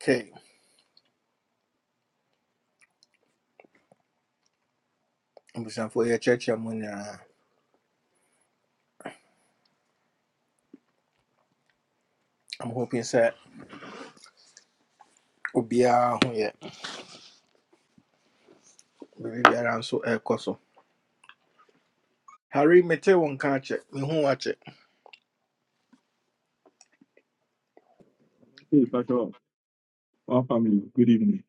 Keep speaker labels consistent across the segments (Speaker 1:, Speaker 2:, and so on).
Speaker 1: Okay, I'm abusuafoɔ yɛkyerɛkyerɛ mu nyinaa. I'm going I'm hoping sɛ obiara ho yɛ biribi biara nso around so. air coso. Harry, mete wo nka akyɛ, mehu wo akyɛ.
Speaker 2: Hey, Pastor, Our family, good evening.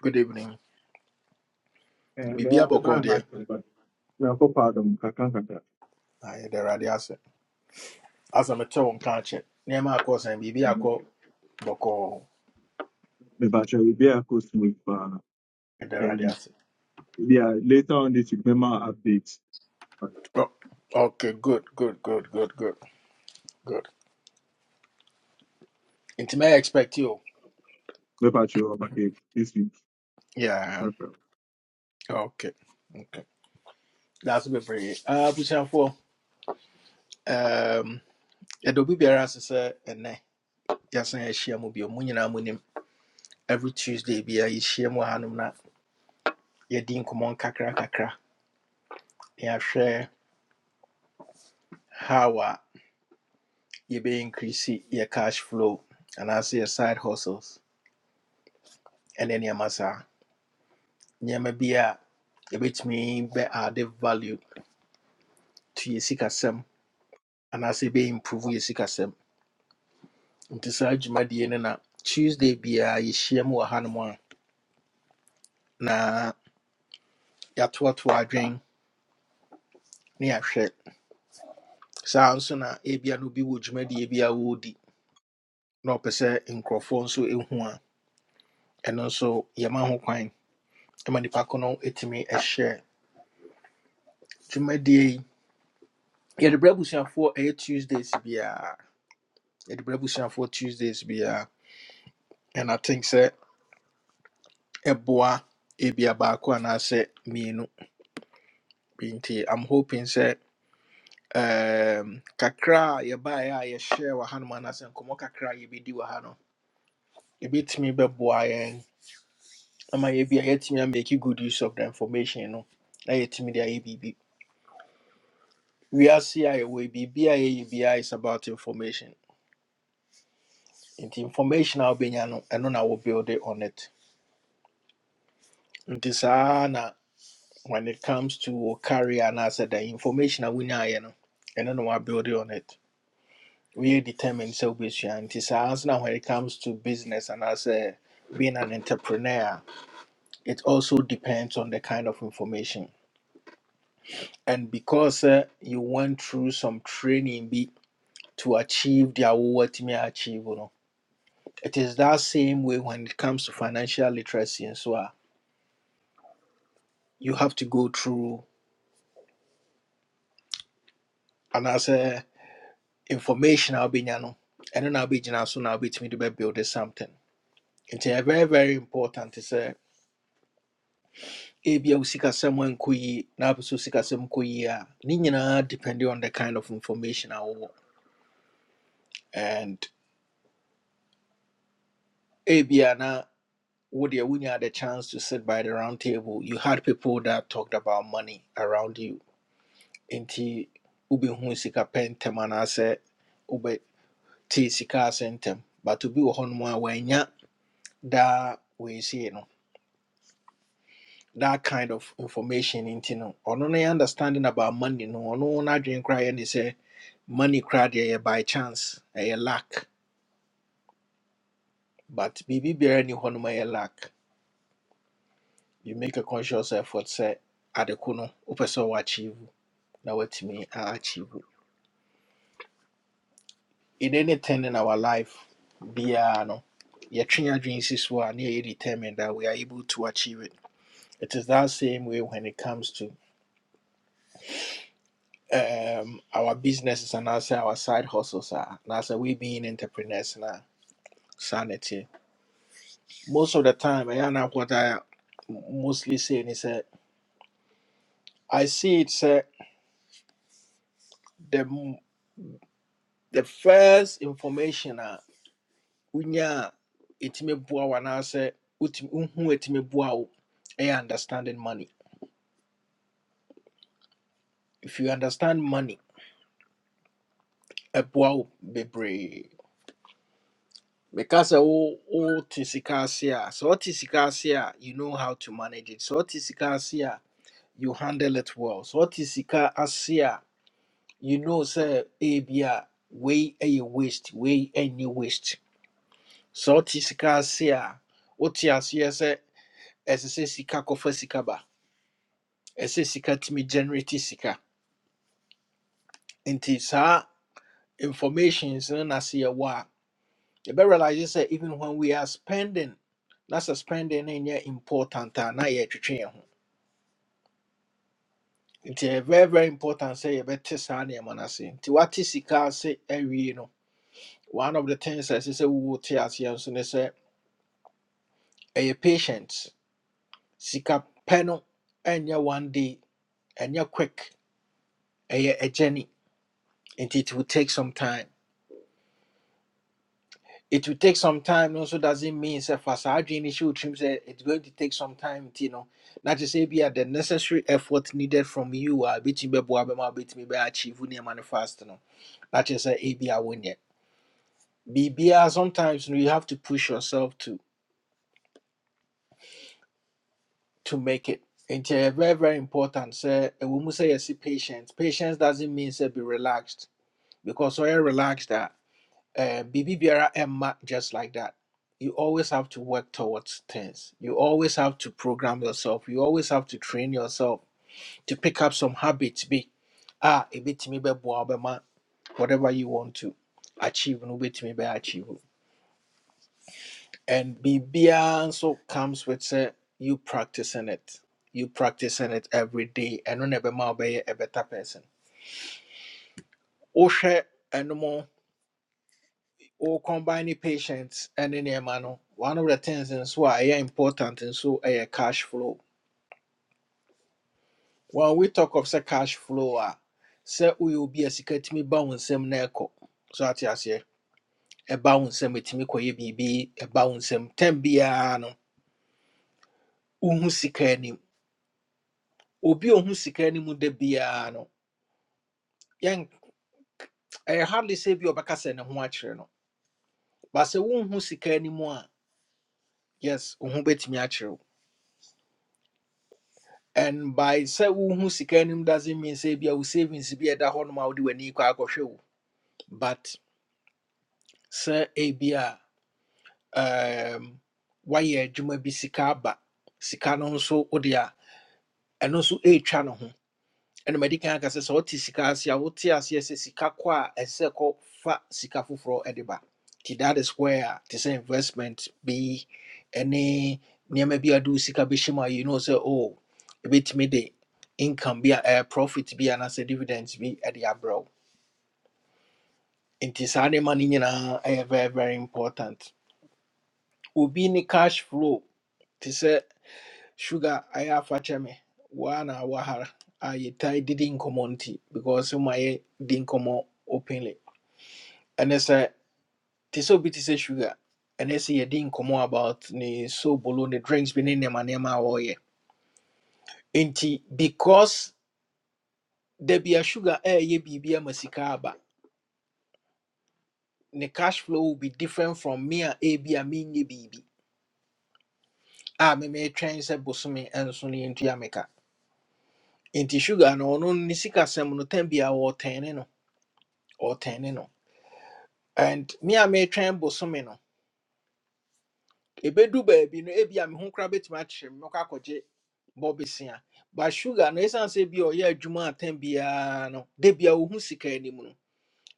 Speaker 1: Good evening.
Speaker 2: Eh,
Speaker 1: Biribi
Speaker 2: may I be
Speaker 1: abɔkɔ
Speaker 2: back,
Speaker 1: deɛ,
Speaker 2: actually, but we are pardon, Kakan Kaka.
Speaker 1: na yɛde Awurade ase. Asa mete wo nka akyɛ, nneɛma akɔ sɛn, biribi
Speaker 2: The
Speaker 1: akɔ call
Speaker 2: Pastor will be a coast with, uh,
Speaker 1: yɛde Awurade
Speaker 2: eh,
Speaker 1: ase.
Speaker 2: yeah, later on this week, remember updates.
Speaker 1: Oh, okay, good, good, good, good, good, good. Into may expect you.
Speaker 2: The Pastor will be this week.
Speaker 1: Yeah,
Speaker 2: Okay,
Speaker 1: okay, okay. That's a bebree. Ah, abusuafoɔ, um, yɛde obi biara ase sɛ ɛnnɛ. yɛasan yɛahyia mu bio mu nyinaa mu nim every tuesday bia yɛhyia mu wɔ hanom na yɛdi nkɔmmɔ nkakra kakra na yɛahwɛ how a yɛbɛyɛ increase yɛ cash flow anaasɛ yɛ side hustles ɛne nneɛma saa nneɛma bi a yɛbɛtumi bɛ add value to yɛ sikasɛm anaasɛ yɛbɛyɛ improve yɛ sikasɛm nti saa dwumadie no na tuesday biaa yɛhyia mu wɔ hanom a na yɛatoatoa adwen ne yɛahwɛ saa nso na ebia no bi wɔ dwumadie bi a wɔredi na ɔpɛ sɛ nkurɔfoɔ nso ɛhu a ɛno nso yɛma ho kwan ma nnipa ko no ɛtumi ɛhyɛ dwumadie yi yɛde berɛ abusuafoɔ ɛyɛ tuesdays biara yɛde berɛ for tuesdays biara and i think sɛ ɛboa ebia baako anaasɛ mmienu Bi nti i'm hoping sɛ um, kakra a yɛbaeɛ a yɛhyɛ wɔ hanom anaasɛ nkɔmmɔ kakra a yɛbɛdi wɔ ha no ɛbɛtumi bɛboa yɛn ama yɛbia yɛatumi amaki good use of the information no na yɛtumi dia ayɛ biribi We are yɛwɔ yi biribi a yɛyɛ is about information And the information a wobɛnya no ɛno na wo build it on it nti saa na when it comes to wo career anaasɛ the information a wonyaeɛ no ɛno na woabuild on it woyɛ determined sɛ wobɛsua nti saa nso na when it comes to business and anaasɛ being an entrepreneur it also depends on the kind of information and because uh, you went through some training be to achieve the deɛ wowatumi achieve you know. It is that same way when it comes to financial literacy and so on. You have to go through and as a information I'll be nyano. And then I'll be jina so now bit me to build something. It's a very, very important to say ebia wo sikasɛm ankɔ yie na apɛ sɛ wo sikasɛm kɔ yie a ne depending on the kind of information a wowɔ and ebia na wodeɛ wonya the chance to sit by the round table you had people that talked about money around you nti wobɛhu sika pɛ ntɛm anaasɛ wobɛte sika ase ntɛm but obi wɔ hɔnom a wanya daa weesei no that kind of information nti no ɔno ne understanding about money no ɔno n'adwene koraa yɛ ne say money koraa deɛ by chance A lack. but biribi biara ni hɔnom ɛyɛ lack. you make a conscious effort Say, adeko no wopɛ sɛ achieve. na woatumi a- achieve in anything in our life, biara no, yɛtwe yɛn adwene si so a determined that we are able to achieve it. It is that same way when it comes to um, our businesses and also our side hustles. Are now so we being entrepreneurs now sanity. Most of the time, I know what I mostly saying is that I see it's uh, the m- the first information uh, unya itime bua wana se utim unhu itime bua understanding money. if you understand money a wo bebree because sɛ wo wote sika ase a sɛ wote you know how to manage it So wote sika you handle it well So wote sika you know sɛ ebi a wei waste way any waste sɛ wote sika ase a wote aseɛ sɛ ɛsɛ sɛ sika kɔfa sika ba ɛsɛ sika tumi generate sika nti saa information is na se yɛwɔ yɛbɛ realize you say, even when we are spending that's a spending no nyɛ important a na yɛtwetwe train ho nti ɛyɛ very very important sɛ yɛbɛte saa nneɛma no ase nti woate sika ase awie no one of the things as you say we will sɛ wowote aseɛ nso ne sɛ ɛyɛ patient sika pɛ no ɛnyɛ one day ɛnyɛ quick ɛyɛ a journey And it will take some time it will take some time Also, doesn't mean say for saa adwene show trim say it's going to take some time you know not to say be the necessary effort needed from you are between be boa be ma between be achieve near manifest no not to say e be a win yet bibia sometimes you, know, you have to push yourself to to make it and it's very very important say we must say yes patience patience doesn't mean say be relaxed because so you relaxed that uh, BB Biara Emma just like that. You always have to work towards things. You always have to program yourself. You always have to train yourself to pick up some habits. Be ah, a bit me be ma, whatever you want to achieve, no bit me be achieve. And BBR also comes with say you practicing it. You practicing it every day, and no never ma be a better person. Oshe or combine patients and in a no. one of the things nso a ɛyɛ important and so ɛyɛ cash flow. When we talk of say cash flow ah, say we will be a sika tumi ba wo nsam So ate aseɛ, ɛba a nsam etumi kɔyɛ me ɛba wo nsam tɛm biara no, wohu sika anim. Obi a ohu sika anim da biara no, yɛn ɛyɛ hardly say bi a ɔbɛka sɛ ne no. But sɛ wonhu sika anim yes, wo bet me akyerɛ and by sɛ who sika anim doesn't mean sɛ ebia wo savings bi a ɛda hɔ nom a wode w'ani kɔ akɔhwɛ wo but sɛ ebia um, woayɛ adwuma bi sika aba sika no nso wode a ɛno ɛnum adi kan kasa sɛ ɔte sika ase a wote aseɛ sɛ sika kɔ a ɛsɛ kɔ fa sika foforɔ ɛde ba ti that is where te sɛ investment bi ɛne nneɛma bi a de wo sika bɛhyɛ mu a you know sɛ oh ebɛtumi de income bi a ɛyɛ profit bi anaasɛ dividends bi ɛde abrɛ wo nti saa nneɛma no nyinaa ɛyɛ very very important obi ne cash flow te sɛ sugar ayɛ afakyɛ me waa na awahara a yɛtae didi nkɔmmɔ nti because ma yɛ di nkɔmmɔ openly And sɛ te sɛ obi te sɛ sugar ɛne sɛ yɛdi nkɔmmɔ about ni so sobolo the drinks bi ne manema nneɛma a wɔreyɛ nti because da bia sugar ɛɛyɛ biribi ama sika aba ne cash flow will be different from me and a ebi a menyɛ biribi a memetwɛn sɛ bosome nso no yɛntua meka nti sugar no ɔno ne sikasɛm no tam bia wɔɔtɛne no ɔɔtɛne no or ten eh, no. and me a metwɛn bosome no ɛbɛdu baabi no ebi a me ho koraa bɛtumi akyerɛ me mɛkɔ akɔgye bɔbesia but sugar no ɛsiane sɛ bi a ɔyɛ adwuma atam biara no da bia ɔhu sika anim no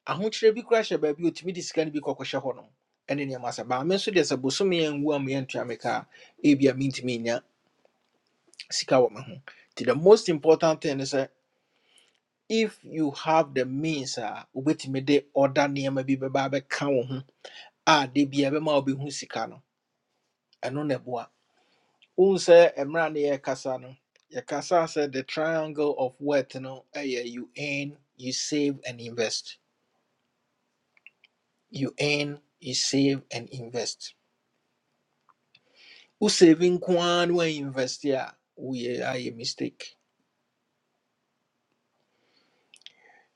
Speaker 1: ahokyerɛ bi koraa hyɛ baabi a ɔtumi de sika no bi kɔkɔhyɛ hɔ nom ɛne nneɛma sɛ baa me nso deɛ sɛ bosome anwu a meɛntua me ka a ebi a mentumi nya sika wɔ me ho nti the most important thing is sɛ if you have the means a wobɛtumi de ɔda nneɛma bi bɛba abɛka wo ho a da bia ɛbɛma a wobɛhu sika no ɛno na ɛboa Unse sɛ mmerɛ a ne yɛrekasa no the triangle of wealth no ɛyɛ you earn you save and invest you earn you save and invest wo saving nko ara no invest a woyɛ a mistake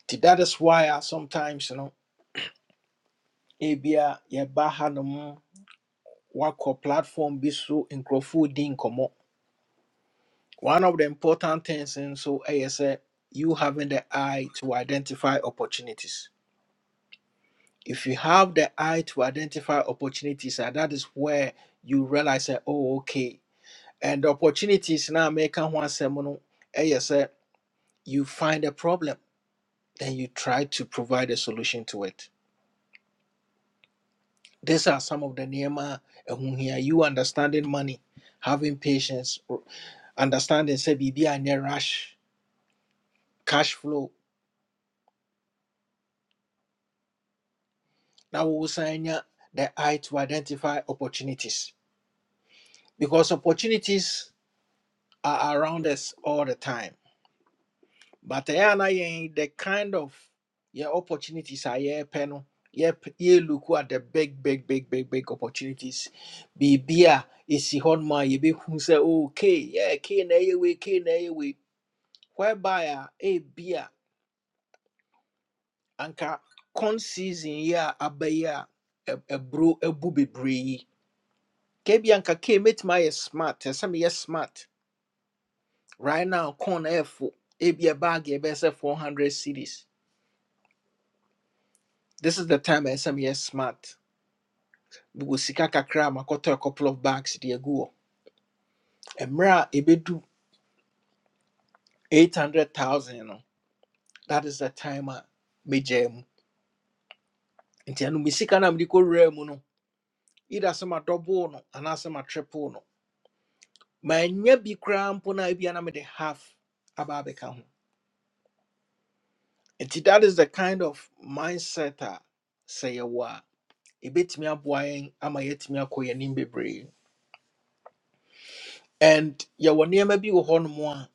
Speaker 1: nti that is why a sometimes no ebia yɛba hanom woakɔ platform bi so nkurɔfoɔ di nkɔmmɔ one of the important things nso ɛyɛ sɛ you having the eye to identify opportunities if you have the eye to identify opportunities, and that is where you realize that, oh, okay. And the opportunities now make one seminal, yes, eh, you find a problem, then you try to provide a solution to it. These are some of the nema whom here you understanding money, having patience, understanding say BB and rush, cash flow. Now we will sign the eye to identify opportunities because opportunities are around us all the time but ɛyɛ na yɛn the kind of yɛ opportunities a yɛrepɛ panel yɛp- yɛ look at the big big big big big opportunities Be beer, ɛsi hɔnom a yɛbɛhu sɛ oh, K, yɛ K na ɛyɛ wei K na ɛyɛ wei whereby a ebi a anka con season ya abaya a aba yi a ɛ- ɛburo abu bebree bi anka K mɛtumi ayɛ smart ɛsɛ sɛ meyɛ smart right now con ɛyɛ fo ebi a bag yɛbɛyɛ sɛ 400 cities this is the time a ɛsɛ sɛ smart mewɔ sika kakra a a couple of bags de agu hɔ mmerɛ a ɛbɛdu 800000 no that is the time a megyaa mu nti ɛno me sika no a mede kɔwuraa mu no either sɛ madɔboo no anaasɛ matriple no manya bi koraa mpo no a ebia na mede half aba abɛka ho nti that is the kind of mindset a sɛ yɛwɔ a ɛbɛtumi aboa yɛn ama yɛatumi akɔ yɛn anim bebree and yɛwɔ nneɛma bi wɔ hɔnom a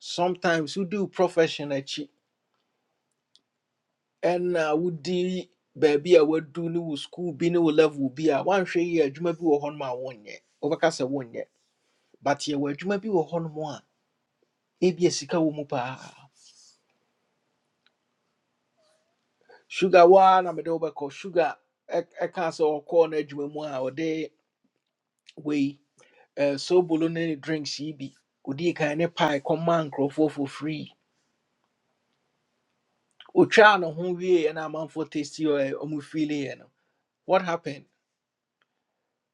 Speaker 1: sometimes wodi wo profession akyi ɛna wodi baabi a wadu ne wo school bi ne wo level bi a woanhwɛ yie adwuma bi wɔ hɔnom a wonyɛ wobɛka sɛ wonyɛ but yɛwɔ adwuma bi wɔ hɔnom a ebia sika wɔ mu paa sugar waa na mede wobɛkɔ sugar ɛk- ɛkaa sɛ ɔkɔɔ no adwuma mu a ɔde wei eh, sobolo ne ne drinks yi bi odii kan ne pie kɔma nkurɔfoɔ for free otwaa ne ho wieeɛ na amanfoɔ tasty ɔmu feeleeɛ no what happened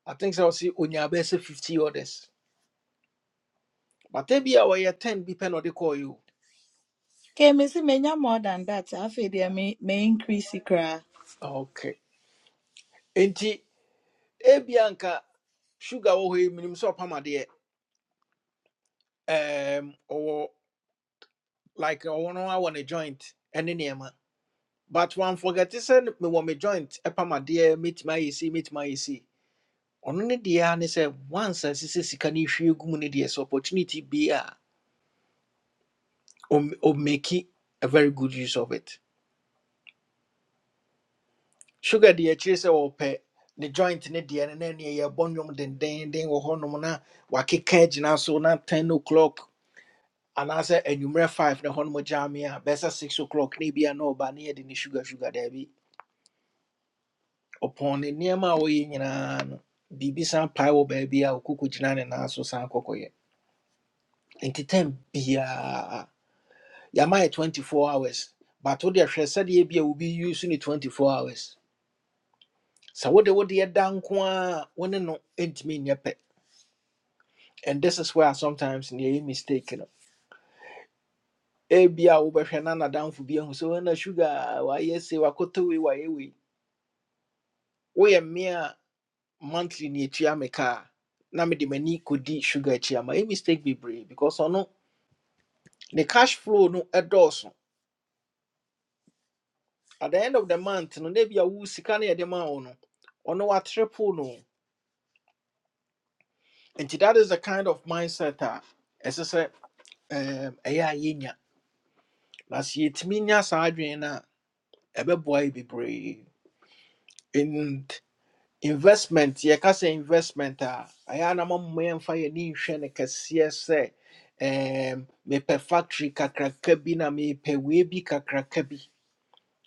Speaker 1: i think sɛ ɔse onya bɛɛ 50 orders But bi a wɔyɛ ten bi pɛ na ɔde kɔɔ
Speaker 3: Ke mesi menya more than that. Afei deɛ me me increase kra.
Speaker 1: okay nti ebi anka sugar wɔ hɔ yi minim sɛ ɔpam adeɛ ɛɛm like ɔwɔ no awɔ ne joint ɛne man. but one forget sɛ mewɔ me one me joint ɛpam meet my ayɛ Meet my ayɛ si ɔno ne deɛ ara ne sɛ once asese sika no ehwie gu mu ne deɛ sɛ opportunity Be a o make ɔmmeki a very good use of it sugar deɛ akyiri sɛ wɔpɛ ne joint ne deɛ no na neɛ yɛbɔ nnwom dendenden wɔ hɔnom na wakeka agyina so na 10 o'clock anaasɛ anwummerɛ 5 na hɔnom gyame a bɛsɛ 6 o'clock na ebia na ɔba na yɛde ne sugar sugar daabi ɔpɔn ne nneɛma a wɔyɛ nyinaa no biribi san pae wɔ baabi a ɔkoko gyina ne nan so san kɔkɔyɛ nti tam biaa yɛama yɛ 24 hours but wode hwɛ sɛdeɛ bi a wobi use ne 24 hours sɛ wode wode da nko a wone ne no ntumi nyɛ pɛ and this is where sometimes near you mistaken. Ebia wobɛhwɛ na nadamfo bi ahu sɛ "Oh, na sugar a, wayɛ wa wakɔtɔ wei wayɛ wei woyɛ mea a monthly ne ɛtua me ka a na me de m'ani kodi sugar akyi ama ɛ mistake be brave because ɔno the cash flow no ɛdɔɔso at the end of the month no na ebia wo sika no yɛde ma wo no ɔno watrepoo no nti that is the kind of mindset a as I ɛɛm, ɛyɛ a yɛnya na sɛ yɛtumi nya saa adwene no a ɛbɛboa yɛ bebree investment yɛka sɛ investment a ɛyɛ a na mama yɛmfa yɛni nhwɛ no kɛseɛ sɛ em, mepɛ factory kakraka bi na mepɛ wei bi kakraka bi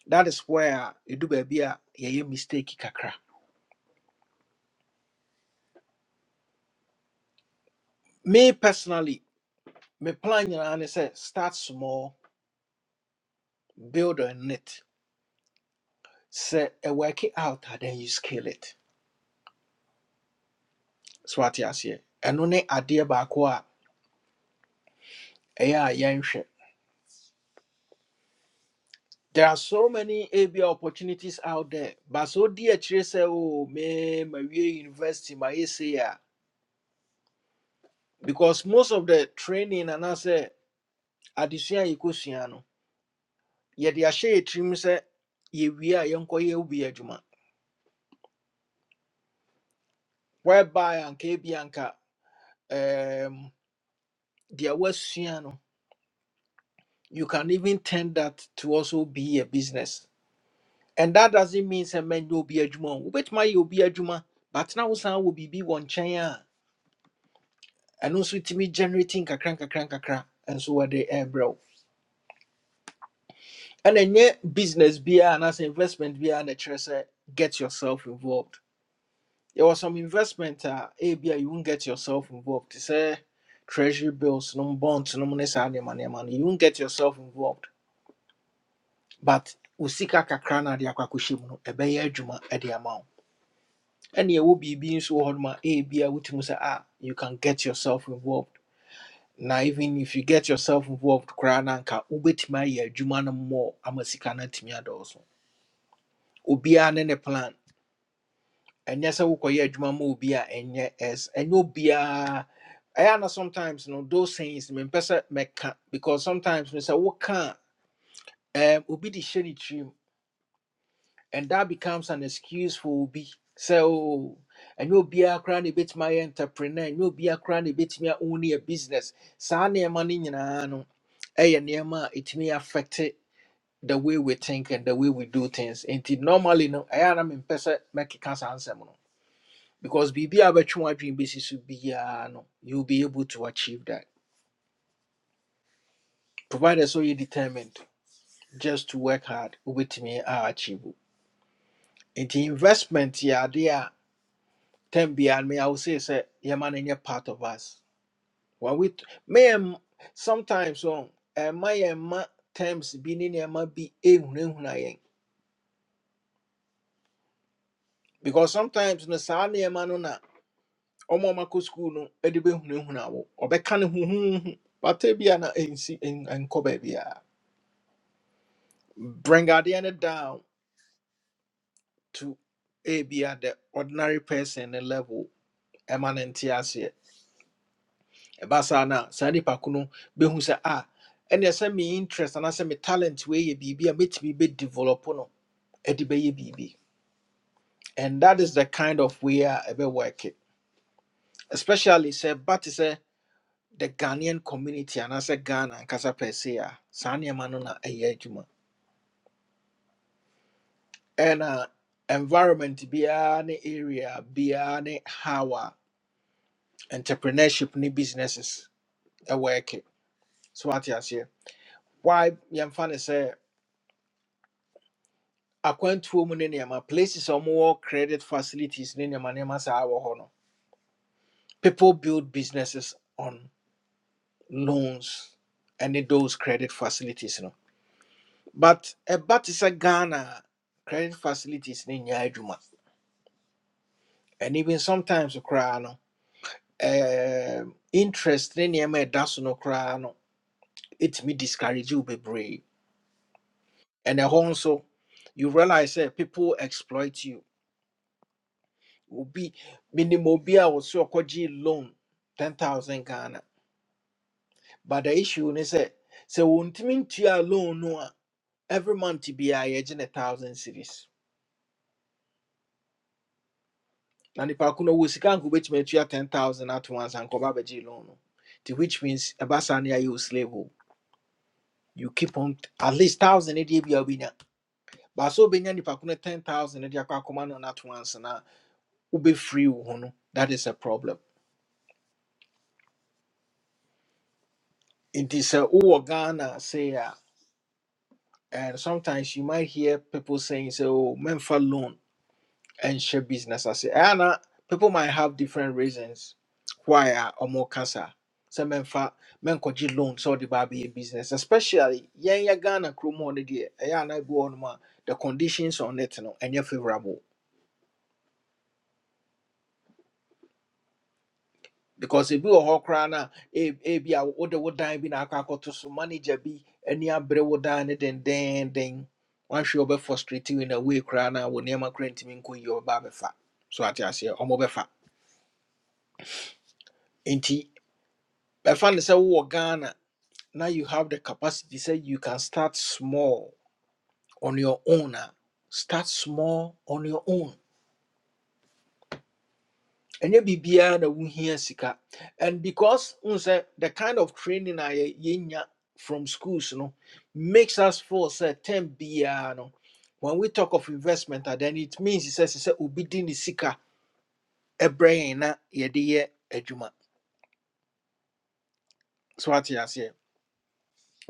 Speaker 1: that is where ɛdu baabi a yɛyɛ mistake kakra me personally me plan nyinaa ne sɛ start small build on it sɛ ɛwork it out a then you scale it so ate aseɛ ɛno ne adeɛ baako a ɛyɛ a yɛnhwɛ There are so many A B opportunities out there. But so dear say, oh man, my way university, my ACA. Because most of the training and I say addition equosiano. Yet the share trim say ye we are yonko ye ubi ajuma. Whereby and bianca um dear Westiano, you can even turn that to also be a business. And that doesn't mean say man you'll be a juma. Which my you be a juma, but now sound will be one chain. And ɛno nso me generating kakran kakran kakra nkakra nkakra nso wɔde ɛrebrɛ wo ɛna ɛnyɛ business biara as investment biara na ɛkyerɛ treasure, get yourself involved there was some investment a ebi a you won't get yourself involved te sɛ treasury bills no bonds no money, money, money, money. you won't get yourself involved but usika kakra na ade akɔ akɔhyɛ mu no ɛbɛyɛ adwuma ɛde ama wo ɛna ɛwɔ biribi nso wɔ hɔ nom a ebi a wotumi sɛ ah you can get yourself involved na even if you get yourself involved koraa na anka wobɛtumi ayɛ adwuma no mmɔ ama sika no atumi adɔɔso obiaa ne ne plan ɛnyɛ sɛ wokɔyɛ adwuma ma obi a ɛnyɛ ɛs ɛnyɛ obiaa ɛyɛ na sometimes no those things mempɛ sɛ mɛka because sometimes no sɛ woka a, ɛɛm, obi de hyɛ ne tirim and that becomes an excuse for obi so and you'll be a cranny bit my entrepreneur and you'll be a cranny bit me only a business sani money in a nearma it may affect it the way we think and the way we do things and it normally no i am in person make a cancer answer no because bb abatwa dream basis will be uh, no you'll be able to achieve that provided so you're determined just to work hard with me achieve the investment yeah they are Ten beyond me, I will say, say, yeah, man, any part of us. When we may sometimes on and my emma terms be ni emma be a hunayen. Because sometimes no sa ni emma no na omo mako school no edibe hunahunawo or bekan hun. But tebiana in see in and cobebia. Bring Adiana down to a be at the ordinary person level. Emanentiasia. ɛba saa no a saa nipa ko no bɛhu sɛ a ɛneɛ me interest and anaasɛ me talent wei yɛ biribi a mɛtumi bɛdevelop no e de bɛyɛ biribi and that is the kind of way a ɛbɛwork it especially say, but say the ghanaian community anaasɛ ghana ankasa pɛ se a saa nneɛma no na ɛyɛ adwuma ɛna environment biara ne area biara ne how a entrepreneurship ne businesses e work it so what wate say? why yɛmfa ne sɛ akwantuo mu ne nneɛma places a more credit facilities ne nneɛma nneɛma saa wɔ hɔ no people build businesses on loans ɛne those credit facilities no but ɛba te sɛ ghana a, credit facilities ne nyɛ adwuma and even sometimes koraa no um, interest ne nneɛma a ɛda so no koraa no ɛtumi discourage wo bebree and ɛhɔ nso you realize that people exploit you obi minim obi a wɔso ɔkɔgye loan ten thousand ghana but the issue is say so ne sɛ mean to ntua loan no a every month biara yɛgye a thousand series na nipa ko no wɔ sika nko bɛtumi atua ten thousand at once and nkɔba abɛgye loan no nti which means ɛba saa ne ayɛ slave o you keep on at least thousand ne deɛ bi a wobɛnya baasa wobɛnya nipa ko no ten thousand ne de akɔ akɔma no no ato ansa na wobɛfiri wo ho no that is a problem It is a ghana sei and sometimes you might hear people saying, "So, men for loan and share business." I say, Anna, people might have different reasons why are or more cancer. So, men for men could you loan so the baby business, especially yeah, yeah, Ghana, Chrome on the day, yeah, and I go on ma, the conditions on it, no, and you're favorable. because ebi wɔ hɔ koraa na e- ebi a wode wo dan bi na akɔ akɔto so manager bi ani abere wo dan ne dendenden wahwɛ ɔbɛ frustrate you in a way koraa na wo nneɛma koraa ntumi nkɔ yie ɔba abɛfa so ate aseɛ ɔmo bɛfa nti bɛfa ne sɛ wowɔ ghana na you have the capacity sɛ you can start small on your own a start small on your own ɛnyɛ biribiara na wohia sika and because n sɛ the kind of training a yɛ- yɛnya from schools no makes us feel sɛ term biara no when we talk of investment a then it means sɛ sɛ sɛ obi di ne sika ɛbrɛ yɛn na yɛde yɛ adwuma so ate aseɛ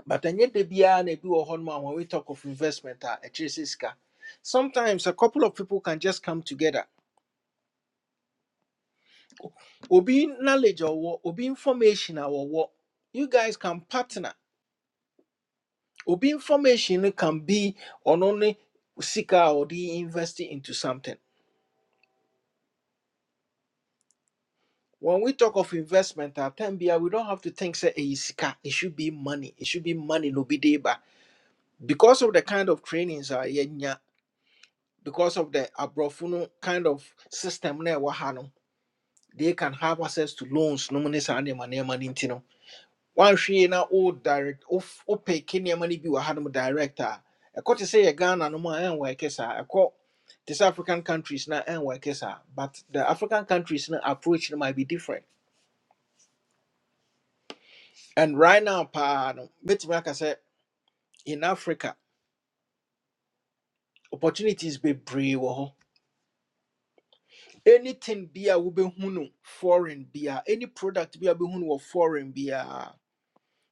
Speaker 1: but ɛnyɛ da biara na ebi wɔ hɔ nom a when we talk of investment a ɛkyerɛ sɛ sika sometimes a couple of people can just come together obi knowledge a ɔwɔ obi information a ɔwɔ you guys can partner obi information no can be on only sika or the investing into something when we talk of investment at time bia, we don't have to think say hey, sika it should be money it should be money no be deba because of the kind of trainings are yenya because of the abrofuno kind of system na ɛwɔ ha no, they can have access to loans no money sa ne money One woanhwee na wo direct wof- wopeke nneɛma no bi wɔ hanom direct a ɛkɔ te sɛ yɛ ghana no mu a ɛnwɛke saa ɛkɔ te sɛ african countries na ɛnwɛke saa but the african countries na approach no might be different and right now paa no mɛtumi aka sɛ in africa opportunities bebree wɔ hɔ anything bi a wobɛhu no foreign bia any product bi a wobɛhu no wɔ foreign biaa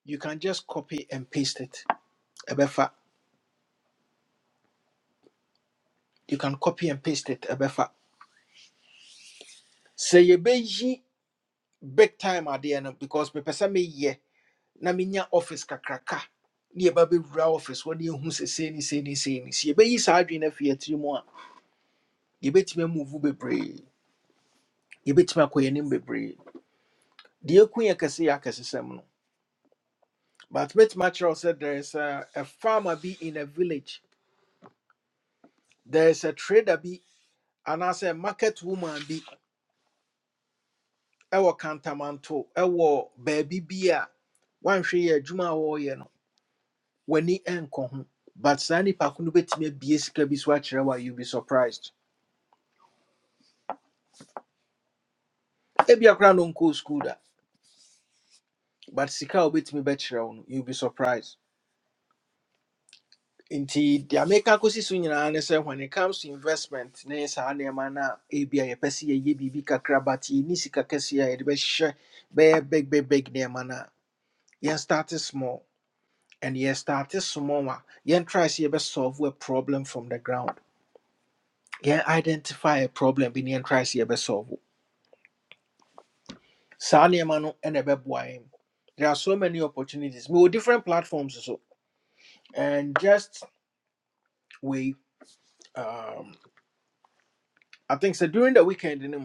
Speaker 1: you can just copy and paste it ɛbɛfa you can copy and paste it ɛbɛfa sɛ yɛbɛyi big time adeɛ no because mepɛ sɛ meyɛ na menya office kakraka ne yɛba bɛwura office hɔ ne yɛhu sɛ sei ne sei ne sei ne sɛ yɛbɛyi saa adwene no afiri atiri mu a yɛbɛtumi amuvu bebree yɛbɛtumi akɔ yɛnim bebree deɛ ɛku yɛ kɛse yɛ akɛsesɛm no but mɛtumi akyerɛ said there is a, a farmer be in a village there is a trader be, and as a market woman be. ɛwɔ kantamanto ɛwɔ baabi bi a wanhwɛ yɛ adwuma a wɔreyɛ no w'ani nkɔ ho but saa nipa ko no bɛtumi abue sika bi so akyerɛ wo a you be surprised ebia koraa no nkɔɔ school da but sika a wobɛtumi bɛkyerɛ wo no you be surprised nti deɛ meka kɔsi so nyinaa ne sɛ when it comes to investment ne saa nneɛma no a ebia yɛpɛ sɛ yɛyɛ biribi kakra but yɛnni sika kɛseɛ a yɛde bɛhyɛ bɛyɛ big big big nneɛma no a yɛn start small and yɛn start small a yɛn try sɛ yɛbɛ solve a problem from the ground yɛn identify a problem bi ne yɛn try sɛ yɛbɛ solve saa nneɛma no ɛna ɛbɛboa yɛn there are so many opportunities mewɔ different platforms so and just we um, i think so during the weekend no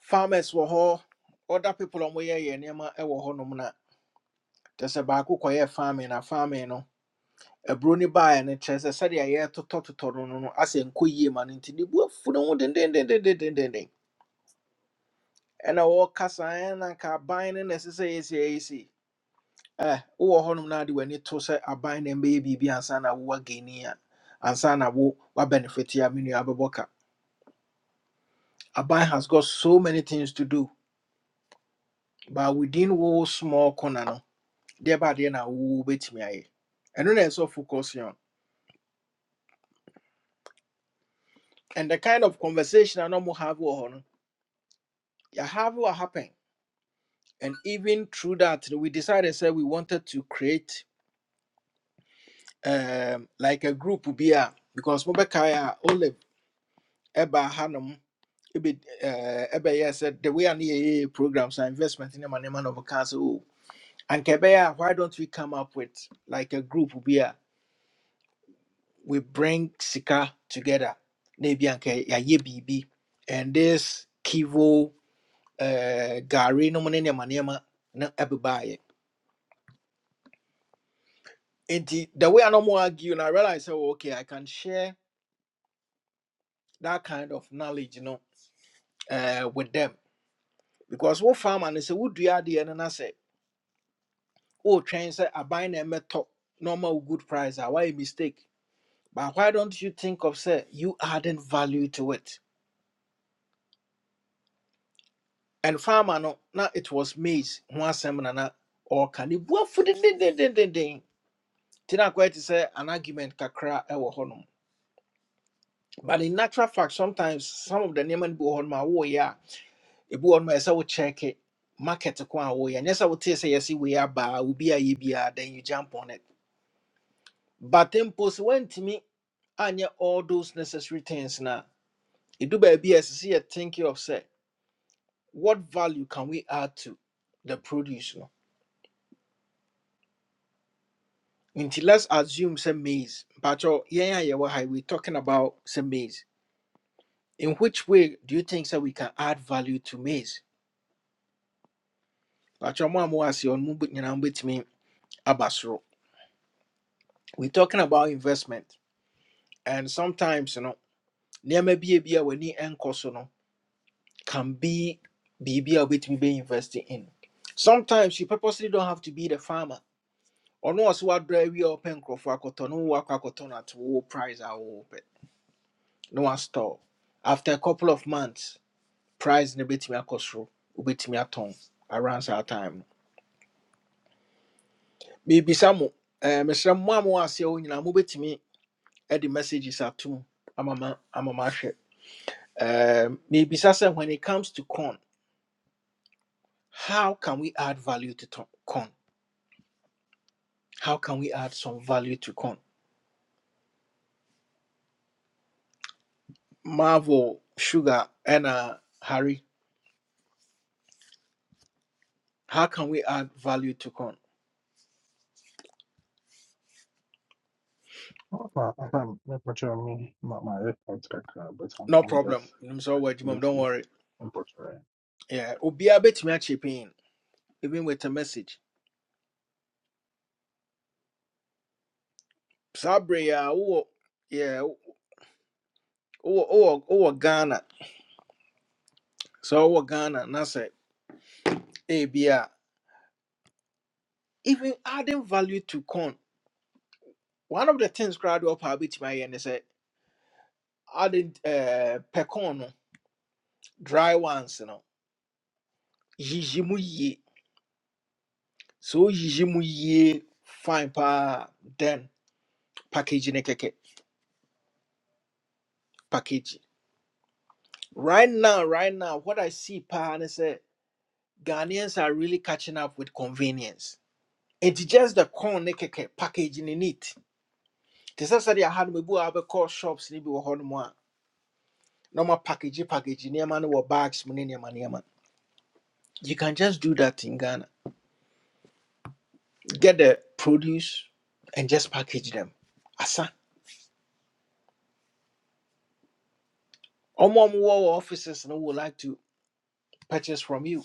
Speaker 1: farmers wɔ hɔ other people a wɔyɛyɛ nneɛma ɛwɔ hɔnom na kyɛ sɛ baako kɔyɛ farming na farming no aburo no baeɛ no kyerɛ sɛ sɛdeɛ yɛtotɔtotɔ no no no asɛ nkɔ yie ma no nti ne bu afu ne ho dendendendendenden ɛna wɔɔka saa ɛna nka aban no na ɛsɛ sɛ yɛsi yɛsi eh wowɔ hɔnom na ade w'ani to sɛ aban na mbɛyɛ biribi ansa na wowa gani a ansa na wo wabenefit a me nua bɛbɔ ka aban has got so many things to do but within wo small corner no deɛ ba adeɛ na wo bɛtumi ayɛ ɛno na ɛsɛ focus on and the kind of conversation I na have wɔ hɔ no yɛhave what happen and even through that no, we decided sɛ we wanted to create um, like a group bi a because mobɛkae a olive ɛbaa hanom ebi eh, ɛbɛyɛ sɛ the way a ne programs and investment in ma man na ɔbɛka sɛ o anka ɛbɛyɛ a castle and kebeya. why don't we come up with like a group bi a we bring sika together na and anka yɛayɛ biribi and this kivo eh, gari no mu ne nneɛma nneɛma na ɛbebaeɛ nti the way I no more argue And I realize sɛ oh, okay I can share that kind of knowledge no eh, with them because what farmer and say no you wodua adeɛ no I say. wotwɛn sɛ say I ɛmɛtɔ na ɔma normal good price Ah, Why a mistake but why don't you think of say you adding value to it and farmer no Now it was maize ho asɛm na na ɔɔka ding ding ding ding. na akɔyɛ te say an argument kakra ewo hɔnom but in natural fact sometimes some of the nneɛma no bi wɔ hɔnom a woyɛ a ebi wɔ hɔnom a ɛsɛ wo check it, market ko a woyɛ nyɛ sɛ wotee sɛ yɛse wei abaa obi ayɛ biaa then you jump on it but mpo sɛ woantumi anyɛ all those necessary things na ɛdu baabi a ɛsɛ sɛ yɛ thinking of sɛ what value can we add to the produce no nti let's assume sɛ maize But yɛn a yɛwɔ ha we talking about sɛ maize in which way do you think that we can add value to maize But ɔmo a mo ase ɔno mu bɛ- nyinaa mobɛtumi aba soro we talking about investment and sometimes no nneɛma bie bi a w'ani nkɔ so no can be biribi a wobɛtumi bɛ invest in sometimes you purposely don't have to be the farmer ɔno ɔso wadrɔ awie ɔpɛ nkurɔfoɔ akɔtɔ no wowɔ akɔ akɔtɔ no at wo price a wowɔpɛ na wastɔɔ after a couple of months price no bɛtumi akɔ soro wobɛtumi atɔn around saa time no biribisa mo eh, mesrɛ mo a mowɔ aseɛ hɔ nyinaa mobɛtumi de messages atom ama ma- ama mahwɛ Eh, miribisa sɛ when it comes to corn how can we add value to to- corn How can we add some value to corn? Marvel, Sugar, and uh, Harry, how can we add value to corn?
Speaker 4: Well, I haven't me. My, my headphones got cut, but I'm,
Speaker 1: No
Speaker 4: I'm
Speaker 1: problem.
Speaker 4: just,
Speaker 1: I'm sorry,
Speaker 4: I'm
Speaker 1: Jimom,
Speaker 4: just
Speaker 1: don't
Speaker 4: listening.
Speaker 1: worry.
Speaker 4: and portraying.
Speaker 1: Yeah, Obia bet me a chip in, even with a message. Sabre, yeah, oh, yeah, oh, oh, oh, Ghana. So, oh, Ghana, that's it. ABR. Even adding value to corn. One of the things crowd up a bit my end is eh, adding uh, pecorn, no, dry ones, you know. Yijimu sɛ oyiyi mu yie fine paa then package ne kɛkɛ package right now right now what i see Pa ne sɛ ghanaians are really catching up with convenience It's just the corn ne kɛkɛ package ne neat te sɛ sɛdeɛ aha no mabu a wobɛkɔ shops ne bi wɔ hɔ no mu a na ɔma package package nneɛma no wɔ bags mu ne nneɛma nneɛma you can just do that in ghana get the produce and just package them asa ɔmo a ɔmo wɔ wɔ offices no would like to purchase from you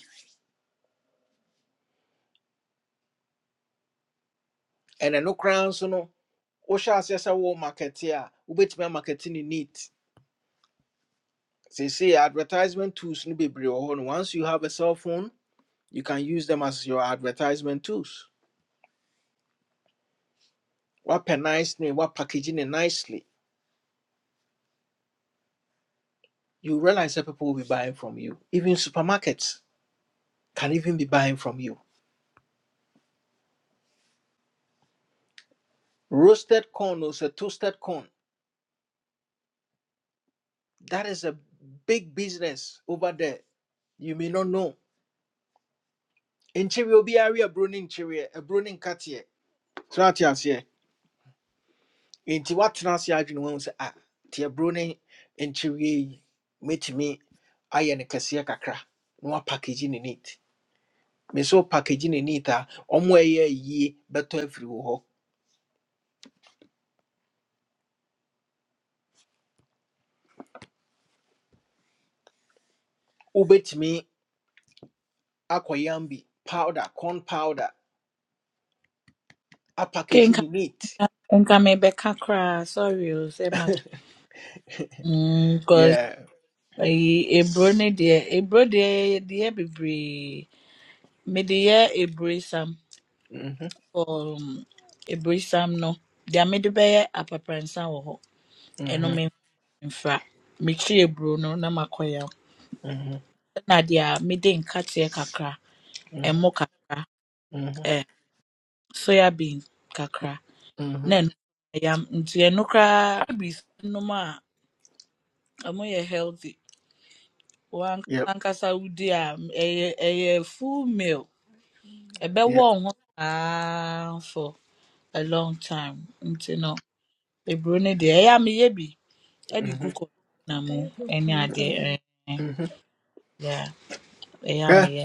Speaker 1: ɛna no koraa nso no wohyɛ aseɛ sɛ wo markete a wobɛtumi amakete ne neat seesei advertisement tools no bebree wɔ hɔ no once you have a cell phone you can use them as your advertisement tools wapɛ nice ne wapackage ne nicely you realize that people will be buying from you even supermarkets can even be buying from you roasted corn or say toasted corn that is a big business over there you may not know nkyere obiara yɛ aburo ne nkyere aburo ne nkateɛ so ate aseɛ nti woatena ase adwene wahu sɛ a nti aburo ne nkyeweɛ yi mɛtumi ayɛ no kɛseɛ kakra na woapackage ne neat me sɛ wopackage ne neat a ɔmo ɛyɛ yie bɛtɔ afiri wo hɔ wobɛtumi akɔyam bi powder corn powder
Speaker 3: Ke
Speaker 1: apackage
Speaker 3: nka
Speaker 1: ne neat
Speaker 3: nka mebɛka kra. Sorry o sɛ ma Mm, cause
Speaker 1: yeah.
Speaker 3: ayi eburo ne deɛ eburo deɛ deɛ bebree. Mede yɛ eburesam.
Speaker 1: Mhm,
Speaker 3: Um, eburesam no deɛ mede bɛyɛ apapransa wɔ hɔ. Eno
Speaker 1: mhm,
Speaker 3: me mfra. Mekyi eburo no na makɔ yam.
Speaker 1: mhm,
Speaker 3: Na deɛ a mede nkateɛ kakra,
Speaker 1: mhm,
Speaker 3: ɛmo kakra,
Speaker 1: mhm,
Speaker 3: eh, soya bean kakra. na
Speaker 1: mhm.
Speaker 3: ɛno yam nti ɛno koraa ebisa nom a ɔmo yɛ healthy wankasa
Speaker 1: Yep,
Speaker 3: ankasa wodi a m- ɛyɛ ɛyɛ full meal ɛbɛwɔ
Speaker 1: yep.
Speaker 3: wo ho saa for a long time nti no eburo no deɛ ɛyɛ a meyɛ bi ɛde gu
Speaker 1: Mhm,
Speaker 3: container mu ɛne adeɛ ɛɛ
Speaker 1: mhm.
Speaker 3: yeah ɛyɛ a
Speaker 1: Hwɛ
Speaker 3: meyɛ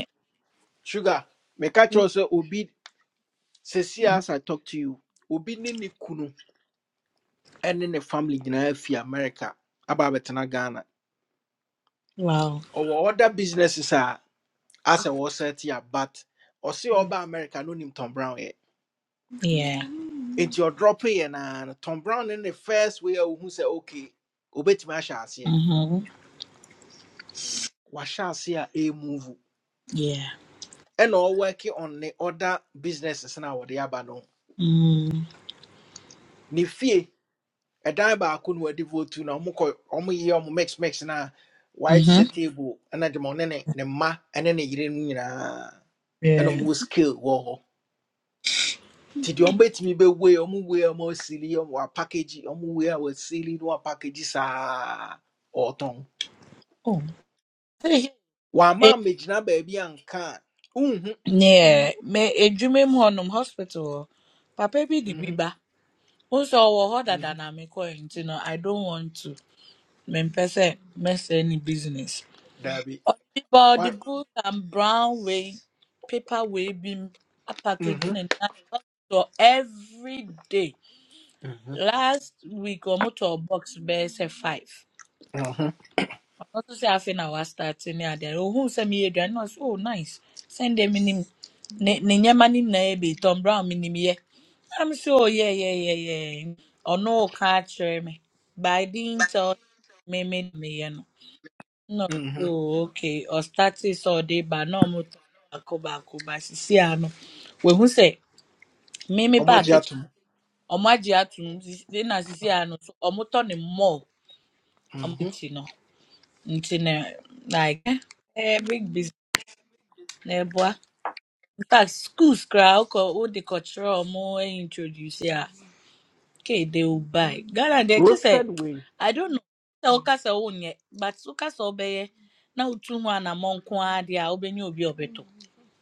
Speaker 1: sugar meka kyerɛw sɛ obi sesia as i talk to you obi ne ne kunu And in the family nyinaa fi america about abɛtena ghana
Speaker 3: wow
Speaker 1: ɔwɔ other businesses are as a was wɔsɛte a but ɔse ɔba america no him tom brown yɛ
Speaker 3: yeah
Speaker 1: nti ɔdrɔpeyɛ naa no tom brown ne the first way a wohu sɛ okay obet my shall see.
Speaker 3: mhm
Speaker 1: aseɛ shall see a move.
Speaker 3: yeah
Speaker 1: And ɛna working on the other businesses no a wɔde aba Nifie, ho.
Speaker 3: mm
Speaker 1: ne fie ɛdan baako no wɔde votu na ɔmo kɔ ɔmo yɛ ɔmo mix mix na white wayɛ
Speaker 3: mhm
Speaker 1: te sɛ table ɛna de ma ɔne ne ne mma ɛne ne yere no ɛna
Speaker 3: yeah
Speaker 1: ɔmo skill wɔ hɔ nti deɛ ɔmbɛtumi bɛwei ɔmo wei a ɔmo asili ɔmo apakeji ɔmo wei a wɔasili na wɔapakeji saa ɔtɔn
Speaker 3: oh. hey
Speaker 1: wama mmegyina baabi anka a wonhu
Speaker 3: Yeah, me edwuma mu hɔnom hospital hɔ. Papa bi de bi
Speaker 1: Mhm,
Speaker 3: ba. Wo nso ɔwɔ hɔ dada
Speaker 1: mhm,
Speaker 3: na mekɔe nti no I don't want to. Mempɛ sɛ mɛsɛe ne business.
Speaker 1: daabi
Speaker 3: Ɔde bi ba
Speaker 1: Wa-
Speaker 3: ɔde gold and brown wei paper wei bi m apackage ne
Speaker 1: mhm,
Speaker 3: nan hospital every day.
Speaker 1: mhm,
Speaker 3: Last week ɔmo tɔɔ box bɛyɛ sɛ five.
Speaker 1: mhm,
Speaker 3: Ɔno nso sɛ afei na wastart ne adeɛ. Ohun sɛ meyɛ aduane na ɔse oh nice. Sɛn deɛ minim ne ne nneɛma ne nyinaa yɛ bi Tom Brown minim yɛ. I'm sure, yeah, yeah, yeah, yeah. Or no catch me. By I didn't tell me me me you know. No,
Speaker 1: mhm.
Speaker 3: oh, okay. Or status or day but no mo to bako bako but sisi ano. We who say me me
Speaker 1: ɔmo
Speaker 3: ba
Speaker 1: agye
Speaker 3: kitchen.
Speaker 1: atom
Speaker 3: Ọmọ agye atum Then na sisi ano so ọmọ tọ ne mall ọmọ
Speaker 1: Mhm.
Speaker 3: ti no nti ne like eh eh, big business na ẹbua in fact schools koraa wokɔ culture kɔkyerɛ ɔmo introduce a Okay, they will buy. Ghana, they just
Speaker 1: Roasted
Speaker 3: say,
Speaker 1: wheat.
Speaker 3: I don't know. Sɛ woka sɛ wonyɛ, but woka sɛ wobɛyɛ na utu mu ana nko ara deɛ a wobɛnya obi a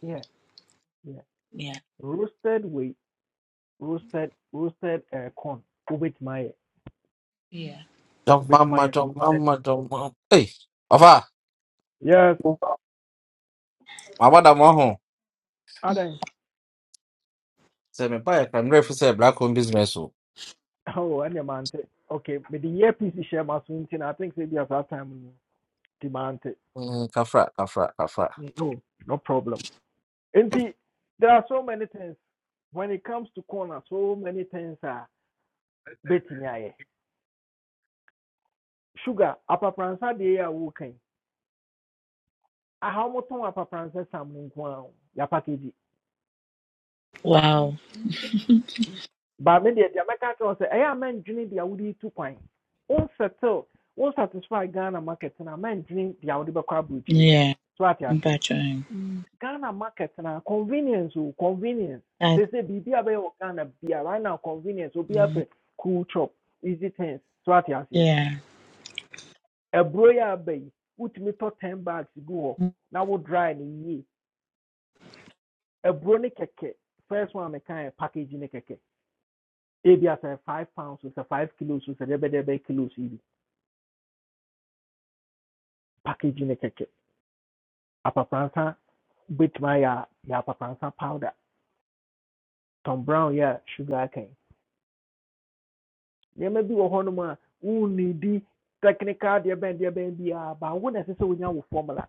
Speaker 1: Yeah, yeah.
Speaker 3: Yeah.
Speaker 1: Roasted wheat. Roasted roasted uh, corn. With my
Speaker 3: Yeah.
Speaker 5: Jump
Speaker 1: with
Speaker 5: mama,
Speaker 1: my
Speaker 5: jump
Speaker 1: roasted.
Speaker 5: mama, jump mama. Hey, Afa,
Speaker 1: Yes.
Speaker 5: my brother Moho. Say me buy a primary for say black owned business. oh.
Speaker 1: Oh, and your man. Okay, but the earpiece is share my soon I think maybe at that time demand it.
Speaker 5: Mm, Kafra, kafra, kafra.
Speaker 1: No, no problem. And see, there are so many things when it comes to corner, so many things are betting. Yeah, yeah. sugar, upper prancer, they are working. I how much on upper prancer, some one, your package.
Speaker 3: Wow.
Speaker 1: But maybe the American was say, I am enjoying the Audi two Point. Won't settle, won't satisfy Ghana market, and I am enjoying the Audi Bakabutri.
Speaker 3: Yeah.
Speaker 1: So I say.
Speaker 3: Mpatwɛn. Mm.
Speaker 1: Ghana market na convenience o convenience
Speaker 3: That-
Speaker 1: they say biribi a bɛyɛ wɔ Ghana bia right now convenience obi
Speaker 3: mm,
Speaker 1: apɛ cool chop easy things so ate aseɛ
Speaker 3: Yeah.
Speaker 1: aburo yi a aba yi wotumi to ten bags gu hɔ na wo dry ni yie aburo ne keke. first one a mɛka yɛ package ne kɛkɛ ebi asɛ five pounds o sɛ five kilos o sɛ dɛbɛdɛbɛ kilos yi bi package ne kɛkɛ apapransa betumi ayɛ ya yɛ apapransa powder tom brown ya sugar cane. nneɛma bi wɔ hɔnom a wonnidi technical deɛ bɛn deɛ bɛn biara ba wo na ɛsɛ sɛ wonya wo formula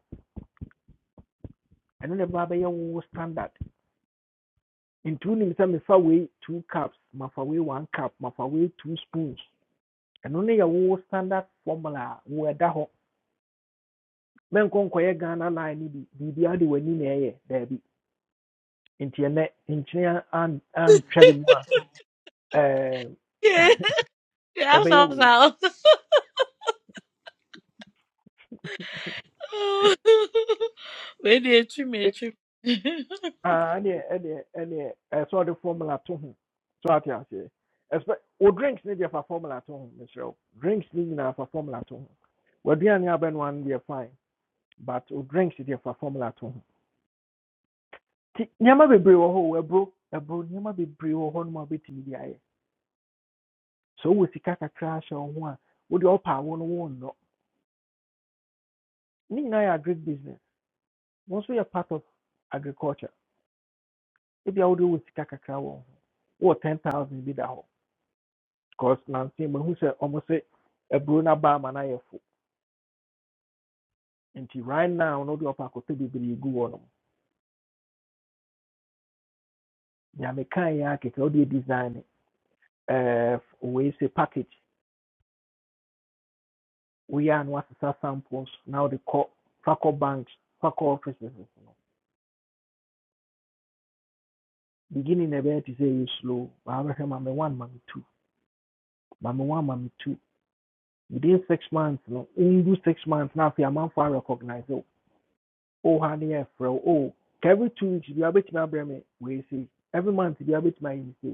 Speaker 1: ɛno na ɛbɛba bɛyɛ wo standard nti wonim sɛ mefa we two cups mafa wei one cup mafa wei two spoons ɛno ne yɛ wo standard formula a wo ɛda hɔ mɛnkɔ nkɔyɛ ghana line no bi biribiara de w'ani na ɛyɛ daabi nti ɛnɛ nkyene an- antwɛre mu a ɛɛ,
Speaker 3: Yeah. That's
Speaker 1: ɛbɛyɛ
Speaker 3: how
Speaker 1: wei
Speaker 3: sounds. Wait, they treat me, treat me.
Speaker 1: Ah, any, any, any. I saw the formula to him. so I ate aseɛ ɛsɛ o drinks ne deɛ fa formula to him, Mister. wo drinks ne nyinaa fa formula to him. ho waduane abɛnoa no deɛ fine but o drinks deɛ fa formula to ho nti nneɛma bebree wɔ hɔ o ɛburo ɛburo nneɛma bebree wɔ hɔ nom a wobɛtumi de ayɛ sɛ wowɔ sika kakra ahyɛ wo ho a wode ɔpa awo no wonnɔ ne nyinaa yɛ agric business wɔn nso yɛ part of agriculture ebia wode wɔ sika kakra wɔ wo ho wowɔ ten thousand bi da hɔ Because Nancy Mahu said almost say a Bruna Bama na yefu. Nti right now no the upper kote bibiri gu on. Ya mekan ya keke o de design Uh, we say package. We are no asesa samples now the co faco banks, faco offices. no. Beginning a very to say you slow. I mama one, mama two, mama one, mama two. Within six months, no, only six months now. If your man for recognize, oh, oh, honey, yeah, oh, every two weeks, you have it, my brain, we say every month, you have it, my say.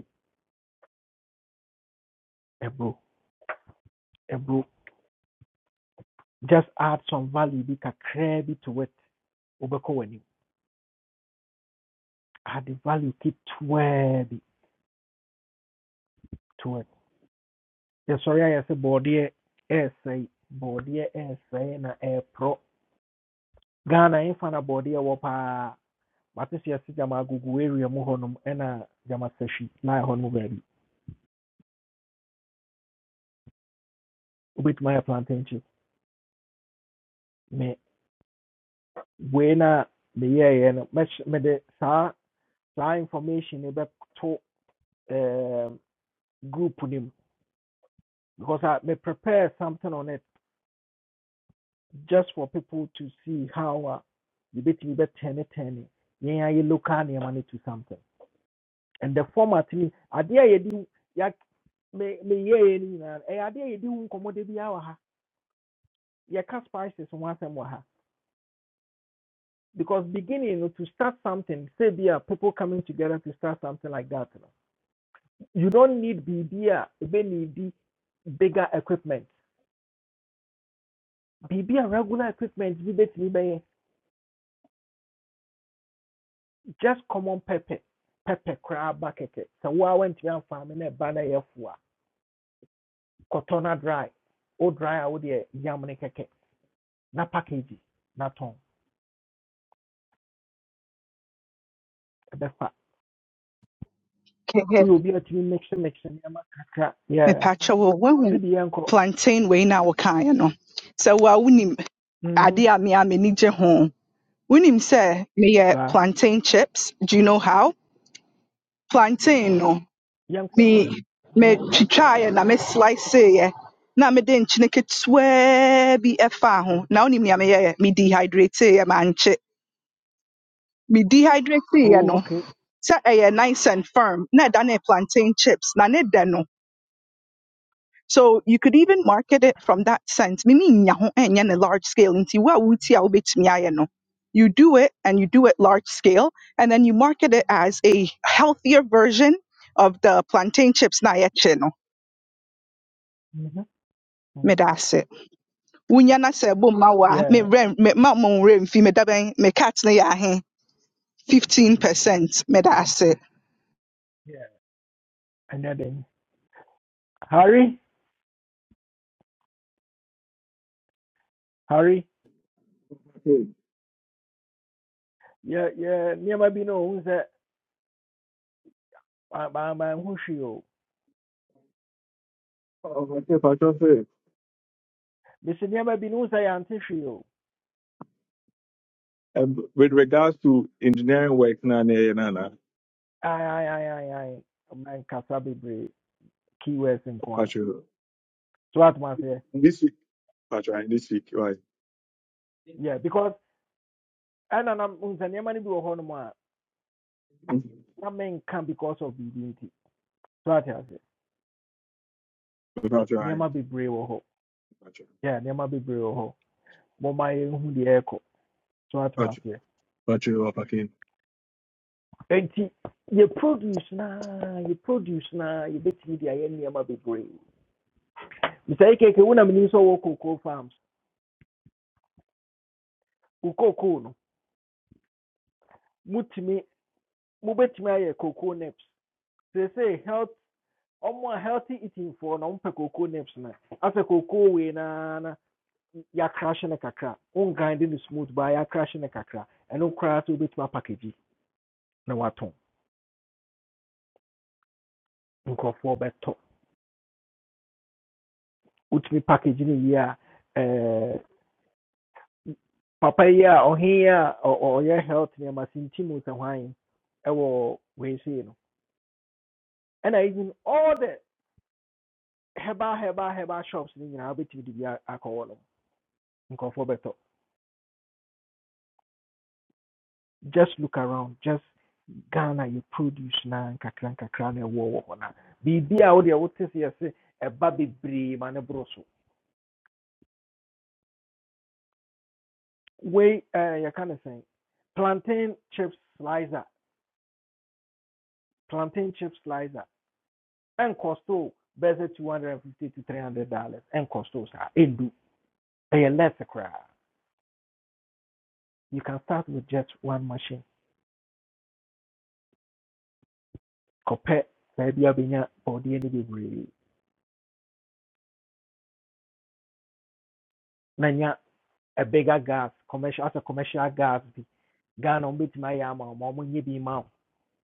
Speaker 1: Ebro, Ebro, just add some value. Be it to it. Obeko weni. Add the value. Keep to it to it. Yeah, sorry, I say body essay, body essay na air pro. Ghana infana body wapa. But this year, see jama gugu area mu ena jama seshi na honum baby. Ubit my plantain chips. Me wena the year no. Me me de sa sa information ebe to group group because I may prepare something on it just for people to see how uh, you bet me bet turn yeah yeah, you look at your money to something and the format me idea you do yeah me me yeah any na eh idea you do nkomo de bi awa ha yeah cast prices one time wa ha because beginning you know, to start something say be a people coming together to start something like that you, know. you don't need bbr you need bigger equipment bbr regular equipment Be bet me just common pepper pepper koraa bucket So wo went to amfa me na ɛba no ɛyɛ fo a banner yafua, cotona dry wo dry a wode ɛ- yam ne kɛkɛ na package na tɔn ɛbɛfa
Speaker 6: kɛhɛ
Speaker 1: woyɛ obi a tumi mix and mix nneɛma kakra yeah
Speaker 6: mepatwa wo wahu
Speaker 1: to de yɛnkɔ
Speaker 6: plantain wei na wokaeɛ no sɛ wo a wonim ade
Speaker 1: mhm
Speaker 6: a me a m'ani gye ho wonim sɛ meyɛ
Speaker 1: saa
Speaker 6: plantain chips do you know how plantain no
Speaker 1: yɛnkɔ
Speaker 6: me
Speaker 1: mhm
Speaker 6: metwitwaeɛ na me sliceeɛ na mede nkyene ketewaa bi ɛfaa ho na wonim nea meyɛɛ me dehydrateeɛ mankye me dehydrateeɛ
Speaker 1: oh
Speaker 6: no
Speaker 1: okay
Speaker 6: sɛ ɛyɛ nice and firm na ɛda no yɛ plantain chips na ne dɛ no So you could even market it from that sense. Mimi nya ho ɛnyɛ ne large scale nti wa a wuti a wobɛtumi ayɛ no. You do it and you do it large scale and then you market it as a healthier version of the plantain chips na yɛkye no.
Speaker 1: mhm mhm
Speaker 6: Medase ase. Wonya na sɛ bo mma wo me
Speaker 1: yeah
Speaker 6: rem me ma mo nwerɛ mfi meda bɛn me cat na yɛ ahe 15%. medase.
Speaker 1: yeah ɛnyɛ den Harry, Harry, yeah, yeah, nneɛma bi na ohun sɛ maamaa ho hwee o.
Speaker 2: Oh, okay, Pastor, say,
Speaker 1: Bisi nneɛma bi na ohun sɛ yɛante hwee o.
Speaker 2: um, with regards to engineering work, na na na na,
Speaker 1: Ayi, ayi, ayi, ayi, ayi. Ɔman kasa bebree, keywords nko a.
Speaker 2: Pastor,
Speaker 1: So atoma seɛ,
Speaker 2: this week, Pastor, this week, right?
Speaker 1: yeah, because ɛna na ohun sɛ nneɛma no bi wɔ hɔnom a
Speaker 2: Pastor,
Speaker 1: na menka because of biribi nti. So ate aseɛ, ti
Speaker 2: Pastor,
Speaker 1: nneɛma bebree wɔ hɔ. Yeah, nneɛma bebree wɔ hɔ. Mɔmaa yɛn hu deɛ ɛrekɔ. So atoma seɛ.
Speaker 2: Pastor, Pastor,
Speaker 1: Nti yɛ produce naa, you produce naa, yɛbɛtumi de ayɛ nneɛma bebree. mr ekeke wo na menim sɛ wɔ cocoa farms wo cocoa no mutumi mobɛtumi ayɛ cocoa nips seesei health ɔmo a healthy eating for na ɔmpɛ cocoa nips na asɛ cocoa we na na ya crash na kakra wongande no smooth by ya crash na kakra eno koraa sɛ wobɛtumi apackage na watɔn nkurɔfoɔ bɛtɔ wotumi package no yie a ɛɛ papa yi o ɔhe yi a ɔ- ɔ- health ni sinti mu sɛ hwan ɛwɔ wei sei no ɛna even all the Heba heba heba shops ne nyinaa wobɛtumi de bi a- akɔ hɔ just look around just ghana you produce na nkakra nkakra na wo wo na biribi a wodeɛ wote sɛ ya se bebree ma ne mane so We eh, yɛka ne sɛn plantain chip slicer plantain chip slicer ɛnkɔsto o bɛsɛ 250 to 300 dollars ɛnkɔsto sa. Edu. ɛyɛ less koraa you can start with just one machine kɔpɛ baabi a bɛnya bɔdeɛ no na a bigger gas commercial as a commercial gas bi ghana ɔmbɛtumi ayɛ ama wo ma ɔmonyɛ bi ma wo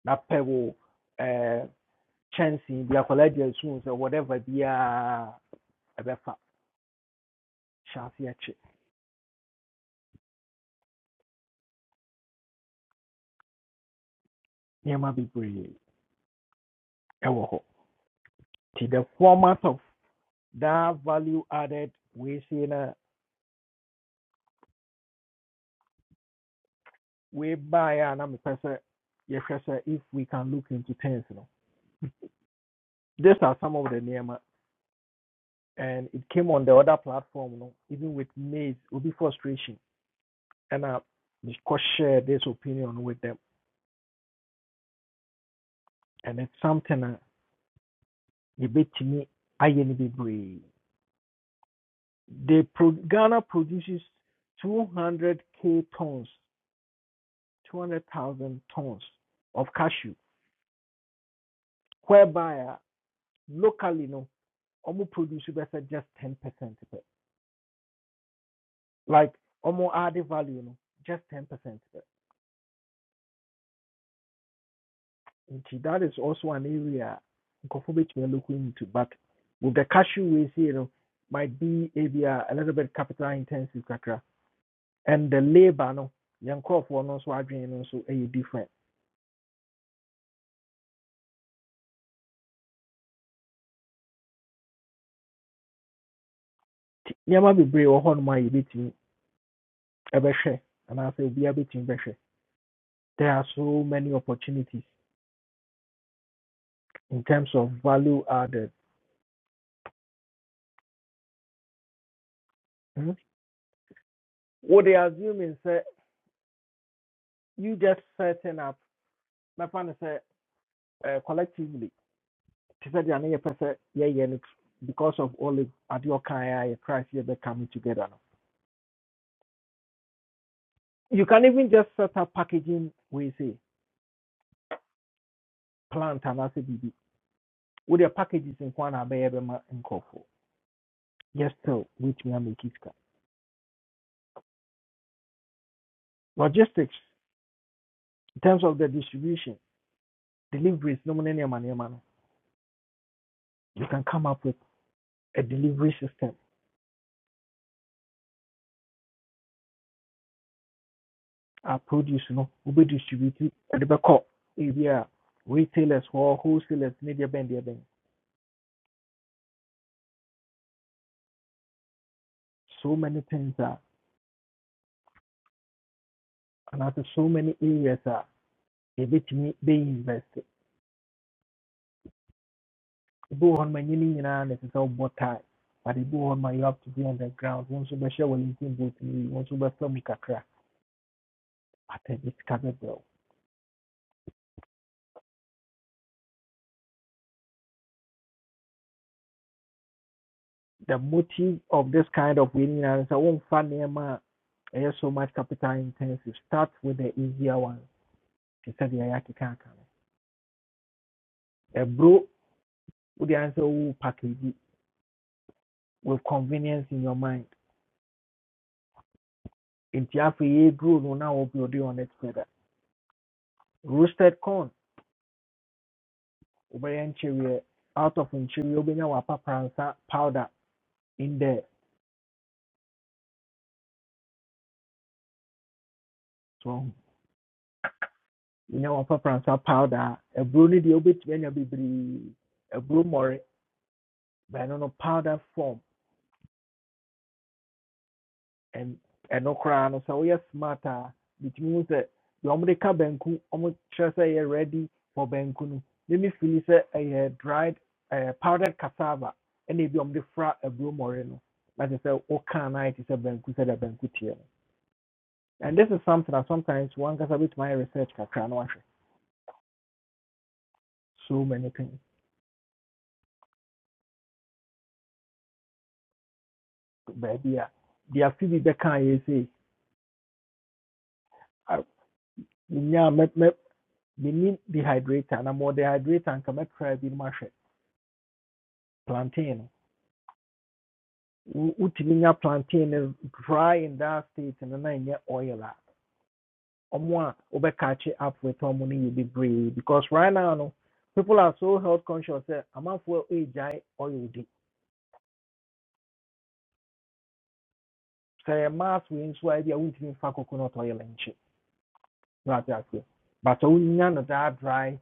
Speaker 1: na pɛ wo eh, kyɛnsee bi akwadaa di asu sɛ whatever biaa ɛbɛfa hyɛ aseɛ kye nneɛma bebree ɛwɔ hɔ nti the format of that value added we sei no wei baeɛ a na mepɛ sɛ yɛhwɛ if we can look into things no these are some of the nneɛma and it came on the other platform no even with maize will be frustration And I mekɔ share this opinion with them and it's something a yɛbɛtumi ayɛ be brave. they pro ghana produces 200k tons 200,000 tons of cashew whereby a, locally no almost produce just 10 percent like almost add value you know, just 10 percent nti that is also an area we are looking into but with the cashew we see you know, might be ebi a a little bit capital intensive kakra and the labour no yɛn nkurɔfoɔ no nso adwene no nso ɛyɛ different nti nneɛma bebree wɔ hɔnom a yɛbɛtumi say, be a bɛtumi bɛhwɛ there are so many opportunities in terms of value added mm they assuming sɛ you just setting up My friend said collectively te sɛ deɛ ne yɛpɛ sɛ yɛyɛ no because of all the adeɛ ɔkan a yɛtrae sɛ yɛbɛ coming together no you can even just set up packaging wei se plant anaasɛ with your packages in nko a na kofo. Yes nkurɔfoɔ which me wobɛtumi amake sika logistics in terms of the distribution deliveries no mu ne nneɛma nneɛma no you can come up with a delivery system a produce no wobɛdistribute ɛde bɛkɔ ebi a retailers or wholesalers media deɛ bɛn so many things are And after so many areas a yɛbɛtumi bɛinvest ebi wɔ hɔ no ma nyini nyinaa na ɛsɛ sɛ wobɔ tae but ebi wɔ hɔ no you have to be on the ground wo nso bɛhyɛ wellington boot no yi wo nso bɛfa mu kakra but ɛde sika bɛbrɛ wo the motive of this kind of wei nyinaa ne sɛ womfa nneɛma a ɛyɛ so much capital intensive start with the easier one te said the ayaki can aka no ɛburo wode ayɛ answer? wowo package it with convenience in your mind In nti afei yɛduro no now will be on it further roasted corn wobɛyɛ nkyeweɛ out of nkyeweɛ wobɛnya wapapransa powder in there so wonya wapapransa powder a aburo no deɛ wobɛtumi anya bebree aburo mmɔre bɛno no powder form and ɛno okra no sɛ woyɛ smart a bitumi hu sɛ deɛ ɔmode ka banku ɔmo ready for banku Let me fili sɛ ɛyɛ dried eh, powdered cassava ɛna ebi a ɔmode a aburo mmɔre no na kyerɛ sɛ wokaa no ayɛ a sɛ banku sɛdeɛ banku teɛ no And this is something that sometimes one gets a bit my research can no So many things baabi a deɛ afi bi bɛka yɛ sɛ "Ah, menyaa mɛ mɛ menni dehydrator na mewɔ dehydrator nka mɛtry no plantain no wo- wotumi plantain no dry in that state and then na ɛnyɛ oil a ɔmo catch it up with ɔmo you be bebree because right now no people are so health conscious i sɛ amanfoɔ ɛgyae oil di sɛ ɛyɛ mass wei nso a ebi a wontumi mfa coconut oil nkyɛ Gotcha, gotcha. But so we know that dry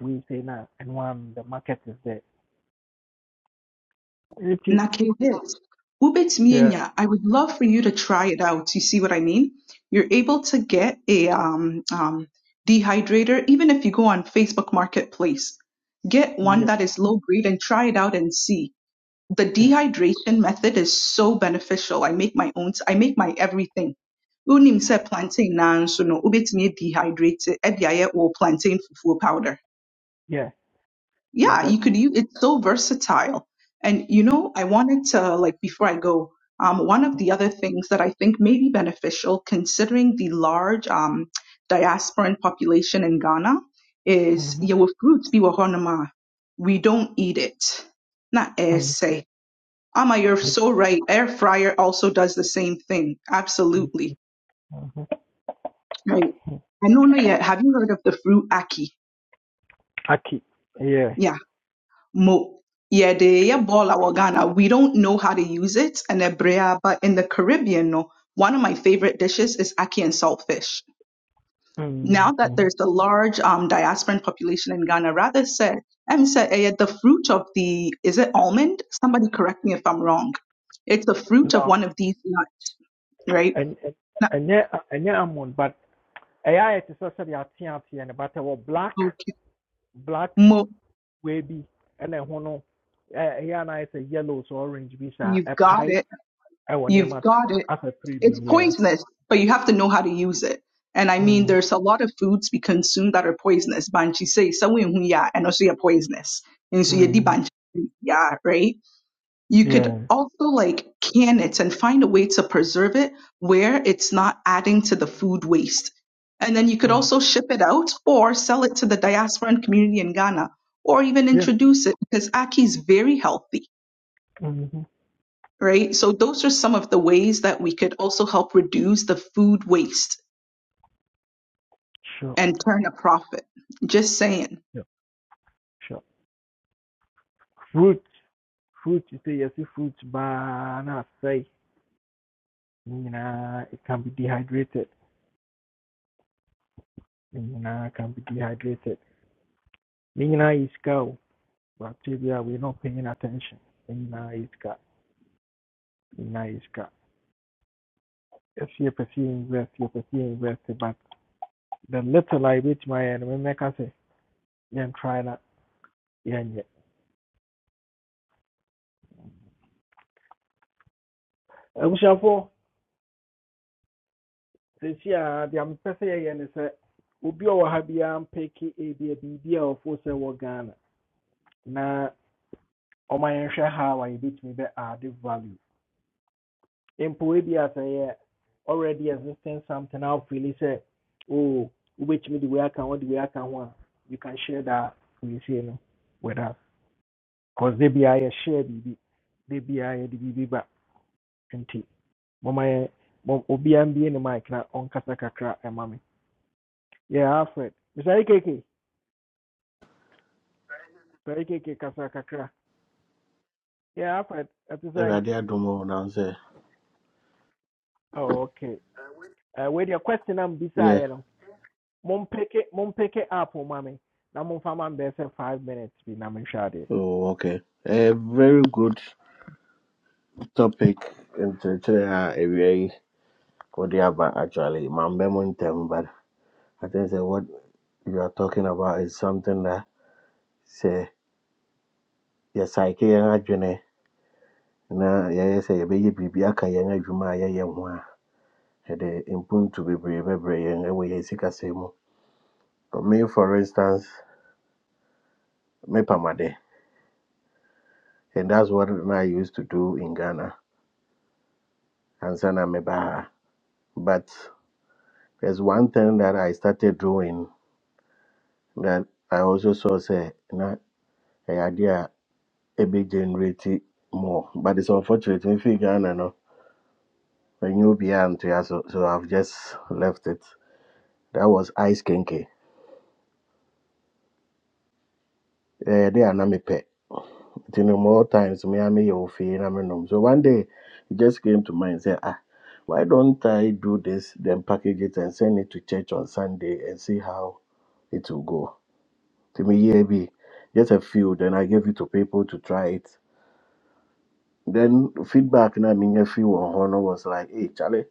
Speaker 1: we say now and when the market is there. It is-
Speaker 6: Naked Hills. Ubits
Speaker 1: yeah,
Speaker 6: Mienya, I would love for you to try it out. You see what I mean? You're able to get a um, um, dehydrator, even if you go on Facebook Marketplace. Get one
Speaker 1: yeah,
Speaker 6: that is low grade and try it out and see. The
Speaker 1: yeah,
Speaker 6: dehydration method is so beneficial. I make my own, I make my everything. Unim se plantain na nso no, ubetumi dehydrate, ɛde ayɛ wɔ plantain fufuo powder
Speaker 1: yeah. That's
Speaker 6: yeah
Speaker 1: it.
Speaker 6: you could use it's so versatile and you know i wanted to like before i go um, one of the other things that i think may be beneficial considering the large um, diasporan population in ghana is
Speaker 1: Mm-hmm.
Speaker 6: yeah with fruits be wahonama we don't eat it not air
Speaker 1: Mm-hmm.
Speaker 6: say ama you're so right air fryer also does the same thing
Speaker 1: Mm-hmm.
Speaker 6: absolutely
Speaker 1: mm-hmm.
Speaker 6: right i don't know yet have you heard of the fruit aki
Speaker 1: Aki. Yeah.
Speaker 6: yeah Mo. Yeah, they yeah ball our Ghana. We don't know how to use it and Ebrea, but in the Caribbean, no, one of my favorite dishes is ackee and saltfish. Now that
Speaker 1: Mm-hmm.
Speaker 6: there's a large um, diasporan population in Ghana, rather said, I'm said eh, the fruit of the is it almond? Somebody correct me if I'm wrong. It's the fruit of
Speaker 1: No.
Speaker 6: one of these nuts, right?
Speaker 1: And and
Speaker 6: Nut-
Speaker 1: and yeah uh, and yeah I'm on but AI it is also the auntie and but our black
Speaker 6: Okay.
Speaker 1: black
Speaker 6: Mo,
Speaker 1: baby and then one no uh yeah and I say yellow so orange bisa
Speaker 6: you've
Speaker 1: a
Speaker 6: got
Speaker 1: pie
Speaker 6: it.
Speaker 1: I want them
Speaker 6: You've
Speaker 1: as
Speaker 6: got it.
Speaker 1: a three
Speaker 6: It's
Speaker 1: beam, yeah.
Speaker 6: poisonous, but you have to know how to use it. And I mean,
Speaker 1: Mm-hmm.
Speaker 6: there's a lot of foods we consume that are poisonous. Banchi say, "Sawi hu ya," and also you're poisonous. And so you di
Speaker 1: Mm-hmm.
Speaker 6: banchi yeah, right? You could
Speaker 1: Yeah.
Speaker 6: also like can it and find a way to preserve it where it's not adding to the food waste. And then you could
Speaker 1: Um,
Speaker 6: also ship it out or sell it to the diasporan community in Ghana or even
Speaker 1: yeah.
Speaker 6: introduce it because ackee is very healthy
Speaker 1: Mm-hmm.
Speaker 6: right? So those are some of the ways that we could also help reduce the food waste
Speaker 1: Sure.
Speaker 6: and turn a profit. Just saying.
Speaker 1: Yeah. Sure. Fruit. Fruit. You say you see, Fruit. Banana. Say. Nina. It can be dehydrated. Nina can be dehydrated. Nina is cow. Bacteria. We're not paying attention. Nina is cow. Nina is cow. If you pursue invest, you pursue invest. But the little I reach my end, we make us say, yeah, try that. Yeah, yeah. I wish I for. sɛsi a deɛ mepɛ sɛ yɛyɛ ne sɛ obi a ɔwɔ ha biara mpɛki ebi a biribi a ɔfo sɛ wɔ ghana na ɔma yɛnhwɛ how a yɛbɛtumi bɛ add value In ebi a already existing something a wofili sɛ o wobɛtumi de wei can what de wei aka ho a you can share that with you know, with us because they be I de biara yɛshare biribi be biara yɛde biribi ba nti moma yɛ mom- obiara mbie ne mic na ɔnkasa kakra ɛma me yeah alfred Mister keke Sarki ke kasa kakra. Yeah, I've heard. That's saying.
Speaker 7: Awurade adom wɔ na sɛ
Speaker 1: Oh, okay. Uh, with your question, I'm
Speaker 7: yeah
Speaker 1: beside you. Mom pick it, mom pick it up, oh, mommy. Now, mom, I'm there for five minutes. Be na me shade.
Speaker 7: oh okay a very good topic nkyerɛkyerɛ a awia yi wɔde aba actually mambɛ mu ntɛm but i think sɛ what you are talking about is something that sɛ yɛsaeke yɛn adwene na yɛyɛ sɛ yɛbɛyɛ biribi aka yɛn adwuma a yɛyɛ ho a ɛde mpuntu bebree bɛbrɛ yɛn ɛwɔ yɛn sikasɛm mu But me for instance mepamade and that's what I used to do in Ghana and sana meba ha. but There's one thing that I started doing that I also saw say na a idea a big generate more. But it's unfortunate if you Ghana no when you be to so so I've just left it. That was ice kinky. Eh, they are not me pet. You know, more times me and me your fee and me nom. So one day it just came to mind say ah why don't I do this then package it and send it to church on Sunday and see how it will go. To me yeah be just a few then I gave it to people to try it Then feedback na minya free wɔ hɔ no was like, hey Charlie,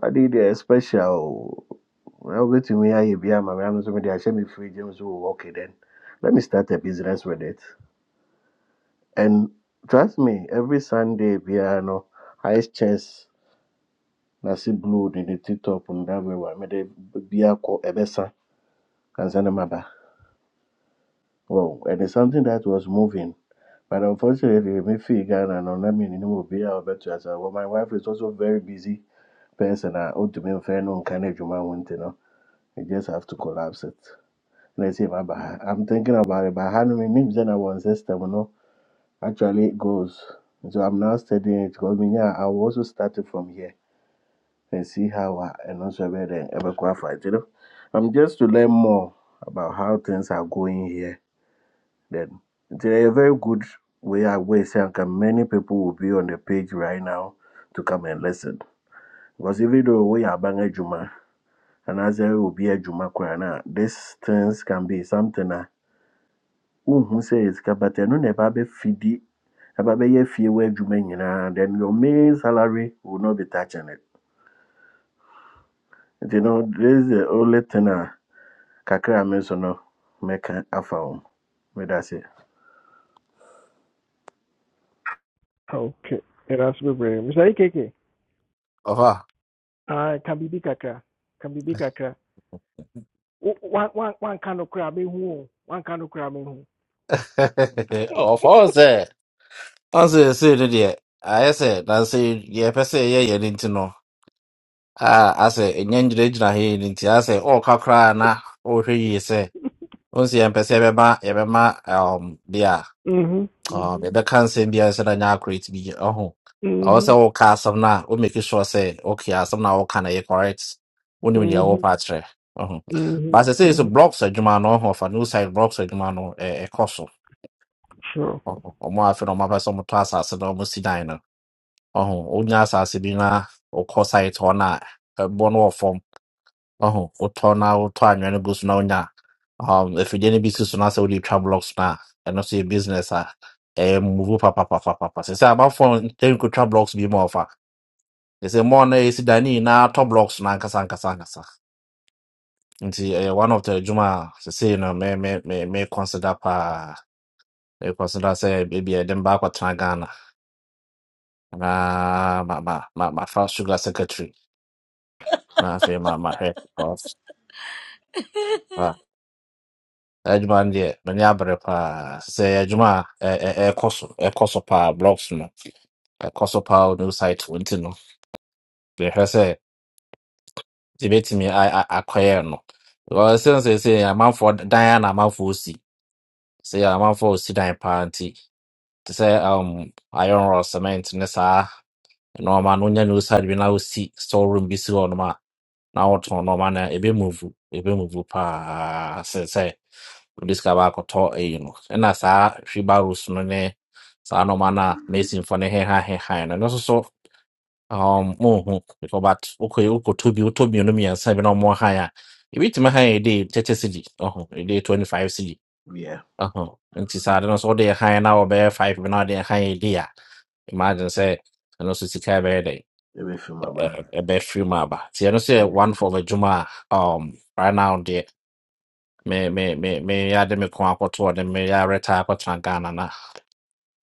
Speaker 7: I did a special. Well, wait to Na wobɛtumi ayɛ bi ama me ano nso mede ahyɛ me free gye me so wɔ okay then. Let me start a business with it. And trust me, every Sunday biara no, highest chance na se blue de ne ti top no that way wa mede bi akɔ ɛbɛsa ansa na maba. Wow, and it's something that was moving. But unfortunately, me free Ghana no, na me ni mo bi a ɔbɛto asa. Well, my wife is also very busy person I ought a otumi mfɛn no nka n'adwuma ho nti no you just have to collapse it Let's see, my, ha i'm thinking about it but how many menim sɛ na wɔn system no actually it goes so i'm now studying it because me, yeah, i will also start it from here and see how I ɛno nso ɛbɛyɛ dɛn ɛbɛkɔ afa nti no i'm just to learn more about how things are going here then it's a very good way I wey sɛ anka many people will be on the page right now to come and listen because even though we are bang adwuma anaasɛ ɛyɛ obi adwuma koraa na this things can be something a wohu sɛ yɛ sika but ɛno na ɛba bɛfidi ɛba bɛyɛ fie wɔ adwuma nyinaa then your main salary will not be touching it You know this is the only thing a kakra a me nso no mɛka afa ho meda se
Speaker 1: Okay. Yeah, that's me, brave. Mr. Ikeke.
Speaker 5: Afa.
Speaker 1: Ah, can be big kakra. Can be big kakra. One, one, one kind of crab, in who? One kind of crab, in who?
Speaker 5: Oh, of all say. I say, say the dear. I say, I say, yeah, per se, yeah, yeah, didn't know. Ah, I say, and yan judge he didn't. I say, oh, kakra, na, oh, he say. Once you per se, bema, yebema, um, dear.
Speaker 1: Mhm.
Speaker 5: um
Speaker 1: Mhm.
Speaker 5: yɛbɛka nsɛm biara sɛ na nyɛ accurate bi ɔho ɔwɔ sɛ
Speaker 1: Mhm.
Speaker 5: woka asɛm no a wo make sure sɛ okay asɛm no a woka no yɛ correct wonim deɛ
Speaker 1: Mhm.
Speaker 5: wɔpa akyerɛ ɔho but
Speaker 1: Mhm.
Speaker 5: sɛ sɛ so
Speaker 1: Mhm.
Speaker 5: blocks adwuma no ɔho fa no side blocks adwuma no ɛ- ɛkɔ so
Speaker 1: Sure.
Speaker 5: ɔho ɔmo afe no ɔmapɛ sɛ ɔmotɔ asase no ɔmo si dan no ɔho wonya asase bi na wokɔ site hɔ no a ɛbɔ no wɔ fam Oh, wotɔ na wotɔ anwea no gu so na wonya um, afidie no bi si so na sɛ wode twa blocks no a ɛno so yɛ business a ɛyɛ muvu papapapapapa sɛ sɛ amafo nkotwa blocks bi ma ɔfa ɛ sɛ mɔɔ no ɛsi da ne nyinaa tɔ blocks no ankasa ankasa ankasa nti ɛyɛ one of the adwuma a sesei no me me me me consider paa me consider sɛ ebi ɛde mba akɔtena ghana na ma ma ma ma mafa sugar secretary na afei ma ma mahwɛ adwuma no deɛ m'ani abere paa sɛ ɛyɛ eh, eh, ɛkɔ so ɛkɔ so paa blocks no ɛkɔ so paa wɔ new site wɔ nti no yɛhwɛ sɛ yɛbɛtumi a- a- akɔyɛ no Because ɛsiane sɛ sɛ amanfoɔ dan a na amanfoɔ si sɛ amanfoɔ si dan paa nti te sɛ um, iron rod cement ne saa nneɛma no wonya new site bi na wosi storeroom bi si hɔ na wɔtɔn nneɛma no ebe move ebe move paa sɛ sɛ wɔde sika baakɔtɔ eyi no ɛna saa wheelbarrows no ne saa nneɛma no a masonfoɔ no heha heha no ɛno nso so um nhu because but wokɔ wokɔtɔ bi wotɔ mmienu mmiɛnsa bi na ɔmo han a ebi tumi han yɛ de thirty cedi ɔho ɛde twenty five cedi
Speaker 7: yeah
Speaker 5: ɔho nti saa de no nso wɔde han na wɔbɛyɛ five bi na wɔde han yɛ de a imagine sɛ ɛno nso sika bɛyɛ dɛ
Speaker 7: ɛbɛfim aba
Speaker 5: ɛbɛfiri mu aba See, I don't say
Speaker 7: Yeah.
Speaker 5: one for adwuma juma. um, right now deɛ me me me me yɛade me ko akɔto then me yɛareta akɔtena ghana na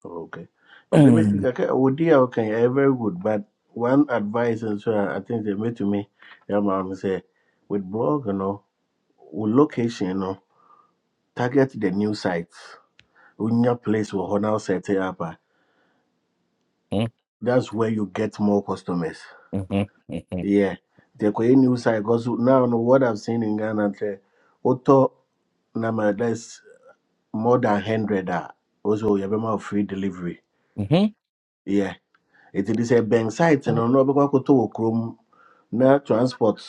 Speaker 7: okay ɛdi bɛ
Speaker 5: Mm,
Speaker 7: kakra Odi okay. ɔka very good but one advice and so I think they made to me. ɛma mom sɛ with blog you know, with location you know. Target the new sites. In your place will honor set it up. ah.
Speaker 5: mhm,
Speaker 7: That's where you get more customers.
Speaker 5: mhm, mhm,
Speaker 7: Yeah. The Korean new site because now no, what I've seen in Ghana, say, auto number that's more than hundred. ah. Also, you have more free delivery.
Speaker 5: mhm.
Speaker 7: Yeah. It is a bank site and no because I could to chrome na transport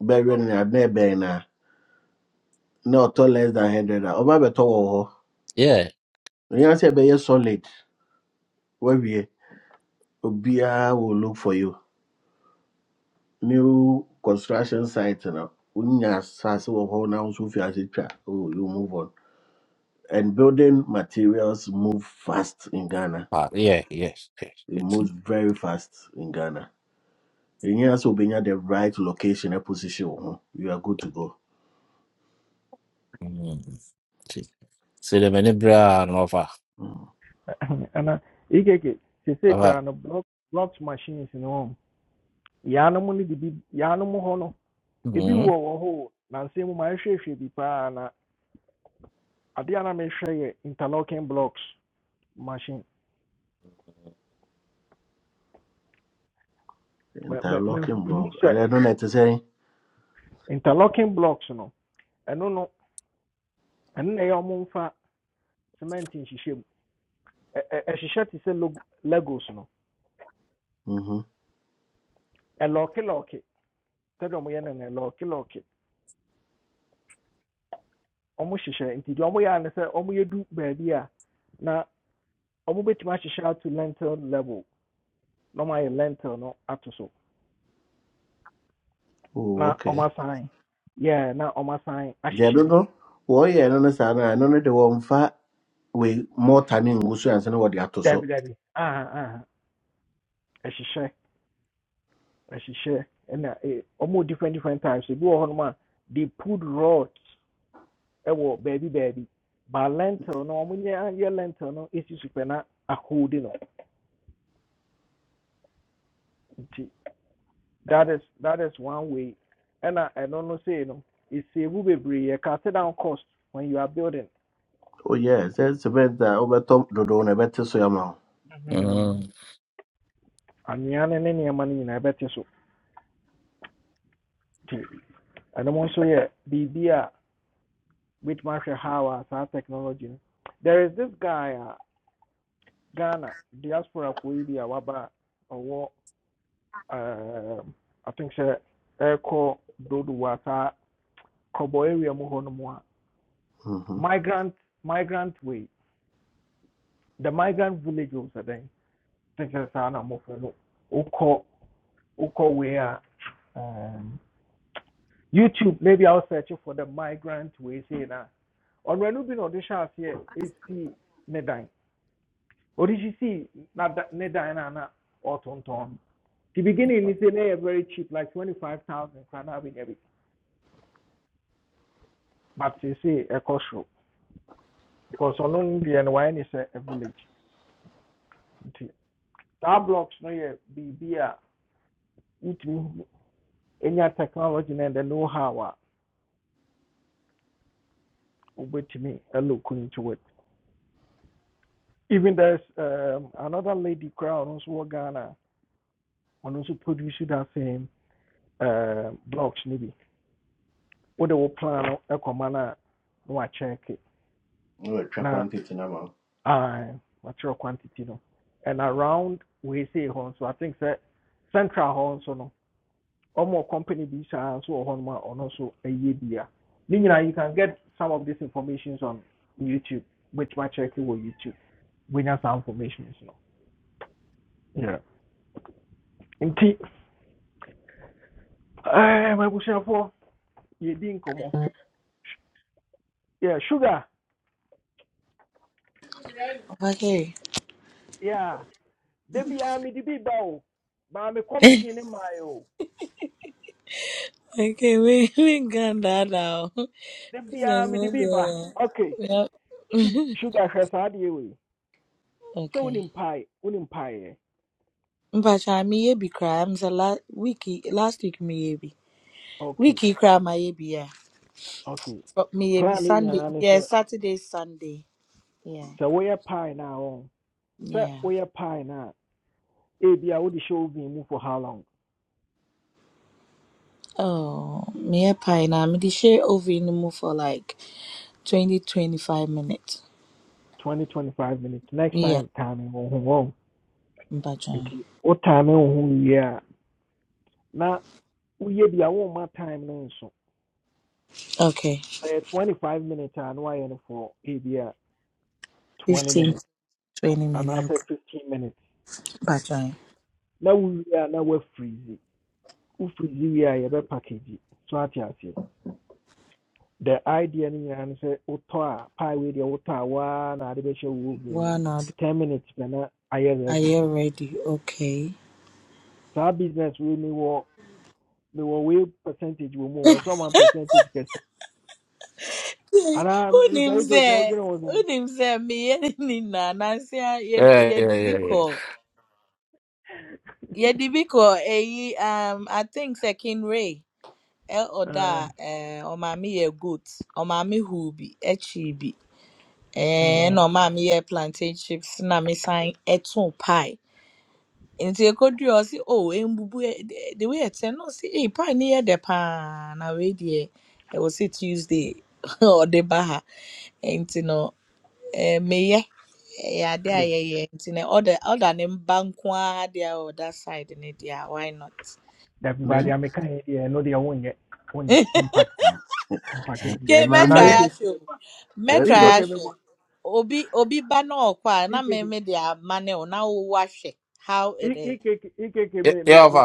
Speaker 7: burial in a na No auto less than hundred. Oba beto wo ho.
Speaker 5: yeah
Speaker 7: You say be solid. Where we obiara will look for you. new construction site no wonya asase wɔ hɔ na wo nso fi ase twa oh you move on and building materials move fast in ghana
Speaker 5: pa- yeah yes yes
Speaker 7: it
Speaker 5: yes.
Speaker 7: moves very fast in ghana And you sɛ wobɛnya the right location a position wɔ ho you are good to go
Speaker 5: Mm, see, see. deɛ m'ani berɛ a over,
Speaker 7: mm.
Speaker 1: And Ikeke, she say
Speaker 5: over. ɔfa
Speaker 1: crab no block, blocked machines, in home. Yanom ne dibi yanom hɔ no ebi wɔ
Speaker 5: Mhm,
Speaker 1: wɔ hɔ o, na nsɛm mu mahwehwɛhwɛ bi paa na adeɛ a na mehwɛ interlocking blocks machine. me me mɛ-
Speaker 7: interlocking
Speaker 1: Mehu
Speaker 7: block I don't know no to say. sɛ
Speaker 1: interlocking blocks no ɛno no ɛno na ɛyɛ ɔmo mfa cement nhyehyɛ mu. Ɛ- ɛ- Ɛhyehyɛ te sɛ log- legos no
Speaker 7: Mhm.
Speaker 1: ɛlɔɔkelɔɔke sɛdeɛ ɔmo yɛ no no ɛlɔɔkelɔɔke ɔmo hyehyɛ nti deɛ ɔmo yɛ a ne sɛ ɔmo yɛdu baabi a na ɔmo bɛtumi ahyehyɛ ato lentil level na ɔmo ayɛ lentil no ato so.
Speaker 7: oh
Speaker 1: na
Speaker 7: okay
Speaker 1: ọma sign yeah na ọma sign
Speaker 7: They
Speaker 1: ahyehyɛ
Speaker 7: don't
Speaker 1: bi
Speaker 7: know. deɛ no no wɔyɛ no no saa no a, ɛno no de wɔmfa wei mɔta ne ngu so and what they wɔde to
Speaker 1: dabi
Speaker 7: so
Speaker 1: dabi aha aha ɛhyehyɛ ɛhyehyɛ ɛna eh, ɔmo different different types If You wɔ hɔnom a they put rods ɛwɔ baby. baabi ba lentil no ɔmo nyɛ anyɛ lentil no esi so pɛ na ahoodi no nti that is that is one way And I ɛna ɛno know sei no esiebu bebree yɛ cut down cost when you are building
Speaker 7: oh yes sɛ cement a wobɛtɔ dodoɔ no ɛbɛte so ama wo
Speaker 1: Mhm.
Speaker 5: mhm.
Speaker 1: anwea no ne nneɛma no nyinaa ɛbɛte so I don't want to nso yɛ biribi with Marshall Howard saa technology no there is this guy a Ghana diaspora foɔ yi waba ɔwɔ um, I think sɛ ɛrekɔ dodowa saa kɔbɔ area mu hɔnom
Speaker 7: Mm-hmm.
Speaker 1: migrant migrant way the migrant villages. wɔ sɛ I think that's saa na mmɔfra no wokɔ way uh, um, YouTube maybe I'll search for the migrant way say na ɔnwɛnu bi na ɔde hyɛ aseɛ esi ne dan. Odishisi na da- ne dan na na ɔtontɔn. The beginning ni say very cheap like twenty five thousand kora na But you see, ɛkɔ soro because ɔno no deɛ no wayɛ a village nti blocks no yɛ be a wotumi enya technology na the know how to me a wobɛtumi look into it. Even there's um, another lady koraa a ɔno nso wɔ Ghana a ɔno produce that same um blocks no bi. Wode wo plan no ɛkɔma no a na wakyɛɛke
Speaker 7: No, a track
Speaker 1: na
Speaker 7: quantity now.
Speaker 1: Uh, material quantity no and around we say hɔ So i think that central hɔ nso no ɔmo company bi saa nso wɔ hɔnom a ɔno nso ɛyɛ a ne you can get some of these informations on youtube Which my check wɔ youtube We wonya saa informations no yeah. nti ɛɛ mabusuafoɔ yɛdi nkɔmɔ yeah, sugar
Speaker 3: Okay.
Speaker 1: yeah. da biara the bi ba o maa me commission in my maaɛ o
Speaker 3: Okay, we we got that now.
Speaker 1: da
Speaker 3: This
Speaker 1: biara
Speaker 3: is
Speaker 1: mede
Speaker 3: not
Speaker 1: bi ba
Speaker 3: there.
Speaker 1: okay
Speaker 3: Well,
Speaker 1: Su- sugar hwɛ saa adeɛ wei sɛ
Speaker 3: okay.
Speaker 1: wonim pae wonim paeɛ
Speaker 3: Mpacha mi yebi cry. I'm the last week. last week mi yebi
Speaker 1: okay
Speaker 3: wiki koraa ma yebi yeah.
Speaker 1: okay
Speaker 3: But mi yebi
Speaker 1: Planning ne
Speaker 3: Sunday
Speaker 1: nyinaa
Speaker 3: Yeah,
Speaker 1: so
Speaker 3: Saturday Sunday yeah
Speaker 1: we sɛ woyɛ now no a wɔn sɛ
Speaker 3: yeah
Speaker 1: woyɛ pae no a ebi a wode hyɛ wo for how long
Speaker 3: oh mi yɛ pie na mi de hyɛ oven mu for like twenty twenty five minutes
Speaker 1: 20, 25 minutes next
Speaker 3: Yeah.
Speaker 1: time time wo ho wɔn
Speaker 3: yɛ mpacha
Speaker 1: nti wo time wo ho Yeah. Now, we woyɛ bi want womma time no so.
Speaker 3: okay
Speaker 1: 25 minutes and why woayɛ no for ebi 20
Speaker 3: fifteen to
Speaker 1: minutes
Speaker 3: twenty
Speaker 1: and I said
Speaker 3: minutes
Speaker 1: 15 minutes
Speaker 3: mpacha
Speaker 1: Now we are now we'll na wowie a na woafirizi wofirizi wie a yɛbɛ package so ate aseɛ the idea no nyinaa ne sɛ wotɔ a pie wei deɛ wotɔ na ade bɛhyɛ wo oven
Speaker 3: one hour
Speaker 1: ten minutes pɛ na ayɛ
Speaker 3: are
Speaker 1: ready
Speaker 3: you ready okay.
Speaker 1: saa business wei mewɔ mewɔ wei percentage wɔ mu o ɛsɛ percentage kɛse ana
Speaker 3: Unim
Speaker 1: nsayi keke
Speaker 3: sɛ
Speaker 1: ɔdwene wo sɛn
Speaker 3: unim sɛ meyɛ ne nina. nansi a yɛ
Speaker 5: yeah yeah
Speaker 3: yɛde bi
Speaker 5: yeah yeah
Speaker 3: kɔ. yɛde bi eyi um i think Sekin Ray. El
Speaker 1: Ah,
Speaker 3: oda. eh, ɔmaame yɛ goat ɔmaame huu bi ɛkyi bi ɛɛ
Speaker 1: Uh,
Speaker 3: na ɔmaame yɛ plantain chips na mesan ɛtoo pie nti ekodua ɔsi o si oh embubu E de The way ɛtɛ no ɔsi ee pie ni yɛ dɛ paa na wei e. ɛwɔ sɛ tuesday ɔde ba baha. nti no Eh. meyɛ ɛyɛ ade a
Speaker 1: okay.
Speaker 3: yɛyɛ nti no ɔda ɔda ne mba nko ara deɛ a ɔda side ne dia. why not.
Speaker 1: dabi baade
Speaker 7: Then
Speaker 1: a meka yɛ deɛ ɛno deɛ wonyɛ wonyɛ wompak mpake bi
Speaker 3: Okay,
Speaker 7: yeah,
Speaker 1: Ana
Speaker 7: mind
Speaker 3: mɛtra ya
Speaker 1: ikeke
Speaker 7: there.
Speaker 3: ahwɛ o
Speaker 1: mebɔ
Speaker 7: Let
Speaker 3: mɛtra ya
Speaker 7: but
Speaker 1: ikeke mebɔ
Speaker 3: obi obi bano okwa na ɔkɔ na
Speaker 1: ikeke
Speaker 3: mɛmɛ de ama ne wo na wowɔ ahwɛ how it
Speaker 1: i-
Speaker 3: is
Speaker 1: ikeke ikeke me bo. Ike ike ike ke
Speaker 5: yeah
Speaker 1: me
Speaker 5: yeah,
Speaker 1: me
Speaker 5: ɔfa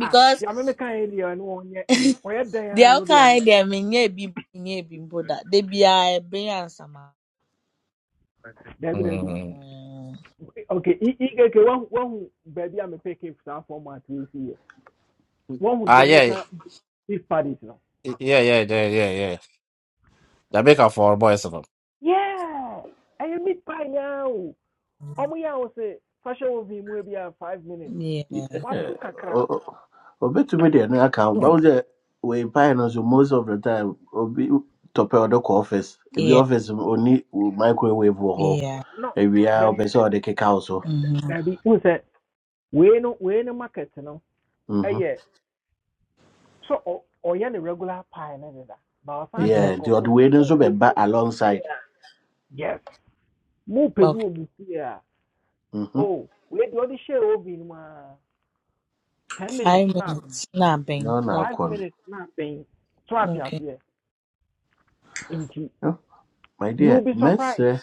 Speaker 1: ah deɛ me meka yɛ deɛ ɛno ɔnyɛ ɔyɛ dɛn
Speaker 3: they
Speaker 1: a
Speaker 3: are
Speaker 1: ɛno deɛ
Speaker 3: kind,
Speaker 1: ɔnyɛ
Speaker 3: deɛ menyɛ bi menyɛ bi mpo They be a ɛbɛyɛ ansama
Speaker 1: dabi dabi
Speaker 5: Mm.
Speaker 3: Mm,
Speaker 1: okay I- one wahu baby I a mepɛ cape saa format wei si One who
Speaker 5: ah yeah
Speaker 1: jamaica beef parties now.
Speaker 5: yeah yeah yeah yeah yeah yeah. jamaica for boys of
Speaker 1: yeah I meet pie now. o ya yɛ a fashion oven mu ebi five minutes
Speaker 3: yeah,
Speaker 7: yeah,
Speaker 1: wato kakra
Speaker 7: oh, oh, bet to me there no account. But was we pioneers most of the time. Obi top of the office. If Ebi
Speaker 3: yeah,
Speaker 7: office only microwave wɔ hɔ.
Speaker 3: yeah.
Speaker 1: no
Speaker 7: Ebi a
Speaker 1: Baby,
Speaker 7: ɔpɛ sɛ ɔde keka wo so.
Speaker 3: Mhm,
Speaker 1: baby n sɛ wei no wei no market no
Speaker 7: Mm-hmm.
Speaker 1: Aye, so ɔ ɔyɛ ne regular pie ne deda ba ɔsan
Speaker 3: yeah.
Speaker 1: kyerɛ
Speaker 7: Yeah, the other
Speaker 1: nkɔfoɔ
Speaker 7: way
Speaker 1: sɛ
Speaker 7: no,
Speaker 1: mo
Speaker 7: So bɛ
Speaker 1: pɛ bi
Speaker 7: ba alongside.
Speaker 1: yes move pedu bi
Speaker 3: Okay,
Speaker 7: Mm-hmm.
Speaker 1: oh we do ɔde share oven mu a ten minutes
Speaker 3: five
Speaker 1: na
Speaker 3: minutes Nah, abɛn
Speaker 7: No, no,
Speaker 1: five
Speaker 3: okay,
Speaker 7: akɔ no.
Speaker 1: minutes na abɛn so ate
Speaker 3: okay.
Speaker 1: aseɛ
Speaker 7: Oh, My
Speaker 1: you
Speaker 7: dear,
Speaker 1: will be
Speaker 7: mess,
Speaker 1: surprised
Speaker 7: eh,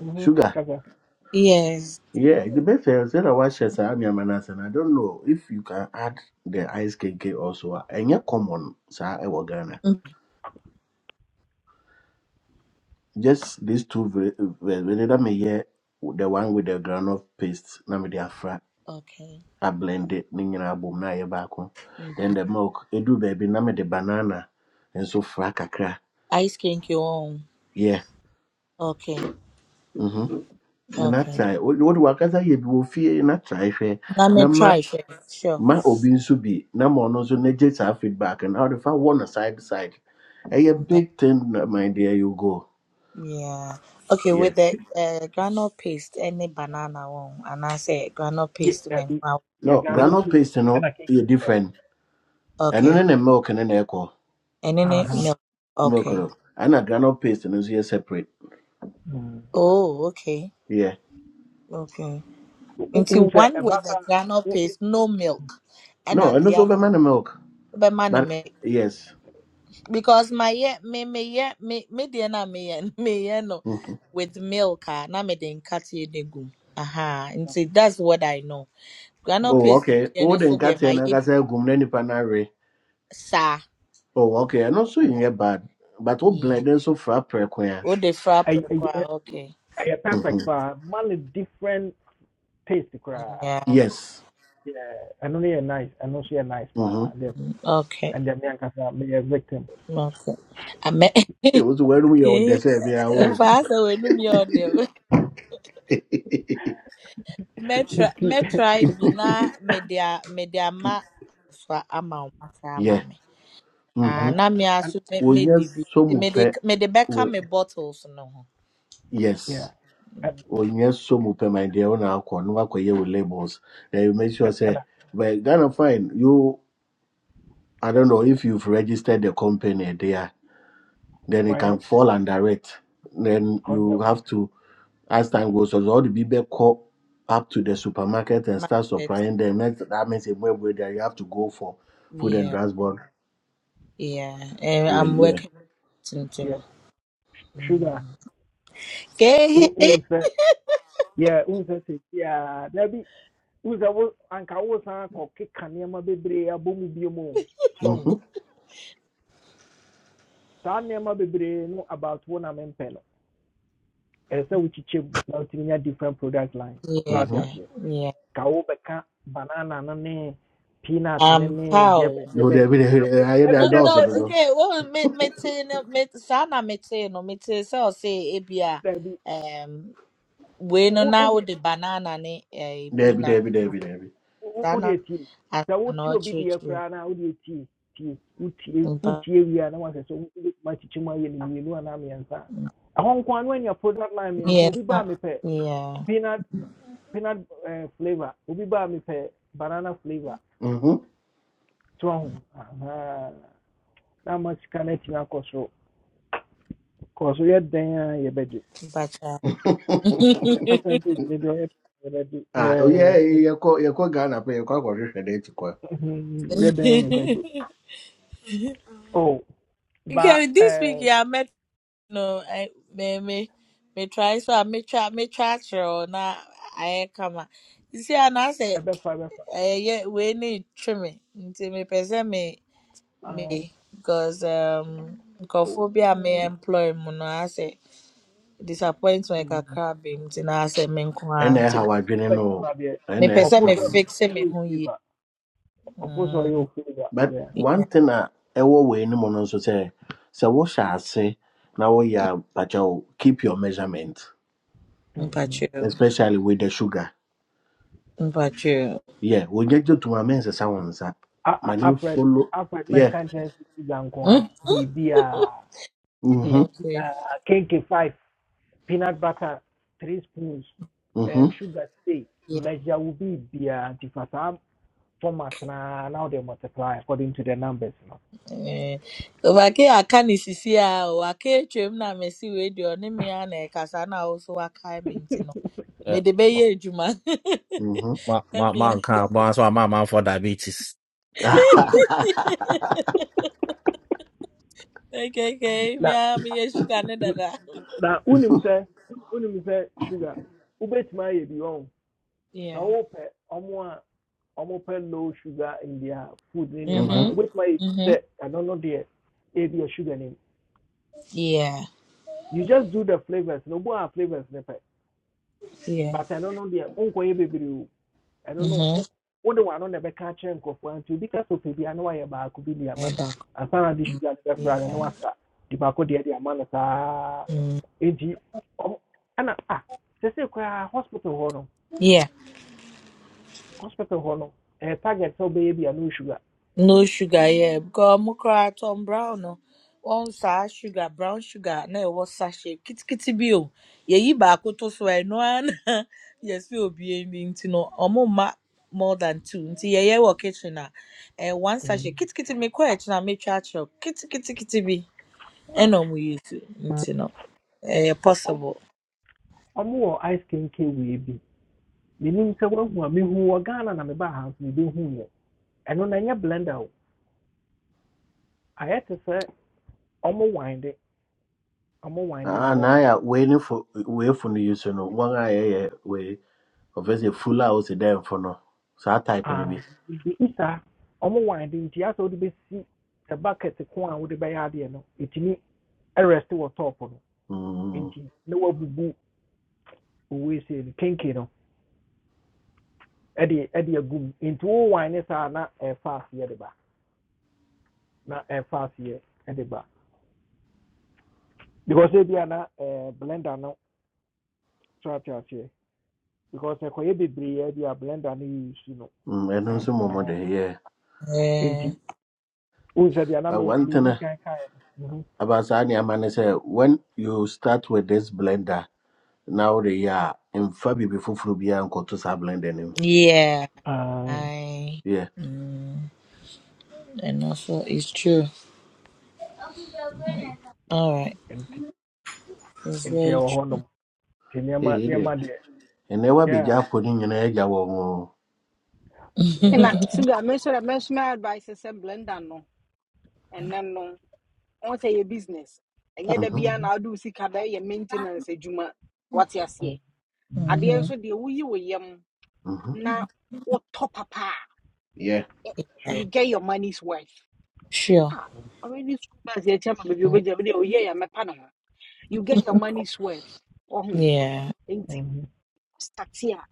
Speaker 1: Mhm,
Speaker 7: sugar.
Speaker 1: kasa
Speaker 3: yes
Speaker 7: Yeah, the best is that I watch Sami Amanas, and I don't know if you can add the ice KK also. And yet, common, sir, I will Ghana.
Speaker 3: Mm,
Speaker 7: Just these two, whether me hear the one with the granite paste, na me the afra,
Speaker 3: okay
Speaker 7: I blend it, ning and album, na ye back on.
Speaker 3: Mm.
Speaker 7: Then the milk, it do baby, na me the banana, and so fra kakra.
Speaker 3: ice cream ke own.
Speaker 7: Yeah,
Speaker 3: ho. okay
Speaker 7: mm hmm. When I
Speaker 3: okay
Speaker 7: try, what do I say? You will fear, and I try, fair.
Speaker 3: na mɛtra ahwɛ sure
Speaker 7: ma obi nso bi na ma ɔno nso n'agye saa feedback and how the fa wɔ no side side ɛyɛ
Speaker 3: Sure.
Speaker 7: big thing na my dear you go
Speaker 3: Yeah. Okay,
Speaker 7: yeah
Speaker 3: with the uh, granule paste, any banana one, and I say granule
Speaker 1: yɛ
Speaker 3: paste and then
Speaker 1: dabi
Speaker 3: go
Speaker 1: yeah.
Speaker 7: no
Speaker 3: with
Speaker 1: ghana
Speaker 3: the,
Speaker 7: granule
Speaker 1: pay
Speaker 7: paste no
Speaker 1: ɛna i
Speaker 7: yɛ
Speaker 1: pɛ
Speaker 7: different ɛno ne
Speaker 3: okay,
Speaker 7: ne milk ne na ɛkɔ
Speaker 3: and then it milk.
Speaker 7: milk
Speaker 3: Okay.
Speaker 7: no ɛna granule paste no nso yɛ separate
Speaker 1: not
Speaker 3: Oh, okay,
Speaker 7: yeah
Speaker 3: okay. Into
Speaker 1: n sɛ
Speaker 3: one
Speaker 1: ɛba
Speaker 3: with
Speaker 1: sa
Speaker 3: the granule
Speaker 1: wo-
Speaker 3: paste, no milk, and
Speaker 7: no
Speaker 3: at
Speaker 7: ɛno
Speaker 3: the
Speaker 7: nso
Speaker 3: other,
Speaker 7: bɛma no milk
Speaker 3: but man,
Speaker 7: but
Speaker 3: me
Speaker 7: yes
Speaker 3: because my yeah, me me yeah, me me dear na me yeah, me yeah no
Speaker 7: Mhm.
Speaker 3: with milk ah, na me den cut you the gum. Aha, and
Speaker 1: wo-
Speaker 3: see that's what I know. Granule
Speaker 1: oh,
Speaker 7: oh
Speaker 3: paste,
Speaker 7: okay
Speaker 3: dear no
Speaker 7: wode
Speaker 3: so dear
Speaker 7: nkateɛ
Speaker 3: my
Speaker 7: no
Speaker 3: yeah,
Speaker 7: ankasa agum na nipa no awe
Speaker 3: sir.
Speaker 7: oh okay ɛno nso
Speaker 1: oh,
Speaker 7: nyɛ bad but wo
Speaker 3: Yeah.
Speaker 7: blend no nso fra prɛko a
Speaker 3: What the frap
Speaker 1: ɛy- ɛy- ɛy-
Speaker 3: require. Okay.
Speaker 1: ɛyɛ perfect
Speaker 7: Mhm.
Speaker 1: paa ma no different taste koraa
Speaker 3: Yeah.
Speaker 7: yes
Speaker 1: Yeah, I know no yɛ nice ɛno nso yɛ nice paa
Speaker 7: Mhm.
Speaker 1: Then-
Speaker 3: Okay.
Speaker 1: and then me ankasa meyɛ victim
Speaker 3: Okay. I met.
Speaker 7: It was where we are on the same. yeah
Speaker 3: Fast away, no me order. Metra,
Speaker 1: And ɛn-
Speaker 3: metra, bina, media, media, ma, fa, ama, uma, fa, ama,
Speaker 7: Yeah.
Speaker 3: me. Ah,
Speaker 7: Mm-hmm.
Speaker 3: na me
Speaker 1: And
Speaker 3: asu, me, me,
Speaker 7: wònyɛ
Speaker 3: di, bi.
Speaker 7: so mu
Speaker 3: Me, de,
Speaker 7: pɛ
Speaker 3: me, de, beka, me, bottles, no. ho.
Speaker 7: Yes.
Speaker 1: ɛn-
Speaker 3: Mm.
Speaker 7: When you so much, my dear, on our corner, work with labels. Then you make sure
Speaker 1: ɛn-
Speaker 7: say,
Speaker 1: ɛna
Speaker 7: but Ghana fine. You, I don't know if you've registered the company there, then it can
Speaker 1: wɔyɛ
Speaker 7: fall under it. Then you have to, as time goes, on, all the people call up to the supermarket and
Speaker 3: Ma,
Speaker 7: start
Speaker 3: et,
Speaker 7: supplying them. Next, that means a way where you have to go for food and
Speaker 3: yeah,
Speaker 7: drugs board.
Speaker 3: yeah. Eh,
Speaker 7: Way,
Speaker 3: I'm
Speaker 7: yeah.
Speaker 3: working, to, know.
Speaker 1: yeah. sugar
Speaker 3: Mm. Okay.
Speaker 1: wo wo nsɛ yɛ wo yeah dabi wo nsɛ wo anka wo san kɔ keka nneɛma bebree abɔ mu bio so
Speaker 7: Mm-hmm.
Speaker 1: no about wo na mempɛ no ɛsɛ sɛ wokyekyɛ mu na different product lines. so
Speaker 3: Yeah,
Speaker 1: I aseɛ
Speaker 3: yeah.
Speaker 1: ka wo bɛka banana no peanut ne
Speaker 3: Um,
Speaker 1: ne deɛ bɛ
Speaker 3: pow.
Speaker 1: deɛ
Speaker 7: No,
Speaker 1: bɛ ne
Speaker 7: Debbie, Debbie,
Speaker 1: nyinaa bɔ mu.
Speaker 7: I hear
Speaker 1: dabi
Speaker 3: No,
Speaker 7: that
Speaker 1: dabi
Speaker 7: also,
Speaker 3: no,
Speaker 7: no.
Speaker 3: okay. Well, me, me, te, no, me, saa me te no, me te sɛ say, ebia, um, we no na the banana ne eh,
Speaker 7: Debbie,
Speaker 3: peanut
Speaker 7: Debbie,
Speaker 3: no,
Speaker 7: Debbie, Debbie.
Speaker 1: wo- wo-
Speaker 3: saa
Speaker 1: wode
Speaker 3: na
Speaker 1: atie
Speaker 3: asa
Speaker 1: sɛ wote
Speaker 3: na
Speaker 1: obi deɛ
Speaker 3: ɔkyerɛkyerɛ.
Speaker 1: koraa no a wode atie tie wotie
Speaker 3: yeah.
Speaker 1: wotie wie a na wasɛ sɛ wobɛtumi akyekye mu ayɛ no mmienu no product line mmiɛnsa obi
Speaker 3: mmiɛnsa,
Speaker 1: baa pe
Speaker 3: yeah,
Speaker 1: peanut peanut eh, flavor obi baa pe banana flavor
Speaker 7: Mm-hmm.
Speaker 1: so Ah, Ahaa. na ama sika no atumi akɔ soro kɔ so yɛ dɛn a yɛbɛgye
Speaker 3: mpacha.
Speaker 1: yɛ percentage ne deɛ ɔyɛ yɛbɛgye
Speaker 7: ah, oh yeah,
Speaker 1: Yɛ-
Speaker 7: you call you call Ghana, but you call for this day to call.
Speaker 1: yɛ- yɛ dɛn a yɛbɛgye oh ba
Speaker 3: Okay, this week,
Speaker 1: eh,
Speaker 3: yeah, I met. no, I, me, me, me try, so I me try, me try kyerɛ Now I come. You see, and I said,
Speaker 1: ɛbɛfa ɛbɛfa
Speaker 3: eh, yeah, wei ne twe me, nti mepɛ sɛ me me because um nkurɔfo bi
Speaker 1: Second
Speaker 3: employ mu no asɛ disappointment kakra ba mu nti na asɛ me nko ara
Speaker 7: And I
Speaker 3: nti no
Speaker 7: how I didn't know.
Speaker 1: of it,
Speaker 7: And
Speaker 3: mepɛ
Speaker 7: I
Speaker 3: sɛ
Speaker 1: oppose
Speaker 3: me
Speaker 7: how.
Speaker 3: fixe me
Speaker 1: you
Speaker 3: ho yie
Speaker 1: favor, oppose
Speaker 3: mm,
Speaker 1: you favor.
Speaker 7: But
Speaker 1: Yeah.
Speaker 7: one thing I ever way no one also say. So what shall I say? Now we are, but you keep your measurement,
Speaker 1: Mm-hmm.
Speaker 3: mpatwɛw
Speaker 7: especially with the sugar.
Speaker 3: mpatwɛw
Speaker 7: Yeah, we get you to my men's sounds.
Speaker 1: I
Speaker 7: My
Speaker 1: I
Speaker 7: new
Speaker 1: Alfred,
Speaker 7: follow.
Speaker 1: Alfred, man
Speaker 7: Yeah.
Speaker 1: can't change the
Speaker 3: mm,
Speaker 1: Zankwa. Baby, uh,
Speaker 7: Mm-hmm.
Speaker 1: baby,
Speaker 3: okay
Speaker 1: uh, cake five, peanut butter, three spoons,
Speaker 7: Mm-hmm.
Speaker 1: and sugar steak.
Speaker 3: yeah.
Speaker 1: Measure will be be ah different format na now they multiply according to their numbers. Now,
Speaker 3: Eh. wake aka ne sisi a o, wake atwam na masi wei deɛ ɔne me a na ɛkasa na wo so wakae me nti no
Speaker 5: no
Speaker 3: mede bɛyɛ adwuma
Speaker 7: Mm-hmm.
Speaker 5: My my Ma, ma,
Speaker 3: ɛmea
Speaker 5: ma, nka, bɔ nso my mom for diabetes.
Speaker 7: Ah.
Speaker 3: okay okay
Speaker 1: now,
Speaker 3: mea meyɛ sugar ne dada
Speaker 1: na unim say unim say sugar. Ubet my ebi on. na
Speaker 3: Yeah.
Speaker 1: wɔpɛ ɔmo a low sugar in their food ne nneɛma a
Speaker 3: Mhm.
Speaker 1: wobɛtuma my
Speaker 3: Mhm.
Speaker 1: bi I don't know the yɛ sugar name.
Speaker 3: Yeah.
Speaker 1: you just do the flavours na obu a flavours ne pɛ
Speaker 3: Yeah.
Speaker 1: but ɛno no deɛ nkɔyɛ bebree o ɛno no
Speaker 3: Mhm.
Speaker 1: wo- wode w'ano na ɛbɛka akyerɛ nkurɔfoɔ nti obi ka sɛ ɔpɛ bi a na wayɛ baako bi de
Speaker 3: Ẹ
Speaker 1: ama no
Speaker 3: dàkọ.
Speaker 1: ansa na de
Speaker 3: Mm.
Speaker 1: sugar no bɛfra no na
Speaker 3: Yeah.
Speaker 1: wasa de baako deɛ de ama no saa
Speaker 3: Mm.
Speaker 1: nti ɔmo ɛna a sɛsɛ koraa hospital hɔ no
Speaker 3: Yeah.
Speaker 1: hospital hɔ no target so baby bi no sugar
Speaker 3: No sugar. Yeah. Because I'm mo kora Tom Brown no. One sa sugar brown sugar náà ẹ̀wọ́ sachet Kitty bi o. Yẹ̀yí baako tó so ẹnu àná. Yẹ̀sí òbí ẹni nti no ọmọ ma more than two nti yẹ̀yẹ́ wọ kitchen na. Eh one
Speaker 1: Mm.
Speaker 3: sachet kitty kitty me kọ́ ẹ̀kyin na mi Kitty kitty kitty bi
Speaker 1: na
Speaker 3: Eno mu yẹ̀ tu nti no Eh possible.
Speaker 1: ɔmo wɔ ice kenken wei bi menim sɛ woahu a mehu ghana na mebaa ha nso mebehu yɛ ɛno na ɛnyɛ blender o ayɛ te sɛ ɔmo winde ɔmo winde
Speaker 7: Ah,
Speaker 1: no
Speaker 7: now yeah, waiting for wait for the use no. One guy yeah way obviously full house there for no. So I type in a
Speaker 1: wɔ
Speaker 7: bit.
Speaker 1: bibi saa ɔmo winde nti asɛ wode bɛsi sɛ bucket ko a wode bɛyɛ adeɛ no ɛtumi ɛrest wɔ top no
Speaker 7: Mm,
Speaker 1: nti na wabubu owei sei no kenke no ɛde ɛde agu mu nti wo wine saa na e fast ye de ba na ɛfa aseɛ de ba because ebia na ɛɛ blender no so ate aseɛ because ɛkɔyɛ bebree a bi blender no yɛ use no
Speaker 7: mm, and also more
Speaker 1: Aha.
Speaker 7: there yeah.
Speaker 3: Eh.
Speaker 1: Who said the deɛ
Speaker 7: But
Speaker 1: Maybe
Speaker 7: one
Speaker 1: me
Speaker 7: thing
Speaker 1: medi
Speaker 7: eh,
Speaker 1: kan kaeɛ no Mhm.
Speaker 7: about Sani Amane say when you start with this blender now the yeah in Fabi before Frubia and Kotosa blend in him.
Speaker 3: Yeah,
Speaker 1: Ah,
Speaker 3: I
Speaker 7: Yeah.
Speaker 3: mm, and also it's true.
Speaker 1: nti
Speaker 3: All right,
Speaker 1: nti
Speaker 3: it's
Speaker 1: nti
Speaker 3: very
Speaker 1: ɛwɔ
Speaker 3: true.
Speaker 1: hɔnom
Speaker 7: Hey, hey, hey. and never be
Speaker 1: yeah
Speaker 7: just putting in a edge.
Speaker 8: na
Speaker 1: yeah
Speaker 8: sugar mɛsɛ dɛ mɛsoma advice sɛ blender no ɛnɛ no on say yɛ business
Speaker 3: Oh,
Speaker 8: ɛnyɛ da
Speaker 7: Mm-hmm.
Speaker 8: bia
Speaker 1: Mhm,
Speaker 8: na wode wo sika da yɛ maintenance adwuma what you
Speaker 1: mhm,
Speaker 8: aseɛ
Speaker 1: mhm.
Speaker 8: adeɛ
Speaker 3: Mm-hmm.
Speaker 8: nso deɛ woyi wo yam
Speaker 7: Mm-hmm.
Speaker 8: na wotɔ papa a
Speaker 7: Yeah.
Speaker 8: ɛ- you
Speaker 3: Right.
Speaker 1: sure
Speaker 8: get your money's worth
Speaker 3: Sure.
Speaker 8: Ah, already school bus yɛkyɛ ma baabi obɛgya bi deɛ oyɛ yɛ mɛpa ne ho you get your money's worth ɔho
Speaker 3: Yeah.
Speaker 1: Mhm,
Speaker 8: starte a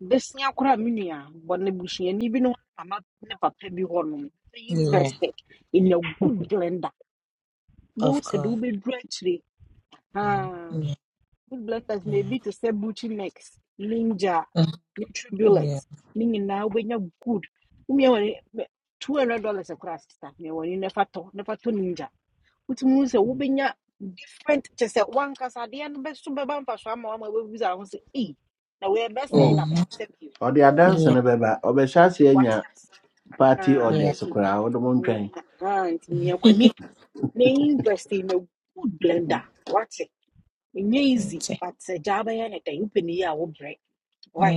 Speaker 8: bɛsua koraa me nua bɔ ne busuani bi ne hɔ ne mama ne papa bi hɔ nom sɛ
Speaker 3: Yeah.
Speaker 8: university in a good blender wobɛhu
Speaker 3: Of
Speaker 8: sɛ de
Speaker 3: course.
Speaker 8: wobɛduru akyire
Speaker 1: mhm,
Speaker 8: aa,
Speaker 3: Yeah.
Speaker 8: good blenders na ebi te sɛ buchi nex ninja
Speaker 3: Mm,
Speaker 8: ne
Speaker 3: Yeah.
Speaker 8: tribulate ne nyinaa wobɛnya good womia wɔne two hundred dollars koraa sista mea wɔne nefa tɔ nefa tɔ ninja wotumi hu sɛ wobɛnya different Just at one cast at the end Best to be wankasa adeɛ no bɛso bɛba mfa so ama wama wobɛbusa ho sɛ ei na wɔyɛ bɛsɛe
Speaker 7: Oh,
Speaker 8: daba
Speaker 3: Mm-hmm.
Speaker 8: yi sɛ
Speaker 7: or the dance
Speaker 3: Yeah.
Speaker 7: and a baby. Or the chassis and
Speaker 8: wate
Speaker 7: your
Speaker 8: ase
Speaker 7: party
Speaker 8: Ah,
Speaker 3: Yeah.
Speaker 7: orders. So,
Speaker 8: nti
Speaker 7: crowd, one
Speaker 8: nea
Speaker 7: train.
Speaker 8: ah, nti nea w'ani na invest in a good blender What's it? easy
Speaker 3: That's it.
Speaker 8: but agya bɛyɛ ne dɛn wopɛ ne yie a wobrɛ why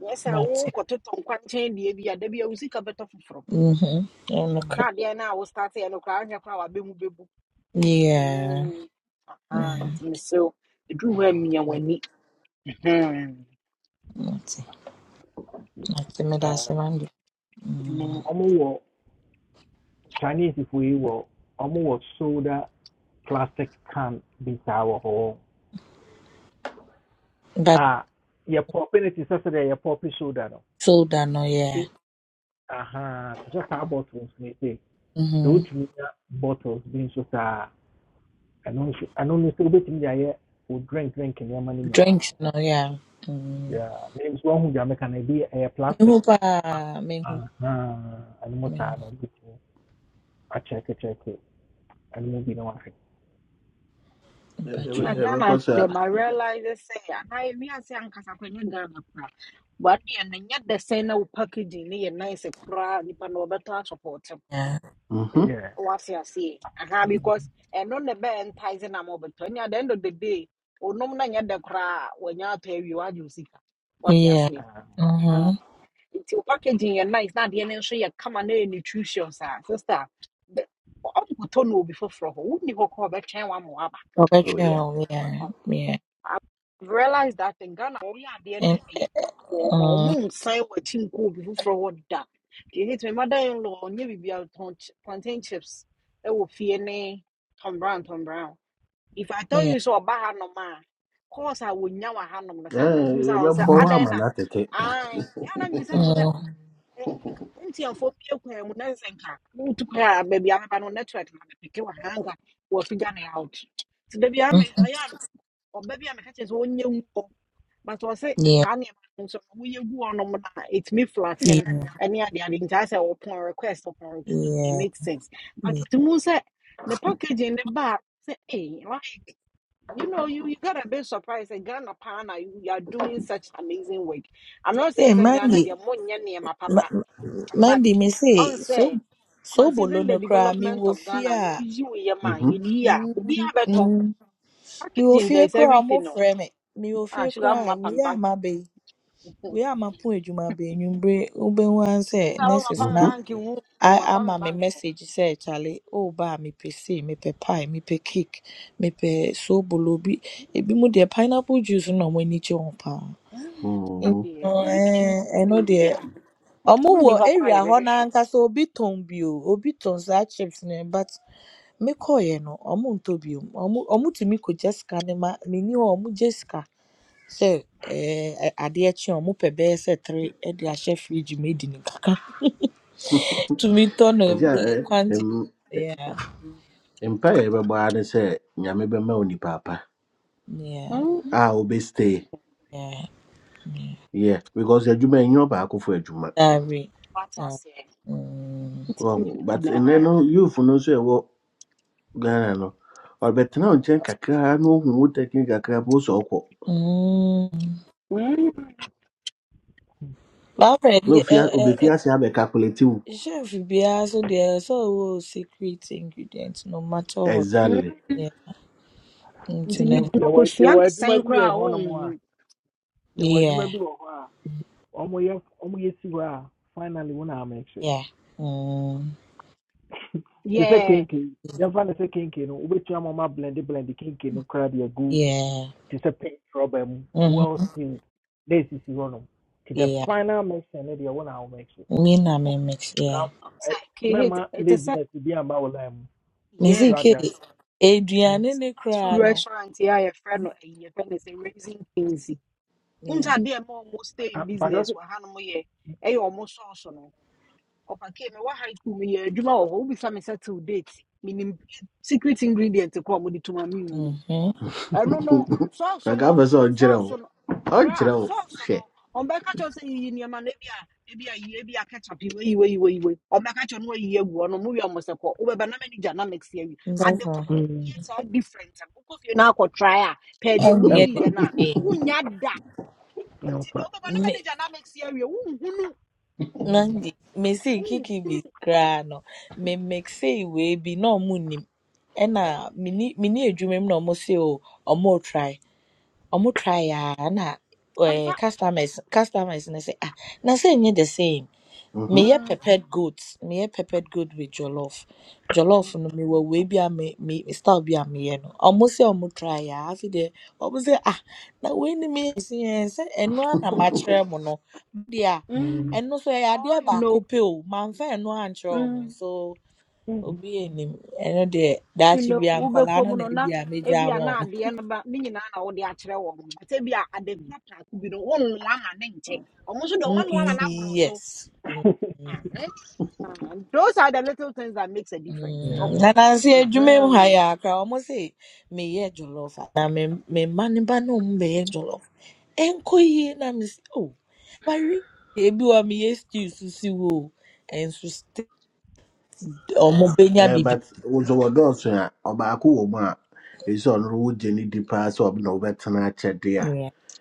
Speaker 8: nyɛ sɛ
Speaker 3: That's it.
Speaker 8: wokɔtotɔ nkwankyɛn deɛ bi a da bi a wo sika bɛtɔ foforɔ
Speaker 3: Mm-hmm. And look.
Speaker 8: na
Speaker 1: mhm.
Speaker 8: adeɛ no a wo starteɛ no koraa nyɛ koraa a wabɛmu bɛbu
Speaker 3: Yeah.
Speaker 8: Mm, ah,
Speaker 3: Yeah.
Speaker 8: nti meserew ɛduru hɔ a mia
Speaker 3: That's it. That's it. Me that's it,
Speaker 1: Um,
Speaker 3: man. Mm.
Speaker 1: ɔmo chinese If we were ɔmo soda plastic can be saa wɔ hɔ
Speaker 3: But
Speaker 1: a yɛ pɔpi no your property soda no
Speaker 3: soda, no. Yeah.
Speaker 1: aha te sɛ saa bottles no ɛsɛ sɛ
Speaker 3: Mm-hmm.
Speaker 1: wotumi nya bottles bi nso saa ɛno nso ɛno no sɛ wobɛtumi de ayɛ wo drink drink nneɛma no nyinaa
Speaker 3: Drinks, no. Yeah. Mm.
Speaker 1: Yeah, me nso ahu deɛ meka no ebi ɛyɛ
Speaker 3: Me
Speaker 1: plastic
Speaker 3: hope. uh, me
Speaker 1: aha ɛno mu
Speaker 3: hope.
Speaker 1: saa no wobɛtumi akyɛkekyɛke ɛno mu bi na wahwɛ nti
Speaker 8: na
Speaker 3: Bedroom.
Speaker 7: yɛbɛkɔ
Speaker 8: ghana
Speaker 7: sɛ
Speaker 8: dem arealise sɛ anaa mi ase ankasa kɔnyɛ ghana koraa wadeɛ no nyɛ dɛ say na wo packaging no yɛ nice koraa a nipa na wɔbɛtɔ asopɔɔte
Speaker 3: Yeah.
Speaker 7: mhm,
Speaker 1: yeah,
Speaker 8: What you aseɛ aha because ɛno ne the ntise na ma wɔbɛtɔ ɛne at the end of the day onom na nyɛ dɛ koraa when you pay, you are wo sika What you
Speaker 3: Yeah.
Speaker 8: aseɛ
Speaker 1: ah,
Speaker 8: Ah,
Speaker 3: Mm-hmm.
Speaker 8: nti wo packaging yɛ nice na adeɛ no nso yɛ kama na yɛ nutritious a sister ɔnkotɔ no obi foforɔ hɔ wonni hɔ kɔ a ɔbɛtwɛn wama waba
Speaker 3: Or
Speaker 7: oh yeah
Speaker 3: bedroom. Yeah. Yeah.
Speaker 8: I have realized that in Ghana, only at the end
Speaker 3: And,
Speaker 8: of a car or
Speaker 3: uh,
Speaker 8: moon sign what team could be for what that. You hit my mother in law, maybe be out plantain chips. It will fear nay, Tom Brown, Tom Brown. If I tell
Speaker 3: yeah.
Speaker 8: you so about no man, course I would now a hand on the sometimes
Speaker 7: Eh,
Speaker 8: use our say,
Speaker 7: yɛbɛbɔ
Speaker 3: Uh,
Speaker 7: hɔ ama
Speaker 8: Adena.
Speaker 7: no atete
Speaker 8: I, yeah, I'm beside
Speaker 3: uh,
Speaker 8: ntiafo bie kwan mu na nsɛ nka wotu kwan a baabi a meba no network na mepeke wɔ ha out nti baabi a me
Speaker 3: mm,
Speaker 8: ɔyɛ a ɔba bi a meka kyerɛ sɛ ɔnyɛ ngu hɔ but ɔse
Speaker 3: yeah.
Speaker 8: saa nneɛma no no woyɛ gu hɔnom no flatten
Speaker 3: Yeah.
Speaker 8: ɛne adeade nti ayɛ sɛ request wɔpɔn request it
Speaker 3: Yeah.
Speaker 8: makes sense but
Speaker 3: Yeah.
Speaker 8: to mu sɛ packaging ne ba a, hey, like you know you, you got a bit surprised that Ghana Pana you, you are doing such amazing work I'm not saying
Speaker 3: Hey,
Speaker 8: it's a Ghana they
Speaker 3: Mandy.
Speaker 8: are more nyenyema
Speaker 3: Ma-
Speaker 8: papa but
Speaker 3: Mandy, me
Speaker 8: I
Speaker 3: say,
Speaker 8: would
Speaker 3: so,
Speaker 8: say,
Speaker 3: so
Speaker 8: considering the
Speaker 3: bolono cry, me
Speaker 8: development
Speaker 3: will
Speaker 8: of Ghana, no
Speaker 3: fear.
Speaker 8: you yeah man,
Speaker 7: Mhm,
Speaker 8: you need here. be
Speaker 3: Mm,
Speaker 8: a better
Speaker 3: mm. Me will
Speaker 8: packaging. There
Speaker 3: fear
Speaker 8: is
Speaker 3: cry, I'm
Speaker 8: everything.
Speaker 3: off
Speaker 8: No,
Speaker 3: me. Me will
Speaker 8: ah,
Speaker 3: fear
Speaker 8: sugar
Speaker 3: cry.
Speaker 8: map
Speaker 3: We
Speaker 8: and
Speaker 3: are
Speaker 8: bank.
Speaker 3: my baby.
Speaker 8: Sugar
Speaker 3: We are my point, you my baby. You bring, you bring one say,
Speaker 8: map
Speaker 3: nurses
Speaker 8: and
Speaker 7: mhm,
Speaker 8: bank. You
Speaker 3: I
Speaker 8: map and
Speaker 3: ama me
Speaker 8: bank.
Speaker 3: message say Charlie, oh, kyale woba a mepɛ sei mepɛ pie mepɛ cake me pe So soobolo bi
Speaker 8: Hmm.
Speaker 3: ebinom deɛ pineapple juice No wɔn ani gye ho paa
Speaker 8: Hmm. Ghana
Speaker 3: ɛno
Speaker 7: mhm.
Speaker 8: there. Oh, You
Speaker 3: ɛɛ, ɛno deɛ
Speaker 8: yeah,
Speaker 3: ɔmo
Speaker 8: you
Speaker 3: wɔ
Speaker 8: need to cry
Speaker 3: area hɔ
Speaker 8: every show.
Speaker 3: n'ankasa obi ton bi bio obi tɔn saa chips ne but me koye no ɔmo ntɔ bio ɔmo ɔmo tumi kɔgye sika ne ma meni hɔ a ɔmo gye sika sɛ ɛɛ ɛ- adeɛ kye a ɔmo pɛ bɛyɛ sɛ three ɛde ahyɛ fridge mu edi ne kakra tumi tɔ no
Speaker 7: ɛnti a eh,
Speaker 3: ɛ, quantity.
Speaker 7: em-
Speaker 3: Yeah.
Speaker 7: mpa a yɛbɛbɔ ara ne sɛ nyame bɛma wo nipa apa
Speaker 3: Yeah,
Speaker 8: Hmm.
Speaker 7: a wobɛstay
Speaker 3: yeah, yeah.
Speaker 7: yeah because adwuma ɛnyɛ ɔbaakofo adwuma
Speaker 3: Sorry.
Speaker 8: What I
Speaker 3: Uh,
Speaker 8: say.
Speaker 3: mm,
Speaker 7: Wɔho. but ɛnɛ no youth no nso a ɛwɔ ghana no ɔbɛtena wo nkyɛn kakra na ohu wo tɛkin kakra bi wo sɛ ɔkɔ
Speaker 3: mm. But
Speaker 7: na
Speaker 3: already, uh,
Speaker 7: ofi a-
Speaker 3: uh, uh,
Speaker 7: obɛfi ase abɛkakulate wo
Speaker 3: chef biara so there's always secret ingredient, no matter what.
Speaker 7: exactly
Speaker 3: Yeah,
Speaker 8: Nti
Speaker 3: internet.
Speaker 1: yɛ-
Speaker 8: nipa no
Speaker 1: yɛwɔ
Speaker 8: kosua ne
Speaker 1: yɛwɔ adwuma
Speaker 8: sɛn
Speaker 1: bi wɔ
Speaker 8: koraa a
Speaker 1: hɔnom a
Speaker 8: ɔnhu.
Speaker 1: yɛwɔ adwuma
Speaker 3: Yeah,
Speaker 1: bi wɔ hɔ a ɔmoyɛ ɔmoyɛ si hɔ a finally wo na ama
Speaker 3: yeah, mm,
Speaker 1: te sɛ
Speaker 8: Yeah,
Speaker 1: kenken yɛmfa no sɛ kenken no wobɛtua ma ma blende blende kenken no koraa de agu
Speaker 3: yeah,
Speaker 1: te sɛ pink rubber mu
Speaker 3: mm-hmm,
Speaker 1: well sealed This is hɔnom nti the
Speaker 3: yeah.
Speaker 1: final mixing no deɛ wo na womix
Speaker 3: Me na me mix. Yeah.
Speaker 1: Now, ɛ,
Speaker 8: ɔsɛ, "Okay, it-
Speaker 1: mɛma
Speaker 8: ɛte sɛ
Speaker 1: laziness to be wo line mu
Speaker 3: Me see
Speaker 1: so
Speaker 8: yes.
Speaker 1: ate
Speaker 3: ke
Speaker 1: a mm,
Speaker 3: aduane
Speaker 8: Mr.
Speaker 3: ne
Speaker 8: fast food
Speaker 3: koraa no.
Speaker 8: restaurant yi a yɛfrɛ no ɛyi yɛfrɛ no sɛ raising kings yi wonhu sɛ
Speaker 3: Yeah.
Speaker 8: adeɛ stay
Speaker 1: a-
Speaker 8: in
Speaker 1: mpakyɛ
Speaker 8: business
Speaker 1: sɛ
Speaker 8: wɔ hanom yɛ ɛyɛ ɔmo sɔɔso no ɔpakee me wɔ high school meyɛ adwuma wɔ hɔ wobisa me sɛ till date menim secret ingredient kɔ a ɔmode to ma menhu no
Speaker 3: Mhm.
Speaker 8: ɛno no sɔɔso
Speaker 7: anka
Speaker 8: no
Speaker 7: afɛ sɛ ɔnkyerɛ wo
Speaker 8: sɔɔso no
Speaker 7: ɔnkyerɛ
Speaker 8: bra
Speaker 7: wo
Speaker 8: sɔɔso no ɔmbɛka kyɛw sɛ yiyi nneɛma no ebi a ebi a yi ebi a ketchup yi wayi wayi wayi wayi ɔmbɛka kyɛw no wayi agu hɔ no mu yɛ ɔmo sɛ kɔ wobɛba na mɛni gya na mɛksi awi ade
Speaker 3: That's
Speaker 8: koro
Speaker 3: all.
Speaker 8: no yɛ
Speaker 1: mm,
Speaker 8: saa different a wokɔ fie na akɔ try a pɛɛ deɛ
Speaker 3: Ɛnyɛ
Speaker 8: woyiyi
Speaker 1: ɛmfa
Speaker 3: the
Speaker 8: yɛ no a wonya da nti deɛ
Speaker 1: ɛmfa
Speaker 8: wobɛba na
Speaker 3: same.
Speaker 8: mɛni gya na mɛksi awi wonhunu
Speaker 1: Mm,
Speaker 3: Nandi, mesii kiki
Speaker 8: wonhunu
Speaker 3: be koraa no, Me, memmesii say we be no nnim.
Speaker 8: mm,
Speaker 3: Ena, mini mini edwuma mu na ɔmo say, o, ɔmo try. Ɔmo try ya. na ɛɛ
Speaker 8: amfa
Speaker 3: customers customers no sɛ ah na sɛ nyɛ the same.
Speaker 7: Mhm.
Speaker 3: Me Meyɛ
Speaker 8: Mm,
Speaker 3: peppered goat, meyɛ peppered goat with jollof. Jollof
Speaker 8: mm,
Speaker 3: no mewɔ we bi a me me me style bi a me meyɛ no. Ɔmo say ɔmo try ya. afei deɛ ɔmo se ah na we ni me, si yɛn sɛ ɛno ara na match mo no deɛ a
Speaker 8: mm.
Speaker 1: mm,
Speaker 3: ɛno nso ɛyɛ
Speaker 8: For
Speaker 3: adeɛ
Speaker 8: all you
Speaker 3: baako pɛ o mamfa ɛno ankyerɛ
Speaker 8: know.
Speaker 3: so
Speaker 1: mm,
Speaker 3: obi anim ɛno deɛ
Speaker 8: you
Speaker 3: daakye
Speaker 8: know
Speaker 3: bi a nkɔlaa
Speaker 8: wobɛkɔ
Speaker 3: no
Speaker 8: mu
Speaker 3: na
Speaker 8: no na
Speaker 3: ebi a megya
Speaker 8: ebi a
Speaker 3: ama
Speaker 8: na no ba ne nyinaa na wode akyerɛ wɔn no sɛ bi a ade kora prako bi no wonnoa ama ne nkyɛ ɔmo nso de ɔmo
Speaker 3: Mm,
Speaker 8: anoa ama
Speaker 3: mm,
Speaker 8: n'aboro
Speaker 3: yes
Speaker 8: so
Speaker 3: Mm, mm,
Speaker 8: Ahem. Ah, those are the little things that makes a difference
Speaker 1: yeah.
Speaker 3: mm.
Speaker 8: ɔho
Speaker 3: na nansi edwuma mu ha
Speaker 8: Mhm.
Speaker 3: yɛ akra ɔmo se meyɛ jollof a, na me me mma ne ba ne ɔmo bɛyɛ jollof ɛnkɔ yie na me se o bari ebi wɔ a meyɛ stew so si wo o ɛnso ste- benya
Speaker 7: Eh,
Speaker 3: bibi
Speaker 7: but also wɔ dɔɔso a ɔbaako wɔ mu a ɛsɛ on road. Jenny ne di paa sɛ ɔbɛna wobɛtena akyɛde a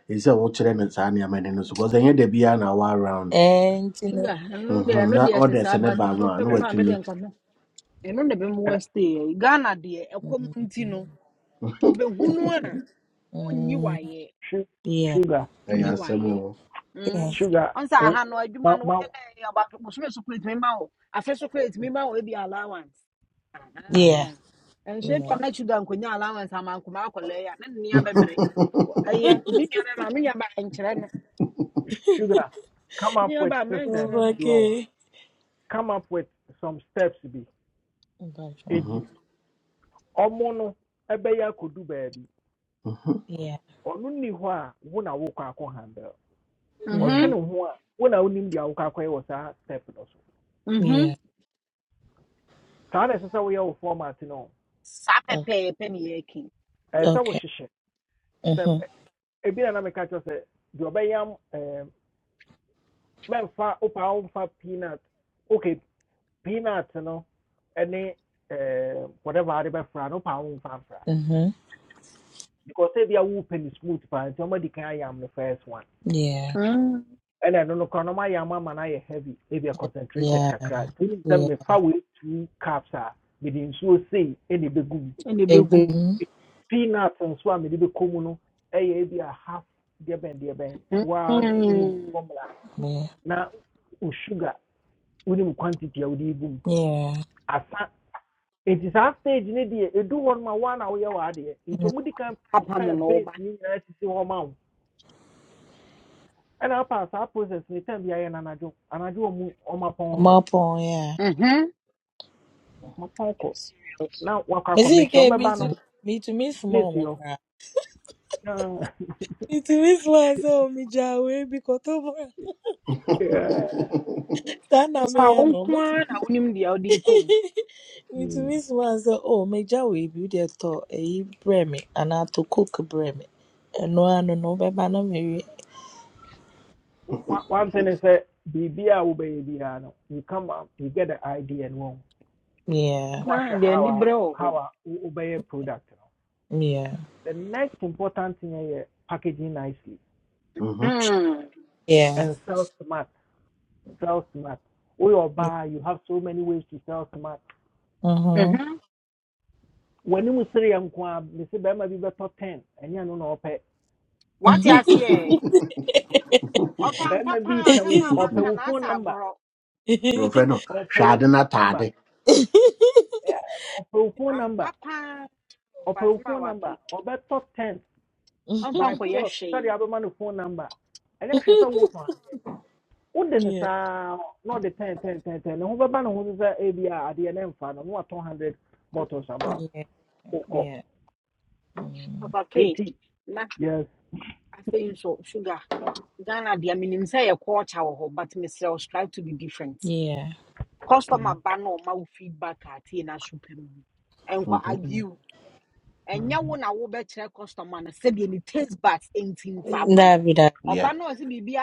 Speaker 7: ɛsɛ sɛ wokyerɛ no saa nneɛma no no so bcause ɛnyɛ da biaa na wo around
Speaker 3: ɛnti no.
Speaker 8: sugar ɛno deɛ
Speaker 7: Mhm,
Speaker 8: ɛno
Speaker 7: na
Speaker 8: deɛ ɛte
Speaker 7: ɔde
Speaker 8: saa
Speaker 7: sɛ ne
Speaker 8: but
Speaker 7: ba mu a
Speaker 8: mpɔpɛ
Speaker 7: na
Speaker 1: Ɛ-
Speaker 8: mpo a mede
Speaker 7: watumi
Speaker 8: nka ho ɛno na ɛbɛma
Speaker 1: ɛ,
Speaker 8: wɔastay ghana deɛ ɛkɔm nti
Speaker 3: Mm.
Speaker 8: no wobɛhunu a ɔnyi
Speaker 3: mm,
Speaker 8: waeɛ
Speaker 3: yeah.
Speaker 1: sugar
Speaker 8: nyi
Speaker 3: Yeah.
Speaker 7: ɛyɛ asɛm
Speaker 8: wayɛ
Speaker 7: o
Speaker 8: Mm.
Speaker 1: sugar
Speaker 8: ɔnsa
Speaker 1: wo-
Speaker 8: aha no adwuma
Speaker 1: ma
Speaker 8: no
Speaker 1: ma
Speaker 8: woyɛ dɛ aba bosome so create me ma wo afe so create me ma wo ebi allowance
Speaker 1: mm,
Speaker 3: Yeah.
Speaker 8: Aha. ɛnso
Speaker 3: Yeah.
Speaker 8: ebia na chuda nkonya allowance ama nkoma akɔlɛ ya na ne nea bɛbrɛ Wɔ- ɛyɛ ne nua bɛma me nua ba nkyerɛ no
Speaker 1: sugar come
Speaker 8: ne
Speaker 1: up
Speaker 8: nua
Speaker 1: with
Speaker 8: ba
Speaker 1: systems
Speaker 8: mɛnkyerɛ no
Speaker 1: You know.
Speaker 3: Okay.
Speaker 1: come up with some steps bi
Speaker 3: Invite
Speaker 1: eti
Speaker 3: one.
Speaker 7: Mhm,
Speaker 1: ɔmo no ɛbɛyɛ akɔdu baabi
Speaker 7: mhm,
Speaker 3: Yeah.
Speaker 1: ɔno ni hɔ a wo na wokɔ akɔ handle ɔtwe
Speaker 3: Yeah.
Speaker 1: ne
Speaker 8: Mhm,
Speaker 1: ho a wo na wonim kwa wokɔ akɔyɛ wɔ saa step no so
Speaker 3: Yeah.
Speaker 8: mhm.
Speaker 1: saa na ɛsɛ sɛ woyɛ wo format no
Speaker 8: saa
Speaker 3: Okay.
Speaker 8: pɛpɛɛpɛ ne yɛ ki
Speaker 1: ɛsɛ sɛ
Speaker 3: Okay.
Speaker 1: wohyehyɛ step
Speaker 3: Mhm.
Speaker 1: ɛ- ebi na me meka kyerɛ sɛ deɛ ɔbɛyam ɛɛm mɛmfa wopaa womfa peanut okay peanut no Any ɛɛm whatever ade bɛfra no wopaa womfa mfra
Speaker 3: Mhm.
Speaker 1: because ebi a wopɛ ne smooth paa nti ɔmo adi kan ayam ne first one
Speaker 3: Yeah.
Speaker 8: Mm,
Speaker 1: And I don't know ɔmayɛ ama ama no ayɛ heavy ebia concentrated
Speaker 3: Yeah.
Speaker 1: kakra nti wonim sɛ
Speaker 3: Yeah.
Speaker 1: mefa wei two cups a mede nsuo sei ɛna ɛbɛgu mu
Speaker 8: ɛna ɛbɛgu
Speaker 3: Ebi.
Speaker 1: peanut nso a mede bɛkɔ mu no ɛyɛ ebia half Dear Ben, dear Ben.
Speaker 8: Mm.
Speaker 1: One, wonim formula
Speaker 3: Mhm.
Speaker 1: Now, sugar wonim quantity a wode yi gu
Speaker 3: Yeah.
Speaker 1: asa nti saa stage no deɛ ɛdu hɔ no ma woa na woyɛ w'adeɛ nti
Speaker 3: Yeah.
Speaker 1: ɔmo di kan
Speaker 8: apam no
Speaker 1: prepare
Speaker 8: wo
Speaker 1: base
Speaker 8: ba
Speaker 1: ne nyinaa sisi hɔ ma wo ɛna apa saa process ne time behind an adjo, And I do. anadwo anadwo ɔmo ɔmapɔn
Speaker 3: Come
Speaker 1: kɔ
Speaker 3: up on yeah.
Speaker 8: Mhm.
Speaker 1: ɔmapɔn Ponko. Now wakɔ our
Speaker 3: Me see
Speaker 1: connection.
Speaker 3: ke
Speaker 1: no
Speaker 3: me to me to miss
Speaker 1: na esi
Speaker 3: mom cry. me small mo
Speaker 1: hɔ
Speaker 3: kra.
Speaker 1: Ah,
Speaker 3: It is myself, me jawe, because of
Speaker 1: yeah.
Speaker 3: that. na
Speaker 8: Saa
Speaker 3: me
Speaker 8: wo
Speaker 3: no.
Speaker 8: nko ara na wonim deɛ wode kɔ mu
Speaker 1: Mm.
Speaker 3: ntumi soma sɛ o megya wei bi wode ɛtɔ ayi brɛ me anaa tɔ coke brɛ me ɛno ara no no wobɛba na mewie
Speaker 1: One thing is that biribi a wobɛyɛ biara no you come up you get the idea and wɔn
Speaker 3: yeah
Speaker 1: na
Speaker 8: na
Speaker 1: wahwɛ
Speaker 8: deɛ
Speaker 1: how
Speaker 8: nni
Speaker 1: a
Speaker 8: berɛ wɔ
Speaker 1: how obey a product no
Speaker 3: yeah
Speaker 1: the next important thing is packaging nicely
Speaker 7: mhm.
Speaker 8: Mm,
Speaker 3: yeah
Speaker 1: and sell smart sell smart woyɛ buy. you have so many ways to sell smart
Speaker 3: mhm
Speaker 8: mhm.
Speaker 1: w'anim sere yɛ nko a me say bɛrima bi bɛtɔ ten ɛnyɛ no na ɔpɛ
Speaker 8: wate aseɛ wɔfa ampa
Speaker 1: bɛrima bi
Speaker 8: paa
Speaker 1: pɛ
Speaker 8: asɛm
Speaker 1: wo
Speaker 8: a
Speaker 1: ɔpɛ
Speaker 8: waka na
Speaker 1: phone
Speaker 8: asa
Speaker 1: number
Speaker 8: agorɔ
Speaker 7: wɔfrɛ no
Speaker 1: ɔpɛ
Speaker 7: hwɛ
Speaker 1: wo
Speaker 7: ade no
Speaker 1: phone number
Speaker 7: ataade
Speaker 1: ɔpɛ wo phone
Speaker 8: ampa
Speaker 1: number
Speaker 8: paa wɔfa
Speaker 1: ɔpɛ
Speaker 8: asɛm a
Speaker 1: phone number
Speaker 8: wake
Speaker 1: ɔbɛtɔ ten
Speaker 8: ɔmfa
Speaker 1: by
Speaker 8: nkɔyɛ
Speaker 1: force sɛde
Speaker 8: hwee
Speaker 1: abɛma no phone number ɛnyɛ hwɛ sɛ wotɔn adeɛ wode ne
Speaker 3: yeah
Speaker 1: saa Not the ten ten ten ten ne ho bɛba ne ho so sɛ ebi a adeɛ ne mfa no na watɔn hundred bottles ama
Speaker 3: yeah
Speaker 1: Okay. wokɔ
Speaker 3: yeah mm,
Speaker 8: ɔfa ke
Speaker 1: nti
Speaker 8: na
Speaker 1: yes
Speaker 8: afei nso sugar ghana deɛ menim sɛ yɛ culture wɔ hɔ but mesrɛ wo strive to be different
Speaker 3: yeah
Speaker 8: customer
Speaker 1: Mm,
Speaker 8: ba na ɔma wo feedback a na super. so mu ɛnkɔ
Speaker 7: Mhm,
Speaker 1: mm,
Speaker 8: argue ɛnyɛ wo
Speaker 1: mm.
Speaker 8: na wobɛkyerɛ customer na sɛdeɛ ne taste buds ɛnti mfa ma no
Speaker 3: dabi dabi
Speaker 7: yeah.
Speaker 8: ɔba na ɔsɛ biribi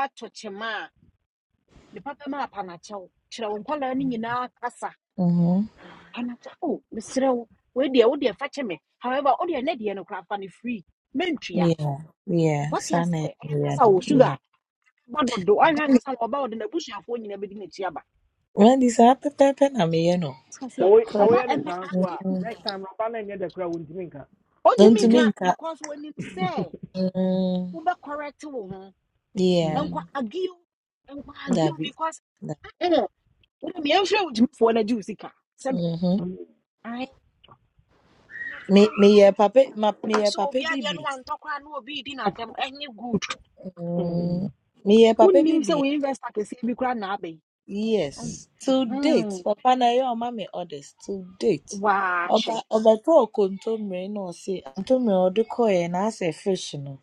Speaker 8: nipata map anakyɛ wo kyerɛ wo nkwalaa no nyinaa kasa
Speaker 3: mhm
Speaker 8: anakyɛ o meserɛ wo wei deɛ wo deɛ fa kyɛ me however wo deɛ ne deɛ no koraa fa no free mentua
Speaker 3: yeah yeah
Speaker 8: wate
Speaker 3: saa na
Speaker 8: aseɛ ɛyɛ
Speaker 3: ɛyɛ
Speaker 8: kasa
Speaker 3: no
Speaker 8: wɔ
Speaker 3: yeah
Speaker 8: suga ba dodo ɔhwɛ kasa wɔ ɔba wɔde n'abusuafoɔ nyinaa bɛdi n'akyi aba
Speaker 3: Wadi saa pɛpɛɛpɛ na meyɛ no
Speaker 8: wate
Speaker 1: sɛ
Speaker 8: aseɛ
Speaker 1: wo- sɛ
Speaker 3: 'Cause,
Speaker 8: ɔba
Speaker 1: woyɛ ne
Speaker 8: ɛmɛ
Speaker 1: saa nso a
Speaker 8: agiw
Speaker 3: mhm,
Speaker 1: next time raba no nyɛ da kora wontimi nka
Speaker 8: ɔntumi
Speaker 3: ntumi
Speaker 8: nka
Speaker 1: ofini
Speaker 3: nka
Speaker 8: because when you wɔnim sɛ wobɛkɔrɛte wo ho
Speaker 3: Yeah,
Speaker 8: ɛnkɔ
Speaker 1: Mm,
Speaker 8: agiw ɛnkɔ agiw
Speaker 3: that be.
Speaker 8: because
Speaker 3: That.
Speaker 8: ɛɛ wɔde mi ɛnhwɛ wo gyimifoɔ no agye wo sika sɛbi
Speaker 3: Mhm.
Speaker 1: mm,
Speaker 8: ae
Speaker 3: Me me yeah papa ma, me yeah
Speaker 8: so
Speaker 3: papa
Speaker 8: obi adeɛ no
Speaker 3: bibi.
Speaker 8: wantɔ koraa na obi redi n'asɛm ɛnyɛ good
Speaker 3: Mm,
Speaker 1: mm.
Speaker 3: me yeah papa
Speaker 8: wonnim sɛ wo
Speaker 3: bibi.
Speaker 8: investor kɛseɛ bi koraa na abɛn
Speaker 3: Yes. To date, papa na yo mama orders to date. Oba
Speaker 8: waahwɛ
Speaker 3: oba to kontomre no say kontomre odiko ye na say fish no.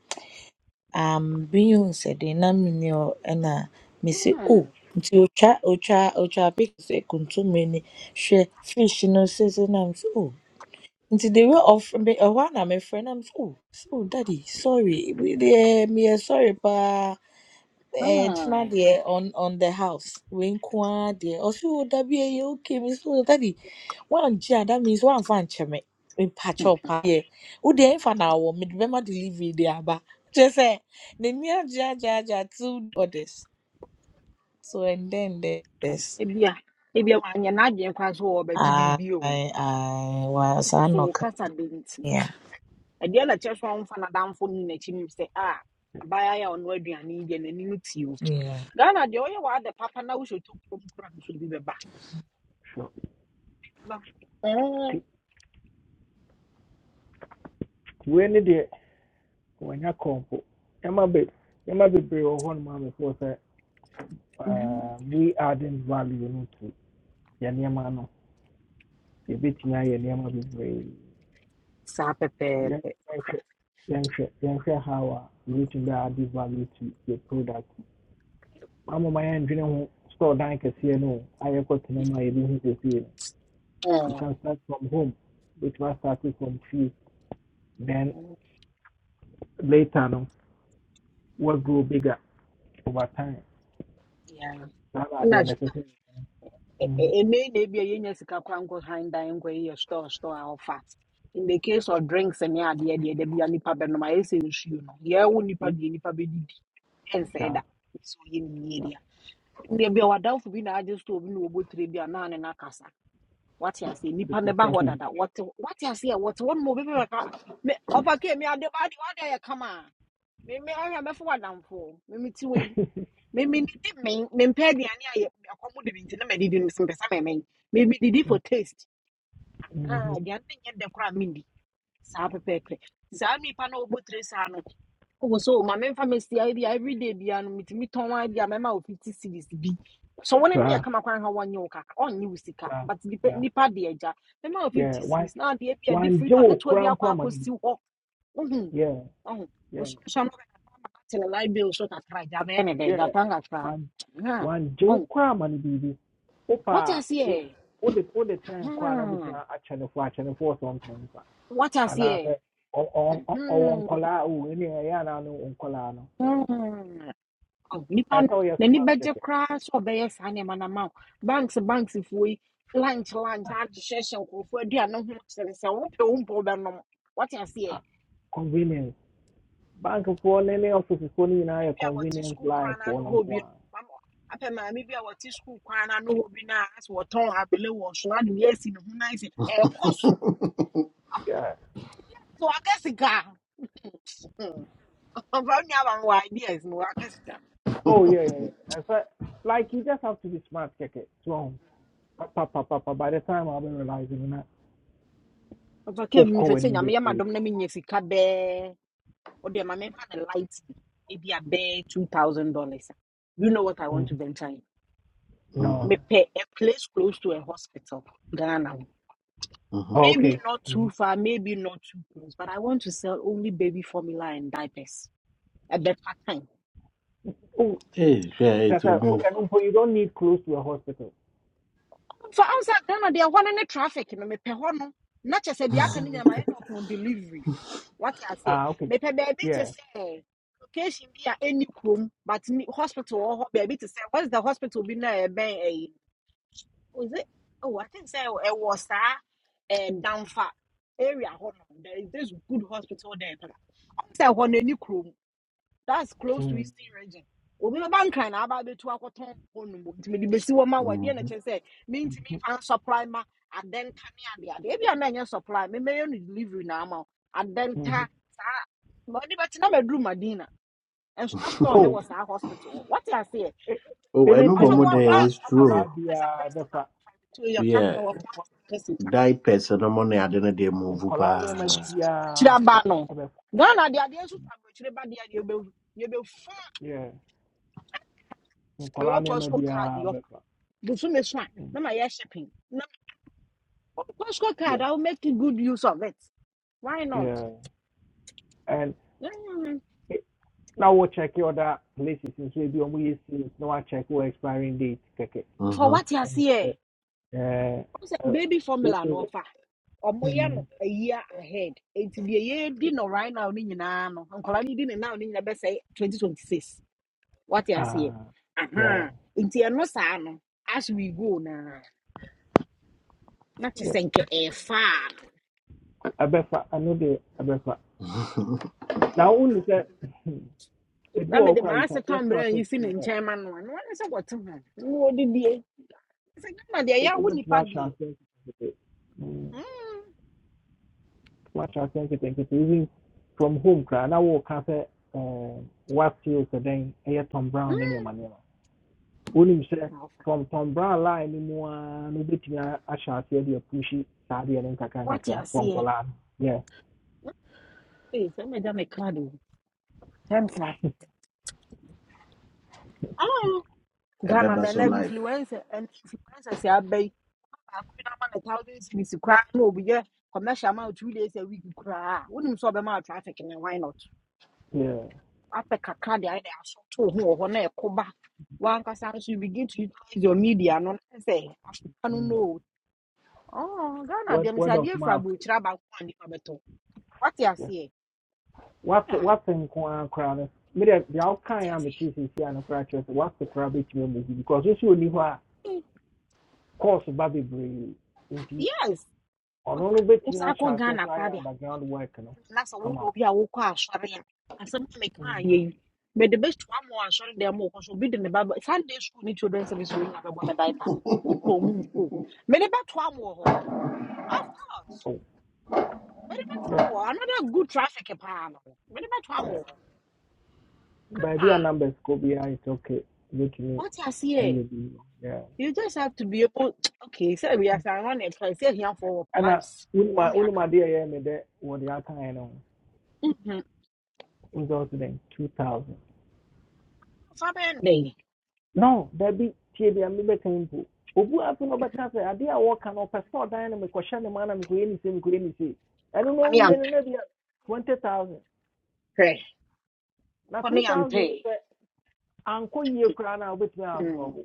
Speaker 3: Um biyun said de na me ni o na me say oh
Speaker 8: Hmm,
Speaker 3: nti otwa otwa otwa pic say kontomre ni hwe fish no say say na me say oh nti the way of me ɛhɔ a na mefrɛ na mef oh so daddy sorry we deɛ meyɛ sorry paa Eh,
Speaker 8: hmm.
Speaker 3: kyena deɛ on on the house wei nko ara deɛ ɔse o dabi ɛyɛ okay me so daddy woangye a that means woamfa ankyɛ me mepakyɛ wo paa deɛ wodeɛ ɛmfa na awɔ mede bɛma delivery de aba kyerɛ sɛ n'ani agye agye agye a two orders so and then there's
Speaker 8: ebia ebia wanyɛ n'adwene koraa so wɔbɛgye
Speaker 3: I
Speaker 8: biribi o
Speaker 3: I wa saa
Speaker 8: so wo
Speaker 3: nnɔka
Speaker 8: kasa de nti
Speaker 3: yeah
Speaker 8: ɛdeɛ na kyerɛ so a womfa n'adamfo no n'akyi nim sɛ a abaayewa yi a ɔno aduane yi deɛ n'ani no te o
Speaker 3: yeah.
Speaker 8: ghana deɛ ɔyɛ w'ade papa na wohyɛ to kurom koraa no so bi bɛba
Speaker 1: Sure.
Speaker 8: Bɛba.
Speaker 1: nti
Speaker 8: Hmm.
Speaker 1: wei ne deɛ When wɔnya kɔmpo nneɛma be nneɛma bebree wɔ hɔnom a mefoɔ sɛ um, we adding value no to yɛ nneɛma no yɛbɛtumi ayɛ nneɛma bebree
Speaker 8: saa
Speaker 1: nti yɛn-
Speaker 8: pɛpɛɛpɛ Ɔfa.
Speaker 1: yɛnhwɛ yɛnhwɛ yɛnhwɛ how a yɛbɛtumi bɛ ade value to your product mamoma yɛndwene ho store dan kɛseɛ no o, ayɛ kɔtena mu a yɛbɛhu kɛseɛ no you
Speaker 8: Hmm.
Speaker 1: can start from home which was started from fie then later no what we'll grow bigger over time
Speaker 8: Yeah.
Speaker 1: saa na
Speaker 8: ɛna
Speaker 1: adeɛ no ɛsɛ sɛ
Speaker 8: ɛnɛ na ebi a yɛnya sika kora nkɔ han dan nkɔ yɛ store store a ɔfa in the case of drinks ne adeɛ deɛ da bi a nipa bɛnom ayɛ sɛ nsuo no yɛwo nipa
Speaker 1: Mhm.
Speaker 8: deɛ nipa bɛdidi ɛnsɛe da nso yɛ ne yie dea ndeɛ bi a wadamfo bi na agye store bi na wɔbɔ tire bi a naa ne What? wate aseɛ nipa ne ba hɔ dada wɔte wate aseɛ wɔte hɔ nom a obi bɛka me ɔfa kee me ade ade ade ayɛ kama a me anya me ɔyɛ mɛfo wadamfo me me ti wei
Speaker 1: Mhm.
Speaker 8: me me didi me me mpɛ aduane a yɛ- ɛkɔm de bi nti na medidi no so mpɛsɛ mɛmɛn me me didi for taste ah aduane no nyɛ dɛ koraa mendi saa pɛpɛɛpɛ saa nipa na ɔbɔ tire saa no ɔwɔ so ma memfa mesia bi a everyday bia no metumi tɔn a bi a mɛma wo 50 series bi so wɔn ne yɛ
Speaker 1: saa
Speaker 8: kama kwan ha wɔnyɛ wo kaka ɔnyɛ wo sika
Speaker 1: saa
Speaker 8: but nipa
Speaker 1: saa
Speaker 8: nipa de agya mɛma wo 50
Speaker 1: yeah wan
Speaker 8: series na adeɛ bi a de freezer
Speaker 1: wangye wo
Speaker 8: ketewa bi
Speaker 1: koraa mpo
Speaker 8: akwa
Speaker 1: no
Speaker 8: akɔsi hɔ
Speaker 1: yeah
Speaker 8: Oh,
Speaker 1: yeah
Speaker 8: mwisho shamba kati la light bill short as right. Jabe ene denga
Speaker 1: yeah
Speaker 8: kanga try.
Speaker 1: One
Speaker 8: Hmm.
Speaker 1: wangye wo
Speaker 8: Oh,
Speaker 1: koraa ama no biribi wopa
Speaker 8: what
Speaker 1: a
Speaker 8: else
Speaker 1: wo-
Speaker 8: here?
Speaker 1: wode wode tɛn
Speaker 8: Hmm.
Speaker 1: kɔ a channel four a- akyɛ no fo akyɛ no oh, sɛ ɔmpɛ nkwa
Speaker 8: What else here?
Speaker 1: anaasɛ ɔ- ɔ- ɔ- ɔwɔ
Speaker 8: Hmm.
Speaker 1: nkɔlaa a o ɛne ɛyɛ anaa no wo nkɔlaa no
Speaker 8: Hmm. Oh, nipa
Speaker 1: ɛyɛ
Speaker 8: no
Speaker 1: sɛ
Speaker 8: na ni
Speaker 1: smart
Speaker 8: beje
Speaker 1: kɛkɛ
Speaker 8: kra so obeye sane Banks Banks banks fui. Lunch lunch
Speaker 1: Ah,
Speaker 8: hard to session ko fu dia no ho sere se wo pe wo be no. What else here?
Speaker 1: ah, convenience bankfoɔ ne ne ɔficefoɔ no nyinaa
Speaker 8: bi a wɔte
Speaker 1: convenience
Speaker 8: sukuu
Speaker 1: line
Speaker 8: kwan
Speaker 1: foɔ
Speaker 8: n'ano
Speaker 1: no
Speaker 8: hɔ
Speaker 1: nko
Speaker 8: bi no mama apɛ maame bi a wɔte sukuu kwan n'ano hɔ bi na asɛ wɔtɔn abele wɔ so adi bi esi ne ho na esi ɛkɔ so so waka sika ɔfa nua ba wɔ ideas no waka sika
Speaker 1: Oh yeah, yeah. yeah. so, like you just have to be smart, keke. So, pa pa pa. pa By the time I'll be realizing that,
Speaker 8: ɔfa ke
Speaker 1: oh,
Speaker 8: mi
Speaker 1: call
Speaker 8: sɛ
Speaker 1: when
Speaker 8: sɛ nyame
Speaker 1: you
Speaker 8: yɛ ma
Speaker 1: be
Speaker 8: dɔm na mi nya sika bɛɛ ɔdi ɛma mi nfa ne light bi ebi a bɛɛ two thousand dollars you know what i want to venture in
Speaker 7: Mhm,
Speaker 1: No.
Speaker 8: mepɛ a place close to a hospital ghana hɔ.
Speaker 7: mhm.
Speaker 1: Oh,
Speaker 8: maybe
Speaker 1: okay.
Speaker 8: not
Speaker 1: Mm-hmm.
Speaker 8: too far maybe not too close but i want to sell only baby formula and diapers ɛbɛfa time
Speaker 1: Oh,
Speaker 7: Eh, hwɛ a,
Speaker 1: that's
Speaker 7: ɛti wo
Speaker 1: a,
Speaker 7: mu.
Speaker 1: you don't need close to a hospital.
Speaker 8: For ansa ghana deɛ ɛhɔ no ne traffic no mepɛ hɔ no na kyɛ sɛ deɛ aka no
Speaker 1: hmm
Speaker 8: nyinaa mayɛ up on delivery What wate aseɛ
Speaker 1: Ah, okay.
Speaker 8: mepɛ baabi to
Speaker 1: Yeah.
Speaker 8: say location bi a any kurom but ni- hospital wɔ hɔ baabi te sɛ what's the hospital bi na ɛbɛn ɛyi was it oh i think sɛ ɛwɔ saa ɛɛ damfa area hɔ no there is this good hospital there pɛla ɔn say ɛhɔ no ɛni kurom That's close to
Speaker 1: Mm-hmm.
Speaker 8: Eastern region. Obi ba nkan na aba betu akɔtɔn hɔ nom nti mede besi hɔ ma wɔ deɛ na
Speaker 7: Mhm.
Speaker 8: kyerɛ sɛ mentumi mfa supply ma adɛnta ne adeade ebi a na ɛnyɛ supply memɛyɛ no delivery na ama wo
Speaker 1: Mm-hmm.
Speaker 8: adɛnta saa ma ɔde bɛte na maduru madina ɛnso na store ne
Speaker 1: Oh,
Speaker 8: wɔ saa hospital hɔ wate aseɛ
Speaker 7: Oh, I know
Speaker 1: anything
Speaker 8: ɔfa me
Speaker 1: in
Speaker 7: mmom
Speaker 8: wɔ
Speaker 7: de
Speaker 1: kola,
Speaker 7: it's
Speaker 8: plans ɔfa me
Speaker 1: kola
Speaker 8: wɔ
Speaker 7: true
Speaker 8: plans
Speaker 1: biya
Speaker 8: akɛsika
Speaker 1: befa,
Speaker 8: ɔfa me to yɛ kap
Speaker 7: Yeah.
Speaker 8: na wɔ plans akɛsika
Speaker 7: diapers na mo ne ade no deɛ
Speaker 1: in
Speaker 7: move
Speaker 1: kola niyama
Speaker 7: paa
Speaker 1: biya
Speaker 8: kyerɛ aba
Speaker 1: fa,
Speaker 8: no
Speaker 1: befa.
Speaker 8: ghana de adeɛ nso fa aburokyire ba deɛ a deɛ yɛbɛfu
Speaker 1: Yeah. In kola
Speaker 8: mewɔ
Speaker 1: niyama
Speaker 8: pɔspo card
Speaker 1: biya befa.
Speaker 8: bosome so a
Speaker 1: Mm.
Speaker 8: na ma yɛ shipping na Costco card
Speaker 1: Yeah.
Speaker 8: I will make good use of it why not
Speaker 1: Yeah. And
Speaker 8: Mm,
Speaker 1: na wo check your other places nso ebi ɔmo yɛ seals na wa check your expiring date Okay.
Speaker 8: for
Speaker 7: Mhm.
Speaker 8: what you see
Speaker 1: And,
Speaker 8: here
Speaker 1: uh, uh, uh,
Speaker 8: baby
Speaker 1: wo-
Speaker 8: formula no
Speaker 1: wo-
Speaker 8: offer Or yɛ no
Speaker 1: mm,
Speaker 8: a year ahead nti deɛ yɛdi no right now ne nyinaa no nkɔla no di ne now ne best say twenty twenty six what you see
Speaker 1: ah,
Speaker 8: Uh
Speaker 1: yeah,
Speaker 8: huh. nti ɛno saa no as we go na not just
Speaker 1: yeah.
Speaker 8: sɛ nkɛ ɛɛfa a,
Speaker 1: abɛfa I know the na Now only sɛ ebi
Speaker 8: na
Speaker 1: wɔ hɔ
Speaker 8: mede
Speaker 1: koraa, you
Speaker 8: maa
Speaker 1: can
Speaker 8: se
Speaker 1: just
Speaker 8: tɔn berɛ
Speaker 1: start
Speaker 8: a
Speaker 1: it
Speaker 8: yisi ne
Speaker 1: small
Speaker 8: nkyɛn ma no a na wɔne no, wɔte ho na wɔdidie sɛ gama deɛ
Speaker 1: but
Speaker 8: yɛawo
Speaker 1: wobɛtumi
Speaker 8: nipa
Speaker 1: ahyɛ
Speaker 8: deɛ
Speaker 1: aseɛ nketenkete Mm,
Speaker 8: Mm,
Speaker 1: wobɛtumi ahyɛ aseɛ even from home koraa na wɔɔka sɛ eh, what seals ɛdɛn ɛyɛ tom brown in
Speaker 8: mm.
Speaker 1: your nneɛma wonim sɛ
Speaker 8: Alpha.
Speaker 1: tɔntɔnbra line no mu a no wobɛtumi a- ahyɛ aseɛ de apuhyi saa deɛ no nkakra
Speaker 8: What you
Speaker 1: nkakra fɔ
Speaker 8: see?
Speaker 1: no yeah
Speaker 8: Hey, tell me them a card. Temsa. Oh, Ghana
Speaker 7: ɛbɛba
Speaker 8: man,
Speaker 7: so
Speaker 8: every
Speaker 7: life
Speaker 8: influencer and influencer say I pay. I could not man a thousand cities to cry. No, but yeah, commercial amount two days a week to cry. Wouldn't so be my traffic and why not?
Speaker 1: yeah
Speaker 8: After kakra the idea so to who or na koba. One cause you begin to utilize your media. No, I say I don't
Speaker 1: mm.
Speaker 8: know. Oh, Ghana
Speaker 1: word,
Speaker 8: them
Speaker 1: word
Speaker 8: say
Speaker 1: of
Speaker 8: dear
Speaker 1: mouth
Speaker 8: Frabu Chiraba one. the What you
Speaker 1: yeah.
Speaker 8: see?
Speaker 1: what
Speaker 8: Yeah.
Speaker 1: is wase nko ara koraa no mede deɛ wokaeɛ a metee
Speaker 8: What
Speaker 1: seesia no koraa kyerɛ sɛ wase koraa bɛtumi because this sɛ ɔni hɔ a
Speaker 8: you are saying?
Speaker 1: course ba bebree nti
Speaker 8: Yes.
Speaker 1: ɔno
Speaker 8: Ɔfa
Speaker 1: no bɛtumi
Speaker 8: wosan akɔ
Speaker 1: ahyɛ aseɛ
Speaker 8: Ghana
Speaker 1: koraa yɛ
Speaker 8: korabea
Speaker 1: underground work no
Speaker 8: na sɛ
Speaker 1: ama
Speaker 8: woyɛ
Speaker 1: wo
Speaker 8: obi a wokɔ asɔre a asɛm a mekaa
Speaker 1: Mm.
Speaker 8: yɛ yi mede bɛhyɛ ama wɔ asɔre dɛm ma wɔkɔ so obi de ne ba sunday school ni children service wɔ nyina bɛbɔ ne diaper wopɔ mu mpo mede bɛtoa m wɔ hɔ of course
Speaker 1: oh,
Speaker 8: mede ba
Speaker 1: yeah,
Speaker 8: m wɔ hɔ another good traffic paa no mede bɛtoa m
Speaker 1: yeah.
Speaker 8: wɔ hɔ
Speaker 1: By a
Speaker 8: Ah,
Speaker 1: numbers kɔ biara is okay bɛtumi
Speaker 8: wote aseɛ
Speaker 1: ayɛ bi yeah.
Speaker 8: you just have to be able okay so sɛ wiase anwa ne ɛtra sɛ ahiafoɔ wɔ
Speaker 1: ɛna
Speaker 8: plans
Speaker 1: wonima
Speaker 8: wɔne
Speaker 1: wonima
Speaker 8: aka
Speaker 1: adeɛ a ɛyɛ me dɛ wɔde akaeɛ no ho result den two thousand
Speaker 8: fa bɛyɛ ne dɛn
Speaker 1: no dabi tie deɛ mebɛka yi mpo obu afu no ɔbɛka sɛ adeɛ a wɔka no ɔpɛ sɛ me no mekɔhyɛ ne ma na mekɔyɛ ne se mekɔyɛ ne se ɛno no
Speaker 8: ɔne
Speaker 1: ɔwie no
Speaker 8: yɛntwɛ
Speaker 1: na bia twenty thousand na
Speaker 8: ɔne
Speaker 1: two thousand
Speaker 8: yɛntwɛ
Speaker 1: yi sɛ ankɔ yie koraa no a absorb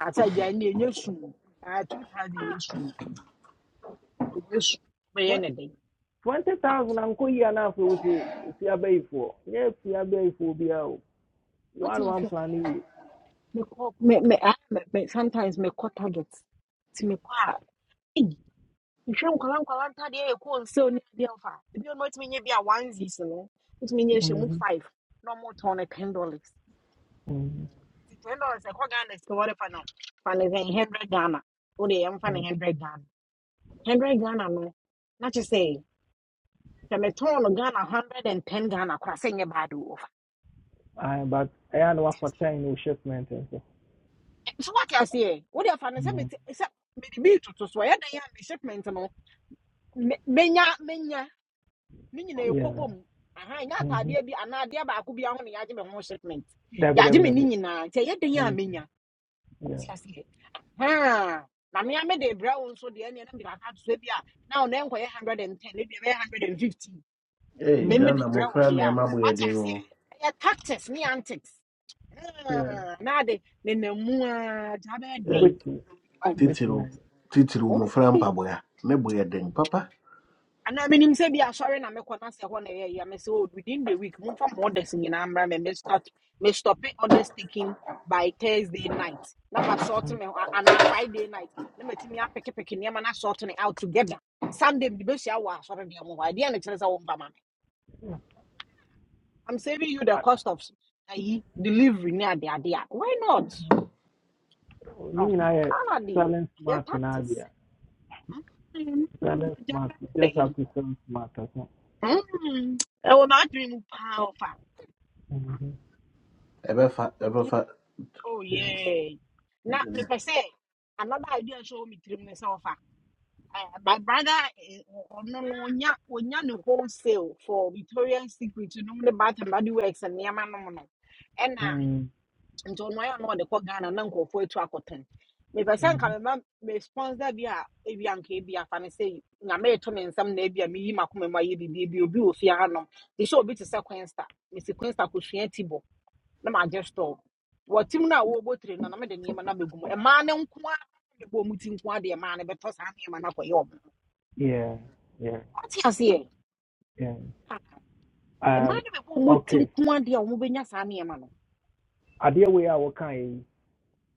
Speaker 8: I asa gya ne ɛnyɛ sum ah two thousand nyɛ
Speaker 1: ah
Speaker 8: sum ɛnyɛ sum bɛyɛ
Speaker 1: what
Speaker 8: ne den
Speaker 1: twenty thousand anko yie a na afei wo sɛ fi abɛyifoɔ nyɛ fi abɛyifoɔ bia o
Speaker 8: What do
Speaker 1: one
Speaker 8: you
Speaker 1: one
Speaker 8: say?
Speaker 1: plan yie
Speaker 8: me call me ah me me sometimes me Me call targets. To me call target ti mekɔ a ɛyi mehwɛ nkwala you ntadeɛ yɛ kɔɔ nsɛw ne adeɛ mfa ebi ɔno ɔtumi nyɛ be a one onesies no wotumi nyɛ hyɛ mu five na ɔmotɔn no more turn a ten dollars ten dollars I call ghana sika wɔde fa no fa no sɛ hundred ghana wode yɛmfa no hundred ghana hundred ghana no na kye sɛ sɛ metɔn no ghana hundred and ten ghana koraa sɛ nyɛ bad o
Speaker 1: Uh, but ayan one for ten. no shipment and so.
Speaker 8: so what I say? What if I say me
Speaker 1: Mm.
Speaker 8: say me the beat to so yeah dey me shipment no. Menya menya me nyina
Speaker 1: Yeah.
Speaker 8: ekobom. Aha nya
Speaker 1: Mm-hmm.
Speaker 8: atade bi ana ba ko bi aho ne yaje me ho shipment. Yaje me ni
Speaker 1: www.
Speaker 8: nyina nti yeah dey a
Speaker 1: Mm.
Speaker 8: menya. What
Speaker 1: Yeah.
Speaker 8: I say? Aha. Na me ame dey bra wo nso dey na me ba ka so bi a now na o na enkoye 110 e bi e 150.
Speaker 7: hey,
Speaker 8: Me
Speaker 1: Mm-hmm.
Speaker 8: me dey
Speaker 7: ghana
Speaker 8: bra
Speaker 7: mmɔfra
Speaker 8: wo dey a.
Speaker 7: nneɛma boyɛ
Speaker 8: What I
Speaker 7: den
Speaker 8: say?
Speaker 7: o
Speaker 8: Yeah tactics me antics.
Speaker 1: Yeah.
Speaker 8: Ah, na ade ne namu a jabe
Speaker 7: Ɛ,
Speaker 8: dey.
Speaker 1: Ibiti. Ibiti
Speaker 7: titiriw
Speaker 1: na.
Speaker 7: titiriw mmɔfra mpaboa ne boyɛ den papa
Speaker 8: And I mean, him say be assuring na me kona se hɔ na ɛyɛ Me say oh within the week, mum from orders nyinaa mbra me me start me stop it orders taking by Thursday night. Na ma sort me and a Friday night. Na me timi apeke peke nneɛma na sort it out together. Sunday the best hour asɔre bi ɔmo hɔ. Adeɛ na kyerɛ sɛ wɔn ba ma I'm saving you the cost of ayi delivery ne the idea. Why not?
Speaker 1: Ni
Speaker 8: No.
Speaker 1: nyinaa yɛ
Speaker 8: Ana de
Speaker 1: selling
Speaker 8: yɛ
Speaker 1: smart na
Speaker 8: practice.
Speaker 1: abia.
Speaker 8: Mm, mm, mm,
Speaker 1: Selling
Speaker 8: agya wa
Speaker 1: smart. You just have
Speaker 8: de.
Speaker 1: to sell smart. So.
Speaker 8: Mm. Ɛwɔ n'adwene mu paa
Speaker 1: Mm-hmm.
Speaker 7: ɛbɛfa
Speaker 8: ɔfa.
Speaker 7: ɛbɛfa
Speaker 8: Oh
Speaker 1: Yeah.
Speaker 8: yeah. Now, me per se another idea show me three minutes of my brother no no onya onya no wholesale for Victoria's Secret no the bath and body works and yama no no. And na
Speaker 1: Mm.
Speaker 8: nto no ya no de ko Ghana na nkofo etu akoton. Me per se nka
Speaker 1: Mm-hmm.
Speaker 8: me ma me sponsor bi a ebi anka ebi afa ne say na me to me nsam na ebi a me yi makoma ma ye bi bi obi ofia no. They show obi to say Queensta. Me si Queensta ko hwia tibo na magye store wɔ tim no a wɔrebɔ tire no na mede nneɛma no abɛgu mu ɛmaa no nko a bɛbɔ mu ti nko a deɛ ɛmaa no bɛtɔ saa nneɛma no akɔyɛ ɔmo
Speaker 1: Yeah. Yeah.
Speaker 8: ɔte aseɛ
Speaker 1: Yeah.
Speaker 8: Ah, ɛmaa
Speaker 1: Um,
Speaker 8: no bɛbɔ mu ti
Speaker 1: okay.
Speaker 8: nko a deɛ ɔmo bɛnya saa nneɛma no
Speaker 1: Idea wei a wɔka yi,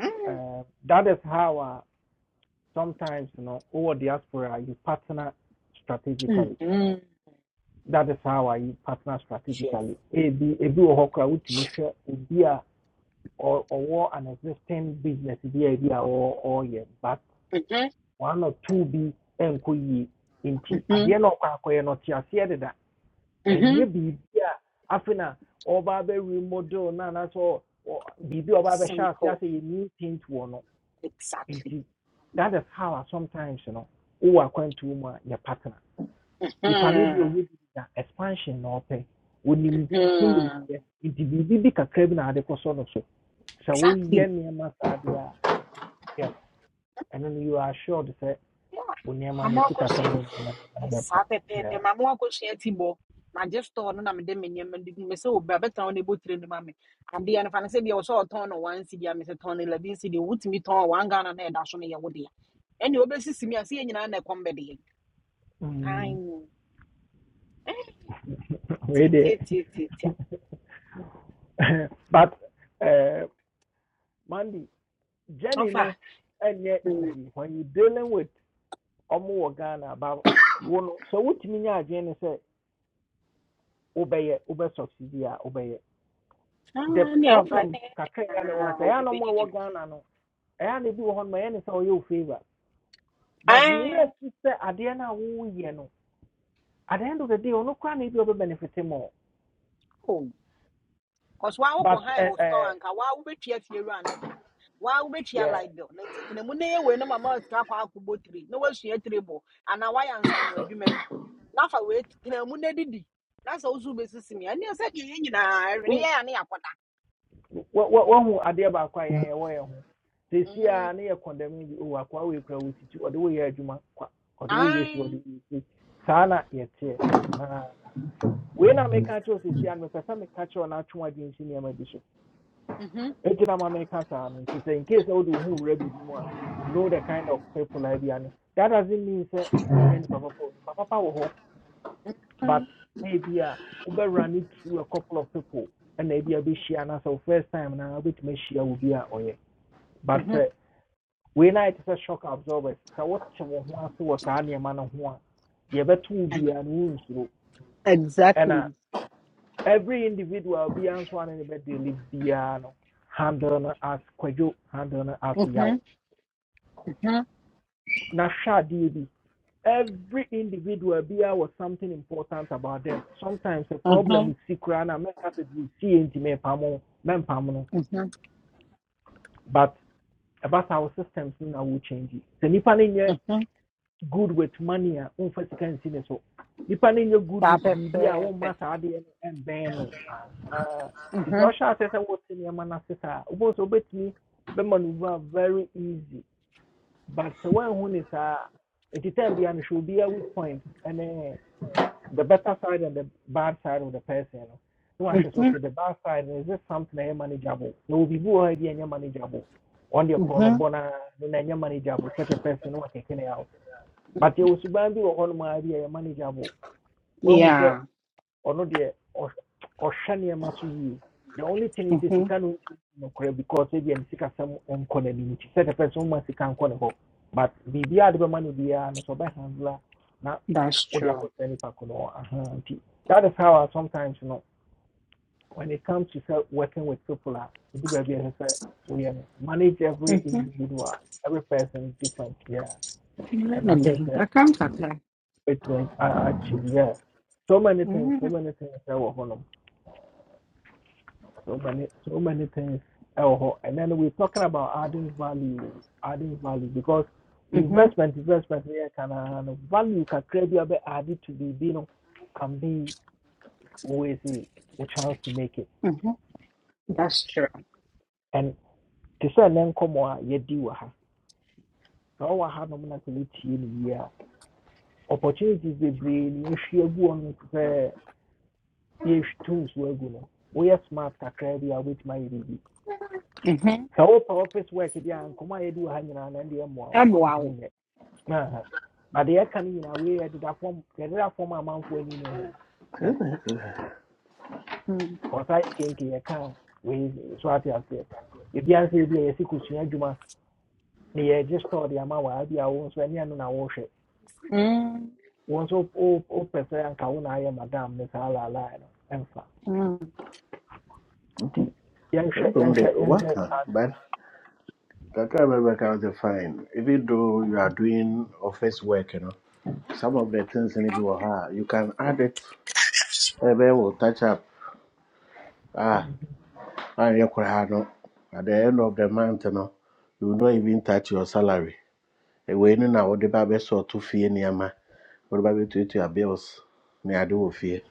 Speaker 8: Mm,
Speaker 1: uh, that is how uh, sometimes you know over diaspora you partner
Speaker 8: mm,
Speaker 1: strategically.
Speaker 8: mm.
Speaker 1: that is how I partner
Speaker 8: Yes.
Speaker 1: strategically. Ebi ebi wɔ hɔ koraa wotumi hwɛ or a ɔ- ɔwɔ an existing business bi idea or or yeah. but
Speaker 8: Mhm,
Speaker 1: one or two bi ɛnkɔ yie nti
Speaker 8: mhm,
Speaker 1: adeɛ na ɔkɔ akɔyɛ no ɔte aseɛ deda
Speaker 8: mhm.
Speaker 1: ɛnyɛ biribi a afei na ɔba abɛ remodel na anaasɛ ɔ- Be biribi a ɔba abɛhyɛ ase asɛ
Speaker 8: simple
Speaker 1: yɛ new thing to one. Into.
Speaker 8: exactly
Speaker 1: that is how I sometimes you know wowɔ akwantuo mu a your partner nipa no bi a
Speaker 8: Mhm,
Speaker 1: ɔyɛ bi expansion na ɔpɛ onim
Speaker 8: mhm.
Speaker 1: honimdeɛ nti biribi bi kakra bi na ade kɔsɔ no so sɛ woyɛ
Speaker 8: exactly
Speaker 1: nneɛma saa deɛ a yes And then you are assured sɛ
Speaker 8: Yeah.
Speaker 1: wo
Speaker 8: na
Speaker 1: nneɛma no
Speaker 8: moakɔ so
Speaker 1: sikasɛm no nneɛma no ade bɛpa
Speaker 8: saa pɛpɛɛpɛ
Speaker 1: Yeah.
Speaker 8: maame wakɔhyia ti bɔ magye store no na mede me nneɛma no gu mu sɛ obra bɛtena wo na ɛbɔtire no ma me adeɛ no fa no sɛ deɛ wɔsɛ ɔtɔn no one cedi a mesɛ tɔn no eleven cedi wotumi tɔn one ghana na ɛda so no yɛ wo dea ɛne wobɛsisi me a sɛ yɛ nyinaa na ɛkɔm bɛdeɛ
Speaker 1: Mm. We deɛ
Speaker 8: titiatiatia
Speaker 1: but uh, mandy Jenny,
Speaker 8: ɔfa
Speaker 1: no ɛnyɛ easy when you dealing with ɔmo wɔ ghana about wo no sɛ wotumi nyɛ adwene ne sɛ wobɛyɛ wobɛ succeed a wobɛyɛ the
Speaker 8: ne ɔfa
Speaker 1: problem
Speaker 8: ne
Speaker 1: kakra ɛyɛ ne wɔn sɛ ɛyɛ
Speaker 8: obi
Speaker 1: na ɔmo a
Speaker 8: bɛdidi
Speaker 1: ɛwɔ
Speaker 8: no
Speaker 1: ghana no ɛyɛ na ebi wɔ hɔ nom ne sɛ ɔyɛ o favour but nira si sɛ adeɛ no a no at the end of the day onu kwa na ebi ɔbɛ benefit more
Speaker 8: ae Cause wa wokɔ
Speaker 1: but
Speaker 8: high
Speaker 1: eh
Speaker 8: wɔ store
Speaker 1: ɛ
Speaker 8: anka wa wobɛtua fie wura ne ka. Wa wobɛtua
Speaker 1: yɛ
Speaker 8: light bill. Na nti mu na yɛ wei no mama sika kɔ akɔbɔ tiri. Na wasua tiri bɔ anaa wayɛ ansa no adwuma bi. Na fa wei tena mu na didi. Na sɛ wosu bɛsisi me. Ɛne sɛ deɛ yɛn nyinaa ɛwere
Speaker 1: wo-
Speaker 8: yɛ a ne
Speaker 1: wo- wo- wɔhu adeɛ baako a yɛn yɛ wɔ yɛn ho sesi
Speaker 8: Mm.
Speaker 1: condemn bi o akɔ awo ekura wo titi ɔde wo yɛ adwuma kwa ɔde wo yɛ si ɔde
Speaker 8: Ae.
Speaker 1: wo yɛ si saa na yɛ teɛ ahan wei na meka kyerɛ o sesi a mepɛ sɛ meka kyerɛ o na atwom adi nsi nneɛma bi so.
Speaker 8: Mhm.
Speaker 1: Eti na ma meka saa no nti in case na wode who ho wura know the kind of people I be, and that doesn't mean sɛ wonya nipa papa o. nipa papa wɔ hɔ but ebi a wobɛwura ne through a couple of people ɛna ebi a bɛhyia anaasɛ wo first time na a bit me ahyia will be a ɔyɛ but
Speaker 8: Mhm.
Speaker 1: sɛ wei na ayɛ te shock absorbers So what wo ho ase wɔ saa nneɛma no ho a deɛ to wo
Speaker 8: Ex-
Speaker 1: biara no wonsuro And uh,
Speaker 8: Exactly.
Speaker 1: every individual biara nso a ne ne no handle no as kwadwo handle no as yaw
Speaker 8: Mhm. Mhm.
Speaker 1: Nasha Nashadibi. Every individual beer was something important about them. Sometimes the problem
Speaker 8: Mhm.
Speaker 1: with Sikrana make us we see into me pamo, men pamo.
Speaker 8: Mhm.
Speaker 1: But about our systems now will change it. The nipanin ye
Speaker 8: Mhm.
Speaker 1: good with money a unfa so. Nipanin ye good
Speaker 8: Saa
Speaker 1: with bibi One won
Speaker 8: pɛpɛɛpɛ.
Speaker 1: masa and ben no. Ah. Ti to
Speaker 8: Mhm.
Speaker 1: sha se se wo se ne ma na se so maneuver very easy. But the one when is uh, it is time behind should be a weak point and uh, the better side and the bad side of the person. No one says
Speaker 8: Mhm.
Speaker 1: okay, the bad side is just something I manageable. There will be who are here manageable. On the corner
Speaker 8: Mhm.
Speaker 1: bona then manageable. Such a person No, who can out. But you will be one idea manageable. When we say
Speaker 8: Yeah.
Speaker 1: or not ɔh- or nneɛma so yie the only thing is you
Speaker 8: Mhm.
Speaker 1: sika no ntumi ntu nokorɛ because ebia ne sikasɛm nkɔ n'anim nti sɛ person ma sika nkɔ ne but biribiaa de money no biara no sɛ ɔbɛhandla na
Speaker 8: That's
Speaker 1: wode
Speaker 8: true.
Speaker 1: akɔsɛ nipa ko no hɔ. Aha, nti that is how I sometimes you know when it comes to sɛ working with people We ɛdu baabi no manage every
Speaker 8: Mhm.
Speaker 1: individual every person is different yeah and i think
Speaker 8: Limiting. Da
Speaker 1: that
Speaker 8: kommt was her.
Speaker 1: between i achieve yeah so many things so
Speaker 8: Mhm.
Speaker 1: many things ɛwɔ hɔ So many, so many things. Eh, Oh, oh, and then we're talking about adding value, adding value because
Speaker 8: Mhm.
Speaker 1: investment, investment, yeah, can uh, value can create a bit added to be, you know, can be always a chance to make it.
Speaker 8: Mhm. Das ist schön.
Speaker 1: And to say then come on, you do ha. So what have no man can you here. Opportunities they bring, If you go on the you tools we're We are smart can create a bit my baby.
Speaker 8: Mhm.
Speaker 1: So our office work, yeah, and come on, you do hang around and the more
Speaker 8: Ja, wow.
Speaker 1: intimate. Huh. But the can in a way did that form the other form amount for any know. Yes.
Speaker 8: Mhm.
Speaker 1: Or size skin can can we so at your say. If you answer be a sekusua adwuma na ye just store the amount where be a won so any anu na wo hwe. Won so o o pese anka wo na aye madam ne sa la la no. Emfa.
Speaker 8: Mhm.
Speaker 1: Ti yen hwe
Speaker 7: Everyone
Speaker 1: yen
Speaker 7: there,
Speaker 1: hwe yen hwe
Speaker 7: worker,
Speaker 1: sa.
Speaker 7: but that time I can't remember how to fine, Even though you are doing office work, you know, some of the things in it, you can add it. Maybe will touch up. Ah. ayɛ koraa no at the end of the month no you will not even touch your salary wei no na wode ba bɛsɔɔto fie nneɛma wode ba bɛtuatua bills ne ade wɔ fie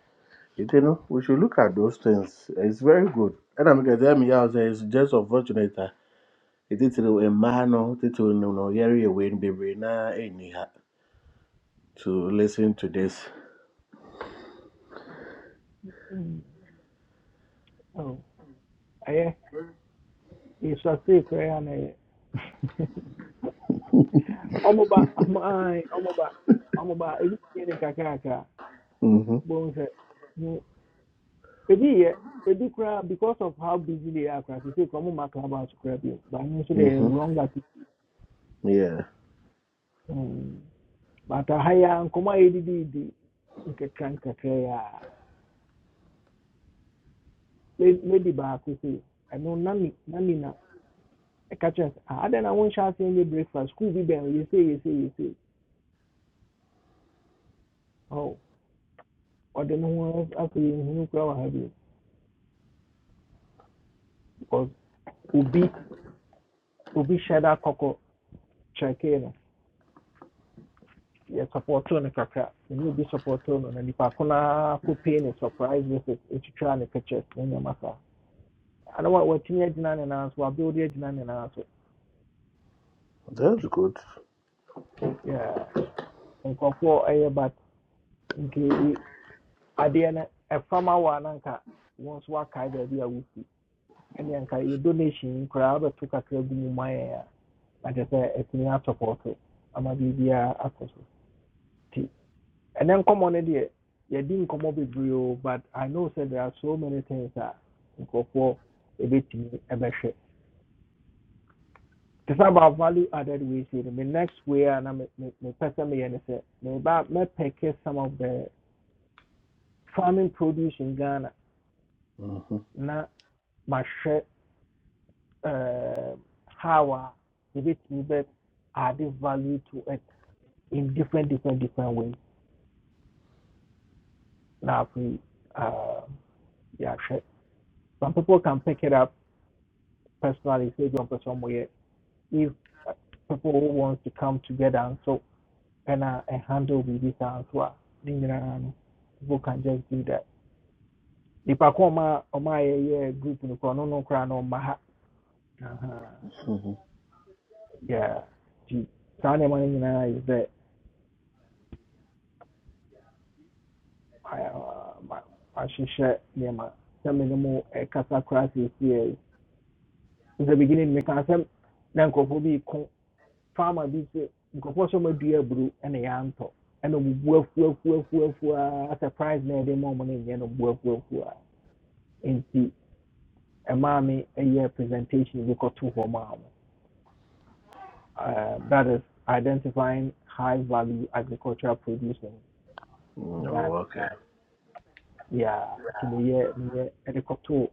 Speaker 7: nti no we should look at those things it's very good ɛna meka sɛ meyɛ wo sɛ it's just unfortunate that it is a ɛtitiri mmaa no titiri no no yɛreyɛ wei no bebree naa to listen to this
Speaker 1: Mhm. Oh. Aye. It's a secret and eh. Omoba, my, omoba, omoba, ebi ni kakaka.
Speaker 7: mm-hmm.
Speaker 1: bohu sɛ mm, maybe yɛ because of how busy they are koraa sisi kɔn mu ma club house but bi ba ne nso
Speaker 7: Mm-hmm.
Speaker 1: deɛ wrong that.
Speaker 7: yeah
Speaker 1: but aha yi a nkɔmɔ a yɛdidi di nkekra nkekra maybe, a le- lady baako se ɛno nani nani na I catch us. I don't know when nhyɛ ase any breakfast school bi bɛn yɛsɛ yɛsɛ yɛsɛ ɔ ɔde ne ho afei nhunu koraa wɔ ha bi because obi obi hyɛ da kɔkɔ kyerɛkee no. yɛ supporto no kakra ɛne obi supporto no na nipa kuna ko naa kɔ surprise visit ɛtwitwaa ne pictures ne nneɛma saa ana wa watumi agyina ne na, so wabeode agyina ne na. na so
Speaker 7: that's good
Speaker 1: yeah, nkurɔfoɔ ɛyɛ but nke adeɛ no ɛfam awɔ a na nka wɔn nso wakae baabi a wofi ɛne nka yɛ donation yi koraa wobɛto kakra gu mu ma yɛn a na ama biribiara akɔ so And then come on idea, You didn't come up with o but I know said there are so many things that go for a nkurɔfoɔ a ɛbɛhwɛ. Te sɛ about value added ways yi no next way and I'm a na me- me- mepɛ sɛ meyɛ ne sɛ meba mɛpɛke some of the farming produce in Ghana
Speaker 7: mm-hmm.
Speaker 1: na mahwɛ um, how a yɛbɛtumi bɛ add value to it in different different different ways. Now we uh yeah, sure. Some people can pick it up personally, say John for somewhere. if people who wants to come together nso ɛna ɛhandle biribi handle with this ne nyinaa no people can just do that If ko ɔma ɔma yɛyɛ group no koraa ɔno no koraa na ɔma
Speaker 7: Mm-hmm.
Speaker 1: yeah The saa nneɛma no is that uh, ma- mahyehyɛ nneɛma sɛ me ne mo ɛkasa koraa seesei in the beginning meka sɛ na nkurɔfoɔ bi ko farmer bi sɛ nkurɔfoɔ sɛ ɔmadua aburo ɛna yɛantɔ ɛna ɔbubu afuafuafuafua surprise na yɛde ma ɔmo no nyɛ no ɔbu afuafuaa nti ɛmaa me ɛyɛ presentation bi kɔto hɔ maa mo Uh, that is identifying high value agricultural produce in
Speaker 7: Oh,
Speaker 1: ghana
Speaker 7: okay.
Speaker 1: yeah nti meyɛ meyɛ ɛde kɔto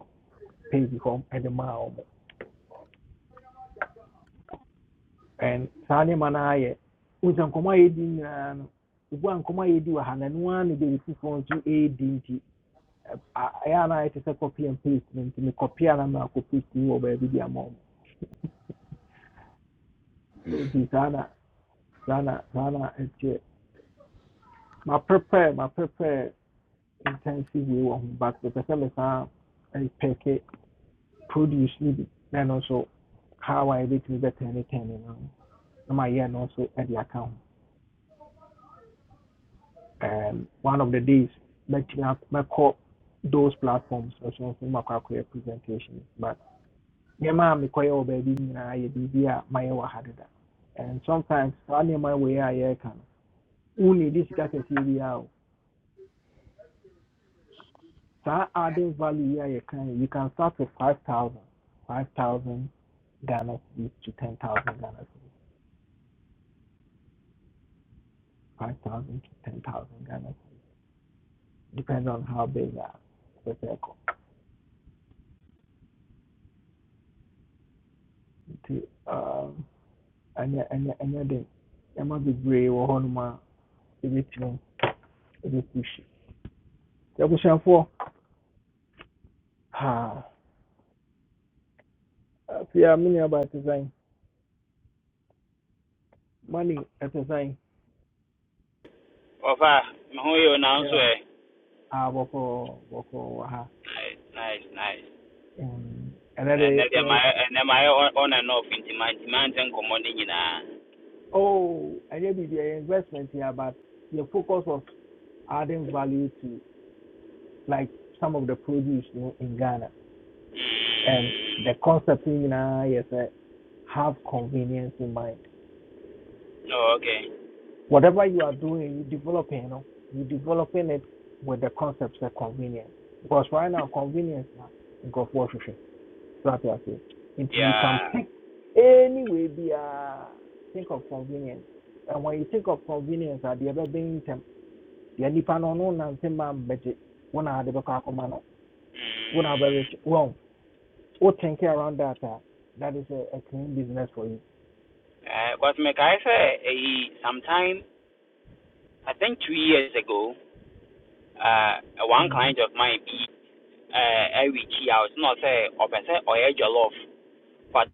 Speaker 1: page hɔ ɛde maa ɔmo and saa nneɛma no ayɛ wosa nkɔmmɔ a yɛdi nyinaa no obu a nkɔmmɔ a yɛdi wɔ ha na ɛno ara na baabi foforɔ nso ɛredi nti ɛyɛ na ayɛ te copy and paste no nti mekɔpia na maakɔ paste yi wɔ baabi de ama ɔmo nti saa na saa na saa na ɛkyɛ maprepare maprepare intensive wei wɔ ho but mepɛ sɛ mesan ɛpɛke produce no bi also how I yɛbɛtumi bɛtɛn ne tɛn no ho na my year, nso ɛde aka account. um, one of the days mɛtumi ak- mɛkɔ those platforms nso nso makɔ akɔyɛ presentation but nneɛma a mekɔyɛ wɔ baabi nyinaa yɛ biribi a mayɛ wɔ ha deda and sometimes saa my wei a yɛreka no wo need sika kɛseɛ bi a o adding value yi a yɛka you can start with 5000 5000 Ghana cedis to 10000 Ghana cedis 5000 to 10000 Ghana cedis depends on how big a the circle Um and and ɛnyɛ ɛnyɛ ɛnyɛ den nneɛma bebree wɔ hɔnom a ɛbɛtumi ɛbɛpushi abusuafoɔ ha afei a me nuabaa about design. money ɛte sɛn
Speaker 9: Ọfa, me na nso
Speaker 1: yeah
Speaker 9: ɛ.
Speaker 1: Ah, wɔkɔ wɔkɔ wɔ ha
Speaker 9: Nice, nice, nice.
Speaker 1: Mm, ɛnɛ
Speaker 9: Na ɛnɛ
Speaker 1: de
Speaker 9: ma
Speaker 1: yɛ
Speaker 9: ɛnɛ ma on and off nti ma nti ma ntɛ nkɔmɔ ne
Speaker 1: oh ɛnyɛ biribi ɛyɛ investment here but the focus was adding value to like some of the produce you know, in ghana and the concept in nyinaa yɛ sɛ have convenience in mind
Speaker 9: Oh, okay.
Speaker 1: whatever you are doing you developing you know you developing it with the concepts of convenience because right now convenience na nkurɔfoɔ hwehwɛ So I say, until you can
Speaker 9: Yeah.
Speaker 1: pick any way be a think of convenience. And when you think of convenience, at the other being them, the only no no nante man budget. When I had the back of man, when I very
Speaker 9: Mm.
Speaker 1: rich, well, or think around that. Uh, that is a, a clean business for you.
Speaker 9: Uh, but me kai sɛ ɛyi sometime I think two years ago, uh, one
Speaker 1: Mhm,
Speaker 9: client of mine be, uh, I chi out na ɔsɛ or sɛ ɔyɛ jollof but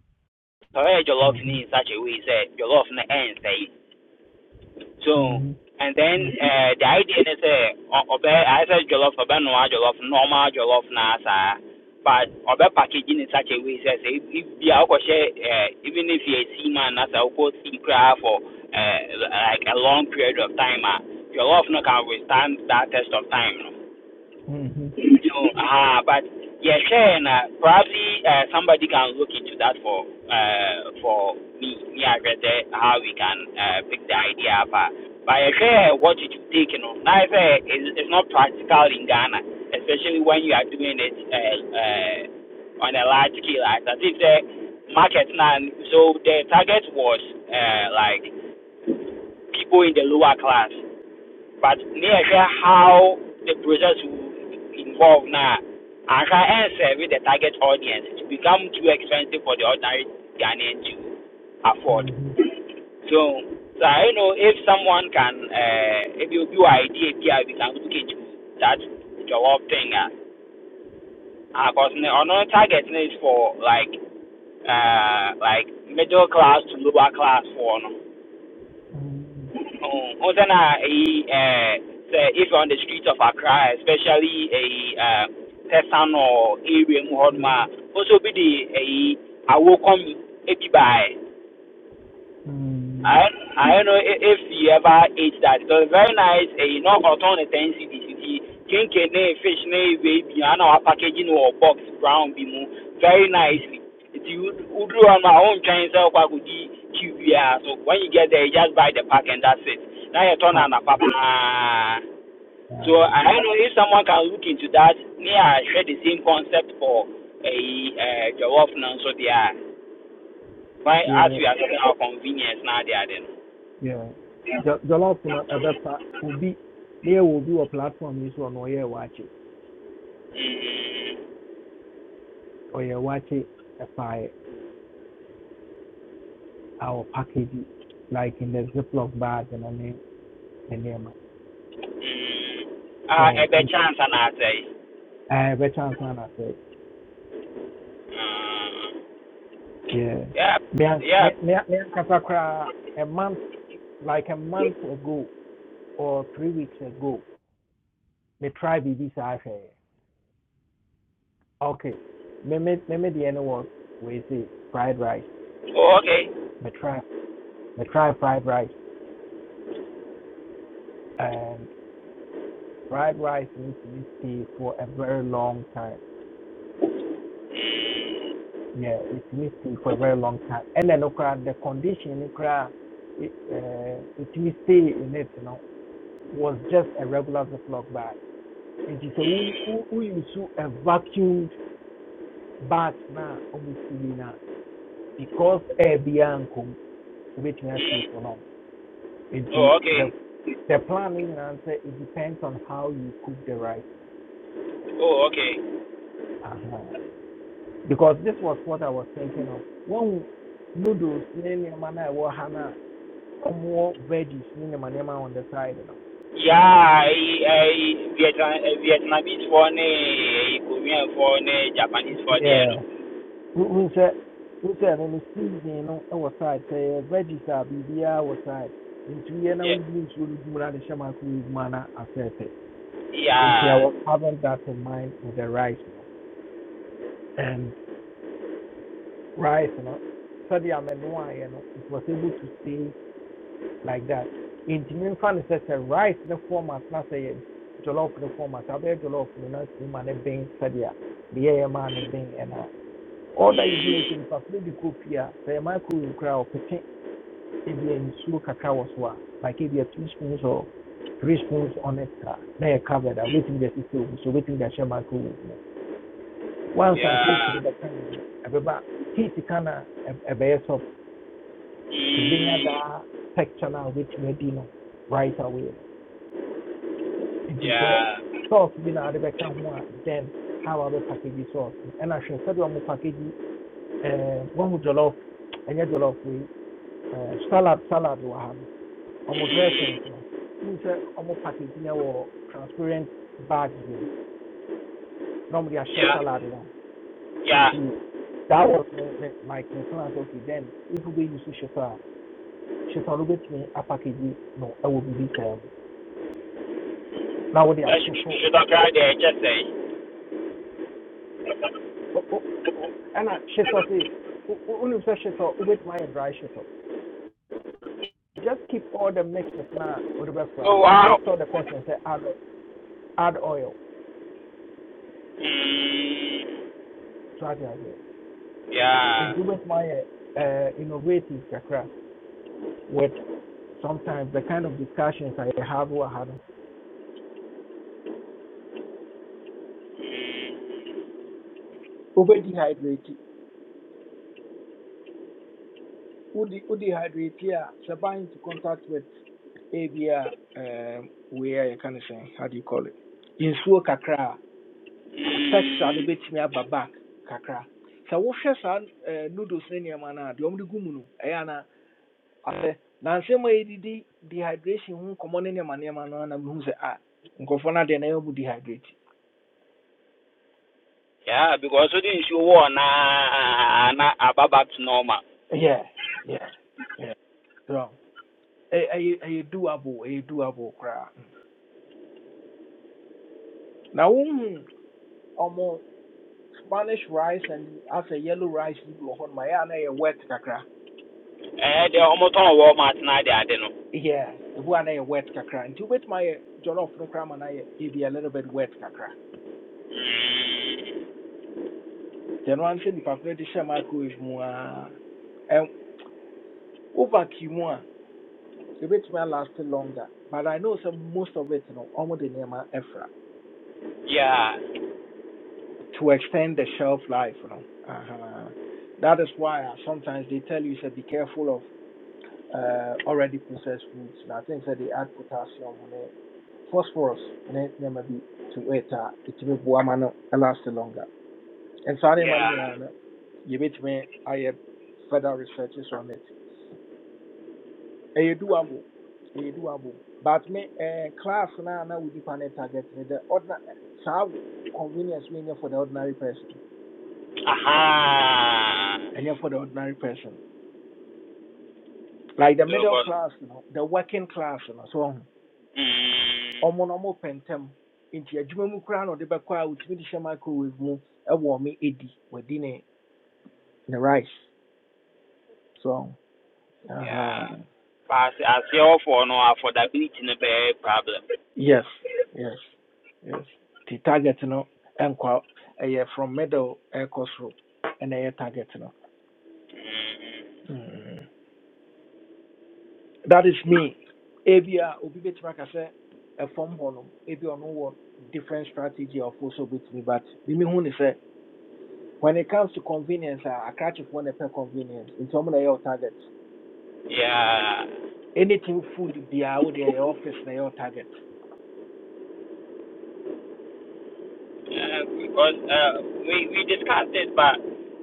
Speaker 9: ɔyɛ jollof
Speaker 1: mhm,
Speaker 9: ni in such a way sɛ jollof no ɛnsɛe So
Speaker 1: mhm,
Speaker 9: and then uh, the idea is a ọbẹ I said jollof ọbẹ noa jollof normal jollof na saa but ọbẹ packaging in such a way says if ibi a even if yẹ steam man na sẹ ọkọ steam koraa for uh, like a long period of time ah jollof no can withstand that test of time no.
Speaker 1: mhm, mhm,
Speaker 9: No, uh, but yeah, sure, and, uh, probably uh, somebody can look into that for uh, for me, me I read there, how we can uh, pick the idea up. uh. But yeah, sure, what you should take, you know, now I say it's, it's not practical in Ghana, especially when you are doing it uh, uh, on a large scale. Like, as if the market now, so the target was uh, like people in the lower class but ne how the process will involve na anka serve the target audience it become too expensive for the ordinary ghanaian to afford
Speaker 1: mhm,
Speaker 9: so so you know if someone can uh, if you do idea bi we can look into that jollof thing ah uh, because ne ɔno target ne is for like uh, like middle class to lower class for no
Speaker 1: mhm,
Speaker 9: Oh, wasn't I a uh, say if you're on the streets of Accra, especially a uh, Tessan or area, Muhammad, also be the a awokom ebi by.
Speaker 1: mhm.
Speaker 9: I I don't know if, if you ever ate that. It was very nice. And you know, got on the ten CDC, kinky fish, nay, baby, and our packaging or box brown bimu very nicely. It you would do on my own Chinese self, I could eat QBR. So when you get there, you just buy the pack and that's it. Now you turn
Speaker 1: Ah,
Speaker 9: on a papa.
Speaker 1: yeah,
Speaker 9: So I don't know if someone can look into that. Me, I share the same concept for a uh, Jawaf now, so they are. Why, as
Speaker 1: yeah.
Speaker 9: we are talking about convenience now, they are then.
Speaker 1: Yeah. Jɔ- Jollof no ɛbɛfa obi na yɛwɔ obi a platform is yi so watch it, ɔyɛ wakye ɔyɛ wakye ɛfaeɛ our package, like in the ziploc bag and then the name,
Speaker 9: Ah, a
Speaker 1: so
Speaker 9: bit
Speaker 1: ɛn-
Speaker 9: chance, and I say,
Speaker 1: ɛɛ, ɛbɛkyɛ ansa na sɛ
Speaker 9: mm,
Speaker 1: yeah
Speaker 9: yep,
Speaker 1: me an- me
Speaker 9: yep.
Speaker 1: me an- me ankasa a month like a month ago or three weeks ago me try biribi saa say, okay me me me me deɛ no was wei se fried rice
Speaker 9: Oh, okay.
Speaker 1: me try me try fried rice and. fried rice need to stay for a very long time. Yeah, it needs to stay for a very long time. And then okra, the condition okra, it, uh, it needs to stay in it, you know, was just a regular Ziploc bag. It is a who who use a vacuumed bag na almost na because air beyond come which may stay for long. It is
Speaker 9: Oh, okay.
Speaker 1: the the planning and answer it depends on how you cook the rice.
Speaker 9: Oh, okay.
Speaker 1: Uh-huh. because this was what I was thinking of. When noodles, nema na ɛwɔ hana, na ɔmo veggies ne nema nema on the side you know.
Speaker 9: Yeah, I, Vietnam, eh, Vietnamese for ne, Korean for ne, Japanese for the
Speaker 1: Yeah.
Speaker 9: end.
Speaker 1: Who said who said no season no our side say "Eh, veggies a biribiara wɔ side. Into yɛ na
Speaker 9: Yeah,
Speaker 1: wogu nsuo no gu mu na de hyɛ I
Speaker 9: yeah,
Speaker 1: was having that in mind with the rice you know, And rice you know, no sɛdeɛ amenoa you know, it was able to stay like that nti memfa no sɛ sɛ rice ne format na say jollof ne format a jollof no na tumi ma ne bɛn sɛdeɛ meyɛyɛ maa ne bɛn ɛna all that you do is sɛ nipa koro de kɔ Say a sɛ yɛ microwave koraa a ɔpete ebi a nsuo kakra wɔ so a like ebi a two spoons or three spoons on it a na yɛ covered a wobɛtumi de asisi ogu so wobɛtumi de ahyɛ microwave mu once I heat
Speaker 9: yeah,
Speaker 1: no bɛka mu no ɛbɛba heat ka na ɛb- ɛbɛyɛ soft nti ɛbɛnya
Speaker 9: mm,
Speaker 1: daa texture na. a wobɛtumi adi no right away no nti sɛ
Speaker 9: yeah,
Speaker 1: sauce being a ade bɛka ho then how a package sauce no ɛna hwɛ sɛdeɛ ɔmo package ɛɛ wɔn jollof ɛnyɛ jollof wei ɛɛ salad salad wahano. Or no
Speaker 9: mm,
Speaker 1: dressings no wohu sɛ ɔmo package no wɔ transparent bags bi mu na ɔmo
Speaker 9: yeah,
Speaker 1: salad no ho
Speaker 9: yeah.
Speaker 1: nti that was my, my, like my plans. okay then if we use shit a shit a me a package, no I ɛwɔ biribi sɛ ɛmo na wɔde
Speaker 9: That's
Speaker 1: atoto
Speaker 9: should I cry there? Just say,
Speaker 1: أو- أو- أو- انا شتوتي ونبسا شتو with my dry shito. Just keep all the mixes now or the background.
Speaker 9: oh
Speaker 1: You
Speaker 9: wow.
Speaker 1: just tell the person say add add oil.
Speaker 9: Mm,
Speaker 1: So I can say
Speaker 9: yeah.
Speaker 1: it with my uh, innovative kakra with sometimes the kind of discussions I have with Hano. Over dehydrate. Udi dehydrate here? Sabah to contact with ABR um where you can say how do you call it? In suo kakra. texture no
Speaker 9: Mm.
Speaker 1: bɛtumi aba back kakra sɛ wohwɛ saa eh, noodles ne nneɛma no a deɛ ɔmde gu mu no ɛyɛ ana asɛ nansɛm a yɛdidi dehydration ho nkɔmmɔ ne nneɛma nneɛma no ana mehu sɛ a nkurɔfoɔ no adeɛ na ɛyɛ dehydrate
Speaker 9: Yeah, because we didn't show one na na back to normal.
Speaker 1: yeah yeah so ɛ- ɛyɛ ɛyɛ doable ɛyɛ doable koraa Mm. na wohu ɔmo spanish rice and as a yellow rice yi bi wɔ hɔ no na ɛyɛ wet kakra
Speaker 9: Eh, they almost on Walmart now they are no.
Speaker 1: yeah ebu a na ɛyɛ wet kakra nti wobɛtumi ayɛ jollof no koraa ma no ayɛ ebi a little bit wet kakra Then one said the calculator share microwave more and over mu a bit may last longer. But I know some most of it no almost the name Efra
Speaker 9: Yeah,
Speaker 1: to extend the shelf life, you know. Uh-huh. That is why uh, sometimes they tell you say, be careful of uh, already processed foods. Now Things that they add potassium ne phosphorus ne ne, bi to it a ɛtumi boa ma no last longer. And so I no
Speaker 9: yeah.
Speaker 1: nyinaa no I have further researches on it. ɛyɛ doable ɛyɛ doable but me eh, class na na with nipa ne target the ordinary So convenience we need for the ordinary person
Speaker 9: Aha.
Speaker 1: ɛnyɛ for the ordinary person like the
Speaker 9: So
Speaker 1: middle
Speaker 9: but
Speaker 1: class you know, the working class you know, so ɔmo
Speaker 9: mm,
Speaker 1: ɔmo na ɔmo pɛ ntɛm nti adwuma mu koraa na ɔde bɛkɔ a otumi de hyɛ microwave mu e wo ɔmo edi wadi ne ne the rice so uh huh.
Speaker 9: yeah. Pass as your for no affordability no be problem.
Speaker 1: yes yes yes The target you no ɛnkɔ ɛyɛ from middle air uh, cost ɛkɔ and ɛna ɛyɛ target you know. Mm. That is me. Ebi a obi betumi aka sɛ ɛfam hɔ nom ebi a ɔno wɔ different strategy of also betumi but mimi hu ne sɛ when it comes to convenience a akrachyefo na ɛpɛ convenience nti ɔmo na ɛyɛ ɔ target
Speaker 9: Yeah.
Speaker 1: anything food biara wo deɛ ɛyɛ office na ɛyɛ ɔ target.
Speaker 9: Uh, because uh, we we discussed it, but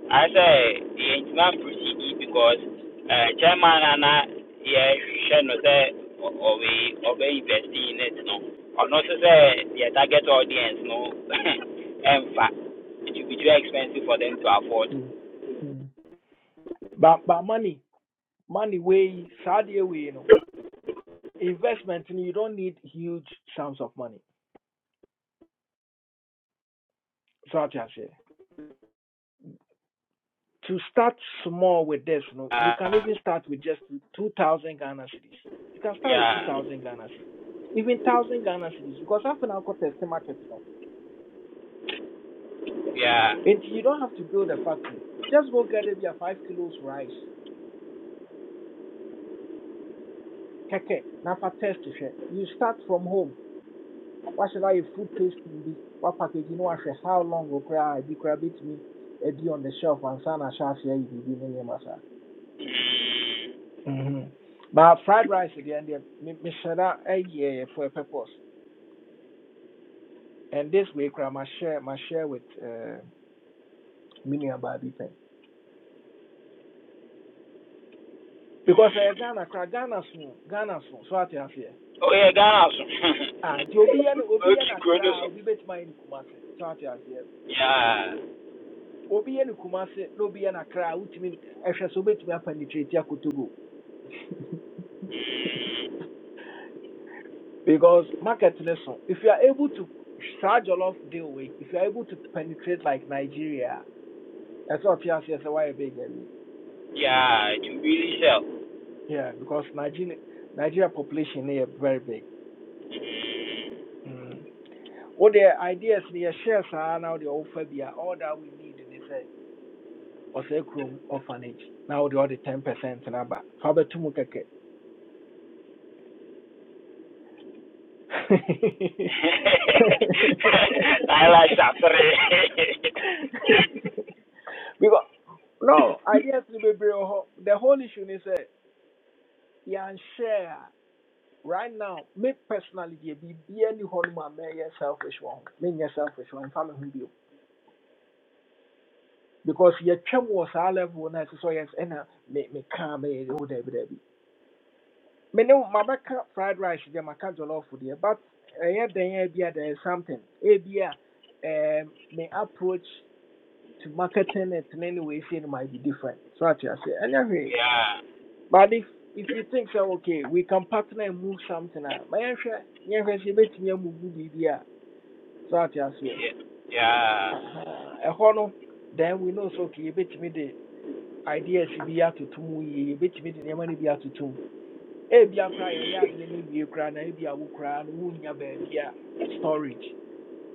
Speaker 9: I say the man proceed because uh, chairman and I yeah should not say or we or we invest in it no or not to say the target audience no In fact it will be too expensive for them to afford.
Speaker 1: Mm. Mm. But but money money way saa deɛ wei no investment no you don't need huge sums of money so ate aseɛ. to start small with this, you know, you can
Speaker 9: Uh,
Speaker 1: even start with just 2,000 Ghana cedis. You can start with
Speaker 9: yeah
Speaker 1: 2,000 Ghana cedis, even 1,000 Ghana cedis, because half an hour cost a market, you know.
Speaker 9: yeah.
Speaker 1: And you don't have to build a factory. Just go get maybe a five kilos rice, keke, now for test share. You start from home. What should I food tasting be? What package you know? I share how long will cry? Be cry bit me. A D on the shelf and son, I shall see you be in your
Speaker 9: Mm.
Speaker 1: masa. But fried rice again, me, me, share that a year for a purpose. And this week I must share must share with uh, Minia Babi Pen because I Ghana Ghana soon Ghana soon so ati aseɛ.
Speaker 9: Oh yeah, Ghana. so.
Speaker 1: Ah, nti obi yɛ ne obi yɛ
Speaker 9: Okay,
Speaker 1: na
Speaker 9: Ghana, Kronos.
Speaker 1: kra obi betuma yɛ ne kumase so ati aseɛ.
Speaker 9: yeah
Speaker 1: Obi se na obi yɛ na kimi ɛhwɛ so obetumi apa ne tiri ti akotogo. to ɛsɛ
Speaker 9: yeah, it will really sell.
Speaker 1: yeah gini na gye. What ideas ni yɛ share saa na ɔde ɔwofa bi all that we need ni sɛ ɔsɛ kurom orphanage Now the Other ten percent na ba fa bɛtum kɛkɛ.
Speaker 9: Laila Jafre.
Speaker 1: because no ideas ni bebree wɔ hɔ the whole issue ni sɛ yɛn share right now me personally deɛ biribiara ni hɔ nom a mɛyɛ selfish wɔ ho menyɛ selfish wɔ mfa me ho bio because yɛtwam wɔ saa level na ɛte sɛ ɔyɛ s- ɛna me me kaa bɛyɛ de ho daabi daabi me ne mabɛka fried rice deɛ maka jollof deɛ but ɛyɛ dɛn a ebia there is something ebia um, me approach to marketing it in any way see it might be different so ate aseɛ ɛnyɛ hwee
Speaker 9: yeah,
Speaker 1: But if if you think so, okay, we can partner and move something out. My answer, yeah, sure, she bet me move BBA. So I just say,
Speaker 9: yeah,
Speaker 1: aha, a honor. Then we know so okay, bet me the idea she be out to tum ye, bet me the money be out to tum. A be a cry, a yard, a new cry, and a be a cry, and who near baby yeah, storage.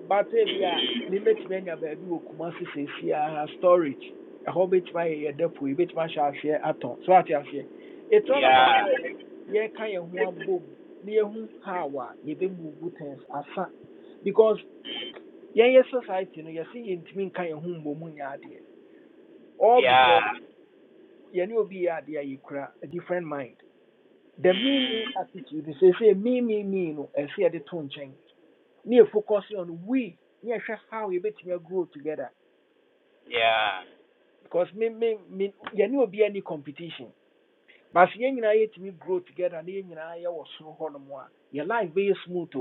Speaker 1: But if you a mebɛtumi anya baabi wɔ kuma se seesiaa storage ɛhɔ bɛtumi ayɛ yɛ depo yi bɛtumi ahyɛ aseɛ atɔn so what ate aseɛ it's all
Speaker 9: yeah,
Speaker 1: about sɛ yɛka yɛn ho abom na yɛhu how a yɛbɛmuvu things asa because yeah, your society no you yɛse yɛntumi nka yɛn ho mmom nyɛ idea, all
Speaker 9: yeah,
Speaker 1: because yɛne obi Be idea, you yɛkura a different mind the me me
Speaker 9: mm,
Speaker 1: attitude seesei me me me no ɛsɛ yɛde to nkyɛn na yɛ focusing on we na yɛhwɛ how yɛbɛtumi grow together
Speaker 9: yeah,
Speaker 1: because me me me yɛne obi any competition but sɛ yɛn nyinaa grow together na yɛn nyinaa yɛwɔ soro hɔnom a yɛ life very smooth o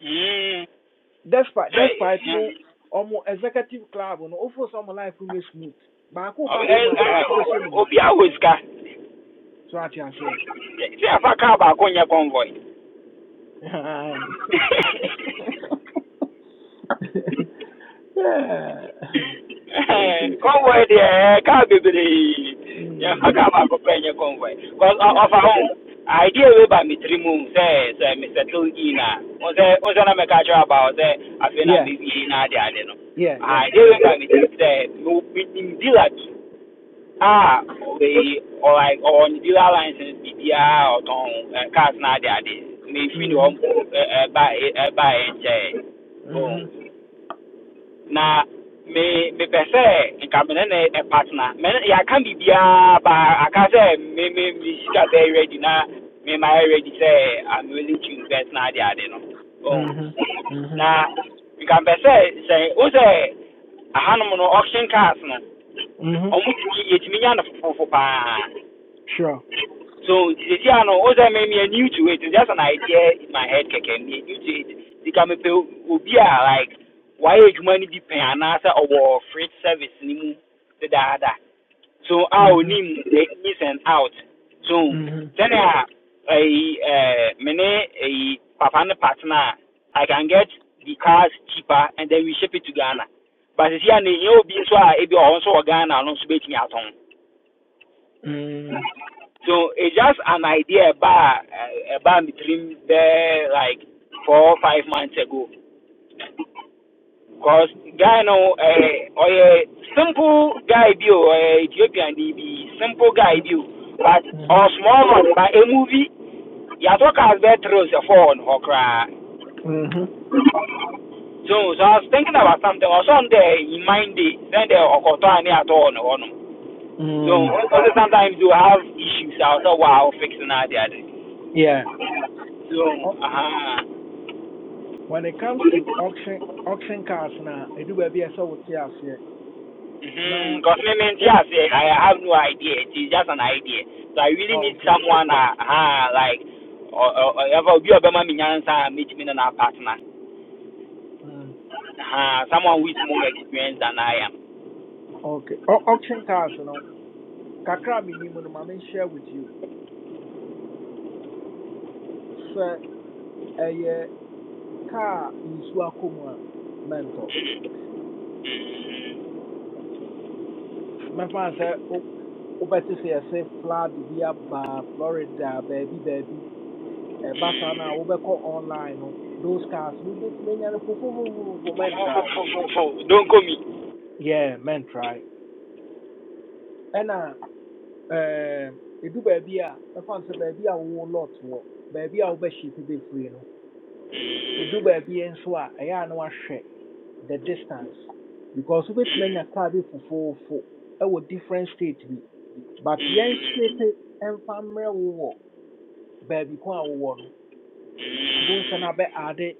Speaker 9: mm.
Speaker 1: despite despite mo ɔmo executive club no ofo sɛ ɔmo life very smooth baako ba fam a baako bɛsɔ ne mu
Speaker 9: Obi awo sika,
Speaker 1: so ate aseɛ
Speaker 9: si afa kaa baako nye convoy.
Speaker 1: Aye. yeah.
Speaker 9: convoy deɛ kaa bebree yɛmfa
Speaker 1: Mm.
Speaker 9: kaa baako pɛ nyɛ convoy bcause
Speaker 1: yeah
Speaker 9: ɔfa ho idea wei ba me tiri mu sɛ sɛ mesɛtel in a wo sɛ wo sɛ na mɛka kyerɛ aba wo sɛ afei na
Speaker 1: yeah
Speaker 9: mewie na ade ade no
Speaker 1: yeah yeah
Speaker 9: idea
Speaker 1: yeah
Speaker 9: wei ba me tiri mu we me- menim dealer bi a ɔwei ɔlike ɔwɔ ne dealer license biribiaa a ɔtɔn eh, cars na ade ade mefiri ne hɔ
Speaker 1: mhm
Speaker 9: mpo ɛba ɛyɛ
Speaker 1: mhm
Speaker 9: na me mepɛ sɛ nka me ne ne ne partner me ne- yɛaka biribiaa ba aka sɛ me me me sika sɛ ready na me ma yɛ ready sɛ I'm willing to invest na ade ade no oh
Speaker 1: mhm mhm
Speaker 9: na nka can sɛ say wo sɛ ahanom no auction cars no
Speaker 1: mhm
Speaker 9: ɔmo tumi yɛtumi nya no fofofo paa
Speaker 1: sure
Speaker 9: so, you see, I know, also, maybe you're new to it. It's just an idea in my head, keke. You're new to it. The kame pe, obi like, why you money be on our freight service ni the dada. So, I will
Speaker 1: mhm
Speaker 9: need the ins and out. So,
Speaker 1: hmm
Speaker 9: then I, I, mene, a papa and partner, I can get the cars cheaper and then we ship it to Ghana. But you see, I know, you be so, I be also Ghana, I don't speak me at home.
Speaker 1: mm
Speaker 9: So it's just an idea about uh, about between there like four or five months ago. Cause
Speaker 1: Yeah.
Speaker 9: guy no uh, or a simple guy bio or a Ethiopian DB simple guy bio, but or small one by a movie. You talk as better as a phone or cry.
Speaker 1: Mm-hmm.
Speaker 9: So so I was thinking about something or something in mind day then the okoto any at all no. no. So
Speaker 1: Mm.
Speaker 9: also sometimes you have issues. I was like wow fixing that the other.
Speaker 1: Yeah.
Speaker 9: So
Speaker 1: O-
Speaker 9: uh-huh.
Speaker 1: When it comes to auction auction cars now, I do baby I saw what yes yeah.
Speaker 9: Mm-hmm.
Speaker 1: Now
Speaker 9: Government, I say I have no idea. It is just an idea. So I really
Speaker 1: oh,
Speaker 9: need
Speaker 1: okay.
Speaker 9: someone, uh, uh like, or or ever be a Bama Minyansa, meet me and our partner.
Speaker 1: Mm.
Speaker 9: Uh,
Speaker 1: O-
Speaker 9: someone with more experience than I am.
Speaker 1: Okay. O- auction cars you know. Kakra me nimu no mama share with you. So a car in Suakuma mentor. My father said, Oh, better say I say flood be a Florida, baby, baby. ɛba saa no a wobɛkɔ online no those cars no wobɛtumi anya no
Speaker 9: Fo-
Speaker 1: Men
Speaker 9: fo-
Speaker 1: try.
Speaker 9: fo- fo- fo. Don't call me.
Speaker 1: yeah mɛntrae ɛna ɛɛm, ɛdu baabi a bɛfa no sɛ baabi a wo lot wo. wɔ baabi a be ship be free no ɛdu baabi nso a ɛyɛ a na wahwɛ the distance because wobɛtumi anya car bi E wo different state bi but yɛnhyepe ɛmfa mmerɛ wo wɔ baabi ko a wo wo no bu nsa no
Speaker 9: Mm,
Speaker 1: ade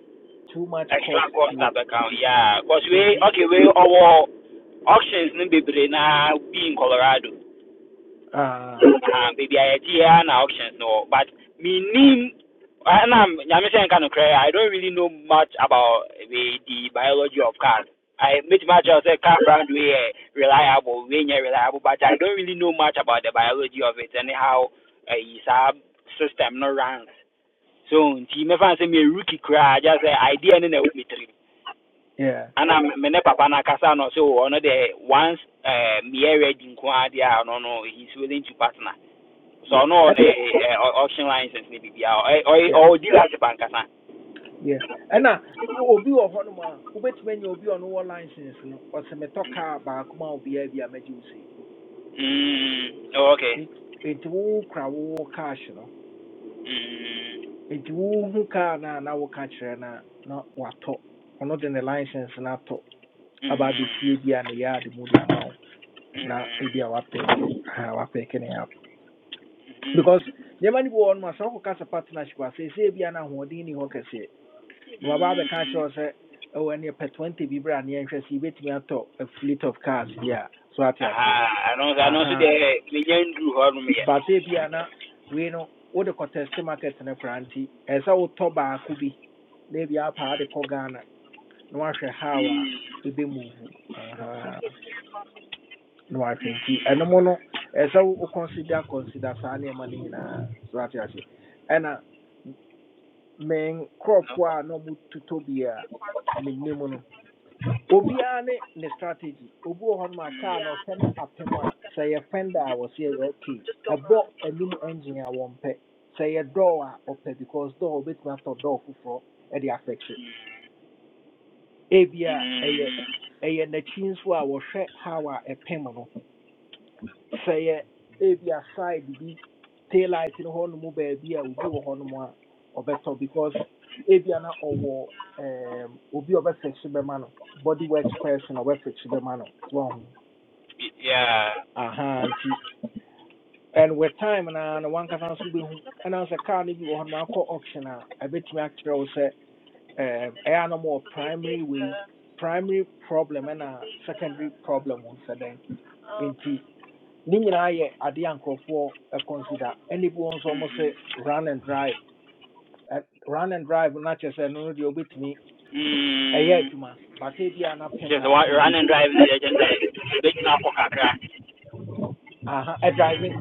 Speaker 1: too much cost
Speaker 9: extra cost
Speaker 1: to it
Speaker 9: at account, yeah. Because we,
Speaker 1: nti
Speaker 9: okay, we, our auctions, no be na be in Colorado. Ah, baby, I idea na options no, but me name I'm saying kind of cray. I don't really know much about the, the biology of cars. I meet much as a car brand way reliable, we reliable, but I don't really know much about the biology of it and how uh, its a uh, system no runs. So, she me fancy say me rookie cry, just say idea no na with me three.
Speaker 1: Yeah,
Speaker 9: And I'm me ne papa na kasa no so another once uh, me ready nko ade a no no he's willing to partner. So
Speaker 1: yeah,
Speaker 9: I know
Speaker 1: and,
Speaker 9: the uh, auction license ni bibi a
Speaker 1: yeah,
Speaker 9: or do you like the bank or dealership ankasa.
Speaker 1: yeah. And uh, obi wɔ hɔnom a wobɛtumi anya obi a ɔno wɔ license no ɔsɛ metɔ kaa baako ma obiaa bi a mɛgye wo sei
Speaker 9: Mm. Oh, okay.
Speaker 1: En- enti cash no
Speaker 9: Mm.
Speaker 1: enti wohu kaa no a na woka kyerɛ no a na watɔ ɔno de ne license no atɔ aba
Speaker 9: Mm.
Speaker 1: abɛsie bi a ne yɛade mu de ama wo
Speaker 9: Mm.
Speaker 1: na ebi a wapɛɛke aha wapɛɛke ne app
Speaker 9: Mm.
Speaker 1: because nneɛma no bi wɔ hɔnom a sɛ wokɔka sɛ partnership a seesei bia no ahoɔden ni hɔ Waba bɛka kyerɛ
Speaker 9: Mm.
Speaker 1: wo sɛ ɛwɔ ɛne 20 bi berɛ a ne yɛnhwɛ sɛ yɛbɛtumi a fleet of cars bi a so
Speaker 9: Aha, ano sa ano so
Speaker 1: aha
Speaker 9: de me nyan dru ho no me
Speaker 1: but ebi a na wei no wode kɔtɛste market and a cranty as our toba could be. They be up the Kogana. no koraa nti ɛɛ sɛ wotɔ baako bi na ebi apa de kɔ ghana na wahwɛ how a ɛbɛmuvu aha na wahwɛ nti ɛnom no ɛɛ sɛ wo consider consider saa nneɛma no nyinaa so ate aseɛ
Speaker 9: No.
Speaker 1: a na ɔmo totɔ bi a menim no mood to tobia minimum. obiara ne ne strategy Obu wɔ hɔnom a kaa na ɔhwɛ no apem a sɛ yɛ fenda a wɔse ɛyɛ okay ɛbɔ anim engine a wɔmpɛ sɛ yɛ dɔɔ a ɔpɛ because door obɛtumi atɔ dɔɔ foforɔ ɛde afɛkse ebia ɛyɛ
Speaker 9: Mm.
Speaker 1: ɛyɛ n'akyi nso a wɔhwɛ how a ɛpem no sɛ yɛ ebia side bi tail light no hɔnom baabi a obi wɔ hɔnom a ɔbɛtɔ because ebia na ɔwɔ um, obi a ɔbɛfɛkse bɛma no body works person a ɔbɛfɛkse bɛma no
Speaker 9: Yeah.
Speaker 1: aha nti and with time na na wankasa nso bɛhu ɛna sɛ car no bi wɔ hɔ no akɔ auction a ɛbɛtumi akyerɛ wo sɛ ɛm, ɛyɛ a na primary wei primary problem ɛna secondary problem ho sɛ dɛn nti ne nyinaa yɛ adeɛ a nkurɔfoɔ ɛ- consider. ɛne bi wɔ nso ɔmo se run and drive ɛme ɛyɛ
Speaker 9: Mm. Just wa run and
Speaker 1: market
Speaker 9: drive the agent. Big na ko kakra.
Speaker 1: ahave ɛbi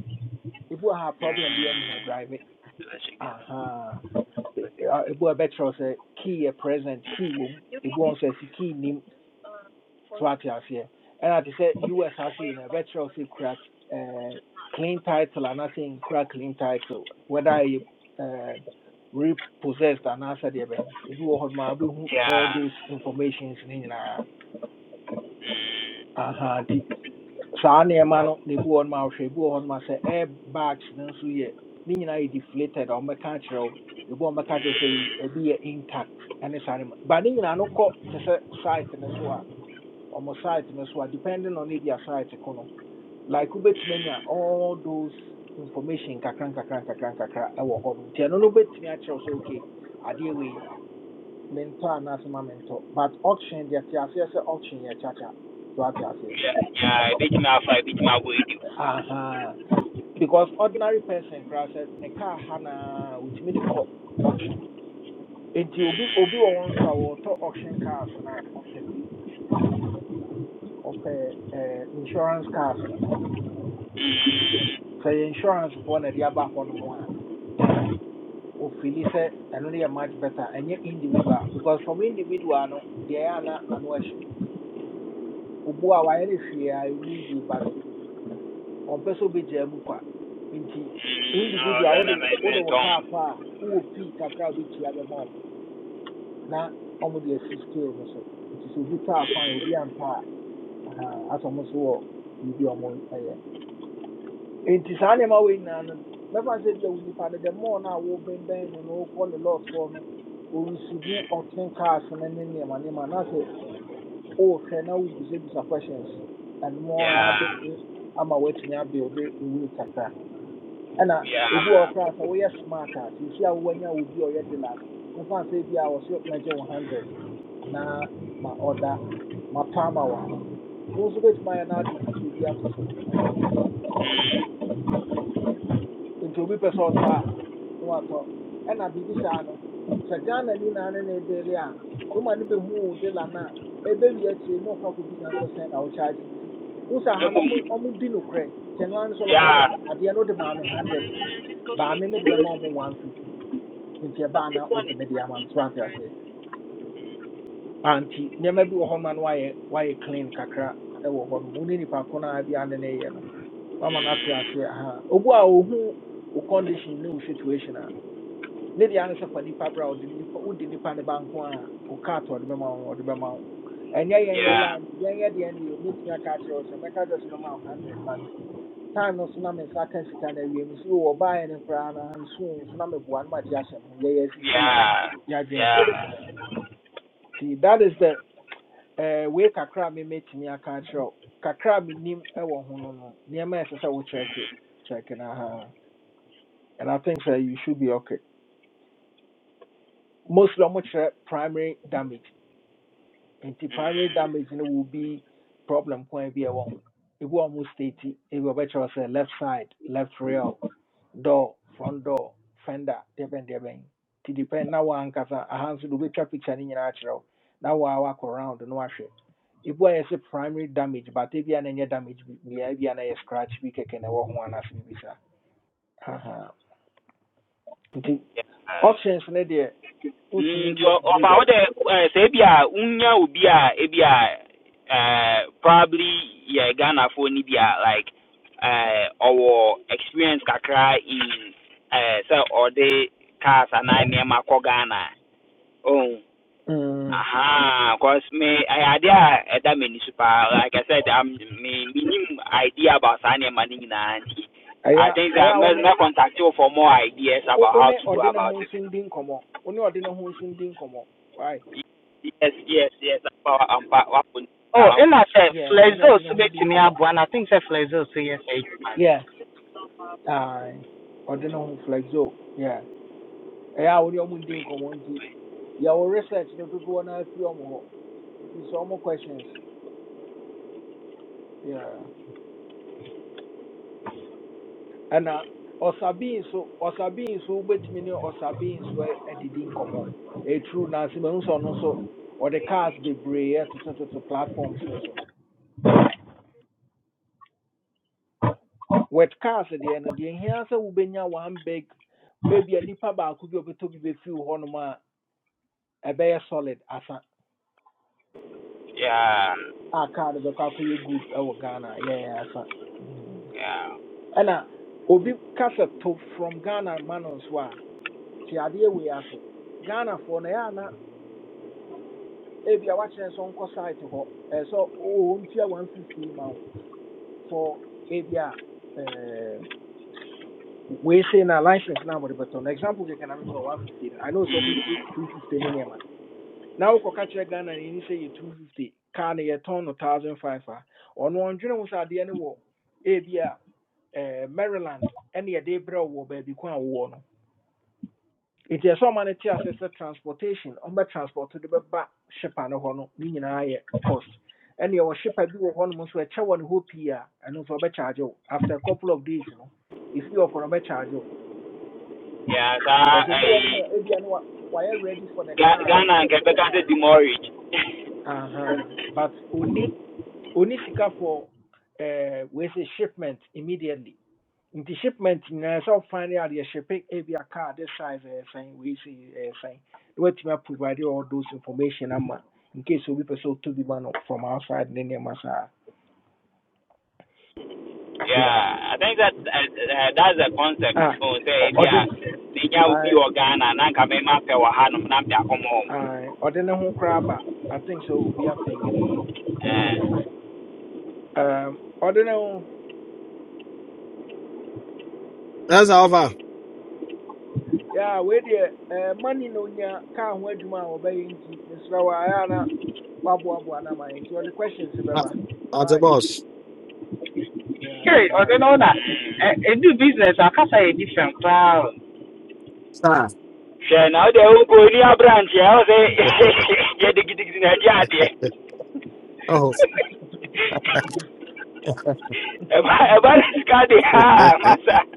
Speaker 1: ne
Speaker 9: Mm. Let's check this
Speaker 1: ah,
Speaker 9: out.
Speaker 1: ɛwɔ mu, nim seɛ. US ase yi na ɛbɛkyerɛ wo sɛ kura eh, clean title anaasɛ crack clean title whether ɛyɛ eh, repossessed anaasɛ deɛ bɛn ebi wɔ hɔ ma wobɛhu all
Speaker 9: Yeah.
Speaker 1: those informations ne nyinaa aha nti saa nneɛma no so ye ni na ebi wɔ hɔ ma wohwɛ ebi wɔ hɔ ma airbags no nso yɛ ne nyinaa deflated or mechanical. The wo ebi wɔ hɔ mɛka akyerɛ wo sɛ ebi yɛ intact ɛne saa nneɛma ba no kɔ te sɛ site ne so a ɔmo site ne so depending on if a site kono like wobɛtumi anya all those information kakran kakran kakran nkakra ɛwɔ hɔ nom nti ɛno no wobɛtumi akyerɛw sɛ okay adeɛ wei mentɔ anaasɛ ma mentɔ but auction deɛ te aseɛ sɛ auction yɛ kyakya so ate aseɛ
Speaker 9: Yeah. Yeah, big na fa, big na go
Speaker 1: aha because ordinary person koraa sɛ ne car ha naa de kɔ auction Enti obi obi wɔ wɔn nso a wɔtɔ auction cars no a ɔpɛ wei eh, insurance cars no sɛ yɛ insurance foɔ na ɛde aba hɔ nom a then ofili sɛ ɛno no yɛ much better ɛnyɛ individual because from individual no they are ana ano ɛhye obu a wayɛ no hwee a ɛnyɛ yie but ɔmpɛ sɛ obɛgyaa mu kwa nti
Speaker 9: Oh,
Speaker 1: individual
Speaker 9: then I
Speaker 1: wode
Speaker 9: made me
Speaker 1: wode wo kaa kɔ
Speaker 9: tongue.
Speaker 1: a wowɔ kakra a wobɛtua bɛma ɔmo na ɔmo de asi scale no so nti sɛ obi taa fan obi antaa aha asɛ ɔmo so wɔ biribi a ɔmo nti saa nneɛma wei nyinaa no mɛfa sɛ deɛ wo nipa no the more na a wobɛnbɛn no no wokɔ ne lot hɔ no ɔresivu ɔken cars no ne nneɛma nneɛma na sɛ wohwɛ na wobisabisa questions ɛnomo ara
Speaker 9: Yeah,
Speaker 1: bɛtumi ama woatumi abuilde wei kakra ɛna ebi wɔ hɔ
Speaker 9: yeah.
Speaker 1: koraa sɛ woyɛ smart a seesi a wowanya obi a ɔyɛ de no mɛfa sɛ bi a wɔso mɛgye wo hundred na ma ɔda mapɛ ama wo a wo nso bɛtumi ayɛ no ade fifty bi ato so
Speaker 9: Mm.
Speaker 1: nti obi pɛ sɛ ɔtɔ a na watɔ ɛna biribi saa no sɛ ghana ni na ne na ɛdele a woma no bɛhu wo de la no a akyire na ɔkɔ akɔbisa no sɛ sɛn na wɔkyagye nti wo sɛ ha
Speaker 9: eh,
Speaker 1: no ɔmo
Speaker 9: boom.
Speaker 1: ɔmo di nokorɛ nti ɛno ara no ano sɛ wɔbɛka kyerɛ
Speaker 9: Yeah,
Speaker 1: no sɛ adeɛ no wode maa me hundred baa me mede bɛma ɔmo one fifty nti ɛbaa na wode me de ama me so ate aseɛ anti nneɛma bi wɔ hɔ no ma no wayɛ wayɛ clean kakra ɛwɔ hɔ nom wo ne nipa ko no bi ane ne yɛ no wama no ate aseɛ aha obu a ohu wo condition ne wo situation a ne deɛ ano nipa bra ɔde nipa wode nipa ne ba nko a ɔka atɔ ɔde bɛma wo ɔde bɛma wo ɛnyɛ
Speaker 9: yeah,
Speaker 1: line yɛn yɛ deɛ deɛ mɛtumi aka akyerɛ wo sɛ mɛka kyerɛ wo sɛ hundred but time no so na me nsa ka sika no awie mesi wɔ baeɛ no koraa na nso so na meboa no magye ahyɛ mo
Speaker 9: yeah, yeah.
Speaker 1: that is the eh, wei kakra me memɛtumi aka akyerɛ wo kakra a menim ɛwɔ ho no no nneɛma a ɛsɛ sɛ wokyerɛke kyerɛke no and i think sɛ you should be okay mostly ɔmo kyerɛ primary damage nti primary
Speaker 9: Mm.
Speaker 1: damage no will be problem wɔ ho almost state the left side well door front door that bɛn ti di na wɔakyerɛw na wɔhwɛ ebi a yɛsɛ primary damage but ebi a na nyɛ damage bi bia ebi a na scratch bi kɛkɛ na ɛwɔ ho anaasɛ biribi saa Ahaa. nti
Speaker 9: Yeah.
Speaker 1: ɔhyɛ
Speaker 9: Mm.
Speaker 1: wotumi
Speaker 9: So,
Speaker 1: yɛ no
Speaker 9: of
Speaker 1: good a
Speaker 9: our uh, say, be a unya ubi a, uh, probably yeah, Ghana for Nibia like uh, our experience kakra in uh, so or the cars and I near Mako Ghana. Oh,
Speaker 1: mm,
Speaker 9: Aha, cause me, I idea at that many super. Like I said, I'm me minimum idea about signing money in Nandi.
Speaker 1: ɛyɛ
Speaker 9: I think
Speaker 1: ɛyɛ
Speaker 9: that i
Speaker 1: a wo
Speaker 9: must
Speaker 1: ne
Speaker 9: going contact you for more ideas
Speaker 1: wo
Speaker 9: about
Speaker 1: wo
Speaker 9: how
Speaker 1: ne
Speaker 9: to go
Speaker 1: ɔde ne ho
Speaker 9: about it.
Speaker 1: nso ndi nkɔmmɔ wo ne ne ho nso ndi nkɔmmɔ why
Speaker 9: Yes, yes, yes. About um, pa- what would-
Speaker 10: Oh,
Speaker 9: um,
Speaker 10: and I said
Speaker 1: yeah
Speaker 10: flexo so make me abu and I think say flexo so yes I man.
Speaker 1: yeah aye. ɔde ne ho flex o Yeah, we are ɔmo ndi nkɔmmɔ nti yɛwo research no dodoɔ no afiri ɔmo hɔ bisa ɔmo questions Yeah. ɛna ɔsabii nso ɔsabii nso wobɛtumi ne ɔsabii nso a- adidi nkɔmmɔ ɛtru naase mahu sɛ ɔno nso ɔde cars bebree ɛtotototo platforms no so with cars deɛ no deɛ hia sɛ wobɛnya one big ebia nipa baako bi a ɔbɛtɔ bi bɛfiw hɔnom a ɛbɛyɛ solid asa
Speaker 9: yeah,
Speaker 1: a car no bɛkɔ akɔyɛ good ɛwɔ ghana yɛyɛ asa
Speaker 9: yeah,
Speaker 1: ɛna obi kasa to from ghana ma no nso a te adeɛ wei ase ghanafoɔ no ɛyɛ ana ebi a wakyerɛ sɛ nkɔ site hɔ ɛɛ ɔntua one fifty ma wo for ebi a ɛɛ wei sei na license na wɔde bɛtɔ no example kɛkɛ na memu one fifty no i know sɛ ɔmo gye two fifty ne nneɛma na wokɔka kyerɛ ghana ni ni sɛ yɛ two fifty kaa no yɛtɔn no thousand five a ɔno ɔndwene ho sɛ adeɛ no wɔ ebi a ɛɛ maryland ɛne yɛde brɛ wo wɔ baabi kwan a wowɔ no It is so many no te transportation. On transportation transport to the back no hɔ no ne nyinaa cost ɛne ɛwɔ shipper do? wɔ hɔnom nso ɛkyɛ wɔ ne hɔ pii a ɛno nso ɔbɛkyarge after a couple of days no ɛfii ɔkɔ no ɔbɛkyarge wo
Speaker 9: yeah. So
Speaker 1: bcause obi wɔ nom
Speaker 9: I
Speaker 1: a ebia no wa- wayɛ ready for the car no
Speaker 9: Ghana and
Speaker 1: so
Speaker 9: Quebec
Speaker 1: ɔbɛtɔ
Speaker 9: are
Speaker 1: car
Speaker 9: the
Speaker 1: no
Speaker 9: demorage.
Speaker 1: huh. but only, only sika for uh, wei sɛ shipment immediately nti shipment nyinaa sɛ ɔfa ne adeɛ shipe ebi a car this size ɛyɛ sɛn wei si ɛyɛ sɛn na watumi aprovide all those information ama in case obi pɛ sɛ ɔtɔ bi ma no from outside ne nneɛma saa yeah
Speaker 9: Yeah, I think that uh, uh, that's the concept.
Speaker 1: ah
Speaker 9: Oh,
Speaker 1: ɔ-
Speaker 9: say, yeah,
Speaker 1: ɔde
Speaker 9: Ninya will be
Speaker 1: ae,
Speaker 9: Ghana, Nanka may map our Hanum, Namta come home.
Speaker 1: ae, ɔde ne ho koraa ba i think sɛ obi apenge ne in nti
Speaker 9: Eh,
Speaker 1: um, ɔde ne ho
Speaker 11: That's Alva.
Speaker 1: yeah wei deɛ eh, money na onya car ho adwuma a wɔbɛyɛ nti mesrɛ wɔ ayɛ a na waboaboa no ama nti ɔde questions
Speaker 11: That's
Speaker 1: bɛba
Speaker 11: the
Speaker 1: why
Speaker 11: boss.
Speaker 1: yeah yeah
Speaker 10: Here, or
Speaker 1: that's
Speaker 10: they
Speaker 1: it.
Speaker 10: know that
Speaker 9: mm,
Speaker 10: it do business. I can say a different crowd.
Speaker 11: Sir.
Speaker 9: Sure, now they will go near branch. I was say, get the gigs in a yard.
Speaker 11: oh.
Speaker 9: About this guy, ha, massa.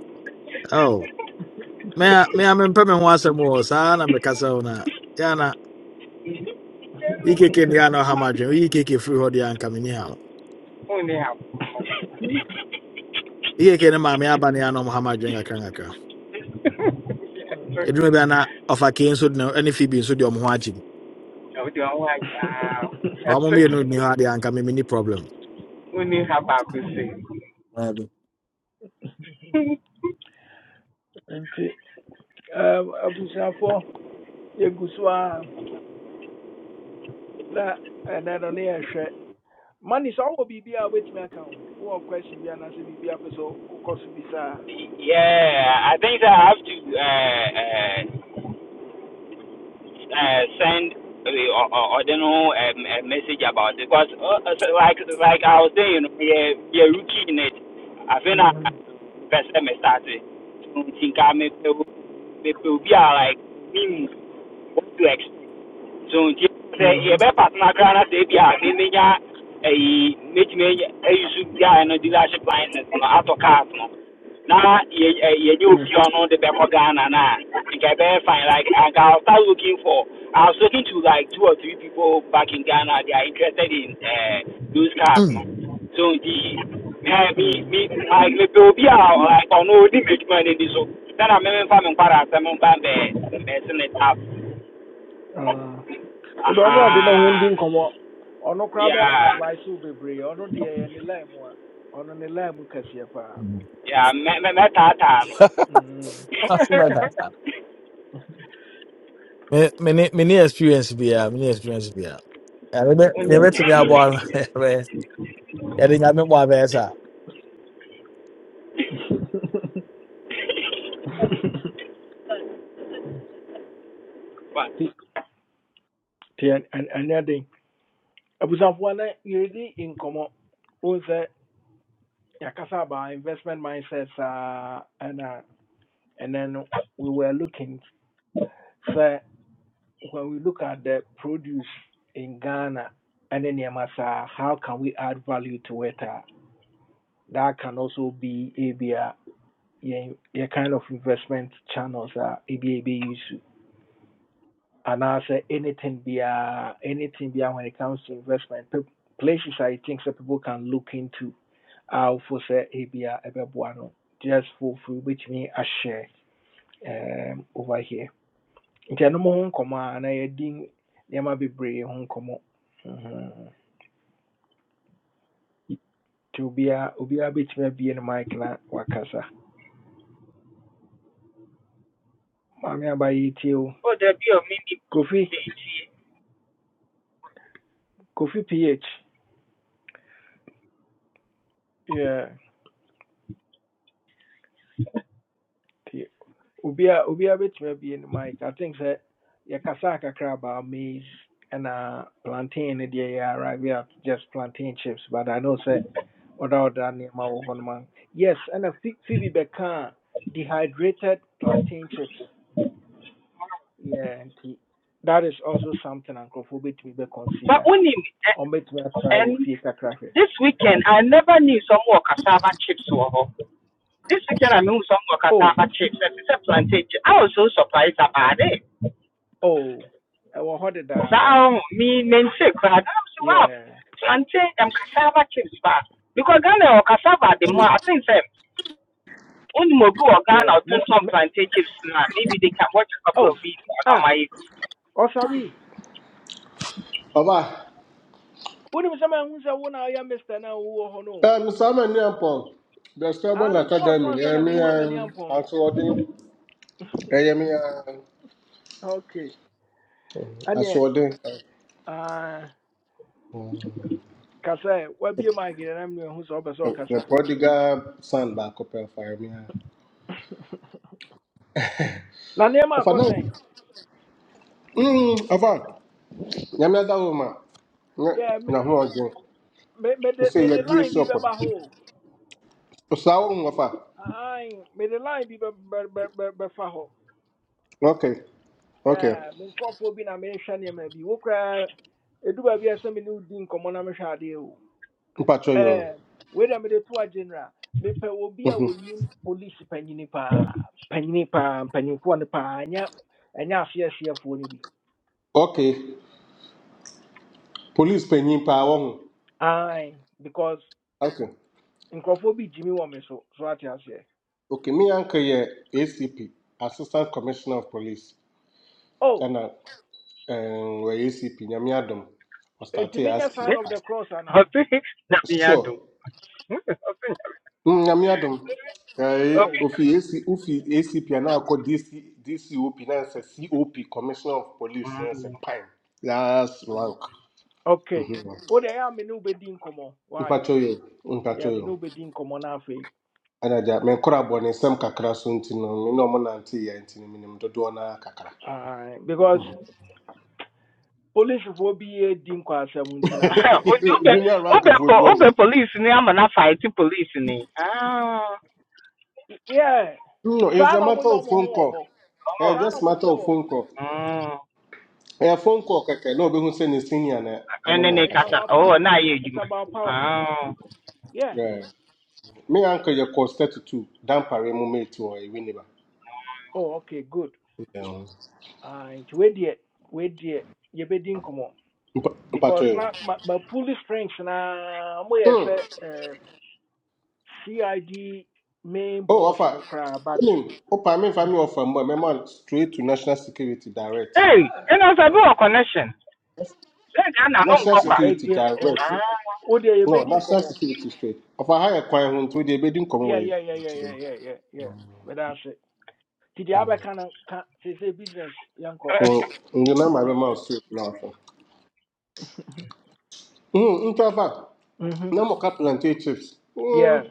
Speaker 11: oh. Me a me a me mpɛ me ho asɛm wɔ saa na meka sɛ wo no a yana ikeke ne yana ɔha madwen woyi keke firi hɔ deɛ anka menni ha wo
Speaker 10: Only
Speaker 11: ikeke ne maame aba ne yana ɔmha madwen kakrakakra
Speaker 10: have
Speaker 1: Mm,
Speaker 11: ɛduru bia na ɔfa kei nso de ne fi bi nso de ɔmo ho agye m
Speaker 10: no do I like
Speaker 11: ɔmo
Speaker 10: wow.
Speaker 11: mmienu nni hɔ adeɛ anka me menni problem
Speaker 10: Only have back to say.
Speaker 11: Dabi.
Speaker 1: nti um, abusuafoɔ yɛgu so a na ɛnɛ no ne yɛhwɛ mane sɛ wowɔ biribi a wobɛtumi aka ho wowɔ question bi anaasɛ biribi a pɛ sɛ wo-
Speaker 9: Yeah, I think that I have to. Uh, uh, uh, send uh, or, or, or don't know um, a message about it because uh, uh, so like like I was saying, you know, yeah, yeah, rookie in it. I think I
Speaker 1: Mhm,
Speaker 9: first time I started. I Think I may be be be uh, like me. What to expect? so nti sɛ
Speaker 1: mhm,
Speaker 9: yɛbɛpatena koraa na sɛ ebi a me menya ayi mɛtumi anya ayi so bi a ɛno dealership license no atɔ cars no na yɛ- ɛ- yɛnyɛ
Speaker 1: mm,
Speaker 9: obi a ɔno de bɛkɔ ghana no you nka ɛbɛyɛ fine like i'll start looking for i was talking to like two or three people back in ghana they are interested in uh, those cars
Speaker 11: Mm.
Speaker 9: no so nti me
Speaker 1: mm.
Speaker 9: me I me like mepɛ obi a like ɔno ɔdi m'adwuma money? ani so sɛna mememfa me nkwara asɛm mba mbɛ mɛse ne tap
Speaker 1: Ah. wodɔ ɔne ɔde ne ho
Speaker 9: Aha."
Speaker 1: ndi nkɔmmɔ ɔno koraa bɛ
Speaker 9: Yeah,
Speaker 1: advice wo bebree ɔno deɛ ɛyɛ ne line mu a ɔno ne line mu kɛseɛ paa
Speaker 11: Mm.
Speaker 9: yeah, me me me tata no.
Speaker 1: Mhm.
Speaker 11: Something like that, sir. me me ne me ne experience biara me ne experience biara ɛbɛ mebɛtumi aboa no yɛde nyame bɔ abɛɛsɛ a
Speaker 9: But
Speaker 1: nti nti ɛn- ɛn- ɛnyɛ den abusuafoɔ na yɛredi nkɔmmɔ yeah, Kasaba investment mindsets, uh, and uh, and then we were looking so when we look at the produce in Ghana and in Yamasa, how can we add value to it? Uh, that can also be a yeah, yeah, kind of investment channels, uh, ABA issue. And I say anything be uh, anything be uh, when it comes to investment, pe- places I think that people can look into. Uh, for say ABA, just for free, which means a share. um, over here. Nti ɛno mo ho nkɔmmɔ a na yɛdi nneɛma bebree ho nkɔmmɔ. Mhm. Nti obiara obiara bɛtumi abie ne mic na wakasa. Maame aba yɛtie o.
Speaker 10: Oh, there be a mini
Speaker 1: Kofi
Speaker 10: BG.
Speaker 1: Kofi PH. Yeah. Nti a, o- sɛ yɛkasaa kakra ba maize ɛna deɛ yɛ arrive at just plantain chips but I know say ɔda nneɛma wɔ hɔ a- Yes, ɛna Pho- Phoebe bɛkaa dehydrated plantain chips. Yeah, and nti that is also something nkurɔfoɔ to be consider.
Speaker 10: But only
Speaker 1: ɔmbɛtumi atra try with
Speaker 10: and
Speaker 1: kakra hwɛ
Speaker 10: this weekend I never knew some more cassava chips were hot. This weekend I knew some more
Speaker 1: oh
Speaker 10: cassava chips and it's a plantain. I was so surprised about it.
Speaker 1: oh ɛwɔ ha da
Speaker 10: saa ho me
Speaker 1: mm,
Speaker 10: mense koraa Ghana so wow
Speaker 1: yeah
Speaker 10: plantain um, cassava chips ba. because Ghana or cassava the more I think sɛ only more good or Ghana
Speaker 1: yeah
Speaker 10: or
Speaker 1: miss
Speaker 10: Tonton
Speaker 1: mi-
Speaker 10: plantain chips na. maybe they can watch a couple
Speaker 1: oh
Speaker 10: of videos on
Speaker 1: ah
Speaker 10: my
Speaker 1: ɔsabi
Speaker 12: Papa,
Speaker 1: wonim sɛ mahu sɛ wo na woyɛ mister Now, no I'm a wowɔ hɔ no
Speaker 12: um, Simon Nyampong, the
Speaker 1: ah
Speaker 12: Stubborn
Speaker 1: me bɔɔs so
Speaker 12: Academy,
Speaker 1: ansa na
Speaker 12: Yemi
Speaker 1: mehu amani
Speaker 12: and
Speaker 1: ampɔn no
Speaker 12: Aswadi, Yemi and
Speaker 1: okay ɛneɛ
Speaker 12: Aswadi,
Speaker 1: ah kasa ɛ wabie mike na na mehu sɛ wopɛ sɛ
Speaker 12: the
Speaker 1: ɔkasa
Speaker 12: prodigal son back up here for Yemi.
Speaker 1: na nneɛma
Speaker 12: Of a
Speaker 1: akɔ
Speaker 12: no, mm, of a Yemi that woman,
Speaker 1: yeah me-
Speaker 12: Nahuaji,
Speaker 1: me-
Speaker 12: to
Speaker 1: mede
Speaker 12: say your
Speaker 1: mede
Speaker 12: dear
Speaker 1: line bi
Speaker 12: support.
Speaker 1: bɛba ho.
Speaker 12: Osaum of a
Speaker 1: Aye. Ae, the line bi bɛ- bɛ- bɛ- bɛ-
Speaker 12: okay, okay,
Speaker 1: yeah, me nkurɔfoɔ bi na mehwɛ nneɛma bi wo koraa ɛdu baabi a me ne wodi nkɔmmɔ na mehwɛ adeɛ o
Speaker 12: Mpacho yo.
Speaker 1: Ɛm, wei na mede to a general mepɛ obi a
Speaker 12: Mhm.
Speaker 1: wɔnim police panyini pa panyini paa mpanyimfoɔ no anya anya ɛnyɛ aseɛseɛfoɔ no bi
Speaker 12: Okay, police penny power.
Speaker 1: ae because
Speaker 12: Okay,
Speaker 1: nkurɔfoɔ bi gyimi wɔ me so so ate aseɛ
Speaker 12: okay, me uncle, ACP, Assistant Commissioner of Police.
Speaker 1: oh
Speaker 12: ɛna ɛn wɔyɛ acp nyame adom
Speaker 1: enti
Speaker 12: ɔstartee aspo
Speaker 1: sign of the cross ana.
Speaker 10: okay na me
Speaker 12: sure
Speaker 10: ado okay
Speaker 12: mm, nyame adom
Speaker 1: oh
Speaker 12: ɛɛ ofi ac ofi acp a na akɔ dc dcop na cop commissioner of police na a pine last rank
Speaker 1: okay wo deɛ ɛyɛ a me ne wobɛdi nkɔmmɔ why
Speaker 12: mpatwa yɛ
Speaker 1: yeah
Speaker 12: mpatwa
Speaker 1: me ne wobɛdi nkɔmmɔ no
Speaker 12: yɛ
Speaker 1: be din komo na afei
Speaker 12: anagya mɛkora abɔ ne nsɛm kakra so nti no me na ɔmo nante yɛ nti no menim dodoɔ naa kakra
Speaker 1: Aye, because polisifoɔ bi yɛ di nkwaseɛm nti na ama me
Speaker 10: obi obi
Speaker 12: junior rank
Speaker 10: obi
Speaker 12: foɔ
Speaker 10: po
Speaker 12: bi
Speaker 10: obi police ni ama na fight police ni ah
Speaker 1: yeah
Speaker 12: no it's
Speaker 1: saa
Speaker 12: a
Speaker 1: na
Speaker 12: matter
Speaker 1: ɔmoyɛ
Speaker 12: of
Speaker 1: ɔmo ho
Speaker 12: phone
Speaker 1: wɔ
Speaker 12: call
Speaker 1: hɔ
Speaker 10: oh
Speaker 12: Eh,
Speaker 1: saa na
Speaker 12: just matter
Speaker 1: ɔmoteɛ
Speaker 12: of
Speaker 1: wɔ
Speaker 12: phone
Speaker 1: hɔ
Speaker 12: call.
Speaker 10: Oh.
Speaker 12: ɛyɛ phone call kɛkɛ na obehu sɛ ne senior na
Speaker 10: and
Speaker 12: ɛne na
Speaker 10: then
Speaker 1: yeah
Speaker 10: they
Speaker 1: it's
Speaker 10: kasa
Speaker 12: ɛkasa
Speaker 1: about
Speaker 10: oh
Speaker 1: power
Speaker 10: na ye
Speaker 1: it's
Speaker 10: edwuma
Speaker 1: about power
Speaker 10: ah
Speaker 1: yes
Speaker 12: Yeah. me anka yɛ kɔ thirty two dampare mu mate wɔ ewi ne ba
Speaker 1: oh okay good Ah, nti wedeɛ wedeɛ yɛbɛdi nkɔmmɔ
Speaker 12: mpatɔ
Speaker 1: because
Speaker 12: yɛ
Speaker 1: na ma ma puli strength na ɔmoyɛ sɛ eh, cid main
Speaker 12: o
Speaker 1: boss
Speaker 12: ɔfa
Speaker 1: no cry, but
Speaker 12: wonim wopa
Speaker 1: you
Speaker 12: me ɔfa mu a mɛma no straight to national security direct
Speaker 10: hey and as I do a connection Sɛ Ghana no
Speaker 12: national
Speaker 10: nkɔkwa.
Speaker 1: yɛbɛ
Speaker 12: security
Speaker 1: yɛ
Speaker 12: direct
Speaker 1: okay wodeɛ
Speaker 12: no
Speaker 1: yɛbɛdi
Speaker 12: national
Speaker 1: nkɔmmɔ
Speaker 12: security straight ɔfa ha yɛ kwan ho nti wode ɛbɛdi nkɔmmɔ wɔ
Speaker 1: yeah
Speaker 12: yɛ
Speaker 1: yeah yeah yeah yeah yeah yeah yeah. But That's it. Ti di aba kind, ka say business yanko.
Speaker 12: nde na ma bɛma wo straight na ɔhwɛ ntafa
Speaker 1: Mhm.
Speaker 12: na mɔka chips
Speaker 1: Yeah.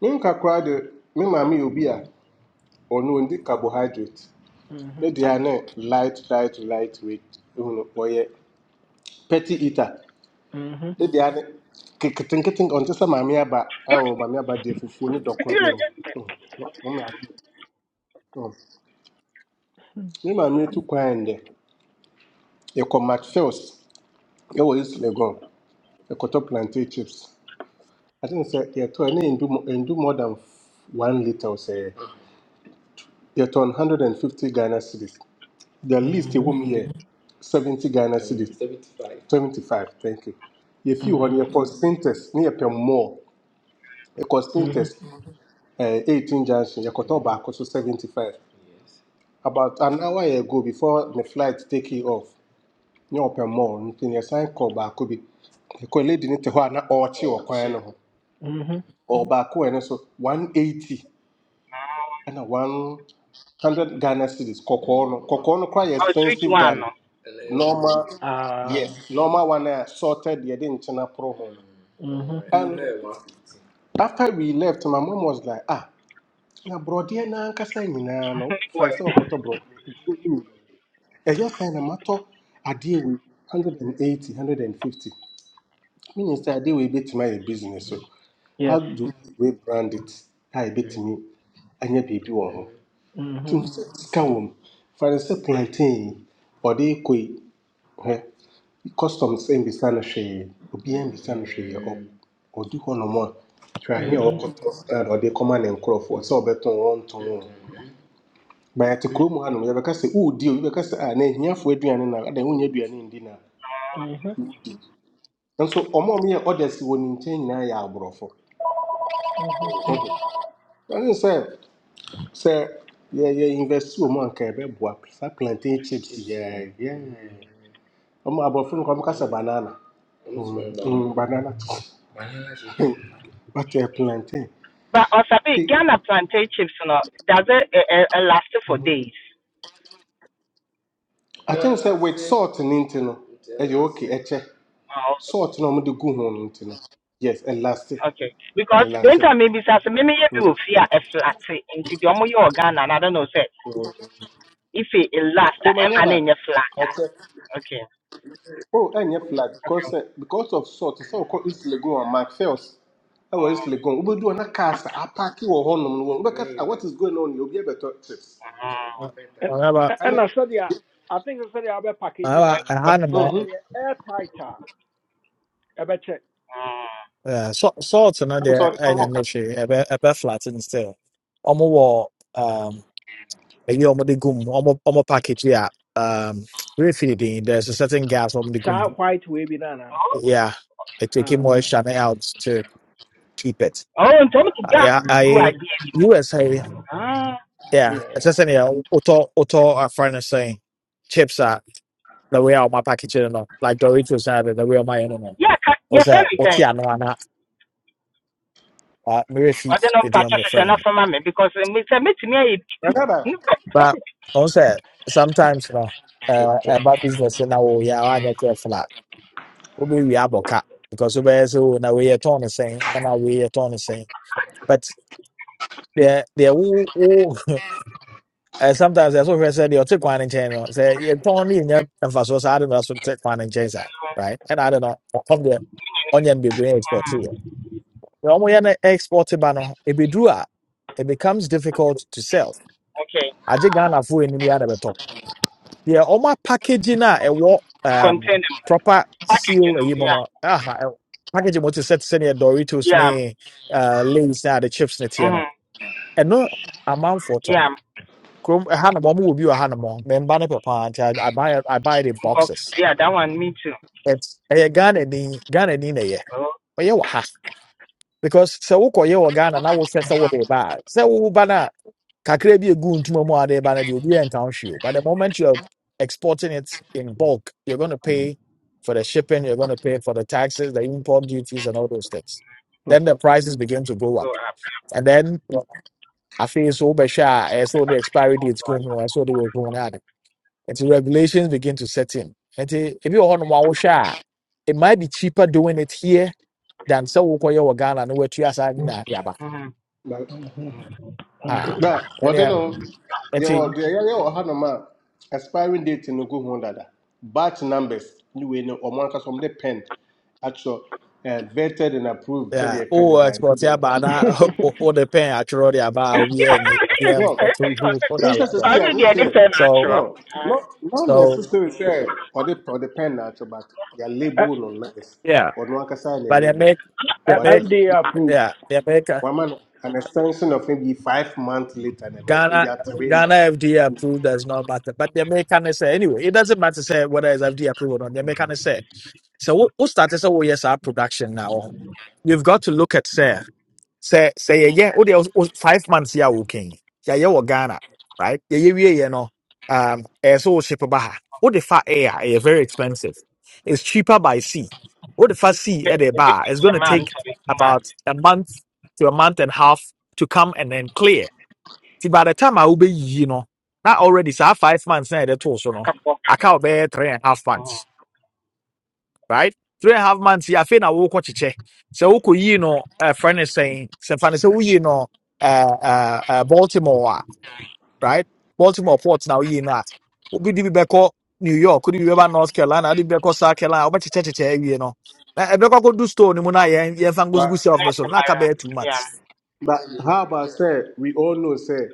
Speaker 12: Nenkakra de me maame ubia obi a ɔno carbohydrate. Ne
Speaker 1: Mhm.
Speaker 12: dea ne light light light weight ehunu ɔyɛ petty eater.
Speaker 1: Mhm.
Speaker 12: Ne dea ne ke- ketenketen ɔnte sɛ maame aba a ɔwɔ maame aba deɛ fufuo ne dɔko ne mm, mm, ne maame mm. Me maame tu kwan dɛ yɛkɔ Macphails ɛwɔ East Legon plantain chips. I think sɛ yɛtɔ ne ndu mo- ndu more than one litre sɛ yɛtɔn hundred and fifty Ghana cedis. The list. you want
Speaker 1: Mhm.
Speaker 12: me here, 70 Ghana Um, cedis. 75, thank you. If you want
Speaker 1: Mhm.
Speaker 12: your consinters near per more, a
Speaker 1: Mhm.
Speaker 12: consinters uh, 18 junction, your kotoba cost 75. About an hour ago before the flight take you off, near per more, in your sign call back could be the colleague didn't tell her or chi or Ɔkye. quano
Speaker 1: Mhm.
Speaker 12: or back and so 180 and a 100 Ghana cities. Kokono, Kokono quite
Speaker 10: Oh, sweet
Speaker 12: expensive
Speaker 10: one
Speaker 12: than.
Speaker 10: no.
Speaker 12: normal
Speaker 1: Ah.
Speaker 12: yes normal one I sorted the internal problem
Speaker 1: Mhm.
Speaker 12: and after we left my mom was like ah na borɔdeɛ na ankasa nyinaa no fa sɛ
Speaker 10: Word.
Speaker 12: bro. borɔdeɛ ɛyɛ sɛn na matɔ adeɛ wei 180 150 meaning sɛ adeɛ wei bɛtumi ayɛ business so how
Speaker 1: Yes.
Speaker 12: do we brand it a ɛbɛtumi anya biribi wɔ ho nti
Speaker 1: Mhm.
Speaker 12: hu sɛ sika wɔ mu fa no sɛ plantain ɔde kɔi customs mbisa no hwee obiara mbisa no hwee Ɔ- ɔdi hɔnom a hwɛahe a
Speaker 1: Mhm.
Speaker 12: ɔkɔ stand a ɔde kɔma ne nkurɔfoɔ sɛ ɔbɛtɔn ɔntɔn o bayɛte kurom hanom yɛbɛka sɛ woodi o yɛbɛka sɛ a na ahiafoɔ aduane na ada wonya aduane ndi na
Speaker 1: Mhm.
Speaker 12: nso ɔma a ɔmyɛ orders wɔ ne nkyɛn nyinaa yɛ aborɔfo
Speaker 1: Mhm.
Speaker 12: ɛne sɛ sɛ yɛyɛ invest wɔ mu anka yɛbɛboa saa plantain chips yɛ yɛ- ɔmo aborɔfo no kɔ ɔmka sɛ banana Mm, mm, banana but uh, plantain.
Speaker 10: But also be Ghana plantain chips no does it uh, uh, last for days.
Speaker 12: I think sɛ with salt and nti no ɛyɛ okay ɛkyɛ
Speaker 10: Oh,
Speaker 12: salt na wɔde gu ho no nti no yes ɛlase
Speaker 10: okay. Because the
Speaker 12: ɛlase
Speaker 10: winter maybe says maybe you
Speaker 12: Mm,
Speaker 10: will fear a flat eh, into the omo your Ghana and I don't know say
Speaker 12: mm.
Speaker 10: if it lasts
Speaker 12: oh my
Speaker 10: I'm an in
Speaker 12: neighbor
Speaker 10: your flatter.
Speaker 12: ɛkyɛ
Speaker 10: Okay.
Speaker 12: oh ɛnyɛ flat because
Speaker 10: Okay.
Speaker 12: eh, because of salt sɛ ɔkɔ east legon a macphails ɛwɔ east legon wobɛdu hɔ na cars apaake wɔ hɔnom no wɔ- "Ah, what is going on here obi abɛtɔ trips
Speaker 10: Mm.
Speaker 1: And
Speaker 11: ɔhɛba
Speaker 12: ɛnɛ
Speaker 1: and I said yeah, I think I said the other packaging
Speaker 11: ɔhɛba
Speaker 1: no.
Speaker 11: ɛha
Speaker 10: okay.
Speaker 11: ne
Speaker 1: Say
Speaker 11: mɔ
Speaker 12: mhm
Speaker 1: eh, air tighter. Ebe check.
Speaker 10: Mm.
Speaker 11: eh, salt salt no
Speaker 12: ɛnso
Speaker 11: deɛ
Speaker 12: ɔde wɔn
Speaker 11: ɛnyɛ
Speaker 12: wɔ
Speaker 11: ne
Speaker 12: car
Speaker 11: hwee ɛbɛ ɛbɛ flatten still ɔmo wɔ um, ɛyi a ɔmo de gum ɔmo ɔmo package yi a um, refeeding there's a certain gas ɔmo de gum
Speaker 1: Sa white way banana.
Speaker 11: yeah it take
Speaker 1: Ah.
Speaker 11: moisture ne out to keep it
Speaker 10: Oh, in terms of
Speaker 11: Uh,
Speaker 10: that
Speaker 11: yeah
Speaker 1: Okay.
Speaker 10: good
Speaker 11: I
Speaker 10: idea.
Speaker 11: USA
Speaker 10: Ah.
Speaker 11: yeah ɛsɛ
Speaker 1: Yeah.
Speaker 11: sɛ nea wotɔ wotɔ afra no sɛn chips uh, the way out my package you know like Doritos and everything, the way out my you know
Speaker 10: Yeah, ca- your
Speaker 11: was
Speaker 10: friend
Speaker 11: that
Speaker 10: is saying.
Speaker 11: what's ya no i uh me feet
Speaker 10: ɔde no
Speaker 11: with the
Speaker 10: mpa kyɛ
Speaker 11: omni
Speaker 10: hwehwɛ na
Speaker 11: friend
Speaker 10: me because um, it's a meeting me sɛ metumi ayɛ
Speaker 12: my neighbor
Speaker 11: but also sometimes you know
Speaker 12: check,
Speaker 11: uh about business in our yeah I get a flat we we have a cat because we are so now we are torn the same and now we are torn the same but there there who who uh, sometimes that's what I said you're take one in chain you know, say you're torn in your emphasis I don't know so take one in chain right and I don't know come there onion be doing export too na ɔmo yɛ no export ba no ebeduru a it becomes difficult to sell
Speaker 10: okay
Speaker 11: I just ghana fo anim yɛ adabɛtɔ deɛ ɔmo apackage no a ɛwɔ um,
Speaker 10: contain mu
Speaker 11: proper
Speaker 10: package You
Speaker 11: seal
Speaker 10: know,
Speaker 11: ayi mu
Speaker 10: yeah
Speaker 11: no aha ɛ- packaging what you sɛ te sɛ doritos
Speaker 10: yeah
Speaker 11: ne uh, lays ne the chips ne teɛ no
Speaker 10: mm
Speaker 11: ɛno amanfoɔ tɔ
Speaker 10: yeah
Speaker 11: for ɛha nom ɔmo wɔ bi wɔ ha nom ɔ, memba no pɛ paa nti I, I buy I buy the
Speaker 10: box
Speaker 11: boxes
Speaker 10: yeah that one me too
Speaker 11: It's- ɛyɛ Ghana ni Ghana ni na ɛyɛ
Speaker 10: oh
Speaker 11: ɔyɛ wɔ ha because sɛ wokɔyɛ wɔ Ghana na wohwɛ sɛ wode ba a sɛ woba no a kakra bi egu ntoma mu ade ba na deɛ obi yɛ nka o. But the moment you are exporting it in bulk, you're going to pay for the shipping, you're going to pay for the taxes, the import duties, and all those things. Then the prices begin to go
Speaker 10: go
Speaker 11: up,
Speaker 10: up
Speaker 11: and then I feel so bad. I saw the expiry dates come, I saw they were going out, and the regulations begin to set in. And so, if you want to share, it might be cheaper doing it here than so we call your Ghana and we're two
Speaker 10: mm
Speaker 12: check.
Speaker 1: Mhm. Mhm.
Speaker 12: na wɔde no
Speaker 11: years
Speaker 12: yɛwɔ deɛ yɛyɛ wɔ hanom a expiring date in gu ho dada batch numbers You wei no ɔmo ankasa from the pen atwerɛ eh, vetted and approved
Speaker 11: Yeah,
Speaker 12: sɛdeɛ ɛka ne
Speaker 11: oh,
Speaker 12: by
Speaker 11: export
Speaker 12: food
Speaker 11: ya
Speaker 12: and drug
Speaker 11: bana
Speaker 12: board
Speaker 11: o the pen actually the about we and yeah,
Speaker 12: no
Speaker 11: to do for
Speaker 12: n
Speaker 11: that
Speaker 12: sɛ
Speaker 11: like that.
Speaker 12: sisi a
Speaker 10: ɔre
Speaker 12: n
Speaker 10: deɛ ɛde
Speaker 12: sɛ
Speaker 10: pɛ no
Speaker 11: So
Speaker 10: akyerɛ
Speaker 12: no not not
Speaker 11: so
Speaker 12: necessarily say, or the or the pen na but yɛ
Speaker 1: Eh,
Speaker 12: label no nice
Speaker 11: yeah,
Speaker 12: Or no ɔno can yɛ ne
Speaker 11: but they
Speaker 12: label
Speaker 11: make they
Speaker 1: eh,
Speaker 12: what
Speaker 11: make
Speaker 12: a
Speaker 1: FDA approved.
Speaker 11: yeah they make uh,
Speaker 12: one man? an extension of maybe five months later and the best maybe
Speaker 11: Ghana
Speaker 12: a three
Speaker 11: Ghana
Speaker 12: months.
Speaker 11: FDA approved does not matter, but they make kind of say anyway it doesn't matter say whether it's FDA approved or not. They make kind of say so. What started say oh yes our production now. You've got to look at say. Say sɛ yɛyɛ wo was wo- five months here working. Yeah, yɛayɛ wɔ Ghana right Yeah, yeah, yeah, you no um ɛyɛ sɛ wo ship ba ha wode fa air a very expensive it's cheaper by sea wode far sea ɛde ba
Speaker 10: ɛbɛti
Speaker 11: a it's
Speaker 10: kɛ
Speaker 11: going to
Speaker 10: ma
Speaker 11: take
Speaker 10: ntɔre kuma
Speaker 11: about a month to a month and a half to come and then clear See, by the time I will be, you know, not already saa five months na yɛde too so no
Speaker 10: akafoɔ ka
Speaker 11: aka wobɛyɛ three and a half months
Speaker 10: Mhm.
Speaker 11: right? Three and a half months, yeah, I feel na woko chiche. So woko yi no uh friend is saying so fan say you no uh uh uh Baltimore, ah, right? Baltimore ports now you yi na. be di beko New York, could you ever North Carolina, di beko South Carolina, obi chiche chiche you know. Na ebeko go do store ni mu na ye ye fan go go
Speaker 12: but.
Speaker 11: self
Speaker 10: Not
Speaker 11: so
Speaker 10: afɔ
Speaker 11: na ka
Speaker 10: fire.
Speaker 11: be two
Speaker 10: yeah
Speaker 11: months.
Speaker 12: But how about say we all know say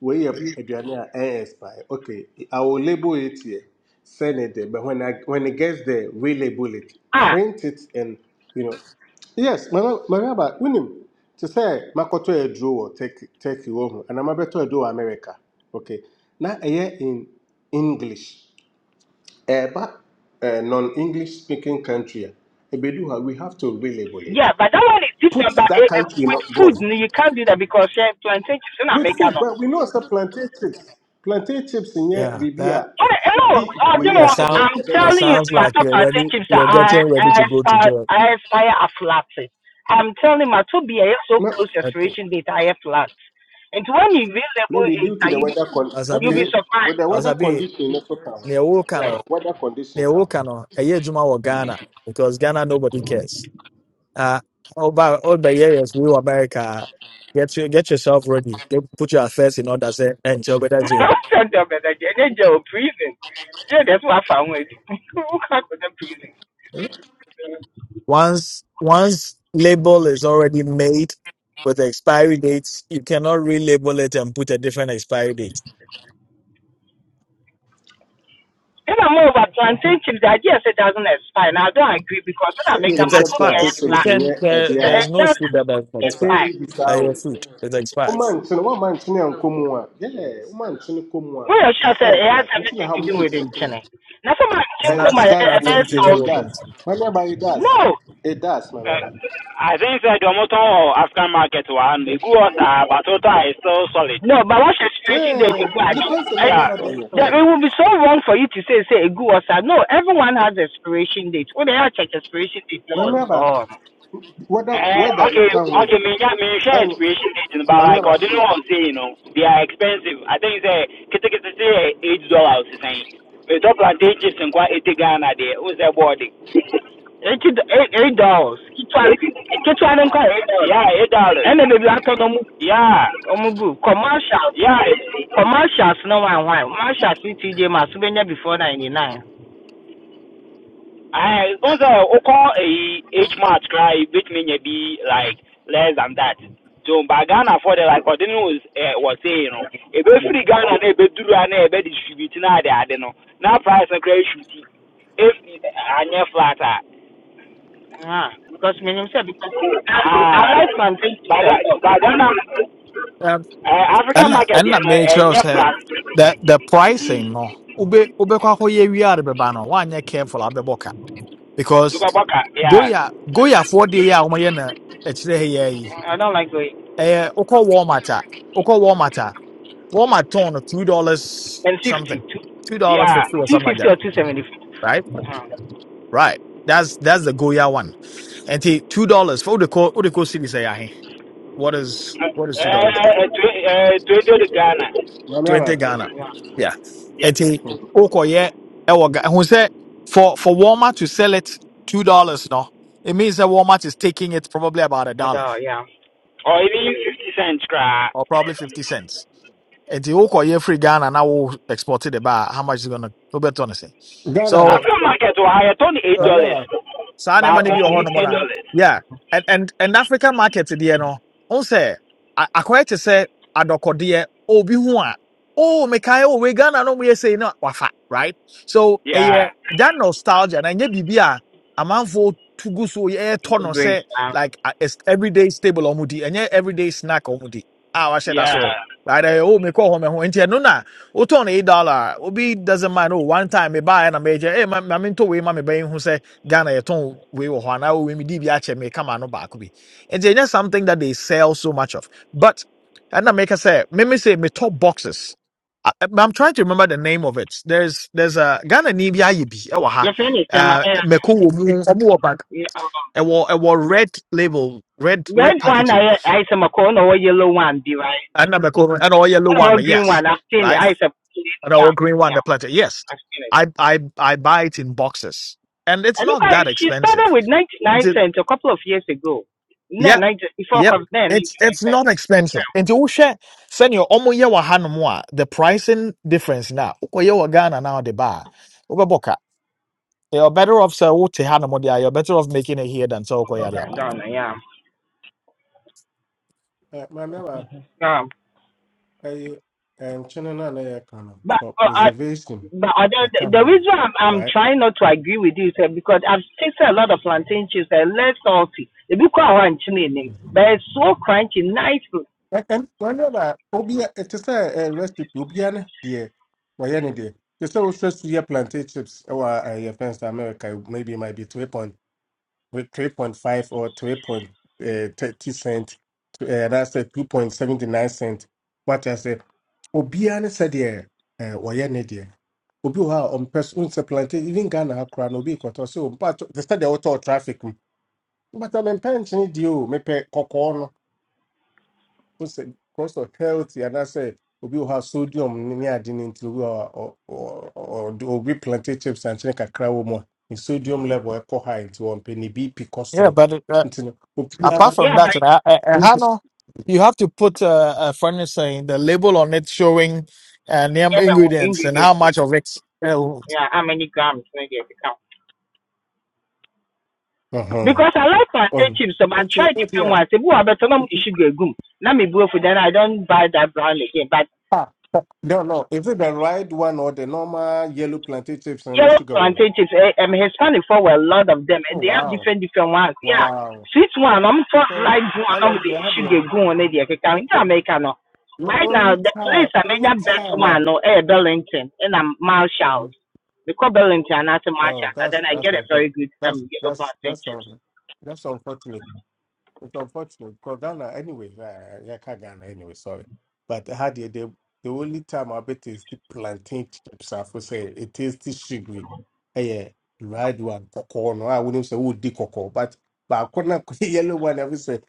Speaker 12: we are aduane a ɛyɛ expire. Okay, I will label it here, send it there. But when I when it gets there, relabel it,
Speaker 10: ah
Speaker 12: print it, and you know, yes, mama, mama, but unim to say makoto a draw take take you home, and I'm about to do America. Okay, now here in English, eh, but uh, non-English speaking country, ebedu ha, we have to relabel
Speaker 10: yeah
Speaker 12: it.
Speaker 10: but that one is different but
Speaker 12: Put that
Speaker 10: eh, eh,
Speaker 12: country in
Speaker 10: with
Speaker 12: a-
Speaker 10: food
Speaker 12: bro.
Speaker 10: no, you can't do that because yeah plantain chips not
Speaker 12: with
Speaker 10: making up.
Speaker 12: food, but we know it's a plantain chips. Plantain chips in here,
Speaker 11: Yeah,
Speaker 12: baby,
Speaker 11: that
Speaker 12: are
Speaker 10: Hey, hello.
Speaker 12: the
Speaker 10: Uh, you
Speaker 12: we
Speaker 11: that
Speaker 10: know,
Speaker 12: are a
Speaker 11: sound
Speaker 12: bit
Speaker 10: I'm
Speaker 12: a bit
Speaker 11: that
Speaker 12: more
Speaker 10: telling you,
Speaker 12: problem.
Speaker 11: sounds
Speaker 10: my
Speaker 11: like
Speaker 10: top
Speaker 11: you're ready
Speaker 10: tips are
Speaker 11: you're
Speaker 10: I,
Speaker 11: getting
Speaker 10: I
Speaker 11: ready to go to
Speaker 10: aspire,
Speaker 11: jail.
Speaker 10: I aspire a flat. I'm telling my two be a so
Speaker 12: No,
Speaker 10: close expiration date, I have flat. And when you available,
Speaker 12: maybe
Speaker 10: it,
Speaker 12: due
Speaker 10: uh,
Speaker 12: to the
Speaker 10: you be-
Speaker 12: weather con.
Speaker 11: As I
Speaker 10: you
Speaker 11: be
Speaker 10: be
Speaker 12: Okay, with
Speaker 10: surprised.
Speaker 12: the weather
Speaker 11: Ɔsabi,
Speaker 12: condition, no so can.
Speaker 11: nea ɛwoka
Speaker 12: Yeah,
Speaker 11: no,
Speaker 12: weather condition
Speaker 11: nea
Speaker 12: can.
Speaker 11: ɛwoka no, ɛyɛ adwuma wɔ Ghana because Ghana nobody cares. Uh, all by all by years we were America, get you, get yourself ready. Get, put your affairs in order. Say, and job better you
Speaker 10: I'm telling you, man, like, and then you prison. Yeah, that's what I found. with Who can't go to prison?
Speaker 11: Once once label is already made with the expiry dates, you cannot relabel it and put a different expiry date.
Speaker 10: And I'm over plantain chips. The idea said doesn't expire. And I don't agree because when
Speaker 12: Say
Speaker 10: I make them,
Speaker 12: you
Speaker 11: It
Speaker 10: I
Speaker 12: say
Speaker 10: told you
Speaker 12: plantain
Speaker 11: expires.
Speaker 10: have
Speaker 11: You
Speaker 12: chips
Speaker 10: flat.
Speaker 12: in
Speaker 11: can
Speaker 12: here, a
Speaker 11: there,
Speaker 10: It
Speaker 12: bit
Speaker 11: there's
Speaker 10: it
Speaker 11: no
Speaker 10: does
Speaker 11: food that doesn't
Speaker 12: And say
Speaker 11: expire.
Speaker 10: expire.
Speaker 12: it is
Speaker 11: Uh,
Speaker 12: how.
Speaker 11: your food it expires.
Speaker 12: Woman, so one man, so now come on. Yeah, woman, so come on.
Speaker 10: Well, sure, sir,
Speaker 12: I'm
Speaker 10: it has
Speaker 12: flat. You know
Speaker 10: everything
Speaker 12: how
Speaker 10: to do
Speaker 12: many
Speaker 10: with Nchene. Now, some of
Speaker 11: It's
Speaker 10: Chinko
Speaker 11: not
Speaker 12: is
Speaker 10: might be
Speaker 12: done
Speaker 10: a
Speaker 12: is
Speaker 11: nothing
Speaker 10: bit
Speaker 11: to
Speaker 12: is
Speaker 11: do
Speaker 12: is
Speaker 11: with
Speaker 10: salty.
Speaker 12: that.
Speaker 11: it.
Speaker 12: My neighbor, it does.
Speaker 10: No,
Speaker 12: It does, my
Speaker 9: uh,
Speaker 12: neighbor.
Speaker 9: I think said the motor or African market one me good or sa, but total is still solid.
Speaker 10: no, but what's your situation there to
Speaker 12: Eh,
Speaker 10: God?
Speaker 12: you person na
Speaker 10: And
Speaker 9: Yeah.
Speaker 12: meba dey
Speaker 1: Sorry.
Speaker 10: that it
Speaker 12: fun.
Speaker 10: would be so wrong for you to say, say, a good or sad. No, everyone has expiration date. When they have check expiration date,
Speaker 12: Na
Speaker 10: dollars,
Speaker 12: meba
Speaker 10: oh,
Speaker 12: whether
Speaker 9: Uh,
Speaker 12: whether no
Speaker 9: okay,
Speaker 12: kan wo
Speaker 9: okay,
Speaker 12: bi.
Speaker 9: me yeah, me share
Speaker 12: En
Speaker 9: expiration date, no, but
Speaker 12: na
Speaker 9: like
Speaker 12: meba,
Speaker 9: I didn't want to say, you know, they are expensive. I think say kita kita say eight dollars is saying. We top plantain chips in quite eighty Ghana there. Who's that body?
Speaker 10: eighty eight eight dollars. Kitwa don't call eight dollars.
Speaker 9: Yeah, eight dollars.
Speaker 10: And then baby. I can
Speaker 9: Yeah,
Speaker 10: commercial.
Speaker 9: yeah.
Speaker 10: Commercials, no one, why? Commercials with TJ Masubenya before 99.
Speaker 9: I don't know. Oko each match cry bit me be like less than that. So but Ghana for the like what news uh, was saying, you know, a bit
Speaker 1: Cool.
Speaker 9: free Ghana and a bit duru and a bit distribute now they are no. Now price and credit shooting. If I near flatter.
Speaker 10: Ah, because when you said because I, I
Speaker 9: Ah,
Speaker 10: like from twenty to
Speaker 9: but uh,
Speaker 10: seven. Oh,
Speaker 9: but
Speaker 10: I
Speaker 9: Ghana
Speaker 10: think.
Speaker 11: Um,
Speaker 9: uh, African
Speaker 11: ɛna
Speaker 9: market you
Speaker 11: ɛna
Speaker 9: know and
Speaker 11: mɛkyerɛw
Speaker 9: near
Speaker 11: sɛ
Speaker 9: flat.
Speaker 11: the the pricing no wobe wobɛkɔ akɔyɛ wie de bɛba no woanyɛ careful abɛbɔ ka because
Speaker 9: Duka baka yeah
Speaker 11: goya goyafoɔ deɛ yɛ a wɔyɛ na ɛkyerɛ ha yɛ yi
Speaker 10: I don't like going. Yeah.
Speaker 11: ɛyɛ wokɔ walmart a wokɔ walmart a walmart tɔn no two dollars
Speaker 10: And fifty
Speaker 11: something
Speaker 10: two.
Speaker 11: two dollars
Speaker 9: yeah.
Speaker 11: fifty or something like
Speaker 10: 250
Speaker 11: that
Speaker 10: or 270.
Speaker 11: right
Speaker 10: Uh,
Speaker 11: right that's that's the goya one And two dollars for wode kɔ the kɔ city say ahe what is
Speaker 9: Uh,
Speaker 11: what is two dollars
Speaker 9: uh, uh, twenty Ghana
Speaker 12: na
Speaker 11: 20 Ghana.
Speaker 10: yeah,
Speaker 11: Yeah.
Speaker 9: yeah.
Speaker 11: Eti okoye ewo Ga- who said for for Walmart to sell it two dollars no, it means that Walmart is taking it probably about a dollar
Speaker 10: although, yeah,
Speaker 9: or even you 50 cents cry.
Speaker 11: or probably fifty cents. And the okoye free Ghana now will export it about how much is gonna Roberto say.
Speaker 12: Ghana
Speaker 11: So
Speaker 12: no,
Speaker 9: African market will hire $28
Speaker 12: na meba,
Speaker 11: saa
Speaker 12: na
Speaker 11: nneɛma
Speaker 9: back
Speaker 11: no
Speaker 12: meba
Speaker 11: bi
Speaker 9: on
Speaker 11: wɔ
Speaker 12: se ni
Speaker 11: hɔnom
Speaker 12: pa
Speaker 9: $8.
Speaker 11: na
Speaker 12: no.
Speaker 11: yeah and and and african market deɛ no n sɛ a- akɔyɛ te sɛ adɔkɔdeɛ obi ho a oh mekae oh wei ghana no mu yɛ sei na wafa right so
Speaker 9: Yeah,
Speaker 11: ɛyɛ that nostalgia na ɛnyɛ biribi a amanfoɔ to gu so yɛtɔ no
Speaker 10: brace.
Speaker 11: sɛ
Speaker 10: Uh,
Speaker 11: like a- as- everyday stable ɔmo di ɛnyɛ everyday snack ɔmo di a wahyɛ da
Speaker 9: yeah.
Speaker 11: so right ɛyɛ oh mekɔ hɔ mɛho nti ɛno na wotɔn no na, oh, eight dollar a, obi doesn't mind oh one time mebaeɛ na mɛgye eh ma ma mentɔ wei ma mebɛyɛ hu Ghana yɛtɔn wei wɔ hɔ anaa wei mi di bi akyɛ me kama no baako bi nti ɛnyɛ something that they sell so much of but ɛna meka sɛ meme sɛ me top boxes I, I'm trying to remember the name of it. There's there's a Ghana ni bi ayɛ bi ɛwɔ ha.
Speaker 10: your friend is
Speaker 11: Uh, Meko wɔ mu ɔmo wɔ pack
Speaker 10: Yeah,
Speaker 11: ɛwɔ ɛwɔ red label red
Speaker 10: red
Speaker 11: red
Speaker 10: one.
Speaker 11: packaging bi.
Speaker 10: I I am a corner or yellow one, be right.
Speaker 11: Ɛna Meko no, ɛna ɔyɛ yellow one
Speaker 10: Or
Speaker 11: no,
Speaker 10: green
Speaker 11: yes
Speaker 10: one. I've seen it.
Speaker 11: right
Speaker 10: I said,
Speaker 11: and ɔwɔ
Speaker 10: yeah,
Speaker 11: green one the
Speaker 10: yeah,
Speaker 11: plantain yes.
Speaker 10: I've seen it.
Speaker 11: I I I buy it in boxes and it's
Speaker 10: And look,
Speaker 11: not
Speaker 10: I,
Speaker 11: that
Speaker 10: she started
Speaker 11: expensive.
Speaker 10: with 99
Speaker 11: It's,
Speaker 10: cents a couple of years ago. No, 90, before
Speaker 11: Yep.
Speaker 10: COVID, then 99
Speaker 11: It's it's
Speaker 10: cents.
Speaker 11: not expensive. Nti wohwɛ sɛnea ɔmo yɛ wɔ hanom a the pricing difference na wokɔyɛ wɔ Ghana na ɔde ba a wobɛbɔ ka. You're better off sɛ wote hanom de a you're better off making it here than sɛ wokɔyɛ ade aba.
Speaker 10: Yeah, yeah, yeah.
Speaker 12: Eh, na meba
Speaker 10: Um,
Speaker 12: eh eh chine na na ya kan no
Speaker 10: but
Speaker 12: for
Speaker 10: uh, I
Speaker 12: preservation.
Speaker 10: But other,
Speaker 12: Na
Speaker 10: the,
Speaker 12: kan really.
Speaker 10: reason I'm, I'm
Speaker 12: Why?
Speaker 10: trying not to agree with you is uh, because I've tasted a lot of plantain chips. They're less salty. They be quite one chili but it's so crunchy, nice.
Speaker 12: And whenever Obia, it is a recipe, Obiana, dear, why any day? You say, also, see your plantain chips, or your fence America, maybe it might be 2.2. with 3.5 or 3.30 cent to, uh, that's a 2.79 cent what i say, Obiane said obiara ne sɛdeɛ eh, ɔyɛ ne deɛ obi wɔ hɔ a ɔmpɛ so even ghana ha no na obi kɔtɔ so mpatɔ te sɛ deɛ traffic mu mbata mempɛ nkyene deɛ o mepɛ kɔkɔɔ no sɛ cost of health anaasɛ obi wɔ hɔ sodium ne ne ade no nti obi wɔ hɔ a ɔ- ɔ- ɔ- plantain chips ankyene kakra wɔ mu a ne sodium level ɛkɔ high nti wɔmpɛ ne bp kɔ
Speaker 11: Yeah,
Speaker 12: soro
Speaker 11: but uh,
Speaker 12: nti no
Speaker 11: Apart
Speaker 12: obiara
Speaker 11: from
Speaker 10: Yeah, but
Speaker 11: that, uh, uh, uh, Hannah, you have to put uh, a furniture in the label on it showing uh, name
Speaker 10: ever
Speaker 11: ingredients and how
Speaker 10: ingredients.
Speaker 11: much of it. Uh,
Speaker 10: Yeah, how many grams? Maybe I can count. Because
Speaker 12: Ɔhɔ.
Speaker 10: I like plantain
Speaker 12: Ɔhɔ.
Speaker 10: chips, so I try
Speaker 12: nti
Speaker 10: different
Speaker 12: ebia
Speaker 10: ones. If you are better, no sugar gum. Let me go for then I don't buy that brand again. But
Speaker 12: ah, no no is it the right one or the normal yellow plantain chips and na
Speaker 10: yellow
Speaker 12: sugar wɔ
Speaker 10: plantations, eh, um, Hispanic for well, a lot of them,
Speaker 12: oh
Speaker 10: and they have
Speaker 12: wow
Speaker 10: different different ones. Yeah,
Speaker 12: wow
Speaker 10: sweet one, I'm for
Speaker 12: because
Speaker 10: like one, I'm the
Speaker 12: honestly i had the
Speaker 10: sugar go on the account in
Speaker 12: the-
Speaker 10: America. No,
Speaker 12: the
Speaker 10: right now
Speaker 12: only
Speaker 10: the
Speaker 12: time
Speaker 10: place I made
Speaker 12: only
Speaker 10: that best
Speaker 12: time ah.
Speaker 10: one, no, eh, Burlington, and I'm Marshall. We call Burlington and I say
Speaker 12: Oh,
Speaker 10: Marshall, and
Speaker 12: that's
Speaker 10: then I
Speaker 12: that's
Speaker 10: get a
Speaker 12: unfortunate.
Speaker 10: very good
Speaker 12: That's
Speaker 10: um yellow
Speaker 12: that's that's
Speaker 10: plantations.
Speaker 12: un- that's unfortunate. It's unfortunate because Ghana anyway. Uh, yeah, can't Ghana anyway. Sorry, but how the the the only time I bet is the plantain chips. I for say it is the sugary. Eh, Yeah, red one cocoa. No, I wouldn't say would the cocoa, but but I couldn't yellow one. I would say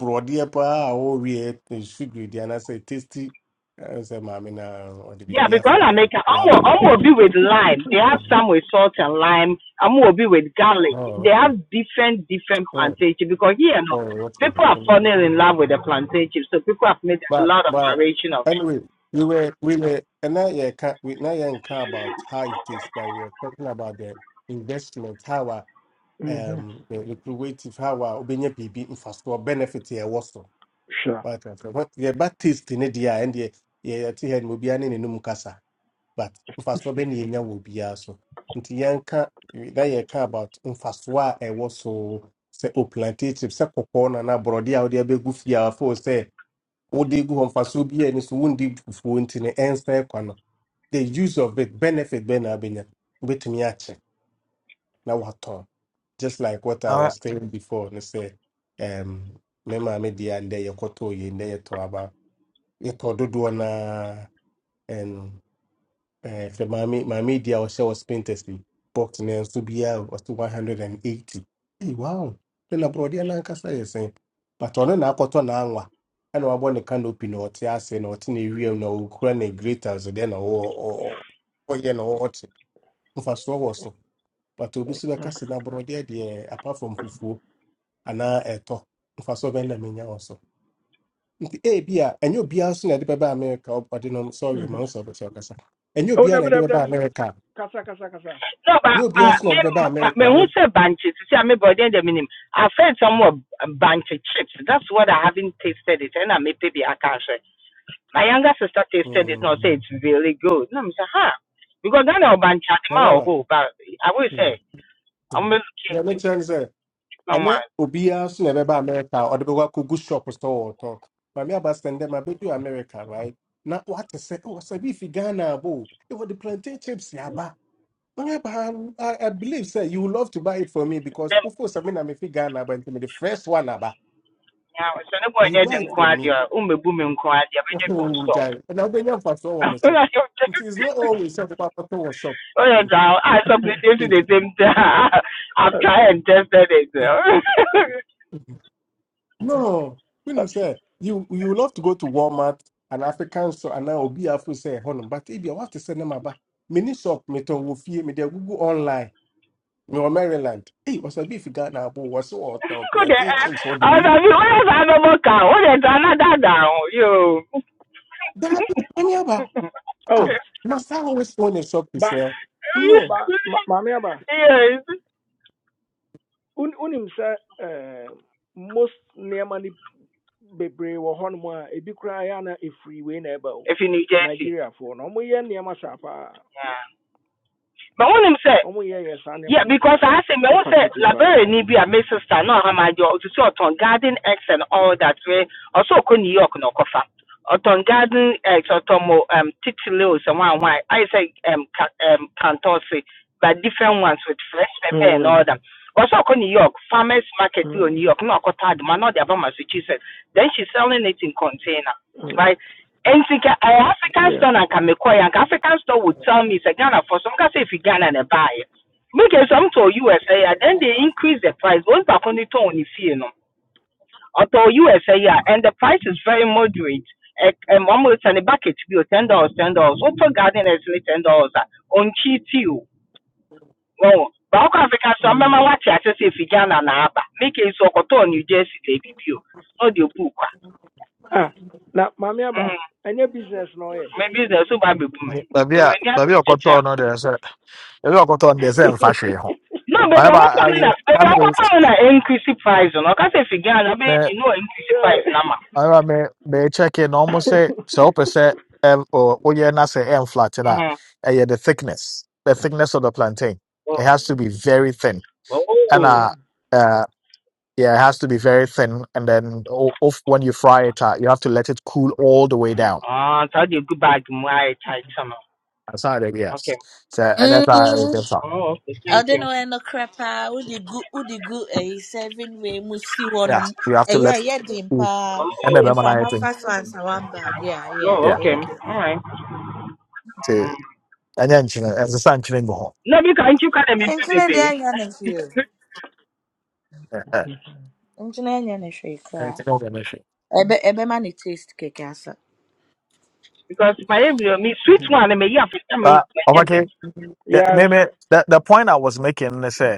Speaker 12: broadie pa or we sugary. The other say tasty. I say, mommy, na on the
Speaker 10: Yeah,
Speaker 12: baby
Speaker 10: because I make I'm
Speaker 12: you have
Speaker 10: gonna-
Speaker 12: a
Speaker 10: I'm
Speaker 12: big
Speaker 10: going
Speaker 12: right.
Speaker 10: be with lime. They have
Speaker 12: Mhm.
Speaker 10: some with salt and lime. I'm gonna be with garlic. They
Speaker 12: Oh,
Speaker 10: have different different
Speaker 12: okay.
Speaker 10: plantation because here no
Speaker 12: Sorry, what's
Speaker 10: people are falling
Speaker 12: the
Speaker 10: in love with the plantation, so people have made a
Speaker 12: But
Speaker 10: lot of
Speaker 12: but
Speaker 10: variation of it.
Speaker 12: anyway, we were we were and now you can we now you can about how it is, but we are talking about the investment, how our
Speaker 1: Mm-hmm.
Speaker 12: um the lucrative how our obenya PB infrastructure benefit here was so.
Speaker 1: Sure.
Speaker 12: But uh, so what the bad taste in it yeah and the yeah to head will be an in Mukasa, but infrastructure ben yeah will be also. Nti yɛnka na yɛka about mfasoɔ a ɛwɔ so sɛ oplantative sɛ kɔkɔɔ nana borɔdeɛ a wode abɛgu fie a afo sɛ wode gu hɔ mfasoɔ biaa ni so wondi fufuo nti no ɛnsɛ kwa no the use of it benefit bɛɛ na abɛnya wobɛtumi akyɛ na watɔn just like what i
Speaker 11: uh,
Speaker 12: was saying before no say, um, me maame deɛ a ndɛ yɛkɔtɔɔ yei ndɛ about it. yɛtɔ dodoɔ naa Eh, fɛ maame maame di a ɔhyɛ wɔ spinters yi box no nso biara ɔte one hundred and eighty Hey, wow ne na borɔdeɛ nankasa yɛ sɛn but on. ɔno na akɔtɔ n'anwa ɛna wabɔ ne canopy na ɔte ase na ɔte ne wiem na ɔkura ne grater so deɛ na ɔ- ɔ- ɔ- ɔyɛ na ɔte mfasoɔ wɔ so but obi so bɛka se na borɔdeɛ deɛ apart from fufuo anaa ɛtɔ mfasoɔ bɛn na menya wɔ so nti ebi a ɛnyɛ obiara so na ɛde bɛba america ɔde no sorry ma
Speaker 1: Mm-hmm.
Speaker 12: wo sɛ ɔbɛsɛ ɔkasa ɛnyɛ
Speaker 1: Oh,
Speaker 12: obiara na
Speaker 1: dabi
Speaker 12: ɛde
Speaker 1: dabi
Speaker 12: bɛba
Speaker 1: dabi.
Speaker 12: america
Speaker 1: Kasa kasa kasa.
Speaker 10: No, but
Speaker 12: No, be
Speaker 10: uh,
Speaker 12: asking
Speaker 10: me
Speaker 12: not be
Speaker 10: me
Speaker 12: America.
Speaker 10: who
Speaker 12: America.
Speaker 10: say banches? see, I mean, but then the minimum. I've heard some more banche chips. That's what I haven't tasted it, and I may maybe I can't say. My younger sister tasted it, and
Speaker 12: Hmm.
Speaker 10: say it's really good. No, i say, huh? Because then I'll banche,
Speaker 12: Na na
Speaker 10: I'm
Speaker 12: ba.
Speaker 10: but I will
Speaker 12: Hmm.
Speaker 10: say. I'm
Speaker 12: Hmm. Yeah,
Speaker 10: ɔmbɛtutu
Speaker 12: make sense. Say,
Speaker 10: ma wa
Speaker 12: ane obi asking na America or the people who go kugu shop or store or talk. But me understand them. I be do America, right? Now what I say? Oh, say if Ghana bo, it was the plantain chips yaba. I, I I believe, sir, you would love to buy it for me because
Speaker 10: dɛ
Speaker 12: of course, I mean, I'm fi Ghana, but it's the first one, aba,
Speaker 10: nyaa sɛ ne bɔn
Speaker 12: you
Speaker 10: nyɛ de
Speaker 12: buy it
Speaker 10: nko
Speaker 12: for
Speaker 10: adeɛ
Speaker 12: me.
Speaker 10: a ɔmbɛbu me nko adeɛ mɛnyɛ bi
Speaker 12: Oh,
Speaker 10: nsɔ
Speaker 12: jai. And I'll be here for so long, Mister. It is not always a shop.
Speaker 10: oh dra I something dey to the same time I've tried and tested it good
Speaker 12: No, when
Speaker 1: Uh,
Speaker 12: William say you you love to go to Walmart and African store and now Obi Afro say honum, but if you want to send them about mini shop me to wofie me there Google online me or Maryland. Hey, was a beef guy now, but was so top
Speaker 10: eh
Speaker 12: plantations for the week.
Speaker 10: ọ̀nà mi wọ́n yẹ sá lọ́mọ kà ó lè ta aládàáda o le ta aladaada
Speaker 12: That I mean about
Speaker 1: oh,
Speaker 12: ah, must I always own a shop to
Speaker 1: ba
Speaker 12: sell? No,
Speaker 1: ba ma- maame aba.
Speaker 10: yes
Speaker 1: Un unim sɛ eh, most nneɛma ni bebree wɔ hɔnom a ebi koraa yɛ ana efiri wei na ɛba o.
Speaker 10: if you need Jersey
Speaker 1: Nigeriafoɔ no, wɔyɛ nneɛma saa paa.
Speaker 10: yeah. but wọ́n nim sẹ́
Speaker 1: ɔmo yɛ yɛ saa nneɛma
Speaker 10: Yeah,
Speaker 1: no
Speaker 10: because
Speaker 1: pa
Speaker 10: I say me was
Speaker 1: ɛpa
Speaker 10: say
Speaker 1: kegye paa
Speaker 10: library
Speaker 1: tɔn
Speaker 10: ni bi a my sister no ha my job to see on garden eggs and all that way. Also ko New York no kofa. On garden eggs on mo um titilos and one why I say um ca- um cantosi but different ones with fresh pepper and
Speaker 1: Mm,
Speaker 10: all that. Also ko New York farmers market bi on
Speaker 1: mm,
Speaker 10: New York no akota de man no de aba Massachusetts. Then she's selling it in container,
Speaker 1: mm.
Speaker 10: right? And think I African
Speaker 1: Yeah,
Speaker 10: store and can make African store would tell me say Ghana for some can say if Ghana and buy make a sum to USA, and then they increase the price. Those back on the tone, if you know, or to USA, yeah, and the price is very moderate. And one will send a bucket to be ten dollars, ten dollars. Open garden is only ten dollars ah, on cheat you. Well, but Africa, so remember
Speaker 1: mm.
Speaker 10: what I say if you can and Abba make a so cotton New just they give not audio book. ah.
Speaker 1: ah na mami, aba
Speaker 10: Mm-hmm.
Speaker 1: any business no, ɔyɛ
Speaker 10: Maybe there's a baby boomer.
Speaker 11: Baby,
Speaker 10: No,
Speaker 11: uh, baby, I got on there. so- Baby, I got on there. Same fashion.
Speaker 10: baby,
Speaker 11: However,
Speaker 10: I want to know
Speaker 11: I
Speaker 10: No,
Speaker 11: I
Speaker 10: Baby, I
Speaker 11: may
Speaker 10: want to know that increase the price. No, I can't say if you can, I mean,
Speaker 11: may
Speaker 10: you know, increase the price
Speaker 1: so
Speaker 10: number.
Speaker 11: however may may check in almost say so percent um or oh yeah, not say M flat to that.
Speaker 10: Uh-huh.
Speaker 11: Uh, yeah, the thickness, the thickness of the plantain.
Speaker 10: Oh,
Speaker 11: It has to be very thin. And
Speaker 10: oh.
Speaker 11: uh, uh, Yeah, it has to be very thin, and then o- off when you fry it, uh, you have to let it cool all the way down.
Speaker 10: Uh, so you go back to my Thai channel.
Speaker 11: That's how it
Speaker 10: Okay.
Speaker 11: yes. So and that's how it
Speaker 3: Mm.
Speaker 11: gets up.
Speaker 10: Oh, okay.
Speaker 3: I
Speaker 10: Thank
Speaker 3: do ɔde
Speaker 10: you.
Speaker 3: no ɛno korɛ paa wode who the good? A seven way musi one.
Speaker 11: Yeah,
Speaker 3: mu si hɔnom
Speaker 11: you have to let
Speaker 3: ɛyɛ ɛyɛ den
Speaker 11: cool.
Speaker 3: paa
Speaker 10: Oh,
Speaker 11: And then when I
Speaker 3: mframa
Speaker 11: think,
Speaker 3: fa so ansa wambaade a yɛ
Speaker 10: oh
Speaker 11: yeah,
Speaker 10: okay.
Speaker 3: ɛyɛ den
Speaker 10: All right.
Speaker 11: so
Speaker 10: Mm.
Speaker 11: and then you know, as a sun chilling go home.
Speaker 10: No, because you can't be
Speaker 3: nkyene
Speaker 10: baby.
Speaker 3: deɛ ɛnyɛ ne hwee o nkyene ɛnyɛ ne
Speaker 11: And it's
Speaker 3: hwee
Speaker 11: no issue.
Speaker 3: Ebe ebe man, it taste kɛkɛ asa
Speaker 10: Because my area, me sweet
Speaker 1: Mhm.
Speaker 10: one, and me yeah, for some
Speaker 11: Uh,
Speaker 10: reason, my headache.
Speaker 11: okay, Yeah,
Speaker 1: yes
Speaker 11: maybe the the point I was making is say.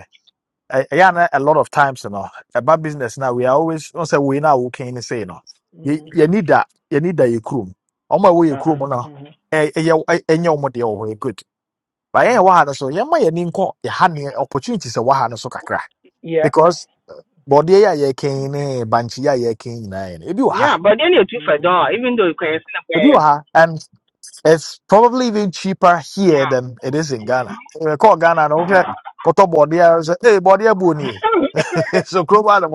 Speaker 11: I, I yeah, na- a lot of times, you know, about business now, we are always, don't say we now, we can say, you know, you,
Speaker 1: Mhm.
Speaker 11: you need that, you need that, you crew. On my way, you crew, you
Speaker 1: Aha,
Speaker 11: know,
Speaker 1: mhm,
Speaker 11: eh, eh, yeah, eh, eh, yeah, omo de, oh, eh, good. But yeah,
Speaker 1: mhm.
Speaker 11: wahana So, yeah, my, you need to, you had the opportunities, eh, what So, kakra.
Speaker 1: yeah
Speaker 11: Because, body, yeah, yeah, can, eh, banchi, yeah, yeah, can, nah, eh, ebi wɔ ha,
Speaker 10: Yeah, but then you too for
Speaker 1: Mhm.
Speaker 10: door, even though you can't
Speaker 11: ebi wɔ
Speaker 10: sleep
Speaker 11: ha. And it's probably even cheaper here
Speaker 10: Yeah.
Speaker 11: than it is in Ghana. Eh, Call Ghana, no, okay, koto body, eh, say, hey, body, eh, boni. So, global,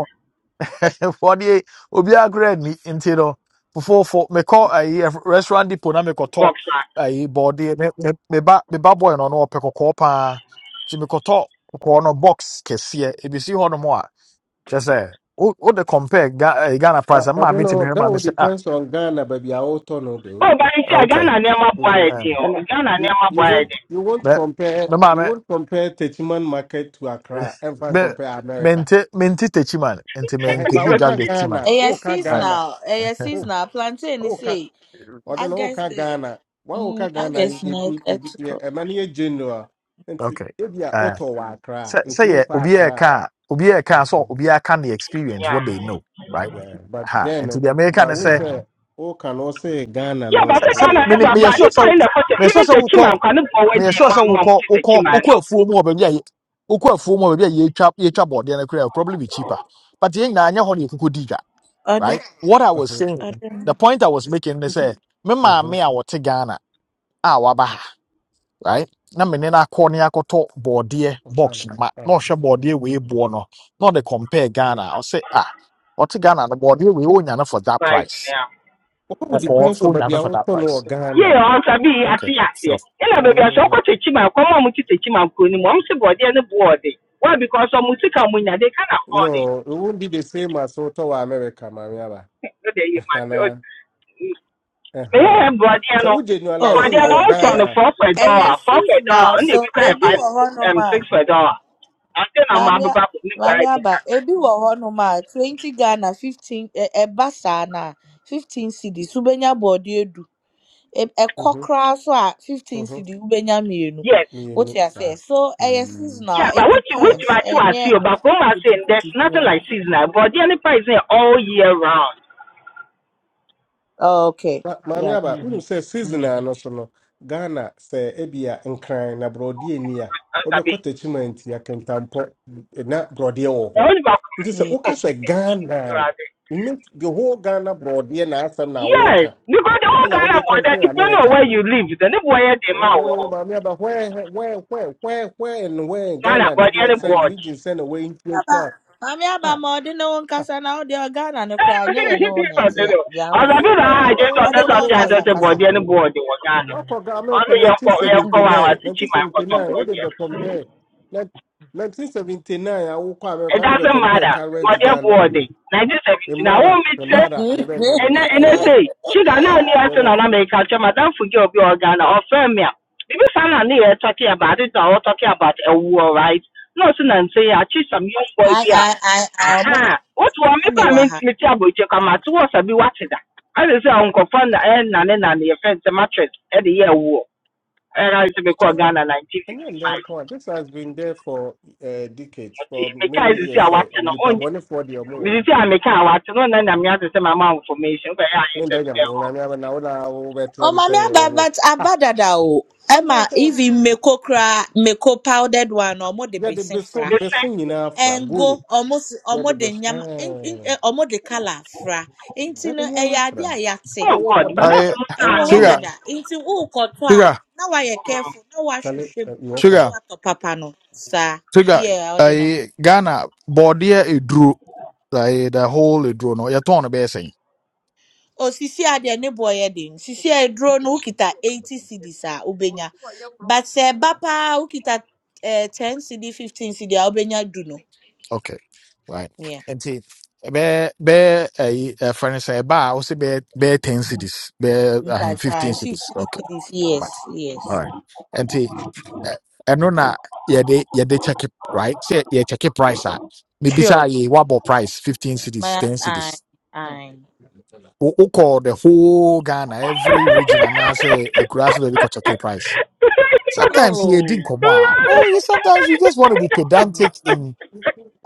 Speaker 11: wɔde obiara kora Me, into no before for me ayi a restaurant depot na mekɔtɔ
Speaker 10: Boxer.
Speaker 11: a body. me me- me meba boy no no ɔpɛ kɔkɔɔ paa nti mekɔtɔ kɔkɔɔ no box kɛseɛ ebisi hɔ nom a kyɛ sɛ wo wo de compare Ga- ɛyi, ghana price
Speaker 12: but
Speaker 11: a
Speaker 12: I
Speaker 11: maa
Speaker 12: don't
Speaker 11: mi ti me.
Speaker 12: know.
Speaker 11: hɛ maa
Speaker 12: That
Speaker 11: mi
Speaker 12: would
Speaker 11: sɛ ah
Speaker 12: depends on Ghana, baby. I will turn on though.
Speaker 10: Oh, but you see, I got
Speaker 11: okay
Speaker 10: an Emma Boyd,
Speaker 11: eh,
Speaker 12: Mhm.
Speaker 10: you
Speaker 11: okay
Speaker 10: know.
Speaker 1: ɛna
Speaker 10: Ghana
Speaker 12: You
Speaker 10: Nema
Speaker 12: you
Speaker 10: Boyd.
Speaker 12: won't you
Speaker 11: Me
Speaker 12: won't
Speaker 11: mɛ
Speaker 12: compare
Speaker 11: me maa
Speaker 12: you
Speaker 11: mɛ
Speaker 12: won't compare Techiman market to Accra and
Speaker 11: mɛ
Speaker 12: compare America.
Speaker 11: mente mente tekyi man nti mɛ
Speaker 12: Ehe, ba
Speaker 11: nkobi dwa
Speaker 12: ụka
Speaker 11: de ki man
Speaker 12: Ghana,
Speaker 3: ɛyɛ
Speaker 12: ụka
Speaker 11: Right.
Speaker 12: Ghana,
Speaker 3: seasonal
Speaker 11: eh,
Speaker 3: ɛyɛ
Speaker 12: ụ-
Speaker 3: seasonal plantain You ni
Speaker 12: ụka
Speaker 3: sei
Speaker 12: ọ dị na
Speaker 3: agɛst
Speaker 12: ụka Ghana, gwa ụka
Speaker 3: mm
Speaker 12: Ghana
Speaker 3: agɛst na ɛtukɔ
Speaker 12: eme na ihe general, nti
Speaker 11: okay
Speaker 12: ebi a
Speaker 11: eh."
Speaker 12: ụtọ wa akra,
Speaker 11: Say
Speaker 12: nti
Speaker 11: say yeah,
Speaker 12: ụmfa
Speaker 11: obi a
Speaker 12: akra.
Speaker 11: car, obi a car, so
Speaker 12: Mhm.
Speaker 11: obi can the experience
Speaker 10: Yeah.
Speaker 11: what they know, right?
Speaker 12: Yeah, but
Speaker 11: Ha, and to
Speaker 12: then
Speaker 11: the American I
Speaker 12: but we
Speaker 11: say,
Speaker 12: say ụka no say Ghana
Speaker 10: Yeah, but I
Speaker 12: no
Speaker 11: say
Speaker 10: said
Speaker 12: bụ
Speaker 11: say-
Speaker 10: Ghana
Speaker 12: onye
Speaker 11: me
Speaker 12: dị
Speaker 11: ne-
Speaker 10: never
Speaker 11: me
Speaker 12: nso.
Speaker 10: but
Speaker 11: sure
Speaker 10: Nipa
Speaker 11: so
Speaker 10: in the culture,
Speaker 11: me sure
Speaker 10: even
Speaker 11: so
Speaker 10: the
Speaker 11: ukọ
Speaker 10: Chiman can go away the
Speaker 11: me sure
Speaker 10: mom
Speaker 11: so
Speaker 10: mom
Speaker 11: ukọ
Speaker 10: to the
Speaker 11: ukọ
Speaker 10: Chiman
Speaker 11: ukọ
Speaker 10: no.
Speaker 11: afuo mu obi a ukọ afuo mu obi a ye twa ye twa board na kura probably be cheaper. But yen na anya ho na ekuko diga,
Speaker 3: ɔde
Speaker 11: right? What I was
Speaker 12: Ọhụ.
Speaker 11: saying, the
Speaker 3: ɔde
Speaker 11: point I was making is
Speaker 12: Nti
Speaker 11: say me ma
Speaker 12: mhm,
Speaker 11: maame a wote Ghana a waba ha. right? Na me ne no akɔ ne akɔtɔ bɔɔdeɛ box
Speaker 12: ọfane,
Speaker 11: no ma na ɔhwɛ
Speaker 12: ọfane.
Speaker 11: bɔɔdeɛ wei boɔ no na ɔde compare Ghana ɔsɛ ah ɔte Ghana no bɔɔdeɛ wei ɔnyane for that
Speaker 10: Right
Speaker 11: price
Speaker 10: now.
Speaker 12: All
Speaker 11: ɔkɔɔ
Speaker 1: Mhm,
Speaker 12: depends on baby
Speaker 11: ɔnyane for that
Speaker 12: ụtọ no
Speaker 11: price
Speaker 10: Yeah,
Speaker 12: Ghana.
Speaker 10: I'll be at
Speaker 11: okay
Speaker 10: the
Speaker 11: so
Speaker 10: axe. And I baby I shall
Speaker 12: Mm.
Speaker 10: go to Chiman, come on to the Chiman Kuni, mom's board and the board. Why? Because some Mutika Munya, they can afford it.
Speaker 12: No, it won't be the same as ụtọ wa America, Mariaba.
Speaker 10: No, they hear my May I have
Speaker 12: Uh-huh. So
Speaker 10: Guardiano?
Speaker 12: we
Speaker 3: oh
Speaker 12: generalizing
Speaker 10: Guardiano
Speaker 3: ɛyɛ
Speaker 12: what
Speaker 10: out on
Speaker 3: ɛyɛ
Speaker 10: the
Speaker 12: Ghana.
Speaker 10: four for a
Speaker 3: ɛyɛ
Speaker 10: dollar, four for a dollar,
Speaker 3: seasonal
Speaker 10: and if you
Speaker 3: so
Speaker 10: can
Speaker 3: ebi
Speaker 10: five
Speaker 3: wɔ hɔnom
Speaker 10: um
Speaker 3: ma.
Speaker 10: six for a dollar. I think I'm about
Speaker 3: Maame a-
Speaker 10: to buy
Speaker 3: maame
Speaker 10: it.
Speaker 3: aba ebi wɔ hɔnom a twenty Ghana fifteen ɛ ɛba saa na fifteen cedis wobenya borɔdeɛ du E- ɛkɔ
Speaker 12: Mm-hmm.
Speaker 3: koraa so a fifteen
Speaker 12: Mm-hmm.
Speaker 3: cedis wobenya mmienu
Speaker 10: Yes,
Speaker 12: You
Speaker 3: wote
Speaker 12: know,
Speaker 3: aseɛ
Speaker 12: sir.
Speaker 3: so ɛyɛ
Speaker 12: Mm.
Speaker 3: seasonal
Speaker 10: Yeah, but
Speaker 3: it
Speaker 10: what you which
Speaker 12: Yep.
Speaker 3: depends
Speaker 10: match you are
Speaker 3: ɛnyɛ
Speaker 10: seeing, but come and saying
Speaker 3: gidigidi
Speaker 10: there's nothing
Speaker 3: biara
Speaker 10: like seasonal. But the only price is all year round.
Speaker 3: okay
Speaker 12: But Mami
Speaker 3: yeah
Speaker 12: Aba, we
Speaker 1: mhm,
Speaker 12: say season
Speaker 1: mhm.
Speaker 12: and also no Ghana say ebia and crying na brody near.
Speaker 10: Sabi.
Speaker 12: Obekɔ achievement ya kentampo na brody wɔ
Speaker 10: The
Speaker 12: hɔ.
Speaker 10: only about
Speaker 12: Nti sɛ
Speaker 3: yeah
Speaker 12: woka sɛ Ghana, you make the whole Ghana brody na asɛm na
Speaker 10: Yes,
Speaker 12: woka.
Speaker 10: because the whole
Speaker 12: Ɛna
Speaker 10: Ghana
Speaker 12: wode
Speaker 10: border,
Speaker 12: compare
Speaker 10: depending on
Speaker 12: America
Speaker 10: where you live, the neighbor where they
Speaker 12: Oh,
Speaker 10: mouth
Speaker 12: my yeah, but where, where, where, where, where, and where in
Speaker 10: Ghana
Speaker 12: Ghana
Speaker 10: but
Speaker 12: did
Speaker 10: the
Speaker 12: what
Speaker 10: only
Speaker 3: maame
Speaker 12: said
Speaker 10: watch.
Speaker 3: aba
Speaker 12: region send away into a
Speaker 3: aba
Speaker 12: car?
Speaker 3: maame aba
Speaker 12: ha
Speaker 3: ma ɔde ne ho
Speaker 12: ha.
Speaker 3: nkasa na wo deɛ Ghana no
Speaker 10: I
Speaker 3: koraa nyɛ yɛne wo na
Speaker 12: ah.
Speaker 3: ɛte a deɛ awɔ
Speaker 10: was
Speaker 12: Yeah,
Speaker 3: ase
Speaker 10: like, "Hey,
Speaker 12: my.
Speaker 10: I
Speaker 12: yeah,
Speaker 10: just
Speaker 12: but
Speaker 10: thought
Speaker 12: what
Speaker 3: ɔde
Speaker 12: for
Speaker 10: that's
Speaker 3: ne
Speaker 10: what
Speaker 3: ho
Speaker 10: I said
Speaker 12: American,
Speaker 10: about
Speaker 3: kasakasa.
Speaker 10: the any board in Ghana.
Speaker 12: what for America
Speaker 10: Only your your power
Speaker 12: 1979,
Speaker 10: to cheat my photo
Speaker 12: 1979, what
Speaker 10: board.
Speaker 12: did they
Speaker 10: It
Speaker 12: compare? Nin- 1979, I will call America, they be
Speaker 10: doesn't
Speaker 12: compare
Speaker 10: matter.
Speaker 12: current
Speaker 10: What your
Speaker 12: Ghana
Speaker 10: board
Speaker 12: with the
Speaker 10: 1970. Now, I
Speaker 12: mother,
Speaker 10: won't be
Speaker 12: the
Speaker 10: stressed.
Speaker 12: mother, the red, the
Speaker 10: and
Speaker 12: red,
Speaker 10: ɛnɛ
Speaker 12: the red,
Speaker 10: sɛ sugar na ani
Speaker 12: the
Speaker 10: ase na
Speaker 12: red.
Speaker 10: na mɛka kyɛ madam fugi obi wɔ ghana or me a bibi saa
Speaker 12: Yeah.
Speaker 10: na ne talking about it na ɔwɔ talking about a war, right No, ɔsi na nse yɛ akyi some young boy
Speaker 3: I
Speaker 10: beer.
Speaker 3: I I I almost
Speaker 10: Aha, What bi a aha wotu wɔn mi kɔ a
Speaker 3: wa ha.
Speaker 10: mentumi ti abɔgye kɔ ama ati wɔ sabi wate da ase sɛ nkɔfɔ na ɛyɛ nane nane yɛ fɛn sɛ mattress ɛde yɛ ɛwoɔ ɛyɛ na sɛ mekɔ ghana nineteen
Speaker 12: And
Speaker 10: fifty
Speaker 12: then, then
Speaker 10: five
Speaker 12: come on, this has been there for uh, decades,
Speaker 10: ɔti
Speaker 12: for
Speaker 10: meka
Speaker 12: many
Speaker 10: esisi a
Speaker 12: years, eh,
Speaker 10: wate no
Speaker 12: nipa
Speaker 10: ɔnyi
Speaker 12: bɔne for the more.
Speaker 10: esisi a meka a wate no ɔnna na mi ase sɛ mama information kɔ ɛyɛ ayɛ
Speaker 12: min da
Speaker 10: sɛm sɛ
Speaker 12: jam na
Speaker 10: ɛwɔ
Speaker 12: ne ba na wala o
Speaker 3: Oh
Speaker 12: betlem
Speaker 3: mommy
Speaker 12: say o
Speaker 3: aba
Speaker 12: wo
Speaker 3: but
Speaker 12: ah
Speaker 3: abadada o.
Speaker 12: a wo
Speaker 3: Emma
Speaker 12: ko
Speaker 3: even meko kra meko powdered one or omo de
Speaker 12: ya de
Speaker 3: besin
Speaker 12: beso
Speaker 3: fra.
Speaker 12: beso nyina afra
Speaker 3: And go
Speaker 12: gori
Speaker 3: almost
Speaker 12: ya de
Speaker 3: omo de
Speaker 12: beso
Speaker 3: nyam in in
Speaker 12: eh
Speaker 3: eh, omo de color fra.
Speaker 12: ya
Speaker 3: Inti
Speaker 12: de
Speaker 3: no e
Speaker 12: nyama
Speaker 3: yade
Speaker 12: afra e
Speaker 3: ayate.
Speaker 10: Oh
Speaker 12: wo
Speaker 10: God,
Speaker 12: ko
Speaker 10: but that's
Speaker 12: dada
Speaker 11: I
Speaker 10: so
Speaker 3: E
Speaker 10: sad
Speaker 3: wo ho
Speaker 10: though.
Speaker 11: sugar,
Speaker 12: eh
Speaker 3: dada. Inti wo koto a
Speaker 11: sugar,
Speaker 3: na wa ye careful na wa
Speaker 12: chale
Speaker 3: hwehwem
Speaker 12: eh, you
Speaker 3: na
Speaker 12: welcome
Speaker 11: sugar,
Speaker 3: wa to papa no. Sa
Speaker 11: sugar.
Speaker 3: yeah, I don't know.
Speaker 11: I Ghana body a drew like the whole a No, you're torn a
Speaker 3: o sisi a deɛ ne boɔ den sisi a eduro no wokita eighty cedis a ubenya. but se bapa ukita eh, ten cd fifteen cd a wobenya no
Speaker 11: Okay, right.
Speaker 3: yeah
Speaker 11: And see, bɛɛ ɛyi ɛfrɛ no sɛ ɛba a wosɛ bɛɛ bɛɛ ten cities bɛɛ ahen fifteen
Speaker 3: mpatwae
Speaker 11: cities.
Speaker 3: fifteen
Speaker 11: Okay,
Speaker 3: cds yes
Speaker 11: right. All
Speaker 3: yes
Speaker 11: right. And see, ɛ- ɛno na yɛde yɛde check it, right. Sɛ yɛ check it price out. Maybe mibisa
Speaker 3: sure
Speaker 11: yɛ wabɔ price fifteen cities
Speaker 3: my
Speaker 11: ten
Speaker 3: i
Speaker 11: cities.
Speaker 3: i
Speaker 11: Wo call the whole Ghana every region and I anaasɛ akura sɛ baabi kɔ check it price. Sometimes yɛdi
Speaker 3: oh
Speaker 11: nkɔmɔ a oh you sometimes you just want to be
Speaker 3: mm.
Speaker 11: pedantic in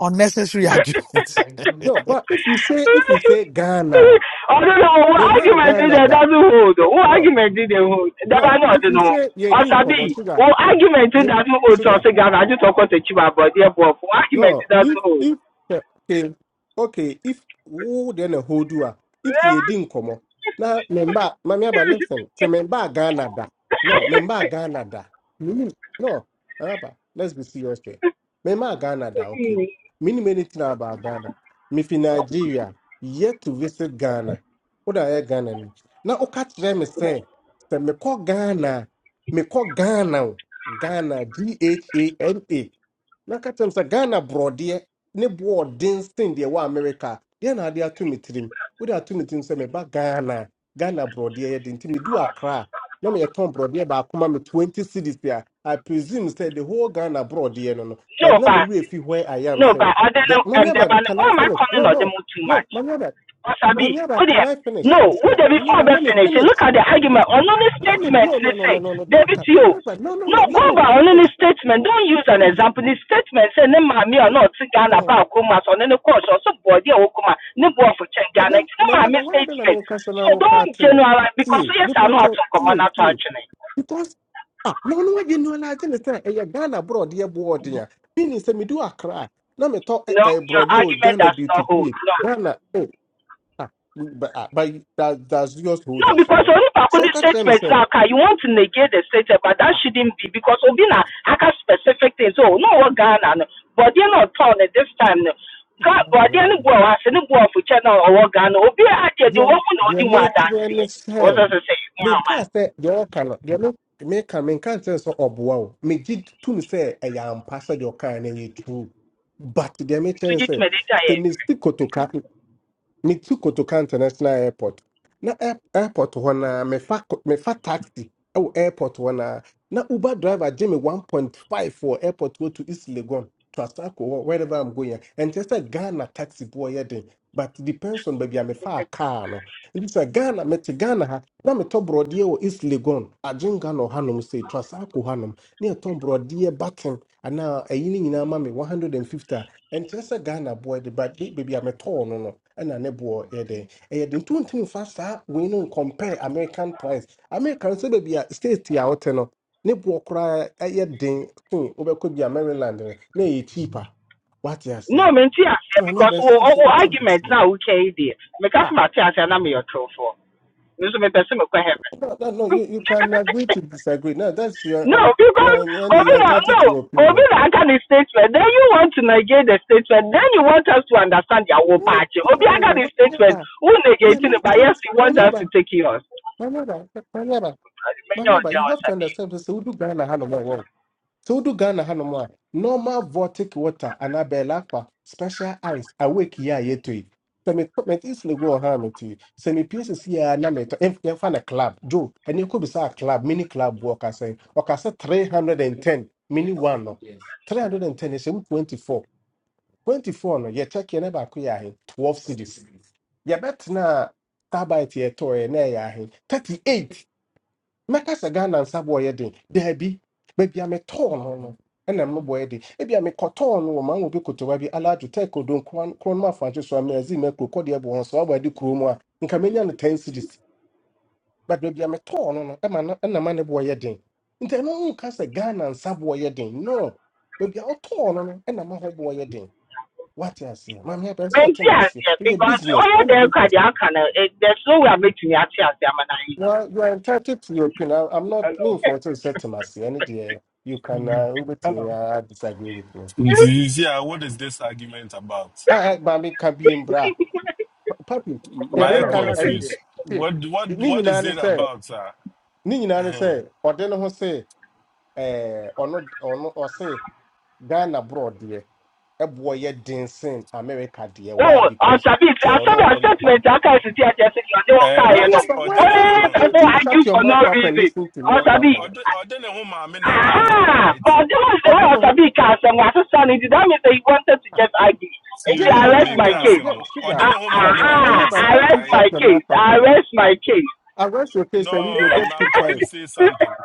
Speaker 11: unnecessary arguments.
Speaker 12: no but if you say if you say Ghana
Speaker 10: I don't know what
Speaker 12: me ma
Speaker 10: argument did
Speaker 12: Ghana
Speaker 10: that
Speaker 12: da
Speaker 10: doesn't hold. though? What
Speaker 12: no
Speaker 10: argument did they hold? That I
Speaker 12: no
Speaker 10: not
Speaker 12: if you
Speaker 10: know.
Speaker 12: say ye
Speaker 10: Or
Speaker 12: din kobo
Speaker 10: Sabi,
Speaker 12: sugar
Speaker 10: what argument did
Speaker 12: you
Speaker 10: that doesn't hold? So I
Speaker 12: sugar
Speaker 10: say, Ghana, I just talk about the chiba, but yeah, but what argument did
Speaker 12: No,
Speaker 10: that
Speaker 12: if
Speaker 10: doesn't hold?
Speaker 12: if eh, okay, okay, if who then a whole doer, if ye didn't come on. Now member mammy but listen, say member Ghana da. No, member Ghana da. Meaning no, Abba, let's be serious here. Member Ghana da, okay. Many many thing about Ghana. Me fi Nigeria, yet to visit Ghana. What are Ghana? ni? Now okay them say, say me call Ghana, me call Ghana, Ghana, G H A N A na ka kyerɛ m sɛ ghana borɔdeɛ ne boɔ ɔden sen deɛ wɔ amerika a, deɛ na ade ato me tirim wode ato me tirim sɛ meba ghana a, ghana borɔdeɛ yɛ den nti medu akra a na meyɛtɔn borɔdeɛ baako ma me 20 cities a i presume sɛ the whole ghana borɔdeɛ no no but
Speaker 10: no,
Speaker 12: na
Speaker 10: but
Speaker 12: mewerɛ fi where i am
Speaker 10: no, but
Speaker 12: sɛ
Speaker 10: other than
Speaker 12: the mami
Speaker 10: um, the man,
Speaker 12: can
Speaker 10: why
Speaker 12: i
Speaker 10: am I
Speaker 12: finish
Speaker 10: calling
Speaker 12: no
Speaker 10: on them
Speaker 12: no
Speaker 10: too
Speaker 12: no
Speaker 10: much?
Speaker 12: mami aba
Speaker 10: Because I be,
Speaker 12: mami aba
Speaker 10: who
Speaker 12: can
Speaker 10: them?
Speaker 12: i finish
Speaker 10: No,
Speaker 12: yes,
Speaker 10: who
Speaker 12: no.
Speaker 10: they
Speaker 12: mami
Speaker 10: before
Speaker 12: aba
Speaker 10: best
Speaker 12: let me
Speaker 10: finish?
Speaker 12: finish
Speaker 10: Look at the argument on only
Speaker 12: let me
Speaker 10: statement.
Speaker 12: no no
Speaker 10: They
Speaker 12: no
Speaker 10: say,
Speaker 12: no no no don't
Speaker 10: David,
Speaker 12: cut
Speaker 10: you.
Speaker 12: mami aba no no no
Speaker 10: No,
Speaker 12: let
Speaker 10: go
Speaker 12: me
Speaker 10: by on any
Speaker 12: finish
Speaker 10: statement. Don't use an
Speaker 12: Hmm,
Speaker 10: example. The statement say, "Ne mami or not to Ghana
Speaker 12: hmm.
Speaker 10: about Kuma, so any course or some body or Kuma, ne boy for change
Speaker 12: Oh,
Speaker 10: Ghana.
Speaker 12: man,
Speaker 10: It's not my
Speaker 12: remember why do not I
Speaker 10: statement.
Speaker 12: make us an
Speaker 10: So
Speaker 12: hour
Speaker 10: don't
Speaker 12: cartoon?
Speaker 10: generalize because
Speaker 12: See,
Speaker 10: yes,
Speaker 12: look
Speaker 10: I know
Speaker 12: at
Speaker 10: how
Speaker 12: all,
Speaker 10: to command
Speaker 12: see,
Speaker 10: out
Speaker 12: see,
Speaker 10: actually.
Speaker 12: because ah, no, no, I didn't know I didn't say a Ghana broad, dear board, dear. Meaning, say, me do a cry. Now, me talk
Speaker 10: No,
Speaker 12: a
Speaker 10: your
Speaker 12: broad, dear what
Speaker 10: argument
Speaker 12: Ghana
Speaker 10: does
Speaker 12: do to
Speaker 10: not hold.
Speaker 12: see
Speaker 10: No.
Speaker 12: Ghana, oh, ah, we- but, ah, but that, that's yours hold
Speaker 10: No,
Speaker 12: as
Speaker 10: because
Speaker 12: well.
Speaker 10: only
Speaker 12: So,
Speaker 10: Pakundi
Speaker 12: catch them and
Speaker 10: statements
Speaker 12: say,
Speaker 10: now, okay, you want to negate the statement, but that
Speaker 12: ah,
Speaker 10: shouldn't be because Obina
Speaker 12: ah,
Speaker 10: Aka specific things. Oh, no, what Ghana, no. but they're not torn at this time. No.
Speaker 12: they
Speaker 10: Ga- But they're not
Speaker 12: are
Speaker 10: going to go off with China or what Ghana. Obi Ake, the woman or
Speaker 12: they are
Speaker 10: the one that
Speaker 12: making
Speaker 10: see
Speaker 12: me
Speaker 10: What
Speaker 12: say.
Speaker 10: does it say?
Speaker 12: Me
Speaker 10: Yeah, man.
Speaker 12: can't say your can menkaa you deɛ ɔka no deɛ no meka menkaa sɛ sɛ ɔboa wo megye to no sɛ ɛyɛ ampa sɛ deɛ ɔkaa no ɛyɛ true but deɛ mekyɛ
Speaker 10: To
Speaker 12: ne
Speaker 10: get
Speaker 12: sɛ sɛ
Speaker 10: meditated.
Speaker 12: mesi kotoka me metu kotoka international airport na air- airport wana me fa ko- me fa taxi Oh airport wana na uber driver gye me 1.5 for airport go to east legon to asako or wherever i'm going And just a ghana taxi boy yɛ den but depends on baby baabi a mefa car no it's a ghana me mete ghana ha na metɔ broadie wɔ east legon agyenka na Hanum say to asako hanom ne ɛtɔ borɔdeɛ batten anaa ɛyi no nyinaa ma me 150 And fifty. And just a ghana boɔ de but baabi a metɔɔ no no ɛna ne boɔ yɛ dɛn ɛyɛ de nti wontumi mfa saa wei no compare american price american sɛ baabi a state a wote no ne boɔ koraa ɛyɛ den sen wobɛkɔ bi a maryland no na ɛyɛ cheaper wate aseɛ
Speaker 10: no, here. No, I see
Speaker 12: maame
Speaker 10: because
Speaker 12: abɛɛ sɛ
Speaker 10: oh,
Speaker 12: wo
Speaker 10: oh,
Speaker 12: so
Speaker 10: oh,
Speaker 12: wote base
Speaker 10: argument now, okay, dear. Make up my tears and I'm your true for. Me so me person me kwa heaven.
Speaker 12: No, no, no, you, you can agree to disagree. No, that's your
Speaker 10: No,
Speaker 12: um, you are
Speaker 10: because
Speaker 12: in and you are
Speaker 10: Obina, no,
Speaker 12: entitled to your opinion.
Speaker 10: Obina can is statement. Then you want to negate the statement. Then you want us to understand your whole
Speaker 12: No,
Speaker 10: patch. Obina can is statement.
Speaker 12: Maniaba,
Speaker 10: Who
Speaker 12: yeah,
Speaker 10: negating it?
Speaker 12: makes
Speaker 10: But yes,
Speaker 12: sense.
Speaker 10: you want us to
Speaker 12: Maniaba,
Speaker 10: take yours.
Speaker 12: Maniaba, Maniaba,
Speaker 10: Many of
Speaker 12: Maniaba.
Speaker 10: them
Speaker 12: You
Speaker 10: are
Speaker 12: have to
Speaker 10: sabi.
Speaker 12: understand. So, who do Ghana? Hello, Todo Ghana ha nom normal vortic water anaa bɛɛla special ice awake yi yetui. yɛtɔ yi sɛ me met easily go ɔha me ti sɛ me pie sisi a na metɔ ɛmf- yɛmfa no club jo ɛne kɔ club mini club bu ɔkasɛ ɔkasɛ three hundred and ten mini one no three hundred and ten ɛhyɛ mu twenty four twenty four no ye check ne baako yɛ twelve cities yɛbɛtena a Starbite yɛtɔɔ yɛ na ɛyɛ thirty eight mɛka sɛ ghana nsa boɔyɛ den daabi baabi a metɔɔ no no ɛnam no boɔyɛ den ebi a mekɔtɔɔ no wɔ maa wɔbi kotowa bi alaadwo tɛ kodo nkron no afankye so a mɛazi mɛ kuro kɔdeɛ bɔ wɔn so abɔ ade kuro mu a nka menya no ten series but baabi a metɔɔ no no ɛma no ɛnam ne boɔyɛ den nti ɛno no nka sɛ ghana nsa boɔyɛ den no baabi a ɔtɔɔ no no ɛnam ahɔ boɔyɛ den wate aseɛ maame abɛn sɛ
Speaker 10: Many
Speaker 12: ɔte ma
Speaker 10: years,
Speaker 12: aseɛ
Speaker 10: yeah,
Speaker 12: ɛyɛ
Speaker 10: because
Speaker 12: business
Speaker 10: all the
Speaker 12: ɛna
Speaker 10: them
Speaker 12: business
Speaker 10: can, they can. There's no way I'm making a tears. They are
Speaker 12: You
Speaker 10: naive.
Speaker 12: are, you are entitled to your opinion. I, am not me
Speaker 1: hello
Speaker 12: for to set to my any day. You can uh,
Speaker 1: Mhm.
Speaker 12: over to me.
Speaker 1: hello
Speaker 12: I disagree with me.
Speaker 13: It is, yeah, what is this argument about?
Speaker 12: I, I Bami can be in bra. Papi,
Speaker 13: M-
Speaker 12: the
Speaker 13: My
Speaker 14: obi na
Speaker 13: head
Speaker 1: hello
Speaker 14: ɛka
Speaker 12: American are
Speaker 14: sɛ
Speaker 12: you
Speaker 14: deɛ
Speaker 13: confused.
Speaker 12: see?
Speaker 13: What what
Speaker 12: Ni
Speaker 13: what
Speaker 12: nyinaa
Speaker 13: is
Speaker 12: ne
Speaker 13: it
Speaker 12: sɛ,
Speaker 13: about, sir?
Speaker 12: ni nyinaa ne
Speaker 13: Uh-huh.
Speaker 12: sɛ, say, eh or not or not or say Ghana abroad deɛ, A boy den dancing America deɛ. Why?
Speaker 10: Oh, I
Speaker 12: Because
Speaker 10: sabi. I
Speaker 12: sɛ or
Speaker 10: sabi
Speaker 12: no?
Speaker 10: a
Speaker 12: ɔ-
Speaker 10: statement. I can't sit here just saying you don't
Speaker 13: Uh,
Speaker 10: care.
Speaker 12: but
Speaker 10: You
Speaker 13: but
Speaker 10: know,
Speaker 12: why?
Speaker 13: ordene
Speaker 12: Mami
Speaker 10: only
Speaker 12: but
Speaker 13: hono,
Speaker 12: can't
Speaker 10: people
Speaker 12: you shut
Speaker 10: argue
Speaker 12: your
Speaker 10: for
Speaker 12: mouth
Speaker 10: no
Speaker 12: up and
Speaker 10: reason.
Speaker 12: listen to me
Speaker 10: I
Speaker 12: one
Speaker 10: sabi.
Speaker 12: for one?
Speaker 13: ordene ho maame na ɛka asa,
Speaker 10: Aha!
Speaker 13: right?
Speaker 10: But that was the way I
Speaker 12: Ɔde
Speaker 10: was
Speaker 12: ne
Speaker 10: a big cast and was standing. That means they wanted to get ugly. It
Speaker 12: Dear na
Speaker 13: Till
Speaker 10: arrest
Speaker 12: yeah,
Speaker 13: me
Speaker 10: my
Speaker 12: dear
Speaker 10: case.
Speaker 13: cancer mo.
Speaker 12: sugar,
Speaker 10: Ah,
Speaker 13: Ordene ho
Speaker 12: sugar mu
Speaker 13: maame na
Speaker 12: a, mami
Speaker 13: ɛka
Speaker 12: aba,
Speaker 13: asa,
Speaker 10: Aha!
Speaker 12: can't
Speaker 10: Arrest
Speaker 12: you
Speaker 13: right?
Speaker 10: my
Speaker 12: shut your mouth
Speaker 10: case.
Speaker 12: up for wine?
Speaker 10: Arrest my case.
Speaker 12: Arrest your face and you dey
Speaker 13: No,
Speaker 12: just
Speaker 13: ma- I'm
Speaker 12: keep
Speaker 13: trying to
Speaker 12: quiet.
Speaker 13: say something.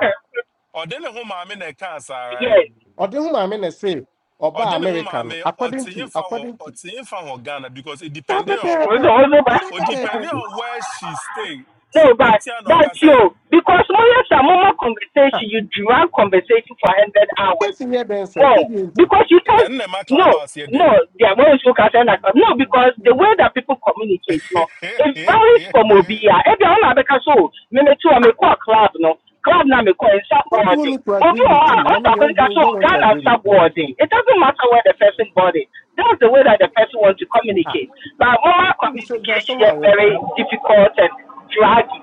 Speaker 13: Ordene ho maame na ɛka asa,
Speaker 10: yes.
Speaker 13: right?
Speaker 12: Or Ɔde ho maame na say, or by
Speaker 13: Ordene ho
Speaker 12: American,
Speaker 13: maame
Speaker 12: according to,
Speaker 13: ɔteyefa wɔ
Speaker 12: according to,
Speaker 13: ɔteyefa wɔ Ghana because it
Speaker 12: saa
Speaker 13: depending on,
Speaker 10: Also,
Speaker 12: pɛpɛɛpɛ,
Speaker 10: also, but,
Speaker 12: saa
Speaker 13: it depending
Speaker 12: pɛpɛɛpɛ.
Speaker 13: on where she stay.
Speaker 10: no, but
Speaker 13: Ntia na ɔka
Speaker 10: that's
Speaker 13: sɛ
Speaker 10: you. Because when you have a normal
Speaker 12: Ah,
Speaker 10: conversation, you drag conversation for 100 hours.
Speaker 12: Yes, in here, Ben, sir,
Speaker 10: No,
Speaker 12: said you
Speaker 10: because you can't.
Speaker 13: ɛnna ɛma
Speaker 10: No,
Speaker 13: clubhouse yɛ dɛ
Speaker 10: no,
Speaker 13: no
Speaker 10: there are we spoke as no, because the way that people communicate, no, it varies from Obia. Every one of the so me me too, I me
Speaker 12: Ah,
Speaker 10: call club, no, club na me call in
Speaker 12: what do you want me
Speaker 10: subordinate.
Speaker 12: to agree
Speaker 10: Obi
Speaker 12: with
Speaker 10: wa,
Speaker 12: you? Now,
Speaker 10: on
Speaker 12: me,
Speaker 10: top
Speaker 12: they
Speaker 10: of the
Speaker 12: don't, you
Speaker 10: so
Speaker 12: don't want to
Speaker 10: Ghana
Speaker 12: agree with me.
Speaker 10: subordinate. It doesn't matter where the person born That's the way that the person wants to
Speaker 12: Ah,
Speaker 10: communicate. But normal
Speaker 12: well, so there are
Speaker 10: communication
Speaker 12: someone I
Speaker 10: is
Speaker 12: work at.
Speaker 10: very
Speaker 1: hello
Speaker 10: difficult and draggy.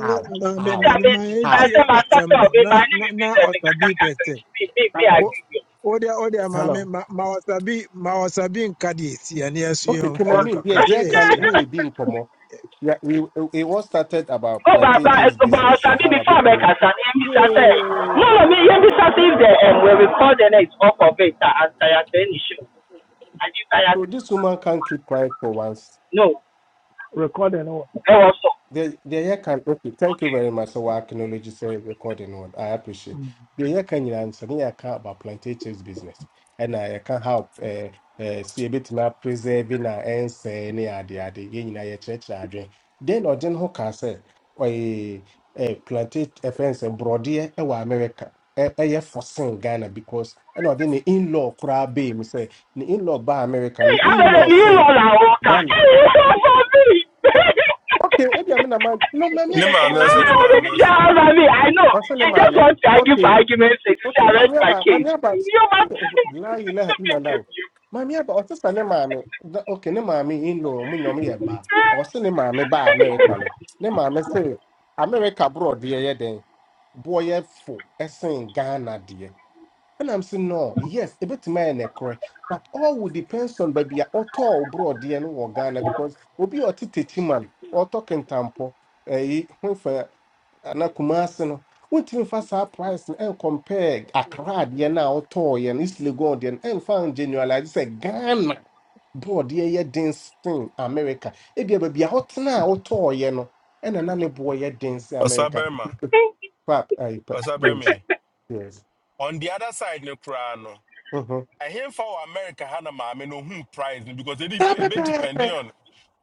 Speaker 12: How?
Speaker 14: maame
Speaker 10: You see, I
Speaker 12: How?
Speaker 14: maame
Speaker 10: mean,
Speaker 14: ma
Speaker 10: I
Speaker 12: How?
Speaker 14: yɛntie
Speaker 10: say my
Speaker 14: asɛm
Speaker 10: starter,
Speaker 14: no na
Speaker 10: my name
Speaker 14: na
Speaker 10: is
Speaker 14: na
Speaker 10: business, I can't,
Speaker 14: ɔsabi
Speaker 10: I
Speaker 14: pɛ
Speaker 10: can't, me, me, me,
Speaker 14: O
Speaker 10: I
Speaker 14: wo
Speaker 1: hello
Speaker 10: agree.
Speaker 14: wodeɛ wodeɛ maame ma
Speaker 1: hello
Speaker 14: me ma ma osabi ma ɔsabi nka deɛ ɛsi ɛne ɛso
Speaker 12: Okay,
Speaker 14: yɛn
Speaker 12: can
Speaker 10: oh,
Speaker 12: I
Speaker 14: mfolo
Speaker 12: mean, yeah,
Speaker 14: kakra sɛ
Speaker 12: yeah, can
Speaker 14: yɛyɛ
Speaker 1: yeah
Speaker 12: me be in Pomo. Yeah, we it was started about
Speaker 10: but,
Speaker 12: plantain chips
Speaker 10: but, but I
Speaker 12: business. eh,
Speaker 10: shall be
Speaker 12: How I bet
Speaker 10: before I
Speaker 12: you.
Speaker 10: can say, no, no,
Speaker 12: Yeah.
Speaker 10: me, you just say if the um, we record and it's off of it, uh, and I have the issue. And you say,
Speaker 12: So this woman can't keep quiet for once.
Speaker 10: no,
Speaker 1: recording or
Speaker 10: I also,
Speaker 12: The the year can okay. Thank you
Speaker 10: okay.
Speaker 12: very much. So I acknowledge you for recording one. I appreciate. The year can you answer me? I can about plantations business, and I can help. Uh, uh, see a bit now preserving our and say any idea the yin in a church adwin. Then or then who can say or a plantation offense and broadier ɛwɔ America. ɛyɛ forcing Ghana because ɛna ɔde ne in-law koraa be me say ne in-law ba America
Speaker 10: Hey,
Speaker 12: ne
Speaker 10: I'm a
Speaker 12: in-law
Speaker 10: new
Speaker 12: say
Speaker 10: one, I walk out.
Speaker 12: Ghana.
Speaker 10: Hey, it's off of me.
Speaker 12: Okay, ebi ame na ma no mami
Speaker 13: ne
Speaker 12: aba sa
Speaker 13: maame
Speaker 12: you
Speaker 13: ɔsɛ ne
Speaker 12: can
Speaker 10: Ah, this
Speaker 12: come.
Speaker 13: maame
Speaker 10: is
Speaker 13: ɔsɛ ne maame
Speaker 10: I know.
Speaker 12: Ma se ne
Speaker 10: You just
Speaker 12: maame.
Speaker 10: want to argue for
Speaker 12: Okay,
Speaker 10: argument's sake. You say,
Speaker 12: okay.
Speaker 10: arrest
Speaker 12: Mami
Speaker 10: my
Speaker 12: aba,
Speaker 10: case.
Speaker 12: mami aba.
Speaker 10: You must.
Speaker 12: La ilaha illa Allah. Mami aba o se sa ne maame. Okay, ne maame in law mu nyom ye mba. O se ne maame ba America no. Ne maame se America abroad de ye den. Boy ye fo. Esen Ghana de. And I'm saying, no, yes, a bit man, correct. But all will depends on baby auto broad and or Ghana because we'll be auto teaching man or talking tampo. Eh, when for na Kumasi no wontumi fa saa price and compare Accra adeɛ no a wotɔɔeɛ no East Legon deɛ no ɛmfa generalize sɛ Ghana bɔɔdeɛ yɛ den sen America ebia baabi a wotena a wotɔɔeɛ no ɛna na ne boɔ boy den sen
Speaker 13: ɔsa
Speaker 12: America
Speaker 13: bɛrima
Speaker 12: pap I pa
Speaker 13: ɔsa bɛrima
Speaker 12: James
Speaker 13: yi
Speaker 12: yes
Speaker 13: on the other side no koraa no
Speaker 12: mhm
Speaker 13: ɛhenfa wɔ america ha na maame no ohun price no because ebi
Speaker 12: saa
Speaker 13: ebe depend on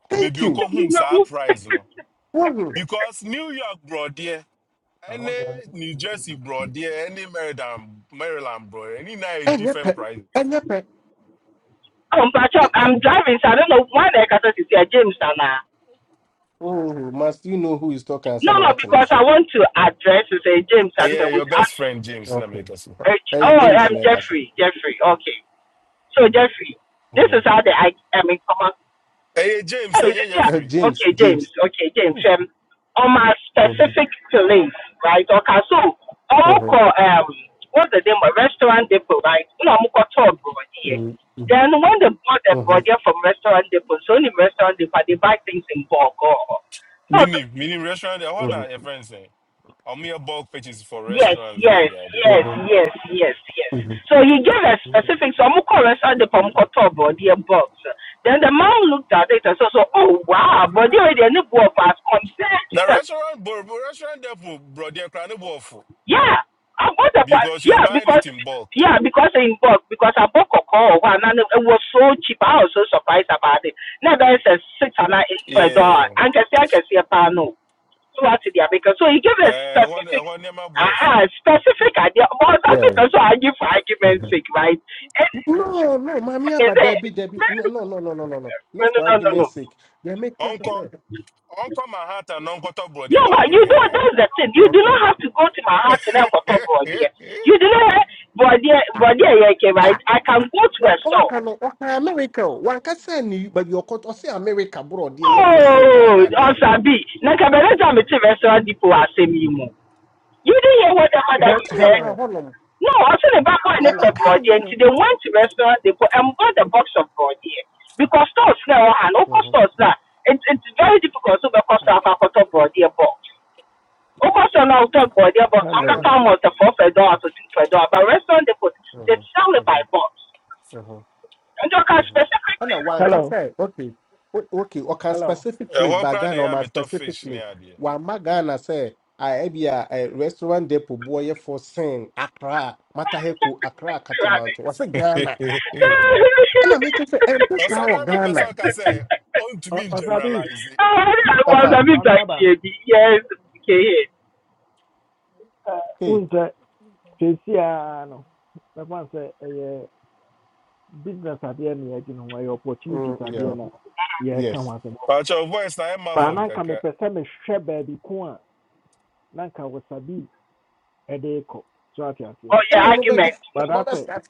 Speaker 12: Thank
Speaker 13: baby
Speaker 12: you.
Speaker 13: okɔ hun saa price no
Speaker 12: Mhm.
Speaker 13: because new york borɔdeɛ ɛne new jersey borɔdeɛ ɛne maryland maryland borɔdeɛ ɛne na yɛ
Speaker 12: Ɛnyɛ pɛ,
Speaker 13: different prices
Speaker 12: ɛnyɛ pɛ,
Speaker 10: Um, but I'm
Speaker 12: ɛnyɛ
Speaker 10: I'm driving, so I don't know why the cat is here, James. And, uh,
Speaker 12: Oh, must you know who is talking and
Speaker 10: no,
Speaker 12: son of
Speaker 10: no,
Speaker 12: what can I
Speaker 10: because I
Speaker 12: say?
Speaker 10: want to address to say James. I don't know
Speaker 13: ɛyɛ your
Speaker 10: who's
Speaker 13: best
Speaker 10: uh,
Speaker 13: friend james na
Speaker 12: Okay.
Speaker 13: mɛka so
Speaker 10: uh,
Speaker 12: Hey,
Speaker 10: oh,
Speaker 12: James
Speaker 10: um,
Speaker 12: nekasa. ɛkasa.
Speaker 10: Jeffrey, Jeffrey. Okay, so
Speaker 12: Mhm.
Speaker 10: Jeffrey, this is
Speaker 12: Mhm.
Speaker 10: how the I, I mean, come on.
Speaker 13: ɛyɛ james
Speaker 10: Oh, is
Speaker 13: ɛyɛ
Speaker 10: it yeah?
Speaker 12: Eh,
Speaker 13: yɛfiri.
Speaker 12: James,
Speaker 10: Okay, James.
Speaker 12: James.
Speaker 10: Okay, James.
Speaker 12: Mhm.
Speaker 10: Um, on my
Speaker 12: Mhm.
Speaker 10: specific feelings, right? Okay, so Omuko,
Speaker 12: Mhm.
Speaker 10: um, what's the name? of Restaurant Depot, right? No, Omuko told here.
Speaker 12: Mhm.
Speaker 10: Then when they bought the
Speaker 12: Mhm.
Speaker 10: body from Restaurant Depot, so only Restaurant Depot, they buy things in bulk. Oh, so,
Speaker 13: Mini, mini restaurant. I want your friends say. I'm here bulk purchase for
Speaker 10: Yes,
Speaker 13: restaurants. Yeah,
Speaker 10: yes,
Speaker 13: the idea.
Speaker 10: yes,
Speaker 12: Mhm.
Speaker 10: yes, yes, yes.
Speaker 12: Mhm.
Speaker 10: So he gave a specific, so Mukore said the
Speaker 12: Mhm.
Speaker 10: Pomkoto body and box. Then the man looked at it and said, so, oh wow, body already and the book as compared to
Speaker 13: Now
Speaker 10: that.
Speaker 13: restaurant, but restaurant there for bro, they're crying about food
Speaker 10: Yeah, I bought the box.
Speaker 13: because you're
Speaker 10: Yeah,
Speaker 13: buying it
Speaker 10: because,
Speaker 13: in bulk.
Speaker 10: yeah, because in box, because I bought Coco one and it was so cheap. I was so surprised about it. Now there's a six and a eight for a
Speaker 13: Yeah.
Speaker 10: dollar. I can see, I can see a panel. so I they are making. So he gave a
Speaker 13: Eh, one, eh,
Speaker 10: specific,
Speaker 13: one name about for.
Speaker 10: aha, specific idea. But that's
Speaker 12: Yeah.
Speaker 10: because I give for argument's
Speaker 12: Mhm.
Speaker 10: sake, right? And
Speaker 12: No, no, mommy,
Speaker 10: is
Speaker 12: but
Speaker 10: it,
Speaker 12: Debbie, Debbie, no, no,
Speaker 10: no,
Speaker 12: no, no, no, no, no,
Speaker 10: no,
Speaker 12: not
Speaker 10: no,
Speaker 12: for
Speaker 10: no, no. No,
Speaker 12: argument's sake. They make sense.
Speaker 13: Uncle, Uncle Manhattan, Uncle Top, bro,
Speaker 10: No,
Speaker 13: they're
Speaker 10: but
Speaker 13: back on
Speaker 10: you don't,
Speaker 13: there.
Speaker 10: that's the thing. You do
Speaker 12: You
Speaker 10: not have to go to my house and have a cup of idea. You do not have, but yeah, but
Speaker 12: Ah,
Speaker 10: yeah, yeah, okay,
Speaker 12: ah.
Speaker 10: right? I can go to a
Speaker 12: But
Speaker 10: store.
Speaker 12: ọka no ọka America o wankasa ni baabi ọkọ say America bọrọ ọdẹ yẹ fọsin
Speaker 10: Oh,
Speaker 12: Ghana dear.
Speaker 10: Osabi. Now, can I tell me to restaurant people are saying you more? You didn't hear what the mother you
Speaker 12: That's what
Speaker 10: said?
Speaker 12: adeɛ ọsẹ ọka
Speaker 1: hello
Speaker 12: hɔnom
Speaker 10: No, I said about buying
Speaker 12: na
Speaker 10: it for
Speaker 1: hello
Speaker 12: ọka yɛ no. all can
Speaker 10: Brody,
Speaker 12: you
Speaker 10: and
Speaker 12: know.
Speaker 10: they went to restaurant, they put and bought a box of Brody. Because stores now and local
Speaker 12: Mhm,
Speaker 10: stores now, it, it's very difficult to because of a quarter Brody box. Local store now talk Brody box, I
Speaker 1: hello
Speaker 12: Maame
Speaker 10: can
Speaker 12: aba
Speaker 10: come out the four for a dollar to two for a dollar, but restaurant they put, they
Speaker 12: Mhm,
Speaker 10: sell it by
Speaker 12: mhm,
Speaker 10: box.
Speaker 12: mhm,
Speaker 10: And you can
Speaker 12: mhm. And
Speaker 10: specifically.
Speaker 12: uh, one can
Speaker 1: Hello,
Speaker 12: say okay o- okay ɔka
Speaker 1: hello.
Speaker 12: specific
Speaker 13: Eh,
Speaker 12: place
Speaker 13: one
Speaker 12: But
Speaker 13: crying,
Speaker 12: Ghana
Speaker 13: I am
Speaker 12: ɔma
Speaker 13: a tough
Speaker 12: specific
Speaker 13: fish
Speaker 12: place
Speaker 13: near there.
Speaker 12: wama Ghana sɛ a ɛbi a ɛ, restaurant depot boɔ yɛ fɔsin Accra Mataheko Accra Katamanto wɔsɛ Ghana And I ɛna mi Say, sɛ this
Speaker 13: Or
Speaker 12: guy,
Speaker 13: somebody,
Speaker 12: wɔ
Speaker 13: my person
Speaker 12: Ghana
Speaker 13: can say, "Oh, to
Speaker 1: O-
Speaker 13: me
Speaker 1: Osabi,
Speaker 13: generalize it."
Speaker 10: I was a
Speaker 12: ɔfa
Speaker 10: bit
Speaker 1: Mami Aba.
Speaker 10: like, yes, okay.
Speaker 1: Uh,
Speaker 12: hey.
Speaker 1: Unse, Chesi ano. Mekwan se, eye, business adeɛ na yɛgye no ho, ɛyɛ opportunities
Speaker 12: Mm, yeah.
Speaker 1: adeɛ na yɛka ho
Speaker 12: Yes.
Speaker 1: asɛm.
Speaker 13: But your voice, I am
Speaker 1: Ba
Speaker 13: muffled,
Speaker 1: na nka
Speaker 13: kakra.
Speaker 1: mepɛ sɛ mehwɛ baabi ko a, na nka Wasabi ɛde kɔ. So ate aseɛ.
Speaker 10: Oh,
Speaker 12: Ɛna
Speaker 10: yeah,
Speaker 12: ɔmo bɛda
Speaker 10: argument.
Speaker 1: But I
Speaker 12: ɔmo
Speaker 1: sɛ,
Speaker 12: bɛsa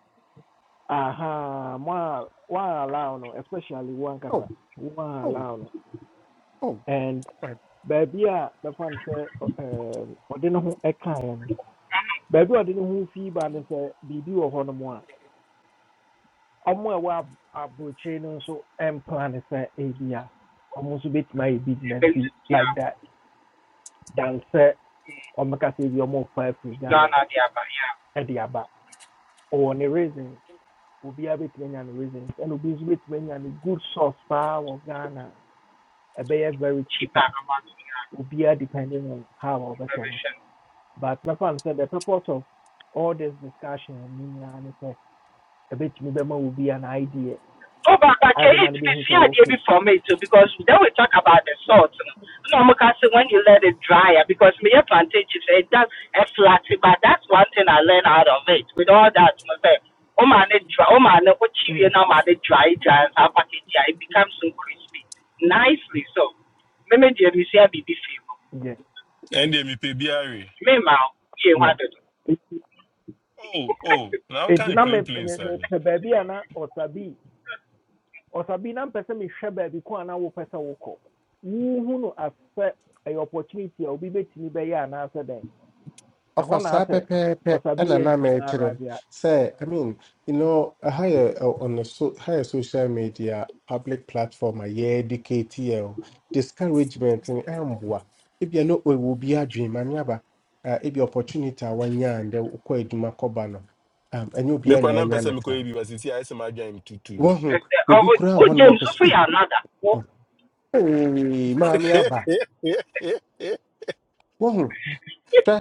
Speaker 1: aha, mo a wɔn allow no, especially wɔn ankasa,
Speaker 12: oh
Speaker 1: wɔn
Speaker 12: oh
Speaker 1: allow no.
Speaker 12: oh
Speaker 1: And
Speaker 12: alright.
Speaker 1: baabi a mɛfa no sɛ, ɔ- ɛɛm, ɔde ne ho ɛkaeɛ no, baabi a ɔde ne ho fi ba no sɛ biribi wɔ hɔnom a ɔmo a ɛwɔ ab- aburokyire no nso mpla ne sɛ ebia ɔmo nso betumi ayɛ business bi
Speaker 10: basically
Speaker 1: like that dan sɛ ɔmmɛka sɛ ebi more fa free ghana
Speaker 10: Ghana de aba yɛ a
Speaker 1: ɛde aba ɔwɔ ne reasons obiara betumi anya ne reasons and ɛna obi nso many anya ne good source paa wɔ ghana a ɛbɛyɛ very
Speaker 10: cheap a
Speaker 1: cheaper
Speaker 10: ama no yɛ a
Speaker 1: It'll obiara depending on how ɔbɛhwɛ no
Speaker 10: ɛbɛhwɛ no.
Speaker 1: but my friend said the purpose of all this discussion meaning ne nyinaa a bit ɛbɛtumi bɛma be an idea
Speaker 10: Oh, but but can
Speaker 1: ɛbɛma
Speaker 10: it
Speaker 1: no
Speaker 10: be
Speaker 1: bɛhu sɛ
Speaker 10: see idea
Speaker 1: wɔke
Speaker 10: be from too? Because then we talk about the salt. No, No, I'm gonna say when you let it dry, ah, because me your plantain chips it does it flat. But that's one thing I learned out of it. With all that, my friend, oh man, it dry. Oh man, it what you know, man, it dry, dry, and I package it. It becomes so crispy, nicely. So, me me dear, me see a be be
Speaker 1: yeah.
Speaker 13: And they me pay B R A.
Speaker 10: Me ma, yeah, one
Speaker 1: yɛ
Speaker 10: do.
Speaker 13: Oh, oh, now can
Speaker 1: nti
Speaker 13: you
Speaker 1: na me-
Speaker 13: plain plain
Speaker 1: me- me
Speaker 13: side?
Speaker 1: mepɛ baabi a na ɔsabi ɔsabi na mpɛ sɛ mehwɛ baabi ko a na wopɛ sɛ wokɔ wohu no asɛ ɛyɛ opportunity a obi bɛtumi bɛyɛ anaasɛ dɛn
Speaker 12: ɔfa
Speaker 1: ɛhɔ na
Speaker 12: saa
Speaker 1: asɛ
Speaker 12: pɛpɛɛpɛ
Speaker 1: ɔsabi
Speaker 12: ɛna
Speaker 1: yɛ
Speaker 12: na
Speaker 1: tumi ara
Speaker 12: mɛkyerɛ
Speaker 1: bi a
Speaker 12: sɛ I mean you know ɛha yɛ ɛ, on the so ha social media public platform a yɛde KTL discouragement no ɛmboa ebia no ɛwɔ bi adwene maame aba ɛ, ebia opportunity a wanya a ndɛ wokɔ adwuma kɔba no um, ɛnyɛ
Speaker 13: Me
Speaker 12: obiara na
Speaker 13: kwa nan
Speaker 12: ɛnya
Speaker 13: pese
Speaker 12: no
Speaker 13: me kwa
Speaker 12: saa
Speaker 13: ebi wasi ti ayese ma gyan tu tu bi.
Speaker 12: wohu
Speaker 10: Oh,
Speaker 12: obi koraa
Speaker 10: o
Speaker 12: wɔ hɔnom a
Speaker 10: james
Speaker 12: ɔpɛ
Speaker 10: ofe ya
Speaker 12: sɛ
Speaker 10: anada
Speaker 12: "Eh, ɔn- ee oh, hey, maame hwɛ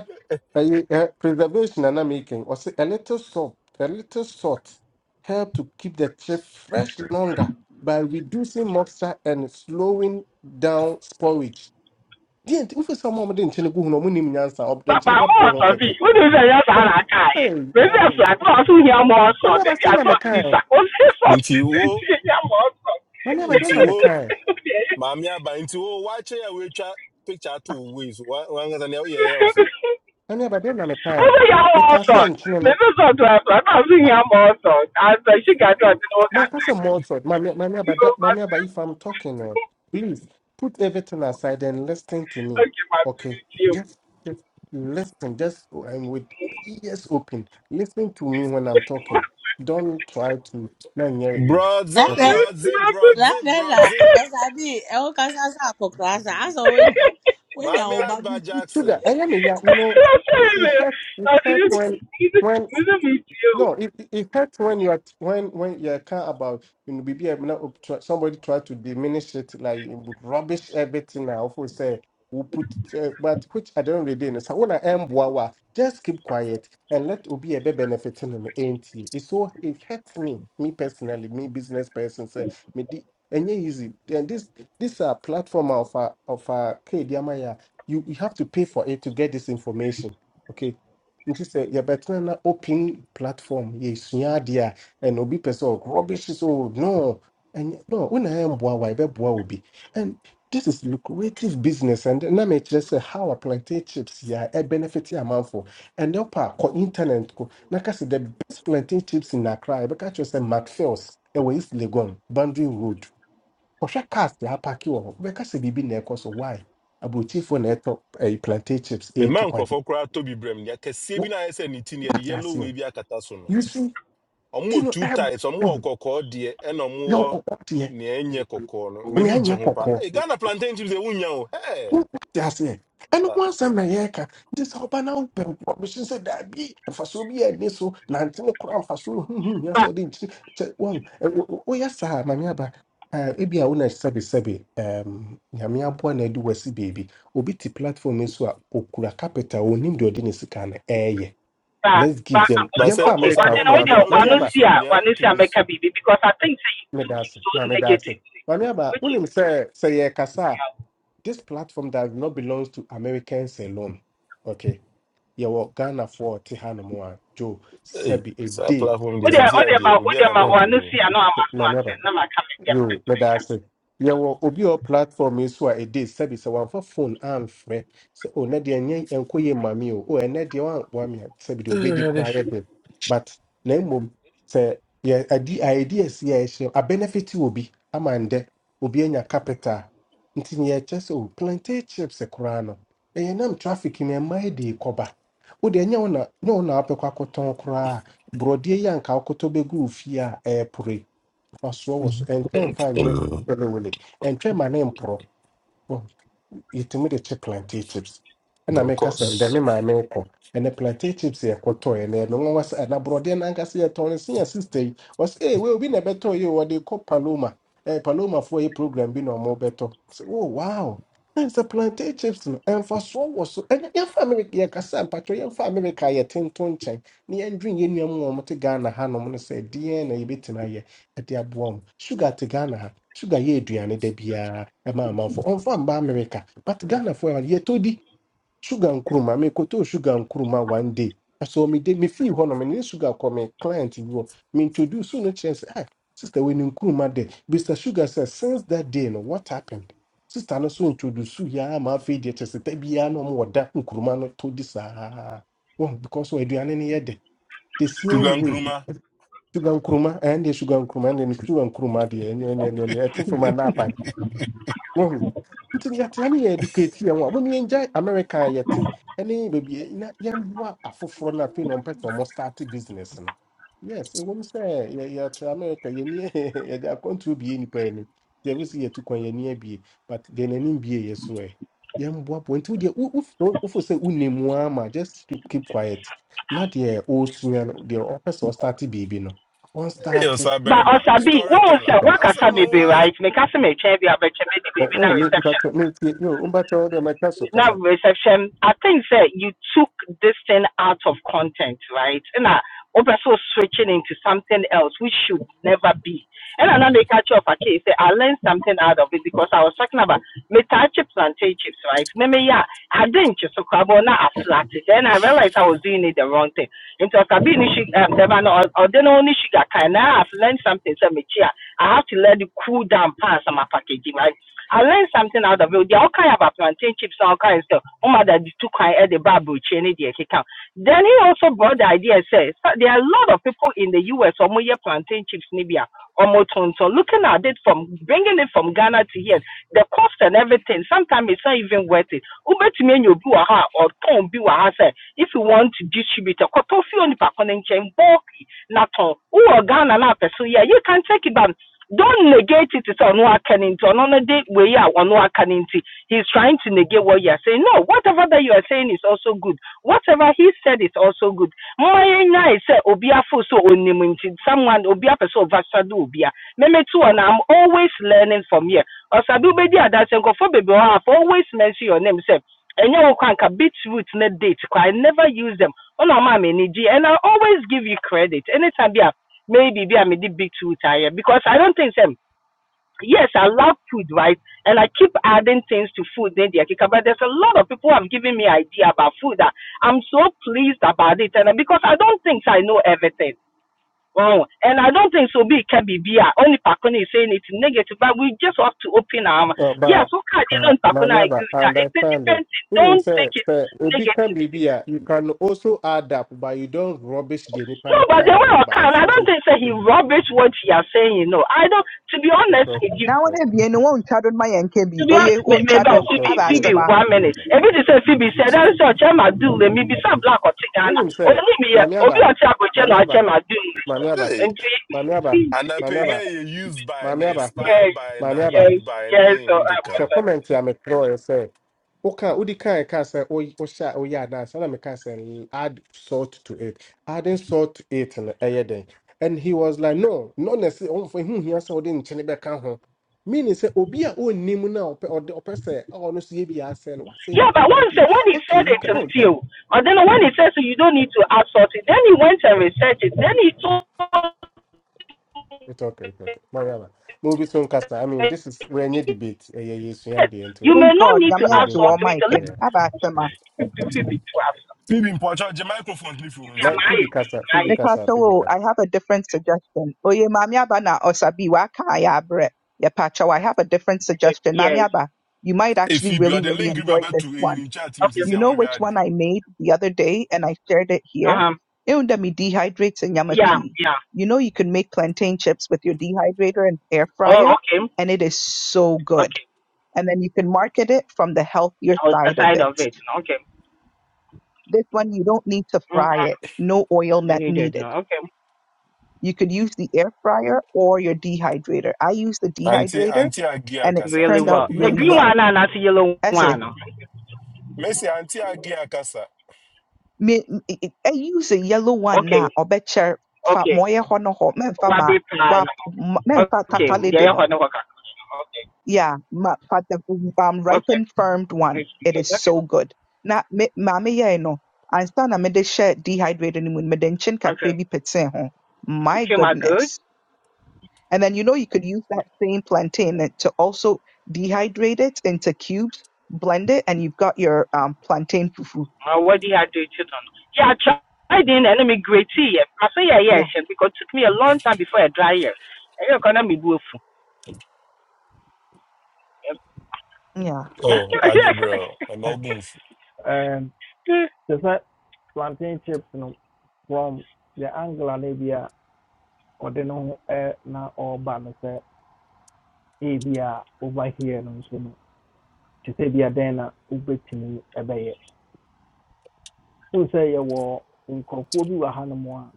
Speaker 12: ɛyɛ ɛ- preservation nana making ɔsɛ a little salt a little salt help to keep the chip fresh longer by reducing moisture and slowing down sporage deɛ nti wofi sɛ ɔma ɔmde nkyɛn no gu hu no ɔmo nim nyansa ɔde
Speaker 10: papa
Speaker 12: nkyɛn
Speaker 10: ọ
Speaker 12: bɛporɔ ho
Speaker 10: ọsọ my,
Speaker 12: kɛkɛ
Speaker 10: unu ụzọ ya sa na
Speaker 12: Ɔm-
Speaker 10: aka anyị
Speaker 12: Ɛy,
Speaker 10: mezi asụ
Speaker 12: yaw.
Speaker 10: atụ ọsụ ya ma ọsọ
Speaker 12: mami aba
Speaker 10: bebi
Speaker 12: sɛ na
Speaker 10: asọ
Speaker 12: mekae o.
Speaker 10: tisa ofe sọ
Speaker 13: Inti
Speaker 10: tisa
Speaker 13: wo,
Speaker 10: etinye ya ma ọsọ
Speaker 12: mami aba dɛn
Speaker 13: inti
Speaker 12: na
Speaker 13: wo,
Speaker 12: mekae
Speaker 13: mami aba, inti wo, wache ya wecha picture to ways. Wanga zani ya uye ya ofe.
Speaker 12: mami aba dɛn na mekae
Speaker 10: ofe ya ma
Speaker 12: meka
Speaker 10: ọsọ
Speaker 12: sɛ nkyene no
Speaker 10: mezi sọ tụ atụ atụ ọsụ ya ma ọsọ asọ isi ga atụ ọtụ n'ụka
Speaker 12: Ma,
Speaker 10: nta
Speaker 12: that's a maltod. Mami, mami, but
Speaker 10: ihe
Speaker 12: that, mami,
Speaker 10: ọmasị
Speaker 12: but if I'm
Speaker 10: my,
Speaker 12: talking, eh, please put everything aside and listen to me.
Speaker 10: masị my,
Speaker 12: Okay,
Speaker 10: itinye
Speaker 12: just, just listen. Just I'm with ears open. Listen to me when I'm talking. Don't try to not hear it with.
Speaker 3: that
Speaker 13: Broadze,
Speaker 12: Okay,
Speaker 3: that
Speaker 13: broadze,
Speaker 3: that
Speaker 13: broadze,
Speaker 10: m
Speaker 3: that
Speaker 13: broadze.
Speaker 3: ɔsabi ɛwɔ kasa sa akɔkora sa aso wenya. Wenya
Speaker 13: Mami
Speaker 3: wo
Speaker 13: Agba
Speaker 12: sugar.
Speaker 13: Jackson.
Speaker 12: I am a ya- You know, it, it hurts. It
Speaker 10: I
Speaker 12: hurts
Speaker 10: just, he
Speaker 12: when,
Speaker 10: just,
Speaker 12: when
Speaker 10: we don't meet you.
Speaker 12: No, it, it it hurts when you are when when you care about you know be somebody try to diminish it like you would rubbish everything I often say we put uh, but which I don't really know. So when I am wawa, just keep quiet and let Obi Ebe benefiting on the ain't he? It's so it hurts me, me personally, me business person say me di and yeah, easy. And this this uh, platform of uh, of uh, K D M I A, you you have to pay for it to get this information. Okay, nti sɛ yɛbɛtena na open platform yɛsua adeɛ a ɛna obi pɛ sɛ "Oh, rubbish so no ɛnyɛ no wo na ɛmboa wa ɛbɛboa obi and this is lucrative business and na mekyerɛ sɛ how a plantain chips yɛ a ɛbenefit amanfo And wopɛ a kɔ internet ko na ka sɛ the best plantain chips in accra a, yɛbɛka kyerɛ sɛ macphails ɛwɔ east legon boundary road kɔhwɛ cars yɛ apake wɔ hɔ wobɛka sɛ biribi na ɛkɔ so why aborɔkyifoɔ na ɛtɔ ɛyi plantain chips
Speaker 13: Me
Speaker 12: ɛyɛ tu
Speaker 13: man
Speaker 12: kwan
Speaker 13: krofo kura Toby brem. Ya kese bi
Speaker 12: Wo-
Speaker 13: na ayese ni tini ya di
Speaker 12: woate
Speaker 13: yellow
Speaker 12: aseɛ
Speaker 13: wavy akata so no.
Speaker 12: you see,
Speaker 13: ɔmo wɔ
Speaker 12: Tino,
Speaker 13: two types ɔmo wɔ
Speaker 12: everybody,
Speaker 13: kɔkɔɔ deɛ ɛna ɔmo
Speaker 12: your
Speaker 13: wɔ
Speaker 12: cocoa here.
Speaker 13: nea no
Speaker 12: Only
Speaker 13: m'ani
Speaker 12: I
Speaker 13: gye
Speaker 12: near
Speaker 13: ho pa
Speaker 12: cocoa.
Speaker 13: hey, ghana plantain chips ɛwo nya o Hey,
Speaker 12: Who just here? And
Speaker 13: ala
Speaker 12: once I'm here, this urban open provision said that be and for so be a nisso, Nantino crown for so. hm, Yes,
Speaker 10: But,
Speaker 12: or didn't one. Oh, oh, oh, yes, sir, my neighbor. Uh, ebi a wona sɛbe sɛbe um, nyame aboa na ade wasi baabi obi te platform yi so a ɔkura capital a onim deɛ ɔde ne sika no ɛɛyɛ
Speaker 10: but,
Speaker 12: let's give
Speaker 10: but,
Speaker 12: them
Speaker 13: ba
Speaker 10: uh,
Speaker 13: sɛ
Speaker 12: yɛmfa
Speaker 10: okay.
Speaker 13: ɔsa
Speaker 10: Well,
Speaker 12: america
Speaker 10: then,
Speaker 12: nko
Speaker 13: bɛrima
Speaker 12: ara
Speaker 10: okay,
Speaker 13: nea oke
Speaker 10: well, no,
Speaker 12: ntɛm
Speaker 10: see, I
Speaker 13: so nea
Speaker 10: well, no,
Speaker 13: oke
Speaker 10: see, I
Speaker 13: so
Speaker 10: baby because I think say you took it
Speaker 12: Medasi,
Speaker 10: so
Speaker 12: my medasi.
Speaker 10: negatively,
Speaker 12: Mamiaba,
Speaker 10: which
Speaker 12: when
Speaker 10: is,
Speaker 12: him say say yeah, kasa,
Speaker 10: yeah.
Speaker 12: this platform does not belongs to Americans alone. Okay, yeah, well, Ghana for Tihano Moa Joe
Speaker 13: hey,
Speaker 12: Sebi a
Speaker 13: saa
Speaker 12: day.
Speaker 13: platform
Speaker 10: Oh,
Speaker 13: deɛ
Speaker 10: they?
Speaker 13: sisi
Speaker 10: oh, they?
Speaker 13: adeɛ
Speaker 10: my, oh,
Speaker 13: obi
Speaker 10: there,
Speaker 13: a
Speaker 10: my,
Speaker 13: america
Speaker 10: well, no,
Speaker 13: ni o
Speaker 10: see, I know I'm a smart,
Speaker 12: Mamiaba.
Speaker 10: and I'm a coming, yeah,
Speaker 12: You,
Speaker 10: make a.
Speaker 12: madaase yɛwɔ obi a ɔ platform yi so a ɛde sɛbi sɛ wamfa phone amfrɛ sɛ o na deɛ nyɛ ɛnkɔ yɛ maame o o ɛnɛ deɛ wankoa me a sɛbi deɛ obɛdi koraa
Speaker 13: Alrighty.
Speaker 12: yɛ but na mmom sɛ yɛ adi ideas yi a ɛhyɛ abɛnɛfiti obi ama ndɛ obi anya capital nti neɛ ɛkyɛ sɛ o plantain chips koraa no ɛyɛ nam traffic no ɛma yɛ de kɔba wode ɛnyɛ wo na nyɛ wo na wapɛkɔ akɔtɔn koraa borɔdeɛ yi anka wokɔtɔ bɛgu ɔsoɔ wɔ so ɛntwɛn fa nyɛ fɛlɛwɛlɛ ɛntwɛn ma ne mporɔ yɛtumi de kye plantain chips ɛna meka sɛ ndɛ me
Speaker 13: brokos
Speaker 12: maame nkɔ ɛnɛ plantain chips yɛ kɔtɔɔ ɛnɛ ɛno wɔn wasa ɛna borɔdeɛ nankasa yɛ tɔn ne se yɛ sista yi wɔsi ee wei obi na ɛbɛtɔ yi o wɔde kɔ paloma ɛɛ palomafoɔ yi program bi na wɔn bɛtɔ sɛ oh wow ɛn sɛ plantain chips no ɛnfasoɔ wɔ so ɛnɛ yɛnfa amerika yɛ kasa mpatwɛ yɛnfa amerika yɛ tenten nkyɛn ne yɛndwin yɛn nuanom a wɔte ghana hanom no sɛ deɛn na yɛbɛtumi ayɛ ɛde aboa wɔn sugar te ghana ha sugar yɛ aduane da biara ɛma amanfo ɔmfa mba america but ghanafoɔ ɛwɔ yɛtɔ di sugar nkuruma mekɔtɔɔ sugar nkuruma one day ɛsɛ mede mefii hɔ no mene sugar kɔ me client bi hɔ meintroduce no kyerɛ sɛ "Ah, sister wei ne nkuruma de mr sugar says, since that day no what happened sister no so introduce yɛa ma afei deɛ kyɛ sɛ da biara na ɔma wɔda nkuruma no tɔ di saa Wɔn- because aduane no yɛ dɛ the
Speaker 13: sugar
Speaker 12: same way
Speaker 13: nkruma
Speaker 12: sugar nkruma and the sugar nkuruma ɛne sugar nkuruma deɛ ɛne ɛne ɛne ɛtwe from anapa wohu nti no yɛtena ne yɛ educate yɛn ho a wɔn yɛngya america a yɛte ne baabi na yɛmmoa afoforɔ no afei na ɔmpɛ sɛ ɔmo start business no yes ɛwɔ mu sɛ yɛ- yɛte america yɛni yɛde akɔntoro bie nnipa ani yɛbi sɛ yɛtu kwan yɛni abie but deɛ n'anim bie yɛ so ɛ yɛmboaboa nti wodeɛ wo- wo- wofo sɛ wonam a ma just keep, keep quiet na deɛ ɔresua no deɛ ɔpɛ sɛ ɔstarte biribi no
Speaker 13: hey,
Speaker 12: ɔnstarte
Speaker 13: ɔsa
Speaker 10: But,
Speaker 13: bɛrima
Speaker 10: also, be, what was
Speaker 13: storyteller
Speaker 10: that? What can I
Speaker 13: asɛm no
Speaker 10: be,
Speaker 13: wa
Speaker 10: right? Make us a change, be a better baby,
Speaker 12: oh,
Speaker 10: baby, now
Speaker 12: ɛwɔ me
Speaker 10: reception.
Speaker 12: mbatɛ me ntie me mbatɛ wo deɛ mɛka so kasa
Speaker 10: now reception i think that you took this thing out of content right and i also switching into something else which should never be and another culture of a case i learned something out of it because i was talking about metal chips and tape chips right maybe yeah i didn't just crabble now i flat then i realized i was doing it the wrong thing into a cabin um, the man or or then only sugar can now i've learned something so me, yeah, i have to let it cool down past my packaging right I learned something out of it. They all kind of plantain chips and all kind of stuff. Oh my God, the two kind of the Bible chain the account. Then he also brought the idea says there are a lot of people in the US or more plantain chips nibia or more tonto looking at it from bringing it from Ghana to here. The cost and everything, sometimes it's not even worth it. Ube to me you ha or ton be say if you want to distribute a kotofi on the pakonin chain bulky not on Ghana na person yeah you can take it down don't negate it. It's on Wakaninti. On a day where you are on Wakaninti, he's trying to negate what you are saying. No, whatever that you are saying is also good. Whatever he said is also good. My I say Obia so onimunti. Someone Obia person Vasadu Obia. Meme too, and I'm always learning from here. Osadu bedi adasenko for baby. I've always mention your name. Say. And you can beetroot ne date. I never use them. Oh no, mommy, and I always give you credit. Anytime, yeah, maybe be I may big tooth tire because I don't think um yes, I love food, right? And I keep adding things to food then they are but there's a lot of people who have given me idea about food that I'm so pleased about it and uh, because I don't think I know everything. Oh, and I don't think so. Be can be beer. Only Pakuna is saying it's negative, but we just have to open our. mouth.
Speaker 12: Well,
Speaker 10: Yes,
Speaker 12: but
Speaker 10: okay. You
Speaker 12: uh,
Speaker 10: know,
Speaker 12: my
Speaker 10: Pakuna, I
Speaker 12: never
Speaker 10: agree with that. It's a
Speaker 12: understand.
Speaker 10: different
Speaker 12: oh.
Speaker 10: thing.
Speaker 12: Wouldn't
Speaker 10: Don't
Speaker 12: say
Speaker 10: take it
Speaker 12: say Obi can be
Speaker 10: negatively.
Speaker 12: here. You can also add up, but you don't rubbish the
Speaker 10: No,
Speaker 12: Nipan
Speaker 10: but the way
Speaker 12: kind. no,
Speaker 10: I
Speaker 12: But
Speaker 10: can,
Speaker 12: it's
Speaker 10: I
Speaker 12: also
Speaker 10: don't think that so he
Speaker 12: it's
Speaker 10: rubbish what he is saying. You know, I don't. To be honest
Speaker 12: also
Speaker 10: with
Speaker 12: it's
Speaker 10: you,
Speaker 6: na
Speaker 12: also
Speaker 6: wɔn abien no one do my yɛn nka bi
Speaker 10: To be honest,
Speaker 6: oye
Speaker 10: me, me
Speaker 6: wɔntwa do
Speaker 10: about
Speaker 12: it's also
Speaker 10: Phoebe,
Speaker 6: aba
Speaker 10: Phoebe,
Speaker 12: it's
Speaker 6: asɛm
Speaker 12: also
Speaker 10: one minute.
Speaker 12: it's also.
Speaker 10: Every day say Phoebe said that is such a do let me be some black or Tigana.
Speaker 12: Wouldn't
Speaker 10: Only
Speaker 12: say
Speaker 10: me, eh, Obi
Speaker 12: Mamiaba,
Speaker 10: or Tiago Chema or
Speaker 12: Mamiaba,
Speaker 10: Chema do.
Speaker 12: Mamiaba,
Speaker 13: hey.
Speaker 10: And see,
Speaker 13: anapɛ na
Speaker 12: Mamiaba,
Speaker 13: yɛ used by na
Speaker 12: Mamiaba,
Speaker 13: expire
Speaker 10: yes,
Speaker 13: by na
Speaker 12: Mamiaba,
Speaker 10: yes,
Speaker 13: goodbye by
Speaker 10: yes.
Speaker 13: ne
Speaker 10: So
Speaker 13: ho
Speaker 10: I'm
Speaker 13: keka
Speaker 12: hwɛ
Speaker 13: o
Speaker 10: sorry.
Speaker 12: comment a metwerɛeɛ sɛ woka wodi kan ka sɛ woy- wohyɛ a woyɛ adanse ɛna meka sɛ "L- add salt to it adding salt to it no ɛyɛ dɛn and he was like no not necessarily ɔmfa ho hia sɛ wode nkyene bɛka ho meaning sɛ obi a ɔnnim no a ɔpɛ ɔde- ɔpɛ sɛ "Oh, ɔno so yɛ biaa sɛ no wasɛ
Speaker 10: Yeah,
Speaker 12: nnipa
Speaker 10: but
Speaker 12: no
Speaker 10: once
Speaker 12: idea
Speaker 10: eh, when he
Speaker 12: okay
Speaker 10: said it
Speaker 12: you can oh yeah
Speaker 10: until, and then when he says so you don't need to outsource it, then he went and researched it. Then he told me,
Speaker 12: it's okay it's okay mariama na obi so nkasa i mean this is wɔanyɛ debate ɛyɛ yɛsua
Speaker 10: yes,
Speaker 12: adeɛ nto
Speaker 10: you
Speaker 12: deɛ
Speaker 10: may
Speaker 6: thank
Speaker 10: not
Speaker 6: god
Speaker 10: need to
Speaker 6: yami
Speaker 12: na obi
Speaker 6: agye wɔn
Speaker 10: outsource
Speaker 12: nka
Speaker 6: ma
Speaker 10: it.
Speaker 6: nka no
Speaker 12: yeah
Speaker 6: aba asɛm
Speaker 12: yeah
Speaker 6: a
Speaker 10: Let to Phoebe to outsource.
Speaker 13: phoebe mpɔkyɛ microphone ne fi
Speaker 10: You
Speaker 13: wɔn
Speaker 10: see,
Speaker 12: my
Speaker 10: I'm
Speaker 12: phoebe kasa phoebe
Speaker 10: high,
Speaker 12: kasa phoebe kasa
Speaker 6: have a different suggestion oye maame aba na osabi waka a bre. abrɛ yɛpa i have a different
Speaker 10: Okay,
Speaker 6: suggestion maame
Speaker 10: Yes.
Speaker 6: aba you might actually
Speaker 13: efi bi
Speaker 6: really
Speaker 13: ɔde
Speaker 6: really
Speaker 13: link bi
Speaker 6: enjoy
Speaker 13: abɛto
Speaker 6: this one
Speaker 13: eyi ne chat mu
Speaker 10: Okay.
Speaker 13: sisi
Speaker 6: You know
Speaker 13: àwọn hwɛ
Speaker 6: which
Speaker 13: adi
Speaker 6: one I made the other day and I shared it here?
Speaker 10: Uh-huh.
Speaker 6: Indomie dehydrates and yama
Speaker 10: Yeah,
Speaker 6: pea.
Speaker 10: yeah.
Speaker 6: You know you can make plantain chips with your dehydrator and air
Speaker 10: Oh,
Speaker 6: fryer,
Speaker 10: okay.
Speaker 6: and it is so good.
Speaker 10: Okay.
Speaker 6: And then you can market it from the healthier
Speaker 10: I was
Speaker 6: side of
Speaker 10: aside
Speaker 6: it.
Speaker 10: of it. No, Okay.
Speaker 6: This one you don't need to fry
Speaker 10: Mhm.
Speaker 6: it. No oil net
Speaker 10: Needed. No.
Speaker 6: needed.
Speaker 10: Okay.
Speaker 6: You could use the air fryer or your dehydrator. I use the
Speaker 13: anti
Speaker 6: dehydrator
Speaker 13: anti agi
Speaker 6: and it
Speaker 13: akasa
Speaker 10: Really
Speaker 13: anti
Speaker 6: turned out
Speaker 10: well.
Speaker 13: agi
Speaker 10: The
Speaker 6: really
Speaker 10: green
Speaker 13: akasa
Speaker 6: well.
Speaker 10: one and not the yellow
Speaker 6: That's it.
Speaker 10: one. No.
Speaker 13: messi anti agi akasa
Speaker 6: me e e- use a yellow one
Speaker 10: Okay.
Speaker 6: na ɔbɛkyɛr fa ma
Speaker 10: Okay.
Speaker 6: ɔyɛ hɔ no hɔ mɛmfa ma
Speaker 10: Wabi plan.
Speaker 6: wa m-
Speaker 10: no.
Speaker 6: mɛmfa
Speaker 10: Okay.
Speaker 6: tata
Speaker 10: Yeah,
Speaker 6: lady no
Speaker 10: yeah, no, okay.
Speaker 6: yeah ma fa the um,
Speaker 10: Okay. Okay.
Speaker 6: ripened firmed
Speaker 10: Okay.
Speaker 6: one it is
Speaker 10: good. Okay.
Speaker 6: so good na me maame yɛe no ansa na mede share dehydrated. no mu no mede nkyen kakra
Speaker 10: Okay.
Speaker 6: bi petee ho my
Speaker 10: Came out good.
Speaker 6: goodness and then you know you could use that same plantain that- to also dehydrate it into cubes blend it and you've got your um, plantain fufu
Speaker 10: Uh, what do you have to do children? Yeah, I tried in enemy great tea. yeah. I say yeah, yeah,
Speaker 6: yeah
Speaker 10: sure, because it took me a long time before I dry here. I economy boof.
Speaker 6: yeah
Speaker 13: oh
Speaker 1: okay,
Speaker 13: algebra I'm
Speaker 1: ɛ-
Speaker 13: nfu
Speaker 1: ɛm, te sɛ plantain chips no from the angle no bi a ɔde no ho ɛ, na ɔreba no sɛ ebi a over here no nso no To say, bi adɛn na wobɛtumi ɛbɛyɛ wohu sɛ yɛwɔ nkurɔfoɔ bi wɔ hanom a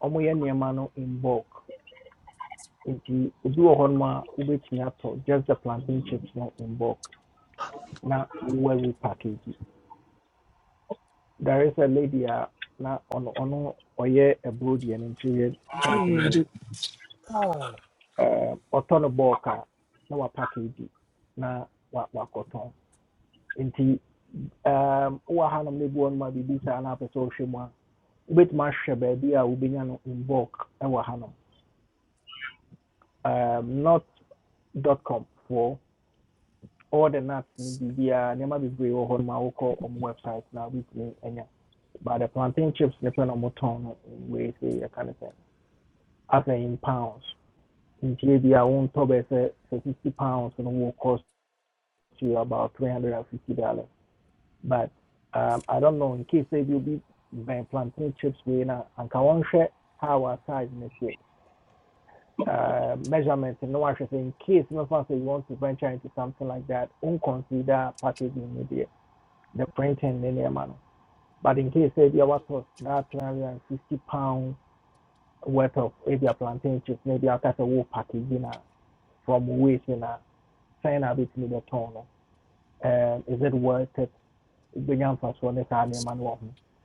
Speaker 1: ɔmoyɛ no in Kokubu Hanamoa, Omoyaniamano in bulk nti obi wɔ hɔnom just the plantain chips no in bulk na wowɔ repackage there is a lady a na ono ɔno ɔyɛ ɛburo deɛ no nkyerɛ type no bi
Speaker 13: Ɛwurade,
Speaker 1: no Eh, ɔtɔ no bulk no a na wapackage na wa- wakɔtɔn nti um, wowɔ hanom no bi wɔ nom a biribi saa wobɛtumi ahwɛ baabi a wobɛnya no in bulk ɛwɔ ha no um, not dot com for all the nuts ne biribiara nneɛma bebree wɔ hɔ no ma wokɔ ɔmo website na wobɛtumi anya but the plantain chips ne pɛ na ɔmo tɔn no in wei sɛ yɛka ne sɛ asɛ in pounds ntie bi a wontɔ bɛɛ sɛ fifty pounds no will cost you about three hundred and fifty dollars but um, i don't know in case sɛ bi obi bɛn plantain chips wei na anka wɔnhwɛ how our size ne teɛ uh, measurement and no actually in case you know, you want to venture into something like that, won't consider packaging media, the printing in any manner. But in case say there was that three hundred and fifty pound worth of maybe a plantain chips, maybe I'll cast a wool packaging uh, from waste in a sign of it in the tone. uh, Um, is it worth it? Bring on first one this army man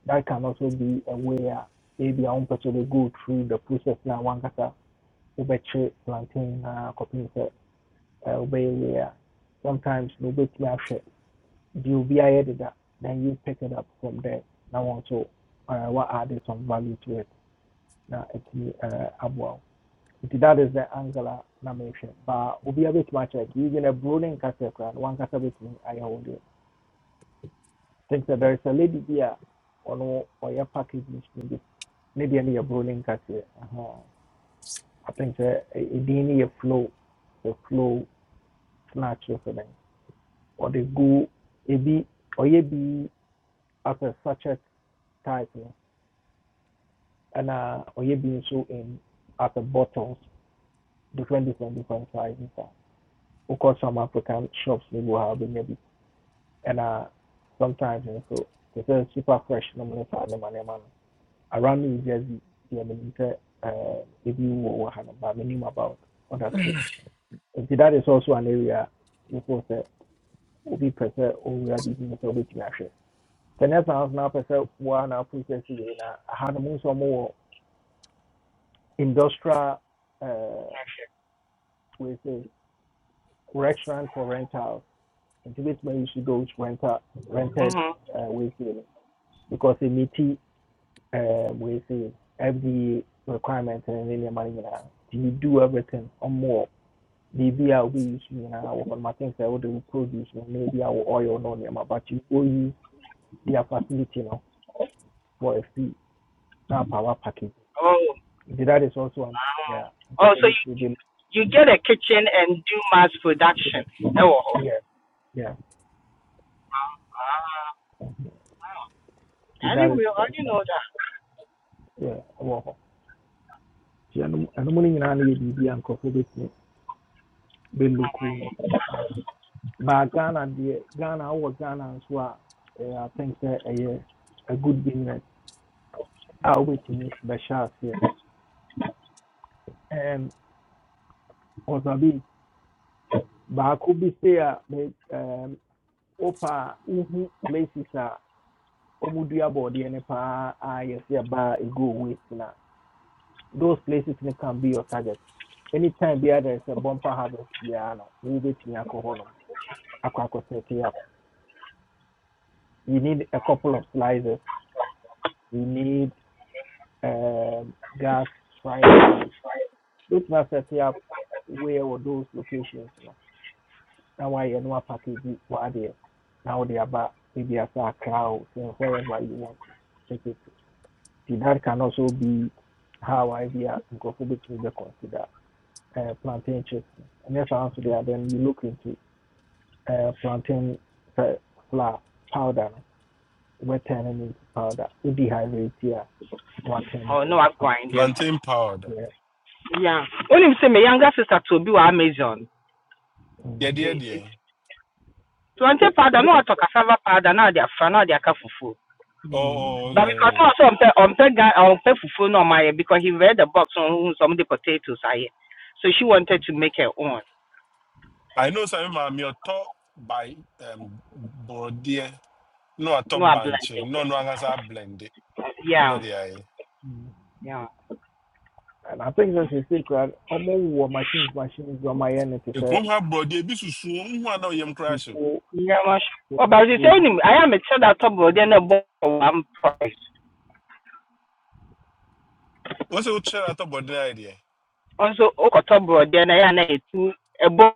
Speaker 1: That can also be a way uh, maybe I won't go through the process now one cast a plantain uh, copy uh, way where sometimes no wobɛtumi ahwɛ deɛ obi ayɛ deda then you pick it up from there Now wɔn nso uh, what added some value to it na ɛtumi uh, aboa that is the angle nomination. But we have obi much like using a bro ne nkasa One no wankasa bɛtumi ayɛ wo deɛ think that there is a lady here. a ɔno ɔyɛ Maybe ne bi ne deɛ no Aha. i think sɛ eh, eh, no flow the flow snatch or something or they go ebi ɔyɛ bi as a sachet type and no or ɔyɛ bi so in as a bottles different different different sizes of course, some african shops ne bi wɔ ha wobɛnya bi ɛna sometimes you know, so they say super fresh nom ne saa nneɛma nneɛma man. around new jersey deɛ menim sɛ eh, ebi wɔ wɔ ha no but menim about other states that is also an area before sɛ obi pɛ sɛ owura biribi no sɛ wobɛtumi ahwɛ The next house now, apɛ sɛ woa na process wei na aha no mu nso ɔmo wɔ industrial uh, wei sɛ restaurant for rentals nti wobɛtumi ayusu those renta, rented
Speaker 10: hmm
Speaker 1: uh, wei sei no because ɛmiti uh, we say, fda requirement ne ne nneɛma no you do everything or more. Maybe a wobɛyusu nyinaa wɔ hɔ no maten sɛ wode wo produce no na ebi awɔ oil no nneɛma but you go use their facility no for a fee now power package.
Speaker 10: Oh,
Speaker 1: That is also um, yeah.
Speaker 10: oh, so
Speaker 1: Gokuli
Speaker 10: you,
Speaker 1: Tribil.
Speaker 10: you get a kitchen and do mass production.
Speaker 1: Yes.
Speaker 10: Oh.
Speaker 1: Yes. Yeah.
Speaker 10: Ah, I
Speaker 1: That
Speaker 10: didn't
Speaker 1: is
Speaker 10: real,
Speaker 1: that
Speaker 10: I
Speaker 1: is
Speaker 10: didn't
Speaker 1: um,
Speaker 10: know that.
Speaker 1: yeah. Wow. ɛno mu no nyinaa no yɛ biribi a nkurɔfoɔ bɛtumi bɛluku nti aha. ba ghana deɛ ghana wowɔ ghana nso a eh, i think sɛ ɛyɛ a good business a wobɛtumi bɛhyɛ aseɛ and ɔsabi baako bi sei a me- ɛm, wopa a wohu places a ɔmodua body and paa a pa I see a bar go waste na those places no can be your targets. Anytime there there is a bumper harvest, yeah, no, we wait in alcohol, aqua up. We need a couple of slices. We need um, gas fryers maybe. Which must set up where were those locations? No? Now why you know package were there? Now they are back maybe as a crowd, so wherever you want to take it. See, that can also be how I be a microphobic to be considered. uh, plantain chips. And that's the answer there. Then you look into uh, plantain uh, flour powder. no? We're turning into powder. We dehydrate here. We're turning
Speaker 10: Oh no,
Speaker 1: into
Speaker 10: I'm
Speaker 1: powder.
Speaker 10: grinding.
Speaker 13: plantain powder
Speaker 1: Yeah.
Speaker 10: Yeah. Only say my younger sister to be with Amazon.
Speaker 13: Yeah, yeah,
Speaker 1: Mm-hmm.
Speaker 10: Nti-
Speaker 13: yeah.
Speaker 10: nti- Plantain powder, no water cassava powder, now they are fan, now they are fufu.
Speaker 13: oh
Speaker 1: Mm.
Speaker 13: oh
Speaker 10: But
Speaker 13: yeah,
Speaker 10: because
Speaker 13: yeah.
Speaker 10: no, so am pe am pe guy I'm on pe fufu no my because he read the box on some of the potatoes I. So she wanted to make her own.
Speaker 13: i know some of maami ɔtɔ by um, Brodier. No, a
Speaker 10: No,
Speaker 13: top
Speaker 10: I blend
Speaker 13: bunch.
Speaker 10: it.
Speaker 13: No, no, ɔno ankasa blend na
Speaker 10: Yeah,
Speaker 13: ɔde ayɛ
Speaker 1: Mm.
Speaker 10: yeah.
Speaker 1: And I think that's a secret. Almost war machines, machines, or my energy.
Speaker 13: ekurom ha borɔdeɛ bi susu nhu a na ɔyam koraa hyɛ o
Speaker 1: Before
Speaker 10: Nyama sh- Oh, but you say him, I am a child that top brother and a one price.
Speaker 13: wɔn sɛ wokyerɛ atɔ top ayɛ idea?
Speaker 10: Also, oh, top brother and I am a two, a boy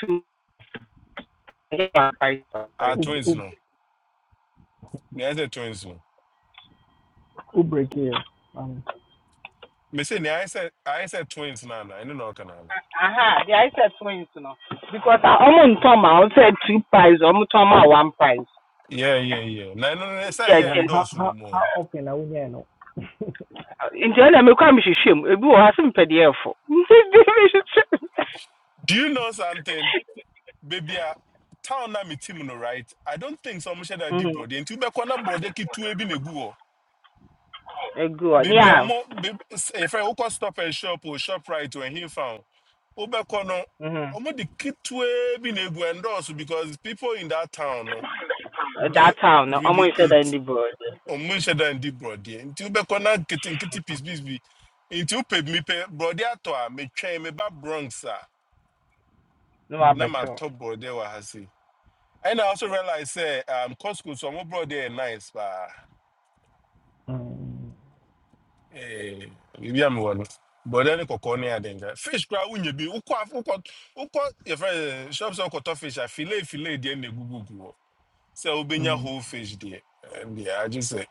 Speaker 10: two, one price.
Speaker 13: ah twins
Speaker 1: who
Speaker 13: no na yɛ twins no.
Speaker 1: break here. Um,
Speaker 13: Me say ni I said I said twins nana. I don't know kanala.
Speaker 10: Aha, The I said twins, you Because I almost told my, I said two price, almost told my one price.
Speaker 13: Yeah, yeah, yeah. Na no no say
Speaker 10: Yeah,
Speaker 13: yeah
Speaker 1: now, how,
Speaker 13: endorse no
Speaker 1: how,
Speaker 13: more.
Speaker 1: how often are we there? No?
Speaker 10: in the end, I'm a crime, she shame. A good, I have paid the air
Speaker 13: Do you know something? Baby a town na me team no right. I don't think so much that
Speaker 10: hmm
Speaker 13: deep bro. Nti be kwa na bro de ki two ebi na gu ho.
Speaker 10: A good,
Speaker 13: Baby
Speaker 1: Mm.
Speaker 10: yeah.
Speaker 13: omo baby if I go stop and shop or shop right when he found. Wo be kwa no
Speaker 10: hmm
Speaker 13: omo the ki two ebi na gu endorse because people in that town no,
Speaker 10: That
Speaker 13: don't
Speaker 10: town,
Speaker 13: really
Speaker 10: almost said in
Speaker 13: eat
Speaker 10: the brother.
Speaker 13: ɔmo nhyɛ da ndi borɔdeɛ nti wobɛkɔ na nketenkete piece bi nti wopɛ mepɛ borɔdeɛ atɔ a metwɛn meba bronx a
Speaker 10: No, I
Speaker 13: na
Speaker 10: bet
Speaker 1: Mm.
Speaker 13: matɔ borɔdeɛ wɔ ha se And I also realize sɛ um, costco so ɔmo borɔdeɛ yɛ nice paa
Speaker 1: Mm.
Speaker 13: Eh, biribi a mewɔ no borɔdeɛ ne kɔkɔɔ adenga fish koraa wonya bi wokɔ af- wokɔ wokɔ yɛfrɛ no shop sɛ wokɔtɔ fish a filet filet deɛ na ɛgugugu hɔ sɛ wobɛnya whole fish deɛ Yeah, I just say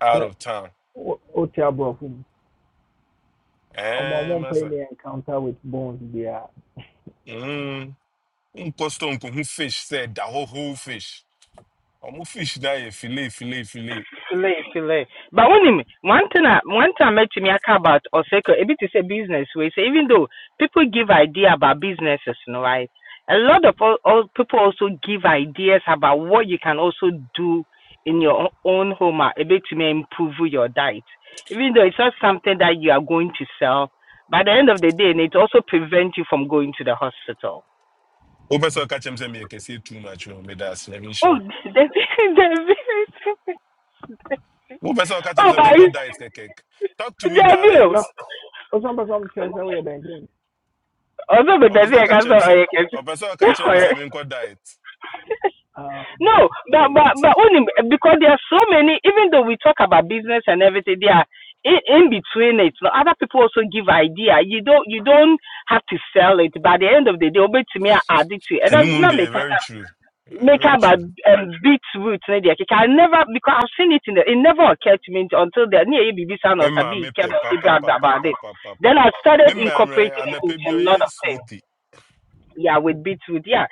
Speaker 13: out
Speaker 1: Mm.
Speaker 13: of town
Speaker 1: wo- wote aborɔfo mu ɔmo a
Speaker 13: ɛɛ
Speaker 1: ɔmo mpɛ
Speaker 13: masa
Speaker 1: ne encounter with bones there.
Speaker 13: Um postou um com um fish, said, da whole whole fish. Um fish daí, filé, filé, filé.
Speaker 10: Filet, filet. But when him, one thing, I, one time I met me I care about Oseko, a bit is a business way. So even though people give idea about businesses, you know, right? A lot of all, all people also give ideas about what you can also do in your o- own home, uh, a bit to may improve your diet. Even though it's not something that you are going to sell, by the end of the day, and it also prevents you from going to the hospital.
Speaker 13: O pessoal que achamos é meio que se too much, o me dá assim, é
Speaker 10: Oh,
Speaker 13: minha.
Speaker 10: David, David.
Speaker 13: O pessoal que
Speaker 10: Oh,
Speaker 13: achamos é meio
Speaker 10: but
Speaker 13: que
Speaker 10: it's
Speaker 13: diet, que Talk to me
Speaker 10: David.
Speaker 1: na
Speaker 13: direct.
Speaker 1: ɔsan pɛ sɛ ɔmo kyerɛ sɛ woyɛ dɛndɛn
Speaker 10: ọzọ bụ
Speaker 13: O
Speaker 10: bezi
Speaker 13: pessoal
Speaker 10: ya
Speaker 13: que
Speaker 10: gaza
Speaker 13: achamos é,
Speaker 10: ọyị
Speaker 13: o pessoal que achamos é meio que diet.
Speaker 1: um
Speaker 10: no but
Speaker 13: You,
Speaker 10: but
Speaker 13: Mati.
Speaker 10: but only because there are so many even though we talk about business and everything there are in, in between it no, other people also give idea you don't you don't have to sell it by the end of the day obey to me I add it to it and
Speaker 13: And the
Speaker 10: that's
Speaker 13: moon,
Speaker 10: not make
Speaker 13: very true. Eh,
Speaker 10: make
Speaker 13: Very
Speaker 10: up a
Speaker 13: true.
Speaker 10: um, beetroot ne deɛ I never because I've seen it in the it never occurred to me until the near a B B sound
Speaker 13: Me
Speaker 10: or
Speaker 13: ma,
Speaker 10: sabi
Speaker 13: me
Speaker 10: came
Speaker 13: pe, pa, pa, pa, pa,
Speaker 10: about
Speaker 13: pa,
Speaker 10: it
Speaker 13: pa, pa,
Speaker 10: then
Speaker 13: pa.
Speaker 10: I
Speaker 13: Me
Speaker 10: started
Speaker 13: ma, me,
Speaker 10: incorporating it
Speaker 13: anape
Speaker 10: into
Speaker 13: bi
Speaker 10: a lot
Speaker 13: oye
Speaker 10: of things
Speaker 13: smoothie.
Speaker 10: yeah with beetroot yeah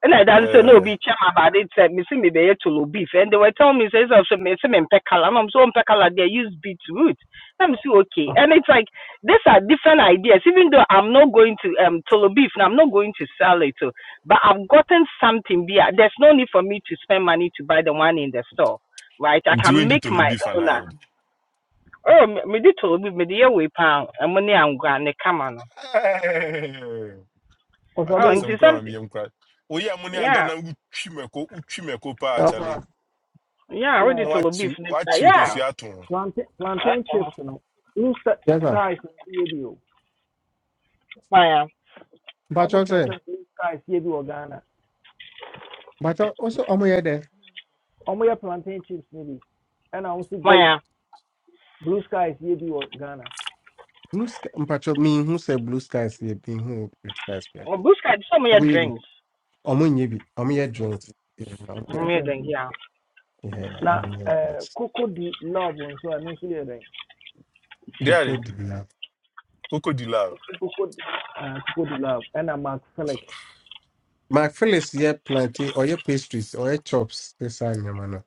Speaker 10: And I done said no
Speaker 13: Eh,
Speaker 10: be chairman, but it's uh, me see me be to low beef. And they were telling me says so so, me see me pekala. And I'm so impeccable. they use beetroot. And I'm so okay.
Speaker 1: ah,
Speaker 10: And it's like these are different ideas. Even though I'm not going to um tolo beef and I'm not going to sell it, So, but I've gotten something there. There's no need for me to spend money to buy the one in the store. Right? I
Speaker 13: nti
Speaker 10: can
Speaker 13: wendi
Speaker 10: make
Speaker 13: tolo
Speaker 10: my
Speaker 13: beef
Speaker 10: own. ah.
Speaker 13: and
Speaker 10: Oh me me did tolo beef, me the way pound and money I'm going to come on.
Speaker 13: I.
Speaker 10: Oh,
Speaker 1: ɔsabi
Speaker 13: akasɛm
Speaker 10: into
Speaker 13: koraa ma
Speaker 10: something
Speaker 13: meyam koraa woyɛ mo ne anka
Speaker 10: yeah.
Speaker 13: na wotwi mɛko wotwi mɛko paa
Speaker 12: Yes,
Speaker 13: kyale
Speaker 12: sir.
Speaker 10: Yeah, I already
Speaker 13: na
Speaker 1: yeah
Speaker 10: told
Speaker 13: woakyi
Speaker 10: beef next
Speaker 13: woakyi
Speaker 10: time.
Speaker 13: nkosua ato ho
Speaker 1: plantain plantain
Speaker 10: Yeah.
Speaker 1: chips no blue
Speaker 12: Yes, sir.
Speaker 1: skies nso yɛ bi o
Speaker 10: Maya,
Speaker 1: ɔmo
Speaker 12: Mpacho
Speaker 1: kyerɛ
Speaker 12: say,
Speaker 1: blue skies yɛ bi wɔ ghana
Speaker 12: Mpacho also omo ye there.
Speaker 1: ɔmo yɛ plantain chips maybe. And I ɔmo si
Speaker 12: Oh,
Speaker 1: good
Speaker 10: Maya.
Speaker 1: blue skies yɛ bi wɔ ghana
Speaker 12: blue sky. Mpacho me who say blue skies here, me who blue skies here.
Speaker 10: Oh, Blue Sky, some of your
Speaker 12: Omo ye bi.
Speaker 10: drinks.
Speaker 12: Omo nye bi. Omo ye joint. Yeah, omo
Speaker 10: Some
Speaker 12: ye
Speaker 10: of
Speaker 1: Ɛna
Speaker 10: your
Speaker 1: drink
Speaker 10: drinks,
Speaker 1: no.
Speaker 10: yeah.
Speaker 12: yeah,
Speaker 1: na
Speaker 12: omo ye joint.
Speaker 1: coco di love and So i ɛno nso yɛ dɛn
Speaker 12: Cocoa
Speaker 13: deare
Speaker 12: de la.
Speaker 13: koko di la
Speaker 1: coco di ah, coco di love ɛna mark felix
Speaker 12: My Phyllis ye plantain or ye pastries or ye chops. This I am no.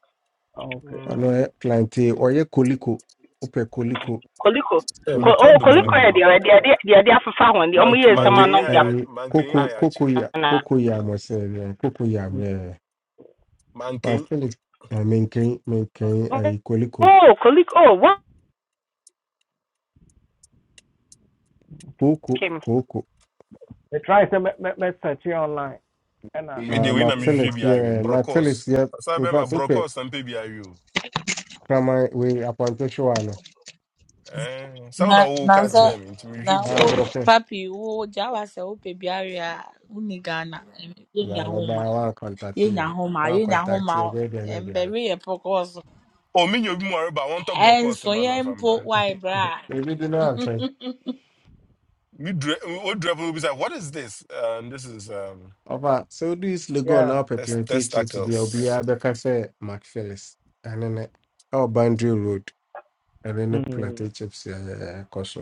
Speaker 1: Ah, okay.
Speaker 12: Or no
Speaker 10: Mm.
Speaker 12: ye plantain or ye koliko. Ope koliko.
Speaker 10: Koliko.
Speaker 13: eh,
Speaker 10: Ko,
Speaker 13: mekɔ
Speaker 10: oh,
Speaker 13: do
Speaker 10: Koliko,
Speaker 12: Uh,
Speaker 10: yeah,
Speaker 13: poliko
Speaker 10: they are there, they are there for far one. The only year
Speaker 12: I
Speaker 10: someone
Speaker 13: mankanyi
Speaker 10: nom their.
Speaker 13: a
Speaker 12: I cocoa
Speaker 13: yɛakye
Speaker 12: cocoa ya
Speaker 10: Anna.
Speaker 12: cocoa ya was saying cocoa yam yeah. My
Speaker 13: mankanyi
Speaker 12: Felix, uh, maintain, maintain, uh, Equalico,
Speaker 10: Oh, Koliko, oh, what
Speaker 12: Coco,
Speaker 10: came?
Speaker 12: Coco.
Speaker 1: metry sɛ mɛ mɛ mɛsɛkye online ɛna
Speaker 13: medeɛ
Speaker 12: Uh,
Speaker 13: wei na
Speaker 12: Mark
Speaker 1: mɛma
Speaker 13: mehwehwɛ
Speaker 12: Felix,
Speaker 13: bi awe
Speaker 12: yeah, Mark Felix,
Speaker 13: brocos
Speaker 12: yeah.
Speaker 13: sa
Speaker 12: In
Speaker 13: bɛma
Speaker 12: fact, okay,
Speaker 13: brocos na mpɛ bi o
Speaker 12: from my way upon Teshuano.
Speaker 13: Eh, sɛ wo
Speaker 3: na
Speaker 13: na wowo
Speaker 3: na
Speaker 13: ka
Speaker 3: sɛ
Speaker 12: Uh,
Speaker 13: kyerɛ me nti
Speaker 3: na
Speaker 13: mehwehwɛ bi
Speaker 12: ah,
Speaker 3: wo
Speaker 13: awe
Speaker 12: broke.
Speaker 3: papi wo gya wa sɛ wopɛ biara a wone ghana ɛm, yɛnya
Speaker 12: Yeah, no, but
Speaker 3: homa
Speaker 12: I want contact
Speaker 3: yɛnya
Speaker 12: here.
Speaker 3: homa
Speaker 12: I want
Speaker 3: yɛnya
Speaker 12: contact
Speaker 3: homa
Speaker 12: here, where they may be.
Speaker 3: mbɛwe yɛ pɔkɔɔso
Speaker 13: o menya obi mu areba wɔntɔ brocos
Speaker 3: ɛnso
Speaker 13: ma no
Speaker 3: yɛn
Speaker 13: mfa
Speaker 3: mpo
Speaker 13: mbra
Speaker 3: wae bra a
Speaker 12: Maybe they know answer.
Speaker 13: odurɛfo no bisa what is this um, this is um,
Speaker 12: Opa, so this Lego
Speaker 1: yeah
Speaker 12: now
Speaker 13: test
Speaker 12: prepare teachers to be
Speaker 13: testicles
Speaker 12: Obia Becca say Mark Felix, and then our boundary road, and then the
Speaker 1: mm,
Speaker 12: plantation chips, uh, course.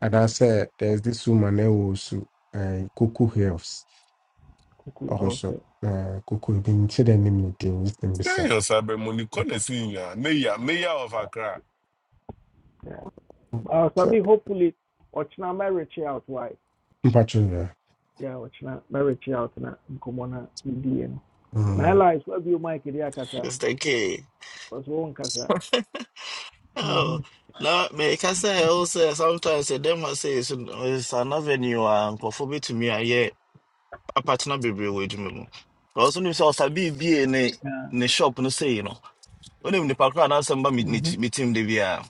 Speaker 12: And I said, there's this woman also, uh, Kuku Hills,
Speaker 1: kuku
Speaker 12: also,
Speaker 1: okay
Speaker 12: uh, Kuku been to the name of the Mr.
Speaker 13: Kan
Speaker 12: Bisa.
Speaker 13: yɛ ɔsabe mu ni kɔ na si nyinaa mayor mayor of
Speaker 1: Oh,
Speaker 13: accra
Speaker 1: yeah uh, so
Speaker 12: So,
Speaker 1: be hopefully ochina may reach out why
Speaker 12: Patricia.
Speaker 1: yeah ochina may reach out na nkɔmmɔ na medie no na ɛlies wabio mike de akasa
Speaker 15: Yes, they can.
Speaker 1: cause wo nkasa
Speaker 15: Oh,
Speaker 1: Mhm.
Speaker 15: now, me can say also sometimes eh, them must say it's, it's an avenue and for to me. I yeah, a partner be real with me. Also, you saw Sabi be in a
Speaker 1: Yeah.
Speaker 15: in a shop no say you know. When him the park and answer me
Speaker 1: Mhm.
Speaker 15: meet him the via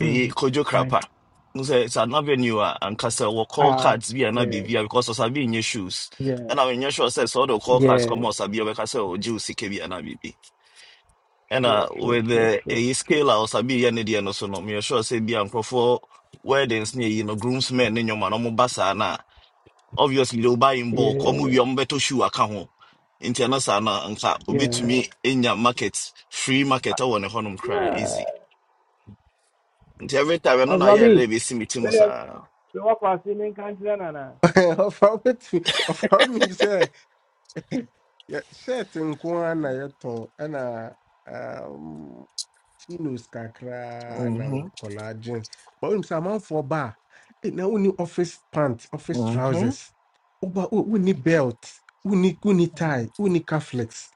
Speaker 15: a kojo
Speaker 1: Why?
Speaker 15: crapper. No say it's an avenue ah, and castle will call
Speaker 1: Ah,
Speaker 15: cards be an
Speaker 1: yeah,
Speaker 15: abivia because of Sabi in your shoes.
Speaker 1: yeah,
Speaker 15: And I mean, your shoes says all the call cards
Speaker 1: yeah.
Speaker 15: come out Sabi or Castle or Juicy Kabi and Abibi. ɛna
Speaker 1: Sure, sure,
Speaker 15: with
Speaker 1: sure,
Speaker 15: the
Speaker 1: sure,
Speaker 15: ɛyi
Speaker 1: sure.
Speaker 15: scale a ɔsabi yɛ ne deɛ no so no meyɛ sure sɛ bia nkurɔfoɔ weddings ne ɛyi no groomsmen ne nnwoma no ɔmoba saa no a obviously they will buy in bulk ɔmo wie
Speaker 1: Yeah,
Speaker 15: ɔmobɛtɔ shoe aka ho nti ɛno saa no a, nka
Speaker 1: yeah,
Speaker 15: obɛtumi nya market free market ɛwɔ ne hɔnom koraa
Speaker 1: yeah.
Speaker 15: easy nti every time ɛno na yɛ
Speaker 1: Azabi,
Speaker 15: dɛ bɛsi me ti mu
Speaker 1: Where
Speaker 15: saa
Speaker 1: sɛ woakɔ ase ne nka and nana
Speaker 12: Ɔfa wetin ɔfa onim sɛ yɛ- shirt nko ara na yɛtɔn ɛna um, chinos kakra na
Speaker 15: Mhm,
Speaker 12: nkɔlaa jeans but onim sɛ amanfoɔ ba a eh, na wonni office pants, office
Speaker 15: mhm,
Speaker 12: trousers woba wo- wonni belt wonni wonni tie wonni caflex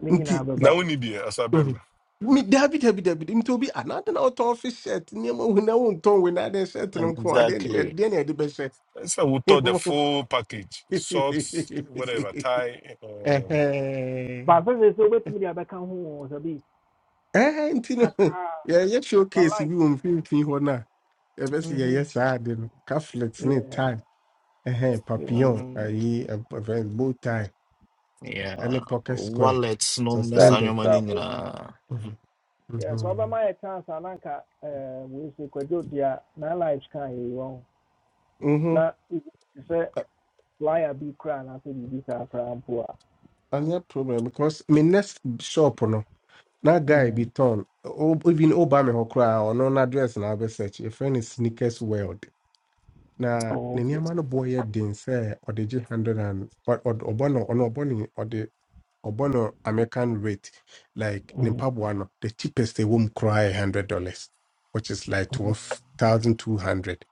Speaker 1: ne nyinaa
Speaker 13: na
Speaker 1: bɛba
Speaker 13: woni deɛ
Speaker 12: Mhm.
Speaker 13: ɔsabe
Speaker 12: Me dabi dabi dabi nti obi anaade na ɔtɔn fi shirt nneɛma wo na wontɔn wo na adeɛ shirt no nko adeɛ ne
Speaker 15: exactly
Speaker 12: adeɛ ne yɛde bɛhyɛ
Speaker 13: So we wotɔ the full package socks whatever tie uh,
Speaker 1: but
Speaker 12: Ɛhɛn.
Speaker 1: sɛ sɛ sɛ wobɛtumi de abɛka ho wɔ sɛ bi
Speaker 12: Ɛhɛn, nti no
Speaker 1: kakraa
Speaker 12: yɛyɛ
Speaker 1: fa
Speaker 12: showcase
Speaker 1: light
Speaker 12: We wɔ mfimfini hɔ no a yɛbɛ sɛ yɛyɛ
Speaker 1: Mhm.
Speaker 12: saa ade no caflet ne
Speaker 1: Yeah,
Speaker 12: tie eh.
Speaker 1: yeah.
Speaker 12: papillon
Speaker 15: Mm,
Speaker 12: Aye. ɛb- ɛfɛ- bow tie
Speaker 15: yeah
Speaker 12: ɛne pocket square
Speaker 15: wallets no ne
Speaker 1: So
Speaker 15: saa
Speaker 12: suspended
Speaker 15: nnwoma no
Speaker 1: so wo-
Speaker 15: nyinaa
Speaker 12: Mhm.
Speaker 1: yeah, so
Speaker 12: Mhm.
Speaker 1: wobɛma yɛ chance a na nka eh, wei se kwadwo de a na lives ka yɛyi wɔ ho
Speaker 12: Mhm.
Speaker 1: na ebi te sɛ
Speaker 12: Ɛ-
Speaker 1: flyer bi koraa anaasɛ biribi saa koraa mpo a
Speaker 12: ɛnyɛ problem because my next shop no. That guy be
Speaker 1: Mm.
Speaker 12: torn. O- Even Obama ho cry or no address na be search. A friend is sneakers world. Na
Speaker 1: Oh,
Speaker 12: ne
Speaker 1: okay.
Speaker 12: nneɛma no boy yɛ den sɛ ɔde gye hundred and ɔ- ɔ- ɔbɔ no ɔno ɔbɔ ne ɔde ɔbɔ no American rate like ne
Speaker 1: Mm.
Speaker 12: mpaboa no the cheapest ɛwɔ mu koraa yɛ hundred dollars which is like
Speaker 1: Hmm.
Speaker 12: twelve thousand two hundred.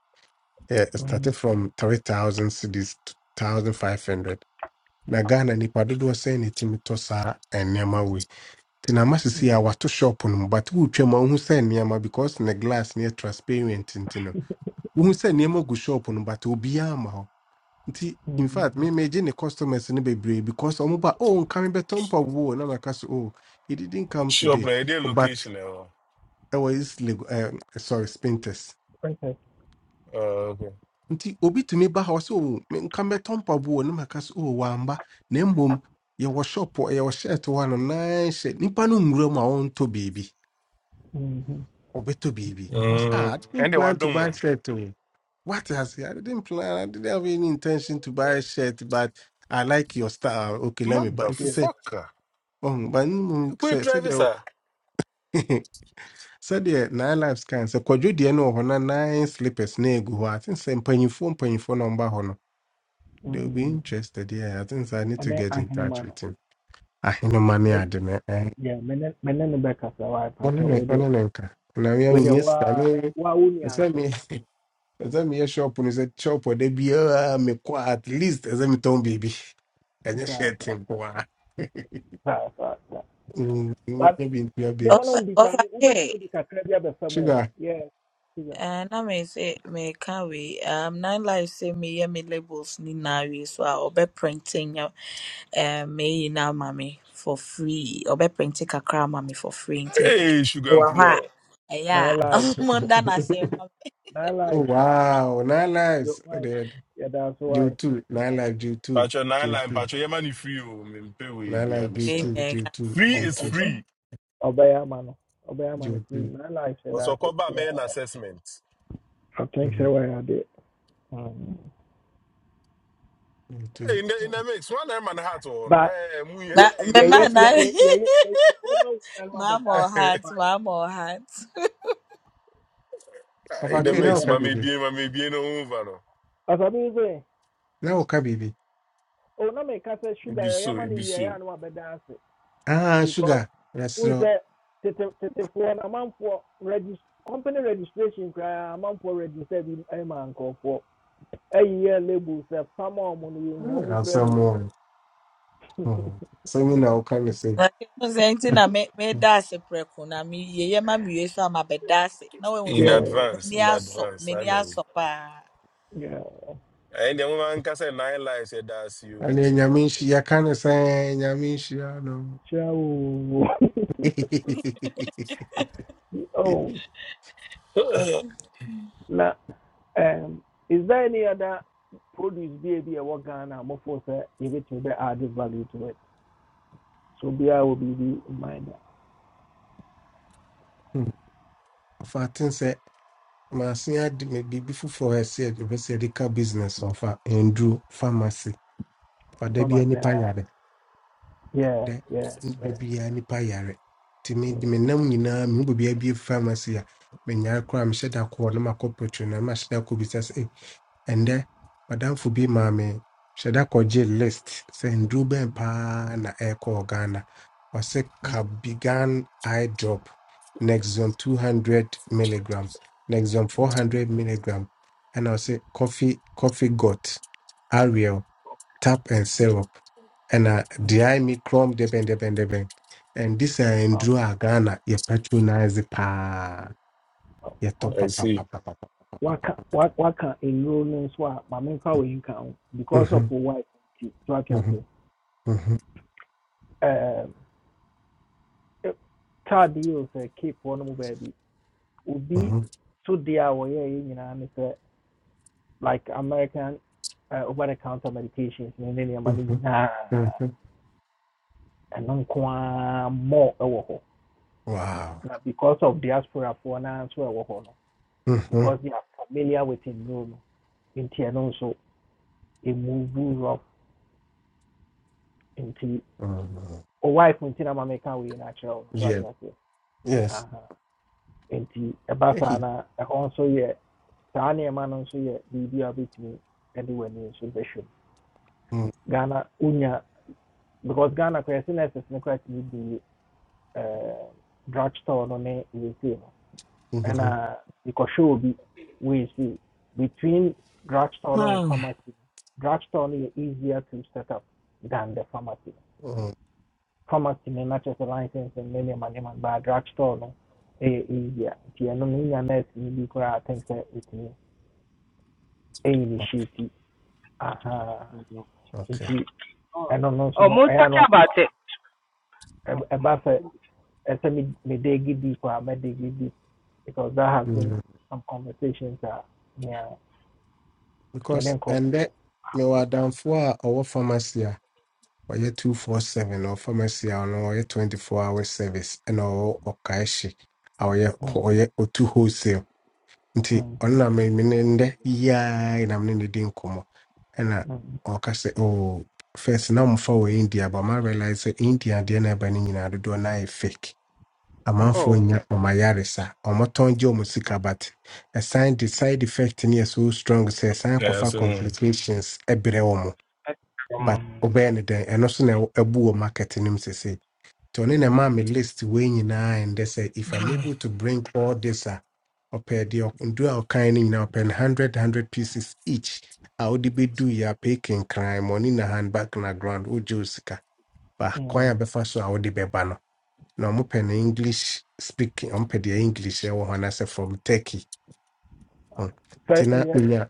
Speaker 12: Yeah, it started
Speaker 1: Mm.
Speaker 12: from three thousand cedis to thousand five hundred. Na Ghana nipa dodoɔ sɛn ne timi tɔ saa nneɛma wei nti na ama
Speaker 1: Mm.
Speaker 12: sisi a wato shop no mu but wotwa mu a wohu sɛ nneɛma because ne glass ne yɛ transparent nti no wohu sɛ nneɛma gu shop no mu, but obiaa ma hɔ nti in fact me
Speaker 1: Mm.
Speaker 12: megye ne customers no bebree because ɔmo ba oh nka me bɛtɔ mpaboɔ na maka so oh he didn't come
Speaker 13: shop
Speaker 12: today
Speaker 13: na yɛde
Speaker 12: Oh, but
Speaker 13: location ɛwɔ
Speaker 12: ɛwɔ is lego ɛɛ sorry spintex
Speaker 1: Okay.
Speaker 13: Uh, okay.
Speaker 12: nti obi tumi ba hɔ sɛ oh me- nka mɛtɔ mpaboɔ na maka so oh wamba na mmom yɛwɔ shop wɔ- yɛwɔ shirt hɔ a no nan hyɛ nipa no nwura mu a ɔntɔ baabi
Speaker 1: Mhm.
Speaker 12: Obeto baby. I was like, ah,
Speaker 13: Mm.
Speaker 12: I didn't
Speaker 13: ɛnde
Speaker 12: plan to
Speaker 13: wadom
Speaker 12: buy
Speaker 13: wo
Speaker 12: shirt. oh. What has I didn't plan. I didn't have any intention to buy a shirt, but I like your style. Okay, let me. But it
Speaker 1: i
Speaker 12: said,
Speaker 13: motherfucker
Speaker 12: oh, but mm,
Speaker 13: ɛkɔi
Speaker 12: say say
Speaker 13: drive
Speaker 12: there.
Speaker 13: sir.
Speaker 12: Say there nine lives can say kwadwo deɛ no wɔ hɔ na nine slippers na go. I think say mpanyinfoɔ phone, na ɔmba hɔ no. They will be
Speaker 1: Mm.
Speaker 12: interested. Yeah, I think so I need to
Speaker 1: ɛnɛ
Speaker 12: get in touch
Speaker 1: ahenema
Speaker 12: with
Speaker 1: no
Speaker 12: him. I ne ade no. eh,
Speaker 1: Yeah, menen ne me ne ne bɛkasa waa
Speaker 12: Ɔno
Speaker 1: pakyɛ
Speaker 12: ne
Speaker 1: wei deɛ
Speaker 12: ɔno ne nka. Na me
Speaker 1: wei
Speaker 12: I'm
Speaker 1: deɛ
Speaker 12: here.
Speaker 1: waa
Speaker 12: Stanley.
Speaker 1: waa wo nua
Speaker 12: It's
Speaker 1: nso
Speaker 12: me. ɛsɛ meyɛ shop no sɛ shop da biara mekɔ a, at least as I me town baby. And you
Speaker 1: saa
Speaker 12: share metɔn
Speaker 1: saa
Speaker 12: biribi
Speaker 1: saa saa saa
Speaker 12: ɛnyɛ hyɛ tempoa
Speaker 1: but
Speaker 12: nyɛ bintua
Speaker 1: nneɛma no
Speaker 12: babes
Speaker 3: Ɔfa-
Speaker 1: mbisa
Speaker 3: ɔfa
Speaker 1: no
Speaker 3: ke
Speaker 1: wobɛtumi de kakra bi abɛfa mu o
Speaker 12: sugar
Speaker 1: yeah yeah
Speaker 3: eh, na me sɛ meka wei um, nine life sɛ meyɛ me labels nyinaa wei so a ɔbɛprɛnte um meyi na mommy, for free Or ɔbɛprinte kakra ama me for free nti
Speaker 13: hey sugar
Speaker 3: mewɔ hɔ
Speaker 13: nkruma
Speaker 1: yo
Speaker 3: Yeah,
Speaker 1: my life,
Speaker 3: ɛyɛ a monda n'ase ma
Speaker 1: my
Speaker 12: oh,
Speaker 1: life.
Speaker 12: wow nine
Speaker 1: yo
Speaker 12: lives oh,
Speaker 1: mic
Speaker 12: they had
Speaker 1: yeah, that's why.
Speaker 12: J2 nine lives J2
Speaker 13: Pacho nine line
Speaker 12: J2
Speaker 13: pacho. patwɛ free, oh. free pay we
Speaker 12: nine
Speaker 13: be a
Speaker 12: lives
Speaker 3: me
Speaker 13: mission.
Speaker 3: na
Speaker 12: J2
Speaker 3: ɛka
Speaker 12: J2
Speaker 13: free
Speaker 1: Ob-
Speaker 13: is
Speaker 1: ob-
Speaker 12: J2
Speaker 3: Mm.
Speaker 13: free
Speaker 1: ɔbɛyɛ ama no ɔbɛyɛ ama no free
Speaker 12: J2
Speaker 1: nine lives yɛda
Speaker 13: ɔsɛ
Speaker 1: so
Speaker 13: ɔkɔba mɛyɛ no
Speaker 1: yeah
Speaker 13: assessment
Speaker 1: I think sɛ
Speaker 12: Mhm,
Speaker 1: wɔyɛ adeɛ Mm.
Speaker 13: Hey,
Speaker 12: J2
Speaker 13: in the in the mix, one man heart on.
Speaker 1: but
Speaker 13: Hey, mu-
Speaker 3: na
Speaker 1: yɛyɛ
Speaker 13: hey, in the
Speaker 3: mema
Speaker 13: mix.
Speaker 3: na
Speaker 13: eh,
Speaker 1: yɛyɛ
Speaker 13: eh.
Speaker 1: yɛyɛ yɛyɛ ma wo nua no
Speaker 3: maama
Speaker 1: abɛda ase
Speaker 3: ɔhat
Speaker 1: right
Speaker 3: maama ɔhat
Speaker 13: in
Speaker 12: Papa
Speaker 13: the
Speaker 1: yɛyɛ
Speaker 12: K now
Speaker 13: mix,
Speaker 1: wie
Speaker 12: can
Speaker 13: mame
Speaker 12: be
Speaker 13: bien, mame bien no over no.
Speaker 1: As Ɔsabi sɛ
Speaker 12: now can be
Speaker 1: o na mi ka sɛ
Speaker 13: It
Speaker 1: sugar
Speaker 13: be
Speaker 1: yɛ
Speaker 13: so,
Speaker 1: yɛma ni
Speaker 13: it be
Speaker 1: wia yɛ
Speaker 13: so.
Speaker 1: anu abɛda ase
Speaker 12: ah
Speaker 1: because
Speaker 12: sugar yes
Speaker 1: n
Speaker 12: no
Speaker 1: sɛ tete tetefoɔ na for register company registration koraa for register in a man ɛyi yɛ label sɛ fama ɔmo no yɛ nhu ɔmo
Speaker 12: I'll
Speaker 1: kura
Speaker 12: sell
Speaker 1: bi.
Speaker 12: more Mhm. so me now can you say
Speaker 3: wahu sɛ nti na me- meda ase prɛko na meyɛyɛ ma mewie so a mabɛda ase na woahu
Speaker 13: In
Speaker 3: sɛ
Speaker 1: Yeah,
Speaker 13: advance,
Speaker 3: m'ani
Speaker 13: in
Speaker 3: asɔ
Speaker 13: advance, I
Speaker 3: m'ani
Speaker 13: know.
Speaker 3: asɔ paa
Speaker 1: yeah.
Speaker 13: And the woman can say nine lives, yeah, that's
Speaker 12: And then
Speaker 13: you.
Speaker 12: yamishi I kind of saying Nyamishi, I know.
Speaker 1: Ciao. oh, now um, is there any other produce bi a bi a ɛwɔ force a mofo sɛ yɛbɛtumi bɛ add value to it? So biara will be in mind.
Speaker 12: Fatin said, my senior may be before for her said, you said the business of Andrew pharmacy. For there
Speaker 1: Come
Speaker 12: be
Speaker 1: as
Speaker 12: any
Speaker 1: a
Speaker 12: payade.
Speaker 1: Yeah,
Speaker 12: dɛ
Speaker 1: yeah,
Speaker 12: nnipa
Speaker 1: yeah,
Speaker 12: biara nipa yare nti me
Speaker 1: yeah.
Speaker 12: de me nam nyinaa mehu baabi abie pharmacy a menyare koraa mehyɛ da kɔɔ na makɔ petro na mahyɛ da kɔ bisa sɛ "Eh, ɛndɛ madamfo bi maa me hyɛ da kɔgye list sɛ nduru bɛn paa na ɛrekɔɔ ghana ɔsɛ
Speaker 1: Mm,
Speaker 12: cabigan eye drop nexon 200 milligrams nexon
Speaker 1: mm,
Speaker 12: 400 milligram ɛna ɔsɛ coffee coffee got ariel tap and syrup, and uh,
Speaker 1: mm.
Speaker 12: dry me chrome deben deben deben. And this uh, in
Speaker 1: Oh,
Speaker 12: Drew Ghana, you patronize the pa, you top
Speaker 13: I
Speaker 12: pa
Speaker 1: okay.
Speaker 12: pa pa
Speaker 13: see.
Speaker 12: pa pa. pa.
Speaker 1: Waka, wa- waka enroll no nso a maame nfa wei because of
Speaker 12: Mhm,
Speaker 1: why? wife nti so ate
Speaker 12: mhm, mhm,
Speaker 1: Um, eh, Tad yi o sɛ Cape baby. nom baabi. Obi
Speaker 12: mhm,
Speaker 1: so deɛ a wɔyɛɛ yɛ like American uh, over the counter medications ne ne nneɛma no
Speaker 12: mhm,
Speaker 1: nyinaa
Speaker 12: mhm.
Speaker 1: ɛno nko ara more ɛwɔ hɔ.
Speaker 12: Wow.
Speaker 1: because of diaspora naa nso ɛwɔ hɔ no
Speaker 12: Mm-hmm.
Speaker 1: because they are familiar with enroll no nti ɛno nso ɛmuvu rob nti
Speaker 12: mm
Speaker 1: ɔwife nti na maame ka wei no natural so ate
Speaker 12: Yeah.
Speaker 1: aseɛ
Speaker 12: Yes.
Speaker 1: Aha. nti ɛba saa
Speaker 12: Hey.
Speaker 1: na ɛhɔ nso yɛ saa nneɛma no nso yɛ the a wobɛtumi de w'ani nso bɛhwɛ mu
Speaker 12: Mm,
Speaker 1: ghana Unya. because ghana koraa sɛnɛses no koraa tumi di eh, drug store no ne wesei no
Speaker 12: mhm,
Speaker 1: ɛna yɛkɔhwɛ obi wesei between drug no and pharmacy no, is easier to set up than the pharmacy
Speaker 12: mm,
Speaker 1: Formattimi Manchester Lions ne ma nneɛma baa draft store no yɛ easier nti no, no wonya nurse no bi koraa a I think sɛ ɛtumi initiate aha
Speaker 10: Mhm.
Speaker 12: Okay.
Speaker 1: nti
Speaker 10: Oh,
Speaker 1: ɛno no nso
Speaker 10: oh,
Speaker 1: no
Speaker 10: more
Speaker 1: eh no,
Speaker 10: talking
Speaker 1: ano
Speaker 10: about it. Oh,
Speaker 1: ɛb- ɛba sɛ ɛsɛ me- me dig deep a mɛ dig deep because that has been
Speaker 12: Mm,
Speaker 1: some conversations a nea me ne
Speaker 12: Because and
Speaker 1: nkurɔfoɔ
Speaker 12: that me wa
Speaker 1: have.
Speaker 12: adamfo a ɔwɔ pharmacy a ɔyɛ two four seven or pharmacy a ɔno ɔyɛ twenty four hour service ɛna ɔwɔ ɔkaehye a ɔyɛ
Speaker 1: Mm,
Speaker 12: ɔyɛ otu wholesale nti
Speaker 1: mhm,
Speaker 12: ɔno na me me ne ndɛ yiaa na me ne no di nkɔmmɔ ɛna
Speaker 1: mm,
Speaker 12: ɔka sɛ oh first na ɔmfa wɔ India but ma realize sɛ India deɛ na ɛba no nyinaa dodoɔ na ayɛ fake amanfoɔ
Speaker 10: oh.
Speaker 1: mm,
Speaker 12: nya ɔma yares a ɔmotɔn gye ɔmo sika but ɛsan de side effect ne yɛ so strong sɛ ɛsan
Speaker 13: Yeah, I
Speaker 12: akɔfa
Speaker 13: see. no.
Speaker 12: complications ɛbrɛ wɔn
Speaker 10: eh, come
Speaker 12: but
Speaker 1: mm,
Speaker 12: ɔbɛyɛ ne dɛn ɛno so na ɛwɔ- ɛbu wɔ market no mu sese nti ɔne na ɛmaa
Speaker 1: mm,
Speaker 12: me list wei nyinaa ɛndɛ sɛ if i'm able to bring all this a ɔpɛ deɛ ɔ- ndu a ɔkan no nyinaa ɔpɛ no hundred hundred pieces each a wode bɛdu yɛ apɛ kenkran mɔne na handbag na ground wogye wo sika ba kwan a
Speaker 1: mm.
Speaker 12: bɛfa so a wode bɛba no na ɔmopɛ no english speaking ɔmopɛ deɛ english ɛwɔ hɔ anaasɛ from turkey Hmm. nti
Speaker 1: Sɛ
Speaker 12: na
Speaker 1: ɛyɛ
Speaker 12: menya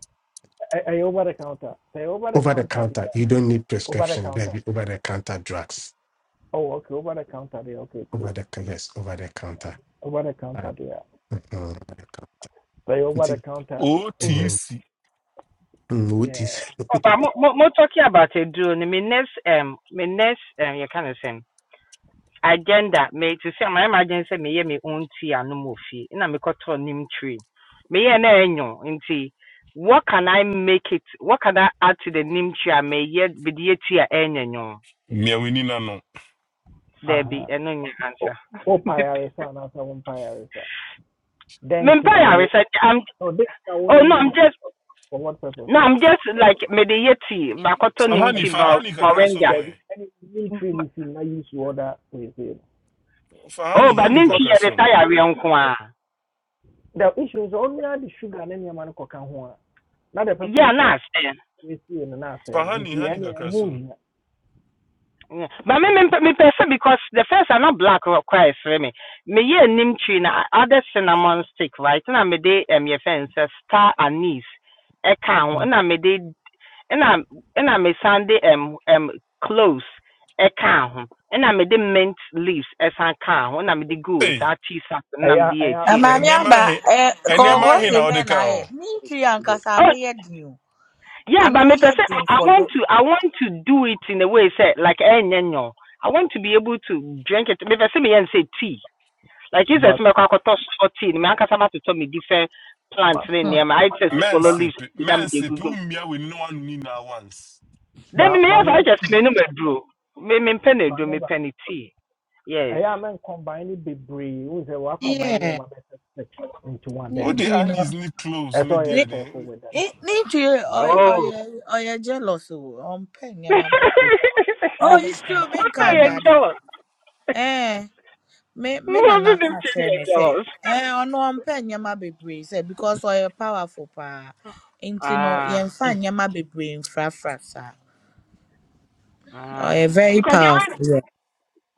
Speaker 1: ɛ- ɛyɛ over the counter sɛ ɛyɛ over the
Speaker 12: over the
Speaker 1: counter deɛ
Speaker 12: counter you don't need
Speaker 1: Over the
Speaker 12: prescription
Speaker 1: counter.
Speaker 12: baabi over the counter drugs
Speaker 1: Oh, okay. Over the counter there. Okay,
Speaker 12: over
Speaker 1: cool.
Speaker 12: the yes over the counter
Speaker 1: Over the counter
Speaker 12: Ah,
Speaker 1: there.
Speaker 12: mhm, over the counter.
Speaker 1: But over the
Speaker 12: nti
Speaker 1: counter. Oh, the,
Speaker 12: mm,
Speaker 13: OTC.
Speaker 12: mm, what
Speaker 1: yeah.
Speaker 12: is?
Speaker 10: Oh, but more, more talking about it, Do My next, um, my next, um, you kind of same. agenda me to say my emergency me ye me own tea and no more fee na me koto nim tree me ye na enyo Inti. what can i make it what can i add to the nim tree and me ye be the tea enyo nyo
Speaker 13: Mia wini na no.
Speaker 1: Uh
Speaker 10: there be
Speaker 1: huh.
Speaker 10: eno nya
Speaker 1: Oh,
Speaker 10: answer
Speaker 1: oh pyresa and answer one pyresa.
Speaker 10: me
Speaker 1: Then
Speaker 10: mpa
Speaker 1: tina wo.
Speaker 10: research i'm
Speaker 1: No, then tina wo
Speaker 10: oh
Speaker 1: no
Speaker 10: no i'm
Speaker 1: mean
Speaker 10: just
Speaker 1: For what purpose?
Speaker 10: no i'm just like me the ye tea ma koto nim
Speaker 13: Fahani,
Speaker 1: And
Speaker 10: tree ma
Speaker 13: fahani kakra som
Speaker 10: moringa
Speaker 1: there be
Speaker 13: eh.
Speaker 1: any mean tree if use your other place.
Speaker 10: oh
Speaker 13: Fahani,
Speaker 10: but
Speaker 13: hani
Speaker 10: nim
Speaker 1: Because
Speaker 10: tree
Speaker 13: kakra
Speaker 10: ye
Speaker 13: som.
Speaker 10: retire we nko a
Speaker 1: the issue is only the sugar and any man can one. Not the
Speaker 10: yeah
Speaker 1: purpose of
Speaker 10: na
Speaker 1: we see in the nurse and
Speaker 13: Fahani,
Speaker 1: in
Speaker 13: hani
Speaker 1: any
Speaker 13: kakra
Speaker 1: who
Speaker 13: som.
Speaker 1: here.
Speaker 10: Yeah. But me, me, me person because the first are not black rock cry for me. Me ye nim tree na other cinnamon stick right. Na me de um your fence star anise. E can na me de na e na me sande um um cloves e can ho. E Na me de mint leaves e san can ho. E Na me de go
Speaker 13: Hey,
Speaker 10: sa tea sack na me
Speaker 1: I I
Speaker 10: de a
Speaker 1: have
Speaker 3: Na
Speaker 10: tea.
Speaker 1: to
Speaker 3: maame
Speaker 1: go come
Speaker 13: enema
Speaker 3: aba
Speaker 13: he.
Speaker 3: ɛ
Speaker 1: to go
Speaker 13: Enema
Speaker 3: kɔkɔɔ
Speaker 1: buy
Speaker 13: he
Speaker 3: se
Speaker 13: na
Speaker 1: all
Speaker 3: bɛn na
Speaker 13: odeka on.
Speaker 3: ayɛ ne
Speaker 1: the things
Speaker 3: ntiri
Speaker 1: to do.
Speaker 3: ankasa
Speaker 10: Oh
Speaker 3: ano yɛ den o
Speaker 10: yeah, but
Speaker 3: ano
Speaker 10: me
Speaker 3: yɛ
Speaker 10: person I,
Speaker 3: den
Speaker 10: I
Speaker 3: fɔdo
Speaker 10: want to I want to do it in a way say like eh nyo. I want to be able to drink it. Me person me yen say tea. Like Jesus
Speaker 1: but
Speaker 10: mekọ akọtọ sọọ tii na ankasa ma to tell me different
Speaker 1: but
Speaker 10: plants. ne
Speaker 1: but
Speaker 3: Hmm.
Speaker 10: nneɛma ayɛ te sɛ
Speaker 1: uh,
Speaker 10: sokolo
Speaker 13: Mense,
Speaker 10: leaves bi na mede
Speaker 13: mense, tu
Speaker 10: egugu mu.
Speaker 13: mia wini no one ni na once.
Speaker 10: Then
Speaker 1: but
Speaker 10: meyɛ
Speaker 1: maame
Speaker 10: saa kyerɛ
Speaker 1: aba
Speaker 10: sɛ me, aduro. Me mempɛ do
Speaker 1: maame
Speaker 10: me
Speaker 1: aba
Speaker 10: mepɛ no tii. Yes.
Speaker 1: ɛyɛ a mɛn combine ne bebree combining sɛ wa combine
Speaker 3: Yeah,
Speaker 1: six into one
Speaker 13: Who
Speaker 1: there
Speaker 3: need
Speaker 1: bi
Speaker 13: the
Speaker 3: you know.
Speaker 13: Annie's ni close
Speaker 1: ɛsɛ
Speaker 13: ni
Speaker 1: ɔyɛ
Speaker 13: dear
Speaker 3: Need
Speaker 1: careful
Speaker 13: then?
Speaker 1: with that
Speaker 3: you? I
Speaker 10: Oh.
Speaker 3: I I I jealous. Oh, I'm paying you, my baby.
Speaker 1: I ɛyɛ
Speaker 3: Oh,
Speaker 1: a mɛn
Speaker 3: it's true.
Speaker 1: combine
Speaker 3: Me
Speaker 10: What are
Speaker 1: nneɛma
Speaker 3: can't
Speaker 10: you
Speaker 3: dada.
Speaker 1: bebree
Speaker 10: jealous? What is
Speaker 3: Eh, me me na na
Speaker 10: not them
Speaker 3: can't share
Speaker 10: changing
Speaker 3: me say.
Speaker 10: jealous?
Speaker 3: Eh, I know I'm paying you, my baby. Say because I powerful pa. Into no,
Speaker 10: Ah,
Speaker 3: you find you, my baby. In fra fra sa.
Speaker 10: ah.
Speaker 3: I very
Speaker 10: Because they are
Speaker 3: powerful. Yeah.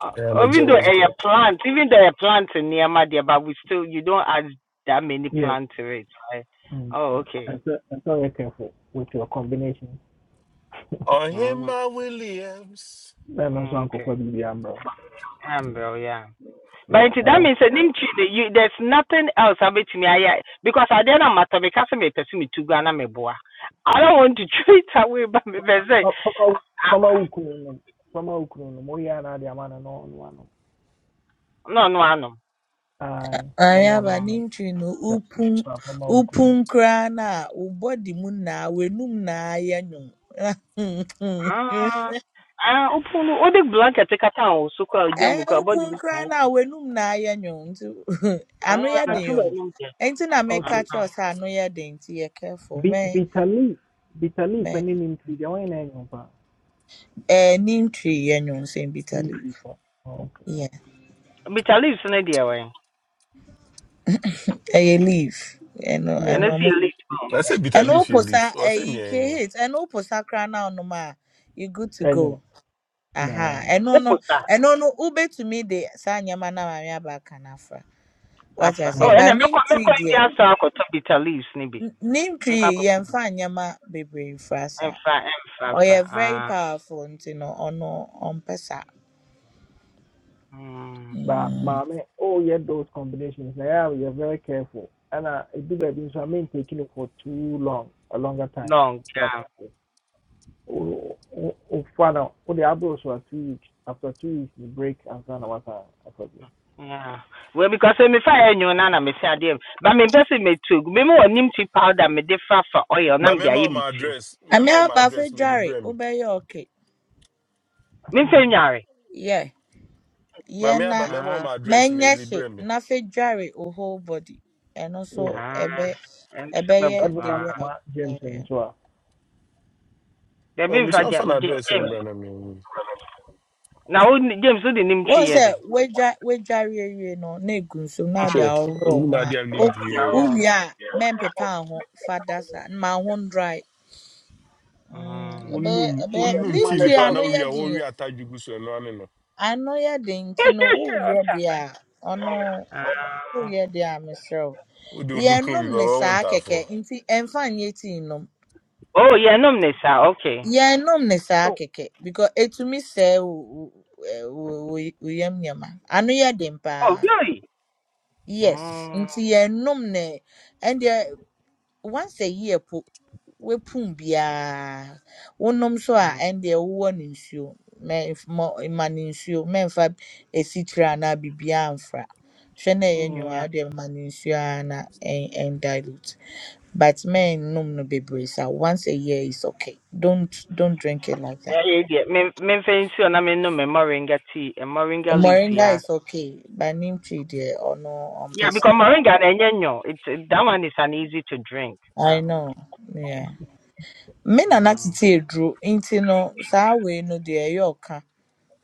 Speaker 10: uh,
Speaker 13: I am a
Speaker 10: even though
Speaker 13: jealous
Speaker 10: a
Speaker 13: God.
Speaker 10: plant, even though a plant in near my dear, but we still you don't add that many
Speaker 1: yeah
Speaker 10: plants to it, right?
Speaker 1: Mm.
Speaker 10: Oh, okay.
Speaker 1: And So ɛsɛ ɛsɛ careful with your combination
Speaker 13: On him,
Speaker 10: Mm.
Speaker 13: my Williams.
Speaker 1: bɛn no nso
Speaker 10: Mm, okay.
Speaker 1: ankɔfa biribi ambrɛ
Speaker 10: Um, bro, yeah. But nti that means that you, there's nothing else I bet me I because I didn't matter because me pursue me to Ghana me boa. I don't want to treat away but me be say
Speaker 1: o fama
Speaker 10: ah,
Speaker 1: fama from from nom from wo kunu nom woyɛ a na ade ama no
Speaker 10: no no I know.
Speaker 1: na from anom from fama ɔno
Speaker 3: ayaba n'intwi no
Speaker 1: nom
Speaker 3: upun
Speaker 1: fama wo kunu nom
Speaker 3: upun kra na a wo body mu na w'anum na ayɛ nwom
Speaker 10: Ah, ah, open o de blanket take ata o so kwa odi
Speaker 3: Ee,
Speaker 10: mu kwa body
Speaker 3: ukwu nkraa
Speaker 10: mu.
Speaker 3: no a w'anum na ayɛ nwooo nti ano yɛ
Speaker 10: Ah,
Speaker 1: na
Speaker 10: ntu
Speaker 3: den
Speaker 10: ba
Speaker 3: o.
Speaker 10: no ke.
Speaker 3: Nti na meka
Speaker 10: Ah,
Speaker 1: okay
Speaker 3: kyerɛw sɛ ano yɛ den nti yɛ careful.
Speaker 1: Bit,
Speaker 3: Mɛ
Speaker 1: bitter leaf. Bitter leaf
Speaker 3: mɛ
Speaker 1: ɛne ne ntiri deɛ wɔn nyinaa yɛ ɔba.
Speaker 3: ɛɛ ne ntwi yɛ nwoonsɛn
Speaker 1: Ne
Speaker 3: bitter leaf.
Speaker 1: ntiri pɔ. Okay.
Speaker 3: Yeah,
Speaker 10: me chalice na dia wen.
Speaker 3: ɛyɛ leaf. Ɛno
Speaker 1: Yeah,
Speaker 10: And I
Speaker 3: ɛno
Speaker 1: me
Speaker 10: see
Speaker 3: ɔmo
Speaker 1: too.
Speaker 10: elite.
Speaker 13: I say bitter
Speaker 3: ɛno
Speaker 13: leaf, you
Speaker 3: woposa
Speaker 13: leaf. I say
Speaker 3: ɛyi
Speaker 13: me. eh,
Speaker 3: K-Hate ɛno woposa koraa na ɔnom a you good to
Speaker 1: Ɛnyɛ.
Speaker 3: go. Aha
Speaker 1: Yeah.
Speaker 3: ɛno no
Speaker 10: Opota
Speaker 3: ɛno no wobetumi de saa nneɛma na maame aba aka no afra. Wate
Speaker 10: afa. Oh,
Speaker 3: aseɛ
Speaker 1: Mm.
Speaker 10: and
Speaker 3: but
Speaker 10: me
Speaker 3: ne
Speaker 10: kwa me
Speaker 3: ntwi
Speaker 10: kwa
Speaker 3: deɛ
Speaker 10: India so akoto bitter leaves ni bi.
Speaker 3: n- ne
Speaker 10: Me kwa
Speaker 3: ntwi
Speaker 10: akoto.
Speaker 3: yɛmfa nneɛma bebree mfra saa.
Speaker 10: Emfa, emfa, emfa.
Speaker 3: ɔyɛ very
Speaker 10: Ah.
Speaker 3: powerful and you know. nti no ɔno ɔmpɛ saa
Speaker 10: Mm,
Speaker 1: But
Speaker 3: Mm.
Speaker 1: maame, oh yeah, those combinations. Now yeah, we are very careful. And uh, it do baby, so I mean taking it for too long, a longer time.
Speaker 10: long
Speaker 1: So
Speaker 10: time.
Speaker 1: oh, oh, oh, father, oh, the abros were two weeks. After two weeks, you break and then what I forget.
Speaker 10: Yeah. Well, because eh, me fa enyo na na me say adem. But me pese me too. Me mo nim tea powder me de fa fa oil na
Speaker 13: My
Speaker 10: me de
Speaker 13: memo
Speaker 10: aye
Speaker 13: on
Speaker 10: me
Speaker 13: my
Speaker 10: tea.
Speaker 13: address.
Speaker 3: Ame
Speaker 13: Memo on my
Speaker 3: aba
Speaker 13: address may
Speaker 3: afedware
Speaker 13: libre me.
Speaker 3: wobɛyɛ okay.
Speaker 10: Me fa nyare.
Speaker 3: Yeah.
Speaker 13: My
Speaker 3: yeah
Speaker 13: me my
Speaker 3: na
Speaker 13: memo on
Speaker 10: Ah
Speaker 13: my address may
Speaker 3: mɛnyɛ she
Speaker 13: libre me.
Speaker 3: na fedware wo whole body and
Speaker 1: Yeah.
Speaker 3: also
Speaker 10: ah.
Speaker 3: ebe
Speaker 10: Em
Speaker 3: ebe
Speaker 10: se ba
Speaker 3: ye
Speaker 10: bu-
Speaker 3: the
Speaker 1: Advocate,
Speaker 10: ah.
Speaker 3: way a
Speaker 1: comma, James and
Speaker 3: ɔyɛ.
Speaker 1: so.
Speaker 10: De
Speaker 13: Oh,
Speaker 10: be
Speaker 13: me see
Speaker 10: fa de
Speaker 13: off an
Speaker 10: de
Speaker 13: address in
Speaker 10: James.
Speaker 13: Brana me.
Speaker 10: Na o ni- James o de nim chi
Speaker 3: Wɔn
Speaker 10: ye den.
Speaker 3: sɛ wedwa wedware awie no na egu nsuom na ɔde
Speaker 13: Sure.
Speaker 3: ahohoro
Speaker 13: Unu
Speaker 3: wo ho
Speaker 13: ma
Speaker 3: a
Speaker 13: dia nim
Speaker 3: o
Speaker 13: via
Speaker 10: Na
Speaker 13: ya.
Speaker 10: o.
Speaker 3: wowie a mɛmpepa wo ho fa da saa ma wo ho ndry. Mm,
Speaker 10: Mm.
Speaker 3: ɛbɛyɛ
Speaker 13: Unu
Speaker 1: Sugar,
Speaker 3: ɛbɛyɛ ne
Speaker 13: unu
Speaker 1: you man,
Speaker 13: ti
Speaker 1: the
Speaker 13: ni pa
Speaker 3: ntua
Speaker 1: doors.
Speaker 3: no
Speaker 13: we wi
Speaker 3: yɛ
Speaker 13: a wo
Speaker 3: den
Speaker 13: wi
Speaker 3: o.
Speaker 13: ataju gu so no ane no.
Speaker 3: ano yɛ den nti no woyɛ
Speaker 10: Ota.
Speaker 3: deɛ a ɔno
Speaker 10: Ah.
Speaker 3: woyɛ deɛ a meserɛ wo
Speaker 13: We don't
Speaker 1: Oh.
Speaker 13: kan
Speaker 3: yɛnnom
Speaker 13: wi
Speaker 3: ne
Speaker 13: baba won
Speaker 3: saa
Speaker 13: ta
Speaker 3: kɛkɛ
Speaker 13: fo.
Speaker 3: nti ɛmfa nyɛ tii nom
Speaker 10: Oh, yeah, no me say okay.
Speaker 3: yɛnnom ne saa kɛkɛ because ɛtumi sɛe wo wo- ɛ, wo- wo- wo yam nneɛma ano yɛ den
Speaker 10: Oh,
Speaker 3: paa
Speaker 10: really?
Speaker 3: yes
Speaker 10: Mm.
Speaker 3: nti yɛnnom ne ɛndeɛ once a year po wepum biara wonom so a ende wowɔ no nsuo mɛmf- mɔ mma no nsuo mɛmfa esikyire anaa biribiara mfra hwɛ na ɛyɛ
Speaker 10: mm,
Speaker 3: nwowa a
Speaker 10: Yeah.
Speaker 3: wode ma no nsuo ara na ɛn ɛndilute but mɛnnom no bebree saa once a year is okay don't don't drink it like that
Speaker 10: Yeah, yeah. yeah. Me, me fancy on. I mean, no, me moringa tea and moringa leaves.
Speaker 3: moringa
Speaker 10: Yes.
Speaker 3: is okay but neem tea or no ɔmpɛ
Speaker 10: Yeah, because
Speaker 3: pesa.
Speaker 10: moringa and yenyo, it it- that one is an easy to drink.
Speaker 3: i
Speaker 10: But.
Speaker 3: know yeah me na na
Speaker 10: Mm,
Speaker 3: tete eduro nti no saa we no deɛ ɛyɛ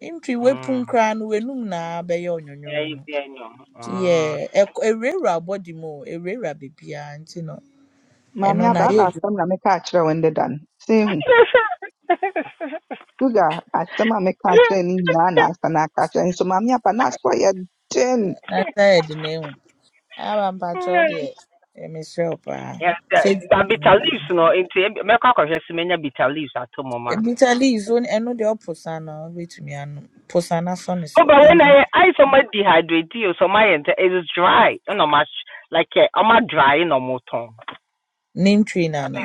Speaker 3: Ntwi wepum
Speaker 10: mm.
Speaker 3: koraa no w'anum na bɛyɛ
Speaker 10: Yeah, it's
Speaker 3: ɔnwonwonwo.
Speaker 10: yenyo. Uh,
Speaker 3: Yeah, ɛk- ɛwurawura abɔdem o, ɛwurawura beebiara nti no
Speaker 6: Maame
Speaker 3: ɛno no
Speaker 6: aba
Speaker 3: ayɛ
Speaker 6: aba
Speaker 10: mm.
Speaker 6: asɛm
Speaker 3: adwuma
Speaker 6: na meka akyerɛ wo ndeda no. Sɛ ehu, Sugar asɛm a meka akyerɛ no nyinaa na asa na aka akyerɛ nso maame aba n'aso yɛ den
Speaker 3: na nsa yɛ den ehu. Aba mpakyɛ wo deɛ eh, mesrɛ wo paa.
Speaker 10: yeah, the,
Speaker 3: Fɛ
Speaker 10: the bitter
Speaker 3: mm,
Speaker 10: leaves, no. Into me kwa kwa hwesi menya bitter leaves ato mama.
Speaker 3: bitter leaves wo ɛno deɛ ɔpo sa no wobɛtumi anom. Po na sɔ ne
Speaker 10: Oh,
Speaker 3: so
Speaker 10: but when
Speaker 3: wobɛnom
Speaker 10: I I so much dehydrated, you so my ent- it is dry. You know, much like eh, I'm not dry, you know, more tongue.
Speaker 3: ne ntwi no ana?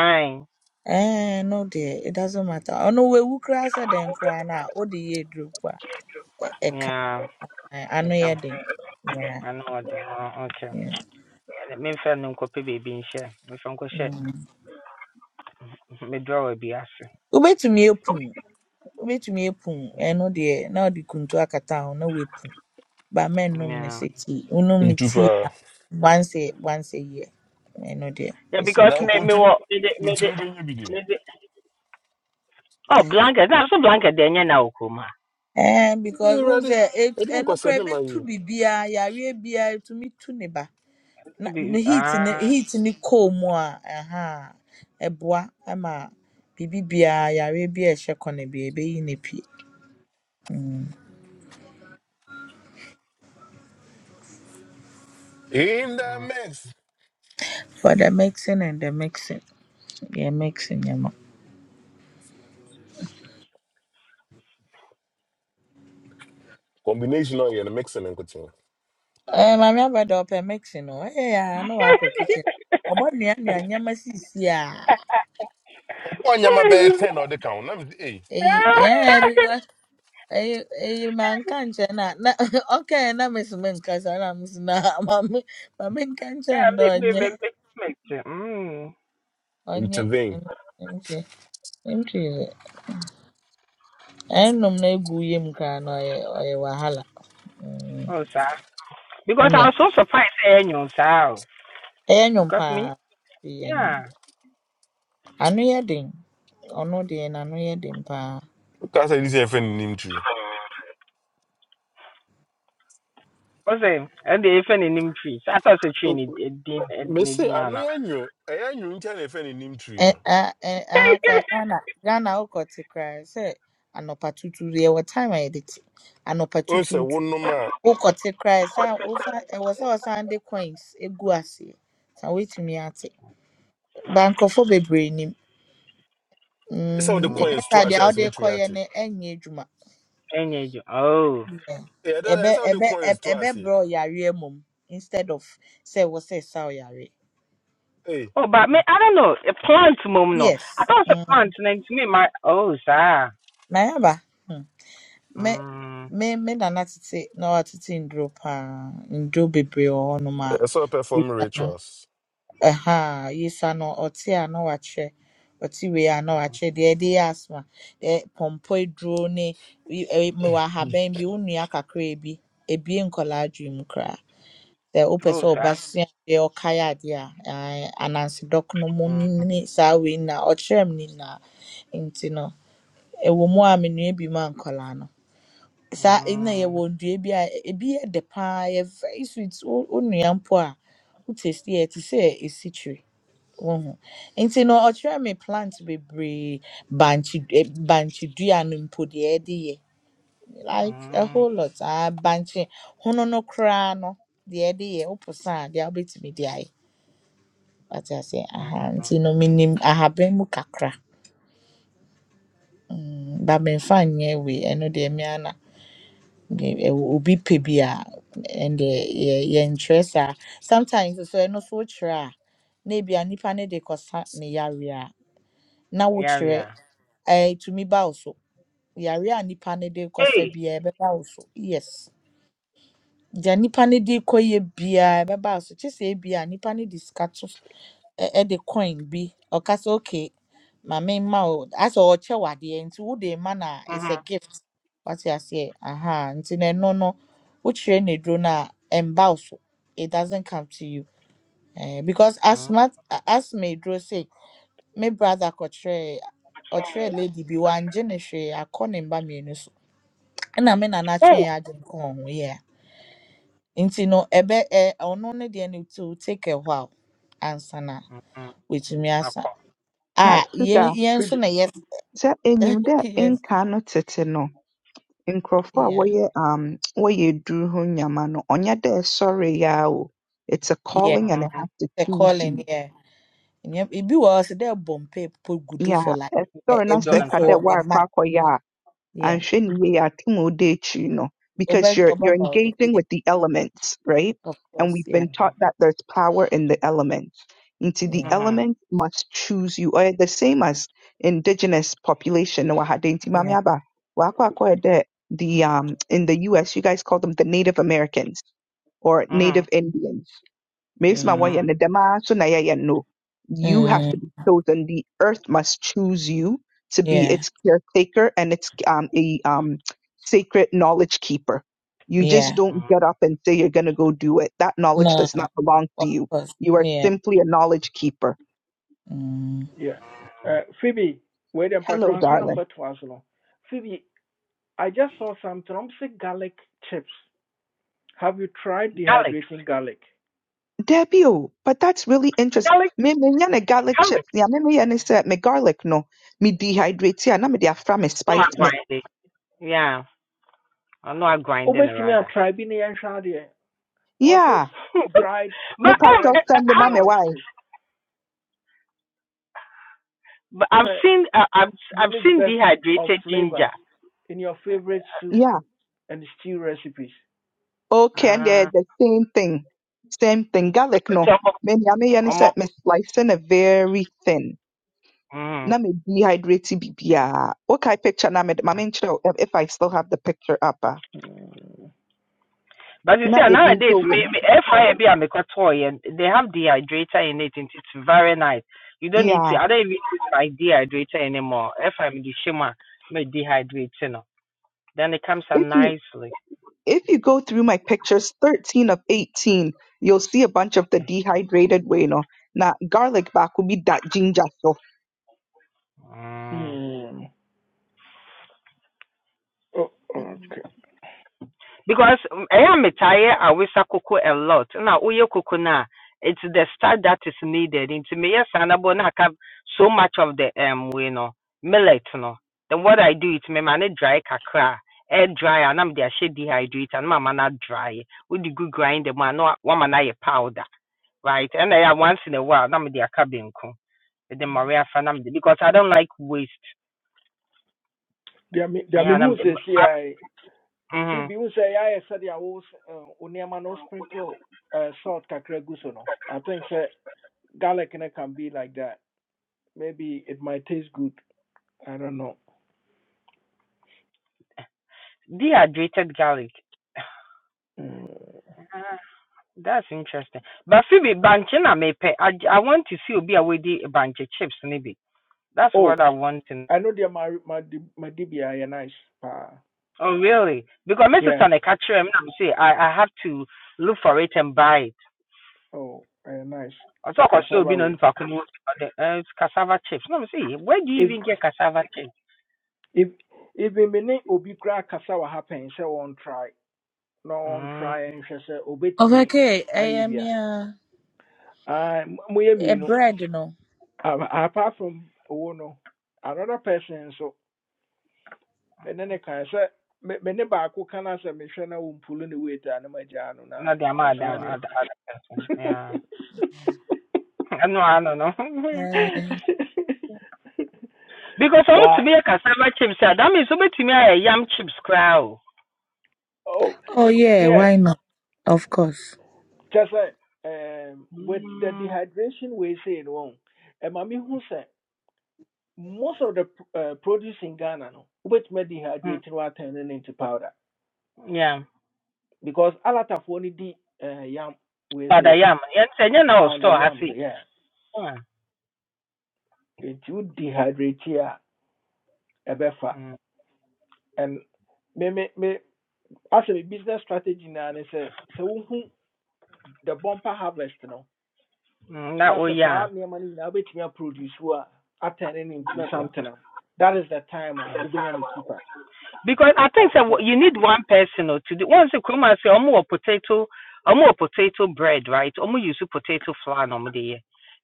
Speaker 10: I
Speaker 3: Ɛɛ no deɛ it doesn't matter. Ɔno wawu koraa sɛ dɛn kra na a wode yɛ aduro mpo a ɛ- ɛka
Speaker 10: yeah.
Speaker 3: ano
Speaker 10: like
Speaker 3: yɛ den. Yeah,
Speaker 10: I know oh, okay.
Speaker 3: yeah.
Speaker 10: Memfa no nkɔpɛ baabi nhyɛ. Memfa nkɔhyɛ
Speaker 3: Mm.
Speaker 10: me drawer bi ase.
Speaker 3: wobɛtumi apum wobɛtumi apum ɛno deɛ na ɔde kuntu akata ho na woapu ba mɛnnom ne
Speaker 10: Yeah.
Speaker 3: sɛ tea wonom ne
Speaker 13: Itu
Speaker 3: tea
Speaker 13: pa.
Speaker 3: a once a once a year ɛno deɛ
Speaker 10: Yeah,
Speaker 3: it's
Speaker 10: because
Speaker 13: Na
Speaker 3: okay
Speaker 10: me me
Speaker 13: continue.
Speaker 10: wɔ me de me de
Speaker 13: Continue be nyi
Speaker 10: me de Oh, blanket. Na so blanket de ɛnyɛ na wɔ
Speaker 3: ɛn because
Speaker 13: You
Speaker 3: wohu
Speaker 13: ready?
Speaker 3: sɛ ɛt-
Speaker 13: Everyone
Speaker 3: ɛno
Speaker 13: can say
Speaker 3: koraa
Speaker 13: them and
Speaker 3: ɛbɛtu
Speaker 13: you.
Speaker 3: biribiaa yareɛ biaa ɛtumi tu ne ba na ne heat ne
Speaker 10: ah.
Speaker 3: heat ne cold mu a ɛha a, ɛboa ma biribi biaa yareɛ bi a ɛhyɛ kɔ no bi ɛbɛyi ne pie Mm.
Speaker 13: In the
Speaker 10: mm.
Speaker 13: mix.
Speaker 3: for the mixing and the mixing yɛ mixing nyɛma
Speaker 13: Combination or you're mixing and cutting.
Speaker 3: Eh, maame abɛda ɔpɛ mix no ɛyɛ ya na wakɔ kitchen ɔbɔ nua nua nyɛma sisi a
Speaker 13: Ọbọ nyama bɛyɛ 10 or the count? ho. Na me eh.
Speaker 3: Eh, ɛyɛ because eh, eyi eyi manka nkyɛn na na ɔkae na mesi mi nkasa na mesi na maame maame nka nkyɛn
Speaker 10: Yeah,
Speaker 3: dɛ
Speaker 10: me me
Speaker 3: ɔnyɛ
Speaker 10: me me me. te, Mm.
Speaker 3: ɔnyɛ
Speaker 13: Intervene.
Speaker 3: ɔnyɛ ntwi ntwi dɛ ɛnum na egu yam koraa na ɔyɛ ɔyɛ wahala mm
Speaker 10: Oh, saa. Because
Speaker 3: nyɛ
Speaker 10: I was so surprised sɛ ɛnyɛ saa.
Speaker 3: ɛyɛ nwom
Speaker 10: Because me
Speaker 3: paa ɛyɛ nwom
Speaker 10: yeah.
Speaker 3: ano yɛ den ɔno deɛ n'ano yɛ den paa.
Speaker 13: Woka sɛ this yɛ friend nim tree.
Speaker 10: Ɔsɛ ɛde efe ne nim tree. trees. ata sɛ tree ne din
Speaker 13: Me
Speaker 10: ne
Speaker 13: say
Speaker 10: din
Speaker 13: I know
Speaker 10: ana.
Speaker 13: you knew. I knew you can't defend a name tree.
Speaker 3: Eh,
Speaker 13: No.
Speaker 3: ah, eh, ah, ka Ghana Ghana wokɔ te koraa sɛ anɔpa tutuuru yɛwɔ time I edit? te anɔpa
Speaker 13: Oh, say
Speaker 3: tutuutu
Speaker 13: one no man.
Speaker 3: wokɔ te koraa san wosan ɛwɔ sɛ wɔsan de coins egu aseɛ san woetumi ate ba nkorɔfo bebree nim
Speaker 13: It's all the
Speaker 3: mm
Speaker 10: Mm.
Speaker 3: ɛnyɛ
Speaker 13: coins to
Speaker 3: saa
Speaker 13: us
Speaker 3: deɛ a
Speaker 13: as
Speaker 3: wɔde
Speaker 13: we treat
Speaker 3: kɔyɛ
Speaker 13: it.
Speaker 3: no ɛnyɛ edwuma
Speaker 10: Ɛnyɛ ju. Oh.
Speaker 13: Yeah,
Speaker 3: Ebe
Speaker 13: that's all the
Speaker 3: ebe ɛbɛ
Speaker 13: coins to us
Speaker 3: ebe
Speaker 13: here.
Speaker 3: bro ɔyare mum. instead of say wɔ say ɛsa ɔyare
Speaker 13: Hey,
Speaker 10: Oh, but me, I don't know. A plant, mom, no. I
Speaker 3: yes
Speaker 10: thought it's a
Speaker 3: mm
Speaker 10: plant, and then to me, my oh, sir.
Speaker 3: na yaba Me
Speaker 10: Mm,
Speaker 3: me me nana tete na watete nduro paa nduro bebree wɔ hɔnom a
Speaker 13: it's all perform
Speaker 3: yisa no
Speaker 13: rituals.
Speaker 3: ɛha a yisa no ɔte a na wakyɛ ɔte wei a na wakyɛ deɛ ɛde yɛ asthma deɛ pɔmpɔ aduro ne yi- ɛyi- mewɔ ahaban bi wo nua kakra bi ebie nkɔlaa adwene mu koraa sɛ wopɛ
Speaker 10: oh,
Speaker 3: sɛ ɔba
Speaker 10: sir.
Speaker 3: sua adeɛ ɔkae adeɛ a ɛɛ, anansi dɔkono mu
Speaker 10: Mm,
Speaker 3: ne saa wei na ɔkyerɛ me ne nyinaa nti no ɛwɔ mu a menua bi ma nkɔlaa no saa na
Speaker 10: mm,
Speaker 3: yɛwɔ ndua bi a e, ebi yɛ dɛ paa yɛ very sweet wo wo nua mpo a wo taste yɛ te sɛ esikyire wohu nti no ɔkyerɛ me plant bebree bankye eh, bankye dua no mpo deɛ yɛde yɛ like a
Speaker 10: mm,
Speaker 3: whole lot a bankye hono no koraa no deɛ yɛde yɛ wopo sa a deɛ wobɛtumi de ayɛ wate ase
Speaker 10: mm,
Speaker 3: aha
Speaker 10: mm.
Speaker 3: nti no menim ahaban mu kakra Mm, ba memfa nyɛ wei ɛno deɛ me Nge- ɛwɔ- obi pɛ bi a ɛnde yɛ yɛntwerɛ saa sometimes nso ɛno so wokyerɛ a na ebia nipa no de kɔsa ne yareɛ a na
Speaker 10: Yeah,
Speaker 3: wokyerɛ
Speaker 10: yeah.
Speaker 3: ɛɛ tumi ba wo so yareɛ a nipa no de kɔsa
Speaker 10: Hey.
Speaker 3: biara ɛbɛba wo so yes deɛ nipa no de kɔyɛ biara ɛbɛba wo so kyɛ sɛ ebia nipa no de sika ɛ- the coin bi ɔkasa okay maame mma wo asɛ ɔkyɛ wo adeɛ nti wode ma no a it's a
Speaker 10: Mm-hmm.
Speaker 3: gift wate aseɛ aha nti na ɛno no wokyerɛ no aduro no a ɛmba wo so it doesn't come to you Eh, because as
Speaker 10: Mm,
Speaker 3: much as me aduro say me brother kɔkyerɛɛ ɔkyerɛɛ lady bi wangye ne hwee akɔ ne mba mmienu so ɛna me nana
Speaker 10: oh.
Speaker 3: atwe yɛ adwene kɔɔ ho yɛ nti no ɛbɛ ɛ ɔno ne deɛ no to take a while ansa na
Speaker 10: Mm-hmm.
Speaker 3: watumi
Speaker 10: I
Speaker 3: asa
Speaker 10: call.
Speaker 6: na
Speaker 1: yeah.
Speaker 3: Ah, yeah,
Speaker 6: Sugar
Speaker 3: yeah, so
Speaker 1: Phoebe,
Speaker 3: no, yes,
Speaker 6: sɛ enyim dɛ
Speaker 3: yes,
Speaker 6: nka no tete no nkurɔfo a
Speaker 3: yeah,
Speaker 6: wɔyɛ um wɔyɛ eduru ho nyama no ɔnyɛ dɛ ɛsɔreeɛ ara o. It's a
Speaker 3: yeah.
Speaker 6: calling and it
Speaker 10: Mm-hmm.
Speaker 6: has to
Speaker 3: The
Speaker 6: choose you.
Speaker 3: calling, yeah. And yeah, it be was there bomb paper could do for
Speaker 6: Yeah,
Speaker 3: like a,
Speaker 6: ɛsɔre na
Speaker 3: a
Speaker 10: You
Speaker 6: sɛ
Speaker 10: don't
Speaker 6: ɛka
Speaker 3: week
Speaker 10: answer.
Speaker 6: dɛ
Speaker 3: or a
Speaker 6: woarekɔ
Speaker 3: month.
Speaker 6: akɔyɛ
Speaker 3: Yeah.
Speaker 6: and Shin no,
Speaker 3: Over
Speaker 6: because you're
Speaker 3: over
Speaker 6: you're
Speaker 3: about the-
Speaker 6: engaging
Speaker 3: yeah,
Speaker 6: with the elements, right?
Speaker 3: of
Speaker 6: And
Speaker 3: course.
Speaker 6: we've
Speaker 3: Yeah.
Speaker 6: been taught that there's power in the elements. Into the
Speaker 3: Yeah.
Speaker 10: Mm-hmm.
Speaker 6: elements must choose you, or the same as indigenous population. no, aha, de nti mame
Speaker 3: Yeah.
Speaker 6: aba, wakɔ akɔyɛ dɛ The um in the U.S. you guys call them the Native Americans or Native
Speaker 10: Mm-hmm.
Speaker 6: Indians Mesma
Speaker 3: Mm,
Speaker 6: wɔnyɛ ne
Speaker 10: Mm-hmm.
Speaker 6: dɛm ara nso na yɛyɛ no. You have
Speaker 3: mm,
Speaker 6: to be chosen. The earth must choose you to be
Speaker 3: yeah.
Speaker 6: its caretaker and its um, a um, sacred knowledge keeper. You just
Speaker 3: Yeah.
Speaker 6: don't get
Speaker 10: Mm-hmm.
Speaker 6: up and say you're going to go do it. That knowledge
Speaker 3: No,
Speaker 6: does not belong to
Speaker 3: of
Speaker 6: you.
Speaker 3: course.
Speaker 6: You are
Speaker 3: Yeah.
Speaker 6: simply a knowledge keeper.
Speaker 3: Mm.
Speaker 1: yeah. Uh, Phoebe, where the
Speaker 6: Hello,
Speaker 1: patron
Speaker 6: darling.
Speaker 1: number two as no. Phoebe, I just saw some i garlic chips. Have you tried
Speaker 10: Garlic.
Speaker 1: dehydrating garlic?
Speaker 6: Debbie, oh, but that's really interesting.
Speaker 10: Garlic.
Speaker 6: Me me nya ne garlic
Speaker 10: Garlic.
Speaker 6: chips. Yeah, me me ne say me garlic no. Me dehydrate ya na me de afra me
Speaker 10: No,
Speaker 6: spice
Speaker 10: I'm
Speaker 6: me.
Speaker 10: grinding. Yeah. I know I'm grinding
Speaker 1: Obesimi a
Speaker 10: rather.
Speaker 1: try bi ne yɛhwɛ adeɛ. Ɔse
Speaker 6: Yeah,
Speaker 1: dried
Speaker 6: me
Speaker 10: but um,
Speaker 6: pato
Speaker 1: dried
Speaker 10: I,
Speaker 6: send
Speaker 10: I,
Speaker 6: me
Speaker 1: garlic
Speaker 6: why?
Speaker 1: chips.
Speaker 10: But I've
Speaker 1: So
Speaker 10: seen I, I've
Speaker 1: you
Speaker 10: I've
Speaker 1: need
Speaker 10: seen
Speaker 1: best of
Speaker 10: dehydrated
Speaker 1: flavor
Speaker 10: ginger.
Speaker 1: in your favorite soup
Speaker 6: Yeah.
Speaker 1: and stew recipes.
Speaker 6: Okay, and they're
Speaker 10: Ah,
Speaker 6: the same thing. Same thing. Garlic
Speaker 10: it's
Speaker 6: no.
Speaker 10: almost,
Speaker 6: Me me me yani say
Speaker 10: almost,
Speaker 6: me slice no very thin.
Speaker 10: mm.
Speaker 6: Na me dehydrate it bibia. Okay, picture na me mame nkyerɛ wo, if if I still have the picture up. ah.
Speaker 10: But you see,
Speaker 6: Na ebi
Speaker 10: nowadays,
Speaker 6: nso wom.
Speaker 10: maybe FIA be a toy and Mekotoi, and they have dehydrator in it, and it's very nice. You don't need to.
Speaker 6: Yeah.
Speaker 10: I don't even use my dehydrator anymore. If I'm the shema, my dehydrator, you know. then it comes out
Speaker 6: If you
Speaker 10: nicely.
Speaker 6: if you go through my pictures 13 of 18, you'll see a bunch of the dehydrated way no. Na garlic back will be that ginger so.
Speaker 10: Mm.
Speaker 1: Mm. Oh, okay.
Speaker 10: because I am tired, I yɛ awesa a lot Now, woyɛ koko no it's the starch that is needed nti meyɛ saa na bo na so much of the um, wei know millet no then what i do is mema ne dry kakra air dry a na mede ahyɛ dehydrator na mama no adry wode gu grinder mu a na wa- wama no ayɛ powder right And I a once in a while I'm aka benku mede mmɔre afa na mede because i don't like waste
Speaker 1: Deɛ me deɛ
Speaker 10: ɛyɛ a na
Speaker 1: mehu
Speaker 10: mede mm
Speaker 1: seesei
Speaker 10: -hmm.
Speaker 1: Phoebe, wo sɛ yɛayɛ sɛdeɛ wo s- eh, no sprinkle uh, salt kakra gu so no. I think sɛ garlic no can be like that. Maybe it might taste good. I don't know.
Speaker 10: dehydrated garlic
Speaker 1: Mm.
Speaker 10: That's interesting. But Phoebe, banche na mepe. I I want to see obi away the banche chips maybe. That's
Speaker 1: Oh,
Speaker 10: what I want to.
Speaker 1: I know deɛ my my D- my DB yɛ nice paa.
Speaker 10: Oh really? Because my sister
Speaker 1: Yeah.
Speaker 10: na catch him and say I I have to look for it and buy it.
Speaker 1: Oh, ɛyɛ nice.
Speaker 10: I talk or so be
Speaker 1: Cassava
Speaker 10: no
Speaker 1: way.
Speaker 10: nipa kunu the cassava chips. No me say where do you
Speaker 1: If
Speaker 10: even get cassava chips?
Speaker 1: if if me ne obi koraa kasa wɔ ha pɛn try No one
Speaker 10: Mm,
Speaker 1: try nhwɛ sɛ obetumi
Speaker 3: Okay, I
Speaker 1: ayɛ bi
Speaker 3: am
Speaker 1: a.
Speaker 3: yeah,
Speaker 1: Ah, m- moyɛ
Speaker 3: a
Speaker 1: mmienu.
Speaker 3: bread, no.
Speaker 1: Um, apart from oh no, another person so and then they can say me me ne baako kan asɛ mehwɛ na wɔmpulu ne weight a ne magyaa no na
Speaker 10: not the amount of
Speaker 1: asane
Speaker 10: other person. Yeah. I know, I don't know.
Speaker 3: Uh,
Speaker 10: because for me to
Speaker 1: but
Speaker 10: be a cassava chips, eh, that means somebody to me a yam chips crowd.
Speaker 1: oh
Speaker 3: oh yeah,
Speaker 1: yeah
Speaker 3: why not? Of course.
Speaker 1: just sɛ um, with the
Speaker 10: Mm.
Speaker 1: dehydration We say no one. And ɛma mehu sɛ most of the uh, produce in ghana no wobɛtumi
Speaker 10: Mm.
Speaker 1: adehydrate no turn no into powder
Speaker 10: hmm, Yeah.
Speaker 1: because alatafoɔ no di uh, yam wei
Speaker 10: But I
Speaker 1: sɛ
Speaker 10: am. Yɛn sɛ now? Store,
Speaker 1: pounded
Speaker 10: I
Speaker 1: yam no
Speaker 10: see.
Speaker 1: yeah
Speaker 10: sei. Mm,
Speaker 1: nti wo dehydrate here. ɛbɛfa
Speaker 10: mm,
Speaker 1: and me me me as a business strategy naa ne sɛ sɛ wohu the bumper harvest no
Speaker 10: mm, Na
Speaker 1: na sɛ
Speaker 10: ɔyɛ
Speaker 1: saa
Speaker 10: a.
Speaker 1: nneɛma no nyinaa wobɛtumi aproduce wo a atɛn it into something that is the time a
Speaker 10: Mm.
Speaker 1: wobɛnya no keeper
Speaker 10: Because I think
Speaker 1: like I
Speaker 10: that
Speaker 1: said.
Speaker 10: you need one person or to do. Once you come and say, "I'm more potato, I'm more potato bread, right? I'm more use potato flour, no there."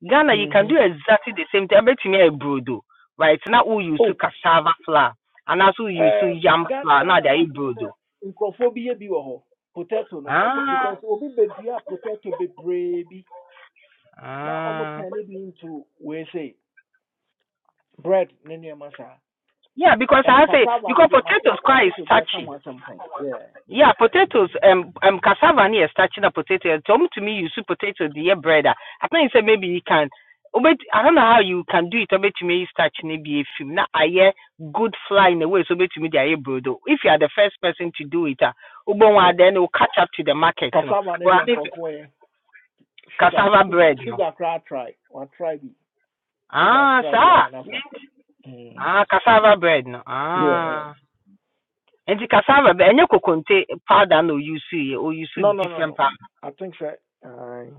Speaker 10: Ghana, you can
Speaker 1: mhm.
Speaker 10: do exactly the same thing. I bet you a brodo, right? Now we use
Speaker 1: oh
Speaker 10: cassava flour, and also we use
Speaker 1: um,
Speaker 10: yam flour. Now they
Speaker 1: ghana i
Speaker 10: are
Speaker 1: think
Speaker 10: brodo.
Speaker 1: sɛ nkurɔfoɔ bi yɛ bi potato no
Speaker 10: Ah,
Speaker 1: because obi bɛdua potato bebree bi na ɔmo
Speaker 10: ah.
Speaker 1: tɛn ne into we say bread ne nneɛma saa
Speaker 10: Yeah, because
Speaker 1: And
Speaker 10: I say
Speaker 1: cassava no
Speaker 10: because
Speaker 1: deɛ mate
Speaker 10: potatoes quite
Speaker 1: mate sɛ obi aka
Speaker 10: starchy.
Speaker 1: ho asɛm Yeah.
Speaker 10: Yeah, potatoes. Um, um, cassava near starching a potato. Tom to me, you see potato, the year bread. ah. I think you said maybe you can. Oh, But I don't know how you can do it. I bet you may starch maybe a film. Now I hear good fly in a way. So bet you me the air bread. oh. If you are the first person to do it, ah, uh,
Speaker 1: Oh,
Speaker 10: then will catch up to the market. No,
Speaker 1: cassava no
Speaker 10: but I
Speaker 1: deɛ
Speaker 10: think
Speaker 1: nkurɔfoɔ sugar
Speaker 10: cassava
Speaker 1: sugar
Speaker 10: bread. No,
Speaker 1: sugar koraa try. Watry bi. Sugar
Speaker 10: ah,
Speaker 1: try bi
Speaker 10: sir.
Speaker 1: ama no Mm.
Speaker 10: Ah, cassava bread. No,
Speaker 1: Yeah.
Speaker 10: ah. And the cassava, but any coconte powder no you see, or you see
Speaker 1: No no no
Speaker 10: different
Speaker 1: no.
Speaker 10: powder.
Speaker 1: I think so uh,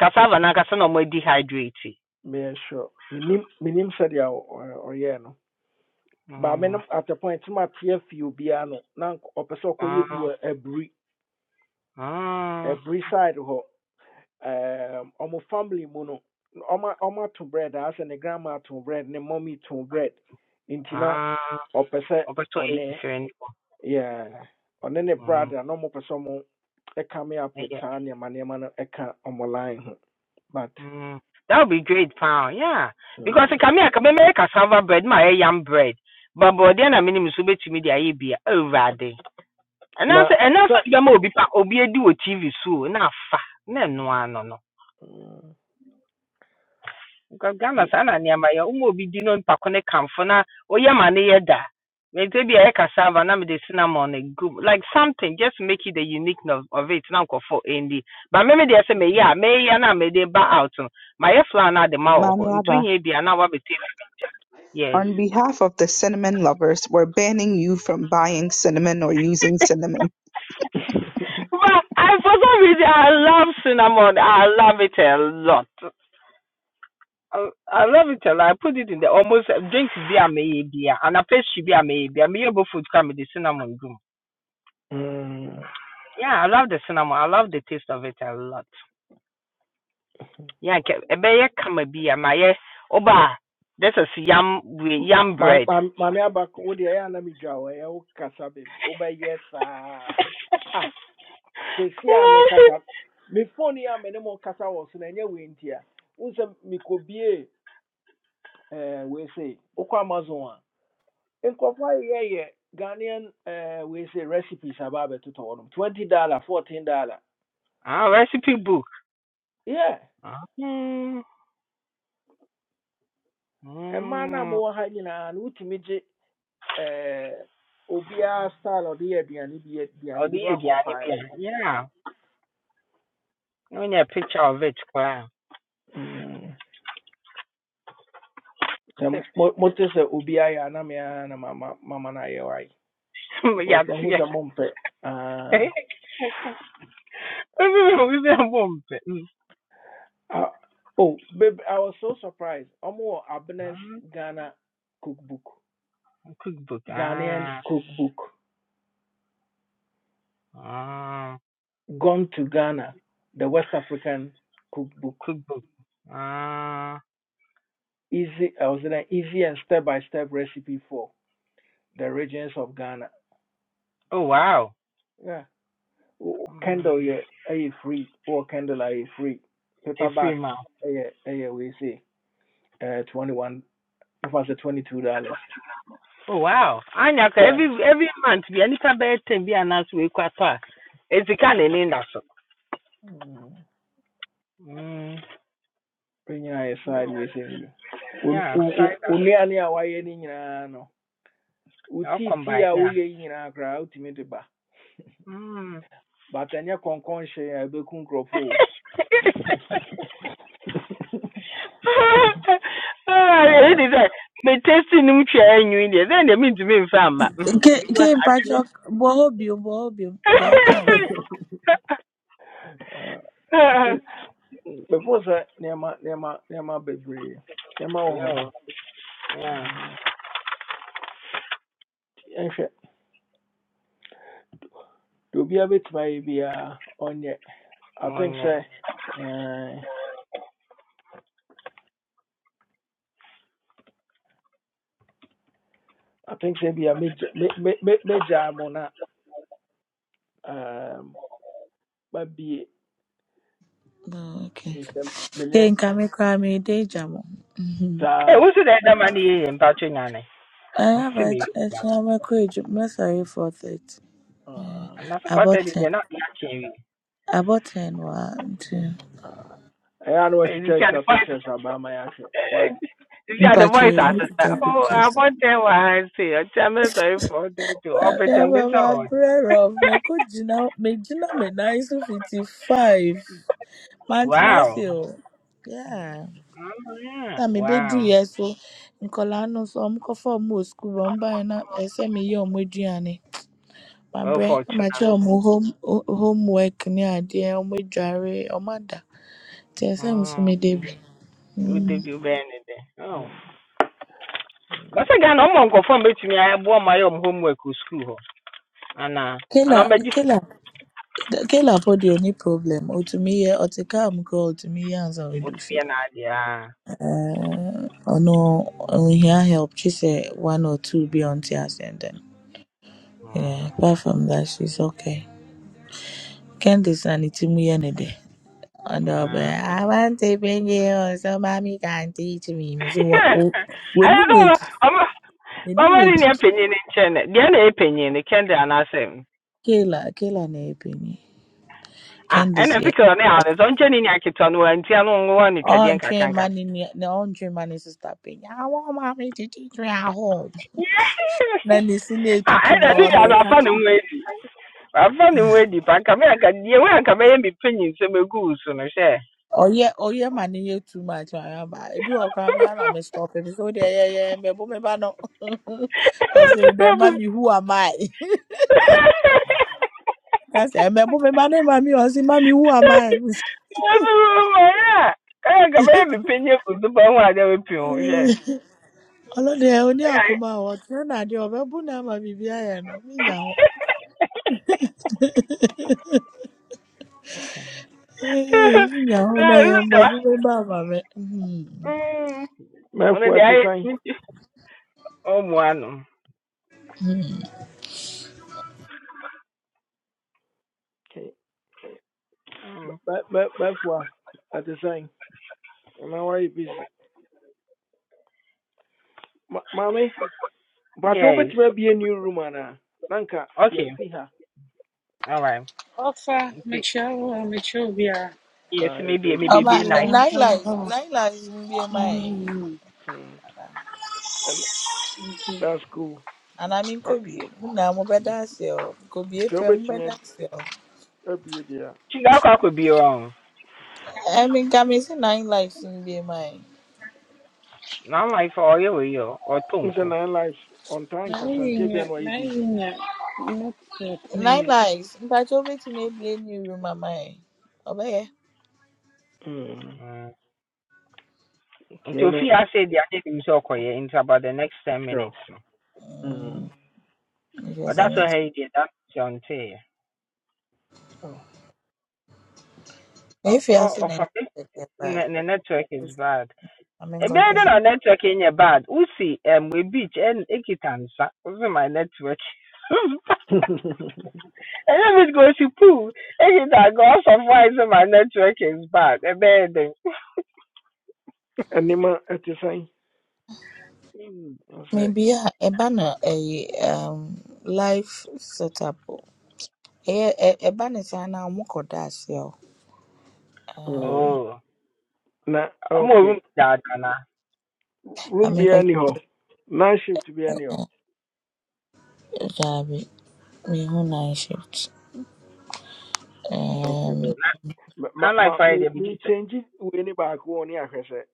Speaker 10: Cassava na cassava no more dehydrated.
Speaker 1: meyɛ sure. minim menim sɛdeɛ ɔ- ɔ- ɔyɛɛ no. But
Speaker 10: Hmm,
Speaker 1: menom at the point sɛ mateɛ fie obiara no na nk- ɔpɛ sɛ ɔkɔyɛ bi
Speaker 10: ah,
Speaker 1: wɔ
Speaker 10: ah,
Speaker 1: side hɔ. um ɔmo family mu no ɔmo ɔmo ato bread a ne grandma to bread ne mommy to bread nti na
Speaker 10: ah,
Speaker 1: ɔpɛ one,
Speaker 10: opportunity different.
Speaker 1: yeah one ne
Speaker 10: Hmm,
Speaker 1: brother na ɔmo pɛ sɛ ɔmo ɛka me up
Speaker 10: I
Speaker 1: with
Speaker 10: get.
Speaker 1: saa nneɛma nneɛma no ɛka ɔmo line ho but
Speaker 10: Hmm, that would be great, pal. Yeah, because
Speaker 1: mm,
Speaker 10: I come I come make cassava bread, my yam bread. But but then I mean, so bet me the idea already. And
Speaker 1: na
Speaker 10: that's and that's
Speaker 1: sɛ
Speaker 10: what you will be obi edu o TV so na fa na no ano no. Nka Ghana saa na nneɛma yɛ. Woma obi di na mpako ne kamfo na oyam a ne yɛ da. Mente bi ɛyɛ cassava na mede cinnamon egu mu. Like something just to make it the uniqueness of it na nkɔfo ndi. Ba me me deɛ sɛ meyɛ a meyɛ na mede ba out no, mayɛ flour na ade ma wɔ hɔ. Ntu hia bi a na wabɛte. Yes.
Speaker 6: On behalf of the cinnamon lovers, we're banning you from buying cinnamon or using cinnamon.
Speaker 10: But I, for some reason, I love cinnamon. I love it a lot. I, I love it a lot. I put it in the almost drinks beer maybe, and I pastry beer maybe. I may able food come with the cinnamon gum.
Speaker 1: mm,
Speaker 10: Yeah, I love the cinnamon. I love the taste of it a lot. Yeah, ke- ebeye kama bi ama ye oba. This is yam with yam
Speaker 1: ma
Speaker 10: bread.
Speaker 1: ma- ma- maame abako wo deɛ ɛyɛ na medwa wo ɛyɛ wo kasa bebree wobɛyɛ saa Ah, sɛsi me mekasa me phone ya me ne mo kasa wɔ so no ɛnyɛ we nti a wo sɛ eh, wei se wokɔ amazon a nkurɔfoɔ ye ye ghanaian eh, we say recipes aba abɛtotɔ hɔ 20 dollar 14 dollar
Speaker 10: ah, recipe book.
Speaker 1: yeah
Speaker 10: Ah. Mm.
Speaker 1: ɛmaa no a
Speaker 10: Mm.
Speaker 1: mowɔ ha nyinaa no wotumi gye eh, obiara style a ɔde yɛ aduane bi
Speaker 10: Oh,
Speaker 1: aduane bi
Speaker 10: the
Speaker 1: no
Speaker 10: aduane bi
Speaker 1: akɔmpaele
Speaker 10: a. Yeah. No need a picture of it koraa.
Speaker 1: Mm. sɛ mo- mote sɛ obiara yɛ na me na mama mama na ayɛ wae
Speaker 10: Yeah,
Speaker 1: because mahu
Speaker 10: yeah.
Speaker 1: sɛ Ah.
Speaker 10: Obi bi abɔ mpɛ. Mm.
Speaker 1: Uh, oh, babe, I was so surprised. Omo Abner's
Speaker 10: Ah,
Speaker 1: Ghana cookbook,
Speaker 10: Cookbook.
Speaker 1: Ghanaian
Speaker 10: Ah.
Speaker 1: cookbook,
Speaker 10: Ah.
Speaker 1: Gone to Ghana, the West African cookbook.
Speaker 10: Cookbook. Ah.
Speaker 1: Easy, I was in an easy and step by step recipe for the regions of Ghana.
Speaker 10: Oh wow.
Speaker 1: Yeah, Oh,
Speaker 10: Mm.
Speaker 1: Kindle, yeah, eh, free. Or Kindle, eh, free.
Speaker 10: Efiri
Speaker 1: Paperback,
Speaker 10: mu
Speaker 1: eh, eh, we say, uh, twenty one. If I say twenty two dollars,
Speaker 10: Oh wow. Anya ka
Speaker 1: yeah.
Speaker 10: every every month bi anipa bɛyɛ ten bi anaasɛ wekɔ atɔ a esika na ɛne da so.
Speaker 1: Mm.
Speaker 10: Mm.
Speaker 1: Bring your side, we say. Wo-
Speaker 10: Yeah,
Speaker 1: wo- wo-
Speaker 10: sorry
Speaker 1: wo
Speaker 10: that.
Speaker 1: nnuane a wayɛ ne nyinaa no wo
Speaker 10: I'll
Speaker 1: tiitii
Speaker 10: combine
Speaker 1: a
Speaker 10: now.
Speaker 1: woyɛ yi nyinaa koraa wotumi de ba
Speaker 10: Mm.
Speaker 1: but ɛnyɛ kɔnkɔn hyee a ɛbɛku nkurɔfo o
Speaker 10: Ah, yeah, it is that. Me testing him chair and you in there. Then they mean to me in fama. Because
Speaker 3: Game patch up, bohobium, bohobium, the outcome.
Speaker 1: Ah, nti
Speaker 10: I
Speaker 1: bɛfo sɛ nneɛma nneɛma nneɛma bebree nneɛma wɔ hɔ
Speaker 10: Yo, yeah.
Speaker 1: yɛnhwɛ deɛ obiara bɛtumi ayɛ biara ɔnyɛ i
Speaker 10: Oh
Speaker 1: think
Speaker 10: On
Speaker 1: sɛ eh, i think sɛ bia mɛgya mɛ- mɛ- mɛ- mɛgyaa mo na um, mabie
Speaker 3: Oh, okay.
Speaker 1: ɛsɛ
Speaker 3: Nka mekora mede gya mo. Mhm.
Speaker 10: Hey,
Speaker 1: ta.
Speaker 10: who's that that money in Patrick Nane?
Speaker 3: I have
Speaker 10: See me.
Speaker 3: actually my courage. I'm sorry for that. Eh,
Speaker 1: saa
Speaker 10: And that's what
Speaker 3: About
Speaker 10: I did.
Speaker 3: ten,
Speaker 10: They're not catching me.
Speaker 3: about ten, one, two.
Speaker 1: Ah, ɛyɛ a na
Speaker 10: Hey, You
Speaker 1: wɔatwitwa
Speaker 10: got the
Speaker 1: atwa
Speaker 10: voice.
Speaker 1: pictures about my yɛahwɛ why
Speaker 10: You got the
Speaker 3: But
Speaker 10: voice
Speaker 3: you make it your
Speaker 10: assistant. Oh, I
Speaker 3: pictures.
Speaker 10: want that one. See, I tell me sorry for that to open
Speaker 3: Yeah,
Speaker 10: and this
Speaker 3: but my
Speaker 10: out.
Speaker 3: brother of me could you know me you know me nice fifty five. Man,
Speaker 10: Wow.
Speaker 3: you Yeah.
Speaker 10: Oh yeah.
Speaker 3: Na me bedru
Speaker 10: Wow.
Speaker 3: yɛ so nkɔlaa no so ɔmo kɔfa ɔmo wɔ sukuu hɔ ɔmo baeɛ na ɛsɛ meyɛ ɔmo aduane.
Speaker 10: Well,
Speaker 3: Mabrɛ na
Speaker 10: fortunate.
Speaker 3: makyerɛ ɔmo home ho- homework ne adeɛ, ɔmo dware, ɔmo ada. Ntsi ɛsɛ sɛ nso
Speaker 10: Oh,
Speaker 3: meda bi.
Speaker 10: would they
Speaker 3: Mm.
Speaker 10: be better than that? Oh, but again, I'm on confirm between me. I bought my own homework with school. huh? And uh, and
Speaker 3: Kela
Speaker 10: I'm ready
Speaker 3: Kela Kela po deɛ onni problem. Otumi yɛ, ɔtse kaa mu koraa a otumi yɛ ansaana
Speaker 10: for to
Speaker 3: oedu
Speaker 10: be
Speaker 3: fie.
Speaker 10: an idea.
Speaker 3: Ɛɛɛ ɔno onhia help gye sɛ one or two bi a ɔnntse ase and then yeah,
Speaker 10: Ah.
Speaker 3: apart from that she's okay. Candice na ne tsir mu yɛ ne dɛ. Ɔno
Speaker 10: Ah.
Speaker 3: ɔbɛyɛ I want to bring you so mommy can teach me. Mesin wɔ wɔ
Speaker 10: I
Speaker 3: w'enum
Speaker 10: don't know.
Speaker 3: etu.
Speaker 10: I'm I'm
Speaker 3: w'anum
Speaker 10: only near penny in China. The other penny in the candy and I say.
Speaker 3: Kela, Kela, na ebinyi.
Speaker 10: Ah,
Speaker 3: Candice
Speaker 10: ɛna fi
Speaker 3: yɛ.
Speaker 10: kɛ ɔne ades ɔnkyɛ ne nya ketewa no wanti ano nwowa ne twɛdeɛ
Speaker 3: Ɔntwe mma
Speaker 10: nkakanka
Speaker 3: ne nua na ɔntwe mma ne sista panyin. Awɔ maame me, twe aho. Na ne si na
Speaker 10: ah
Speaker 3: etutu
Speaker 10: ɛna
Speaker 3: na
Speaker 10: ne
Speaker 3: ɔde
Speaker 10: nya no
Speaker 3: ka.
Speaker 10: afa ne ho adi afa ne ho adi pa nka me anka deɛ wo anka mɛyɛ me panyin sɛ mɛgu wo so no hwɛ
Speaker 3: Ɔyɛ ɔyɛ ma ne yɛ too much ayɛ ba. Ebi wɔ koraa mi ana me, stop ebi sɛ ɔde ɛyɛ me, mɛbo me, ba no. Ɔsi dɛ mami who am I? Ka se me, mɛbo me, ba no mami ɔsi mami who am I?
Speaker 10: ɛyɛ anka mɛyɛ me panyin agu so pa ho adeɛ wɔpi ho hwɛ
Speaker 3: Ɔlɔdi ɛ oni akoma ɔtí ɛna adi ɔbɛ bu na ama bibi ayɛ no. Mi nya Yahoo, your mother, my mama, man.
Speaker 10: ɔno deɛ
Speaker 1: mɛfoa te
Speaker 10: ayɛ
Speaker 1: sɛn
Speaker 10: ne ti ɔmmoa no
Speaker 3: Hmm.
Speaker 10: Mm.
Speaker 1: Mɛ- mɛ- mɛfoa ɛte sɛn anaa woayɛ busy Ma- maame mpatwe
Speaker 10: yes
Speaker 1: wobɛtumi abie new room anaa na nka
Speaker 10: okay
Speaker 1: yɛfi ha
Speaker 10: all right
Speaker 16: Ofa
Speaker 10: nti
Speaker 16: macho macho bia.
Speaker 1: Ah,
Speaker 10: yɛsɛ maybe
Speaker 1: yɛdo
Speaker 3: Oh,
Speaker 10: maybe
Speaker 1: so
Speaker 3: my
Speaker 10: be nice
Speaker 16: Hello
Speaker 3: nine
Speaker 16: hello
Speaker 3: lives,
Speaker 16: hello.
Speaker 3: nine lives will be mine.
Speaker 16: Hmm.
Speaker 1: Mm, ɛn- that's cool
Speaker 3: And I mean,
Speaker 1: Ah,
Speaker 3: could be now, my better self, could be a
Speaker 1: sɛ
Speaker 3: pen
Speaker 1: wobɛtumi
Speaker 3: better
Speaker 1: a
Speaker 3: self.
Speaker 1: abie deɛ a
Speaker 10: sika akɔ akɔ be wrong
Speaker 3: I mean, come is nightlife in, nine lives will be mine.
Speaker 10: na life ɔyɛ wei ɔ ɔtɔ
Speaker 1: n
Speaker 10: nko
Speaker 1: sɛ nine lives on time
Speaker 16: Nai
Speaker 1: kasanteɛ bia
Speaker 16: nya
Speaker 1: na wayɛ
Speaker 16: nai
Speaker 1: busy
Speaker 16: nya. Nuk
Speaker 3: Nine
Speaker 16: nya.
Speaker 3: lives, but you'll be to me be a new room, my mind. Obey.
Speaker 1: Mm,
Speaker 10: Mm. nti
Speaker 1: kɛne
Speaker 10: ofi ase deɛ ade nim sɛ ɔkɔyɛ nti about the next ten
Speaker 1: sure
Speaker 10: minutes no
Speaker 3: Mm.
Speaker 1: Mm.
Speaker 3: If you say
Speaker 10: that's so
Speaker 3: me.
Speaker 10: ha yi deɛ da sɛ ɔnteeɛ Ɔ-
Speaker 3: If you are
Speaker 10: ɔ-
Speaker 3: saying
Speaker 10: ɔfa
Speaker 3: anything, but
Speaker 10: network is bad
Speaker 3: I mean, God
Speaker 10: ebien de
Speaker 3: bless it.
Speaker 10: na network nyɛ bad wusi ɛm we beach ɛn ekita nsa wusi my network
Speaker 1: Oh.
Speaker 10: ɛnyɛ bi go si pool ekita nka ɔsɔfo ayi sɛ my network is bad ɛbɛyɛ den.
Speaker 1: Anima ɛte sɛn
Speaker 10: Mm.
Speaker 1: sɛ
Speaker 3: Maybe uh, a banner, a um, life setup. Ɛyɛ- ɛ- ɛba ne saa na mokɔda ase a
Speaker 1: mm,
Speaker 3: um,
Speaker 10: oh.
Speaker 1: na
Speaker 10: I'm a
Speaker 1: okay
Speaker 10: room dad, and I
Speaker 1: room
Speaker 3: maame
Speaker 1: biara ni
Speaker 3: nkɔhwɛ
Speaker 1: night shift biara ni hɔ
Speaker 3: daabi mehu night shift
Speaker 1: okay
Speaker 3: um,
Speaker 1: babe ma ma
Speaker 10: like
Speaker 1: ma- me
Speaker 10: Friday, but
Speaker 1: me
Speaker 10: just
Speaker 1: change wei ni baako wɔ ne ahwɛ sɛ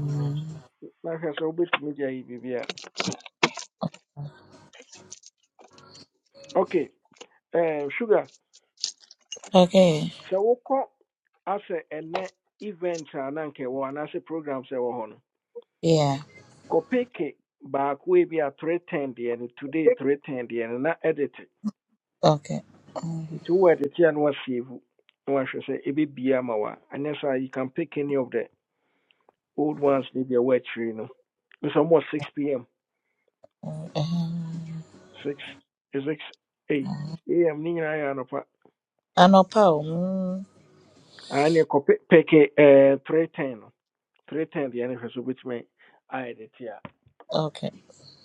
Speaker 10: Uh,
Speaker 1: n'ahwɛ sɛ wobɛtumi de ayi biribi a okay ɛɛ sugar
Speaker 3: okay
Speaker 1: sɛ wokɔ asɛ ɛnɛ event a na nka ɛwɔ hɔ anaasɛ programs a ɛwɔ hɔ no
Speaker 3: yeah
Speaker 1: kɔpeke baako ebi three ten deɛ no today three ten deɛ no na edit
Speaker 3: okay Mm,
Speaker 1: To wowɔ ɛde te a na wasave na wahwɛ sɛ ɛbɛbia ama wo a ɛnyɛ saa you can pick any of the old ones ne bia woakyiri no nso ɔmɔ 6 pm
Speaker 3: ɛhem.
Speaker 1: 6 6 eight. a M, Nina, I am ne I'm anɔpa
Speaker 3: anɔpa o mm,
Speaker 1: aa ne ɛkɔ pe- pɛke eh, 310 no 310 deɛ ne hwɛ so wobɛtumi ayɛ de te the
Speaker 3: okay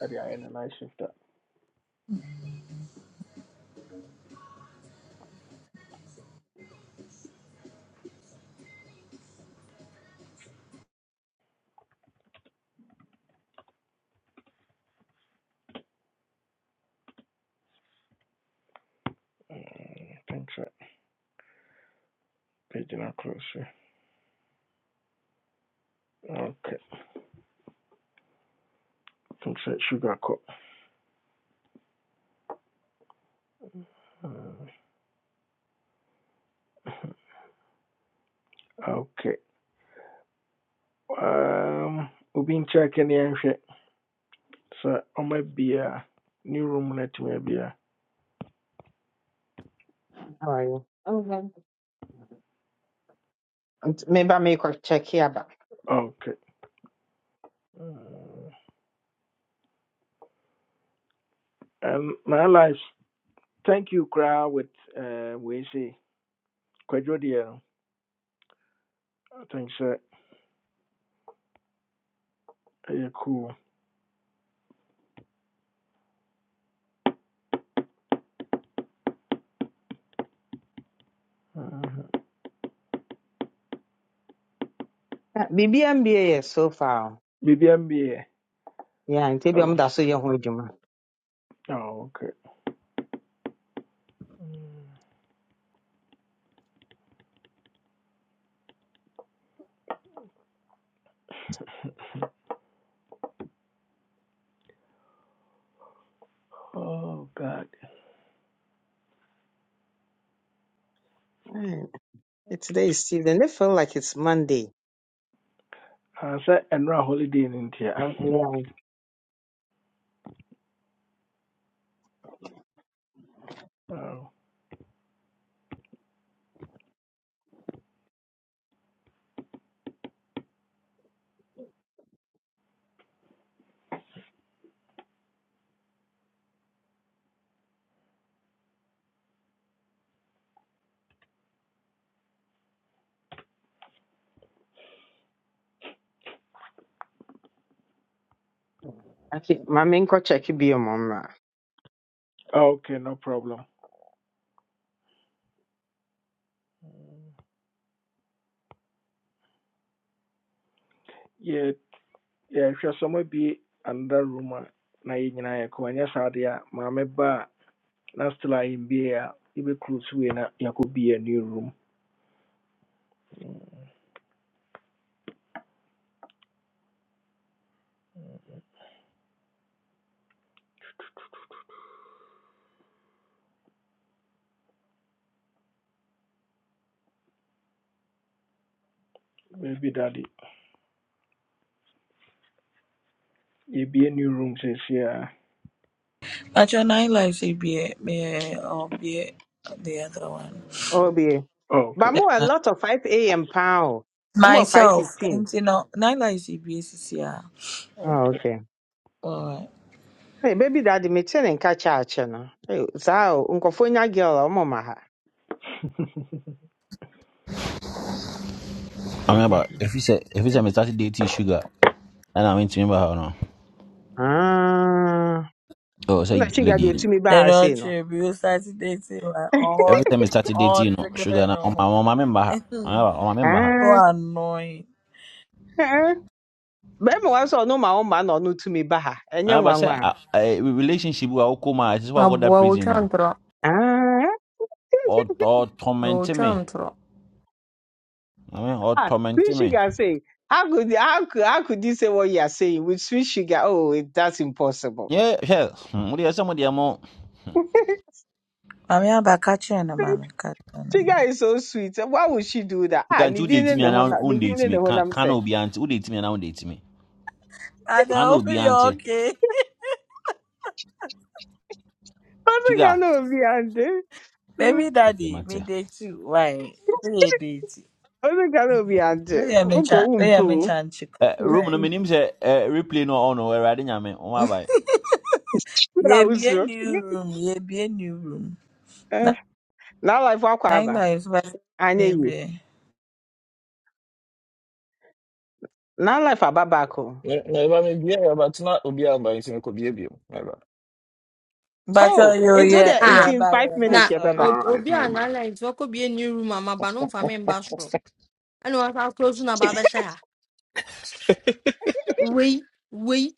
Speaker 1: ɛde ayɛ ne night shift a Mm, I think sɛ bɛgyina so okay Thanks. sɛ sugar cup. Mm, okay um, obi nkyɛ kɛ ne yɛnhwɛ So, I might be a new room no atumi abia
Speaker 10: how are you? Okay. Nti make a check here aba.
Speaker 1: okay Mm. um, my life thank you koraa with uh, wei sei kwadwo deɛ no i think sɛ ɛyɛ cool Mhm.
Speaker 10: Na biribi MBA yɛ so far.
Speaker 1: biribia mbiɛ
Speaker 10: Yeah, nti ebi
Speaker 1: oh
Speaker 10: ɔmo da so yɛ ho adwuma.
Speaker 1: oh, okay Mm. oh god
Speaker 10: Alright, eh, Today is Tuesday. And They feel like it's Monday.
Speaker 1: Ah, sɛ ɛnora holiday in India.
Speaker 10: Um, yeah.
Speaker 1: oh.
Speaker 10: Actually, maame nkɔ check bi ɔmo mra.
Speaker 1: Oh, okay no problem Yeah. Yeah. If you're somewhere be another room a na yɛ nyinaa yɛkɔ ɛnyɛ saa deɛ a maame ba na still a yɛmbie a be so wei na you could be a new room Maybe baabi be a new room says yeah.
Speaker 3: Actually, nine lives ebie meyɛ ɔbea the other one
Speaker 10: Oh, bi.
Speaker 1: Oh,
Speaker 10: But
Speaker 1: okay
Speaker 10: more a lot of 5 a.m. paa I'm more
Speaker 3: myself
Speaker 10: 5:15.
Speaker 3: nti no nine lives ebie sisi a
Speaker 10: Oh, okay.
Speaker 3: alright
Speaker 10: Hey, baby daddy, me tell and catch akyɛ no. Hey, so, o, nkɔfo nya girl a ɔmo ma ha.
Speaker 17: I remember if you say if you say me started dating sugar, and I went to remember her no.
Speaker 10: Ah.
Speaker 17: Oh, say
Speaker 10: na chi ga di
Speaker 17: lady.
Speaker 10: otumi ba ha
Speaker 3: ɛnɛ
Speaker 10: sei no
Speaker 3: ɔkyerɛ bi o start dating like all
Speaker 17: Every time I started dating,
Speaker 3: all
Speaker 17: you know, sugar
Speaker 3: together
Speaker 17: na on my
Speaker 3: no
Speaker 17: mama remember her.
Speaker 3: It is
Speaker 17: I remember, on my remember her.
Speaker 3: so
Speaker 10: ah
Speaker 3: annoying.
Speaker 10: eh bẹẹma wá sọ no ma ụma na ọnụ tumi ba ha
Speaker 17: I
Speaker 10: enye nwa
Speaker 17: remember say
Speaker 10: nwa
Speaker 17: I, I, relationship with Okuma, this is why I got that
Speaker 18: Abua
Speaker 17: prison, you know.
Speaker 10: ah
Speaker 17: Or, or tormenting me.
Speaker 18: ochantro.
Speaker 17: I mean, or
Speaker 10: ah, sweet
Speaker 17: tormenting me.
Speaker 10: sugar say how could how could how could you say what you are saying with sweet sugar oh it- that's impossible
Speaker 17: Yeah, yeah. Hmm, What do you say? What do you want?
Speaker 3: Mami abakachi and mami kachi and
Speaker 10: sugar
Speaker 3: mami.
Speaker 10: is so sweet why would she do that
Speaker 17: You
Speaker 10: ah
Speaker 17: can
Speaker 10: ni
Speaker 17: two
Speaker 10: di
Speaker 17: date
Speaker 10: ne
Speaker 17: me
Speaker 10: ne
Speaker 17: and
Speaker 10: ho
Speaker 17: now
Speaker 10: na ni
Speaker 17: own
Speaker 10: di
Speaker 17: date
Speaker 10: ne ne
Speaker 17: me.
Speaker 10: ho
Speaker 17: Can
Speaker 10: na mfe
Speaker 17: can be auntie. Who date me and now own date me?
Speaker 3: And I hope
Speaker 17: Can be
Speaker 3: you're
Speaker 17: auntie.
Speaker 3: okay.
Speaker 10: ọdụ ga
Speaker 17: Sugar.
Speaker 10: na obi ande
Speaker 3: Baby
Speaker 17: Okay,
Speaker 3: daddy, me
Speaker 17: mate.
Speaker 3: day too. Why? Me day too.
Speaker 10: ọdụ ga na obi ande
Speaker 3: No, yeah, me
Speaker 10: ụbọ
Speaker 3: chan.
Speaker 10: owu
Speaker 3: No, yeah, me chan chiku.
Speaker 17: Uh,
Speaker 10: Mm,
Speaker 17: room no
Speaker 3: Right.
Speaker 10: mm.
Speaker 17: minim say uh, replay no on no. Where I didn't mean. On my boy.
Speaker 10: Ụra
Speaker 3: Yeah, be a
Speaker 10: uzo.
Speaker 3: new room. Yeah, be a new room. Na-
Speaker 10: na life wakɔ
Speaker 3: Nine
Speaker 10: aba
Speaker 3: lives, but
Speaker 10: anyɛ yie
Speaker 3: maybe.
Speaker 10: na life aba back o
Speaker 15: Me- me ba me bia ya, but obi a ban si me kɔ bia bio. Me
Speaker 3: But
Speaker 10: oh
Speaker 3: oh, yo,
Speaker 10: nti o
Speaker 3: yeah,
Speaker 10: deɛ
Speaker 18: Ah,
Speaker 3: yeah,
Speaker 10: in
Speaker 3: but
Speaker 10: five
Speaker 3: yeah, but
Speaker 10: minutes
Speaker 18: na
Speaker 10: yɛbɛba
Speaker 18: o-
Speaker 3: sorry.
Speaker 15: All right,
Speaker 18: obi a
Speaker 15: member.
Speaker 18: nine nti wakɔbie new room a maba no mfa me mba soro ɛne wasa close na ba bɛhyɛ ha wei wei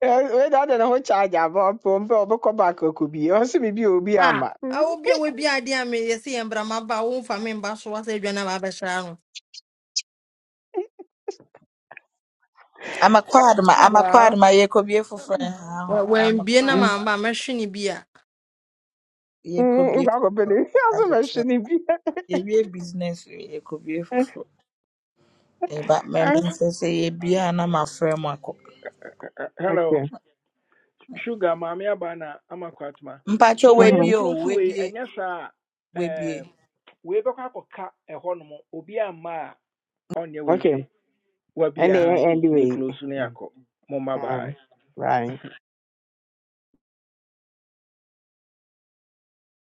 Speaker 10: We da de ne ho charge aba ɔpɛ mpɛ ɔbɛkɔ back akɔ bi ɔso biribi a obi
Speaker 18: a
Speaker 10: ama Mm.
Speaker 18: obi a wabi ade a meyɛ sɛ yɛ mbra maba a womfa me mba soro wasɛ adwa no a baabɛhyɛ ha no
Speaker 3: I'm a quad ma. I'm a quad ma. Yeah, could be a friend. huh? I'm a
Speaker 18: wambie na
Speaker 3: quad ma.
Speaker 18: mamba mɛhwe ne bi
Speaker 3: Yeah,
Speaker 10: Mm,
Speaker 3: could be.
Speaker 10: nkɔ akɔpɛ ne ɔso mɛhwe ne bi
Speaker 3: yɛwie business wei yɛkɔbue foforɔ ɛba mɛme
Speaker 10: Ah,
Speaker 3: sɛ sɛ yɛbie a na mafrɛ mu akɔ
Speaker 1: hello
Speaker 10: okay
Speaker 1: sugar mommy, maame aba na ama kwatma
Speaker 3: mpakyɛ
Speaker 1: momma
Speaker 3: wabie
Speaker 10: mhm
Speaker 3: o
Speaker 1: yɛnkuro so wei
Speaker 3: wabie
Speaker 1: ɛnyɛ saa a
Speaker 3: wabie
Speaker 1: ɛɛm, wei bɛkɔ akɔka ɛhɔnom obi amma a ɔnyɛ wei
Speaker 10: okay
Speaker 1: se wabi
Speaker 10: ɛne
Speaker 1: aha nti
Speaker 10: ɛnde wei
Speaker 1: meclose no
Speaker 10: Mm,
Speaker 1: yɛakɔ Mama bye
Speaker 10: alright. bye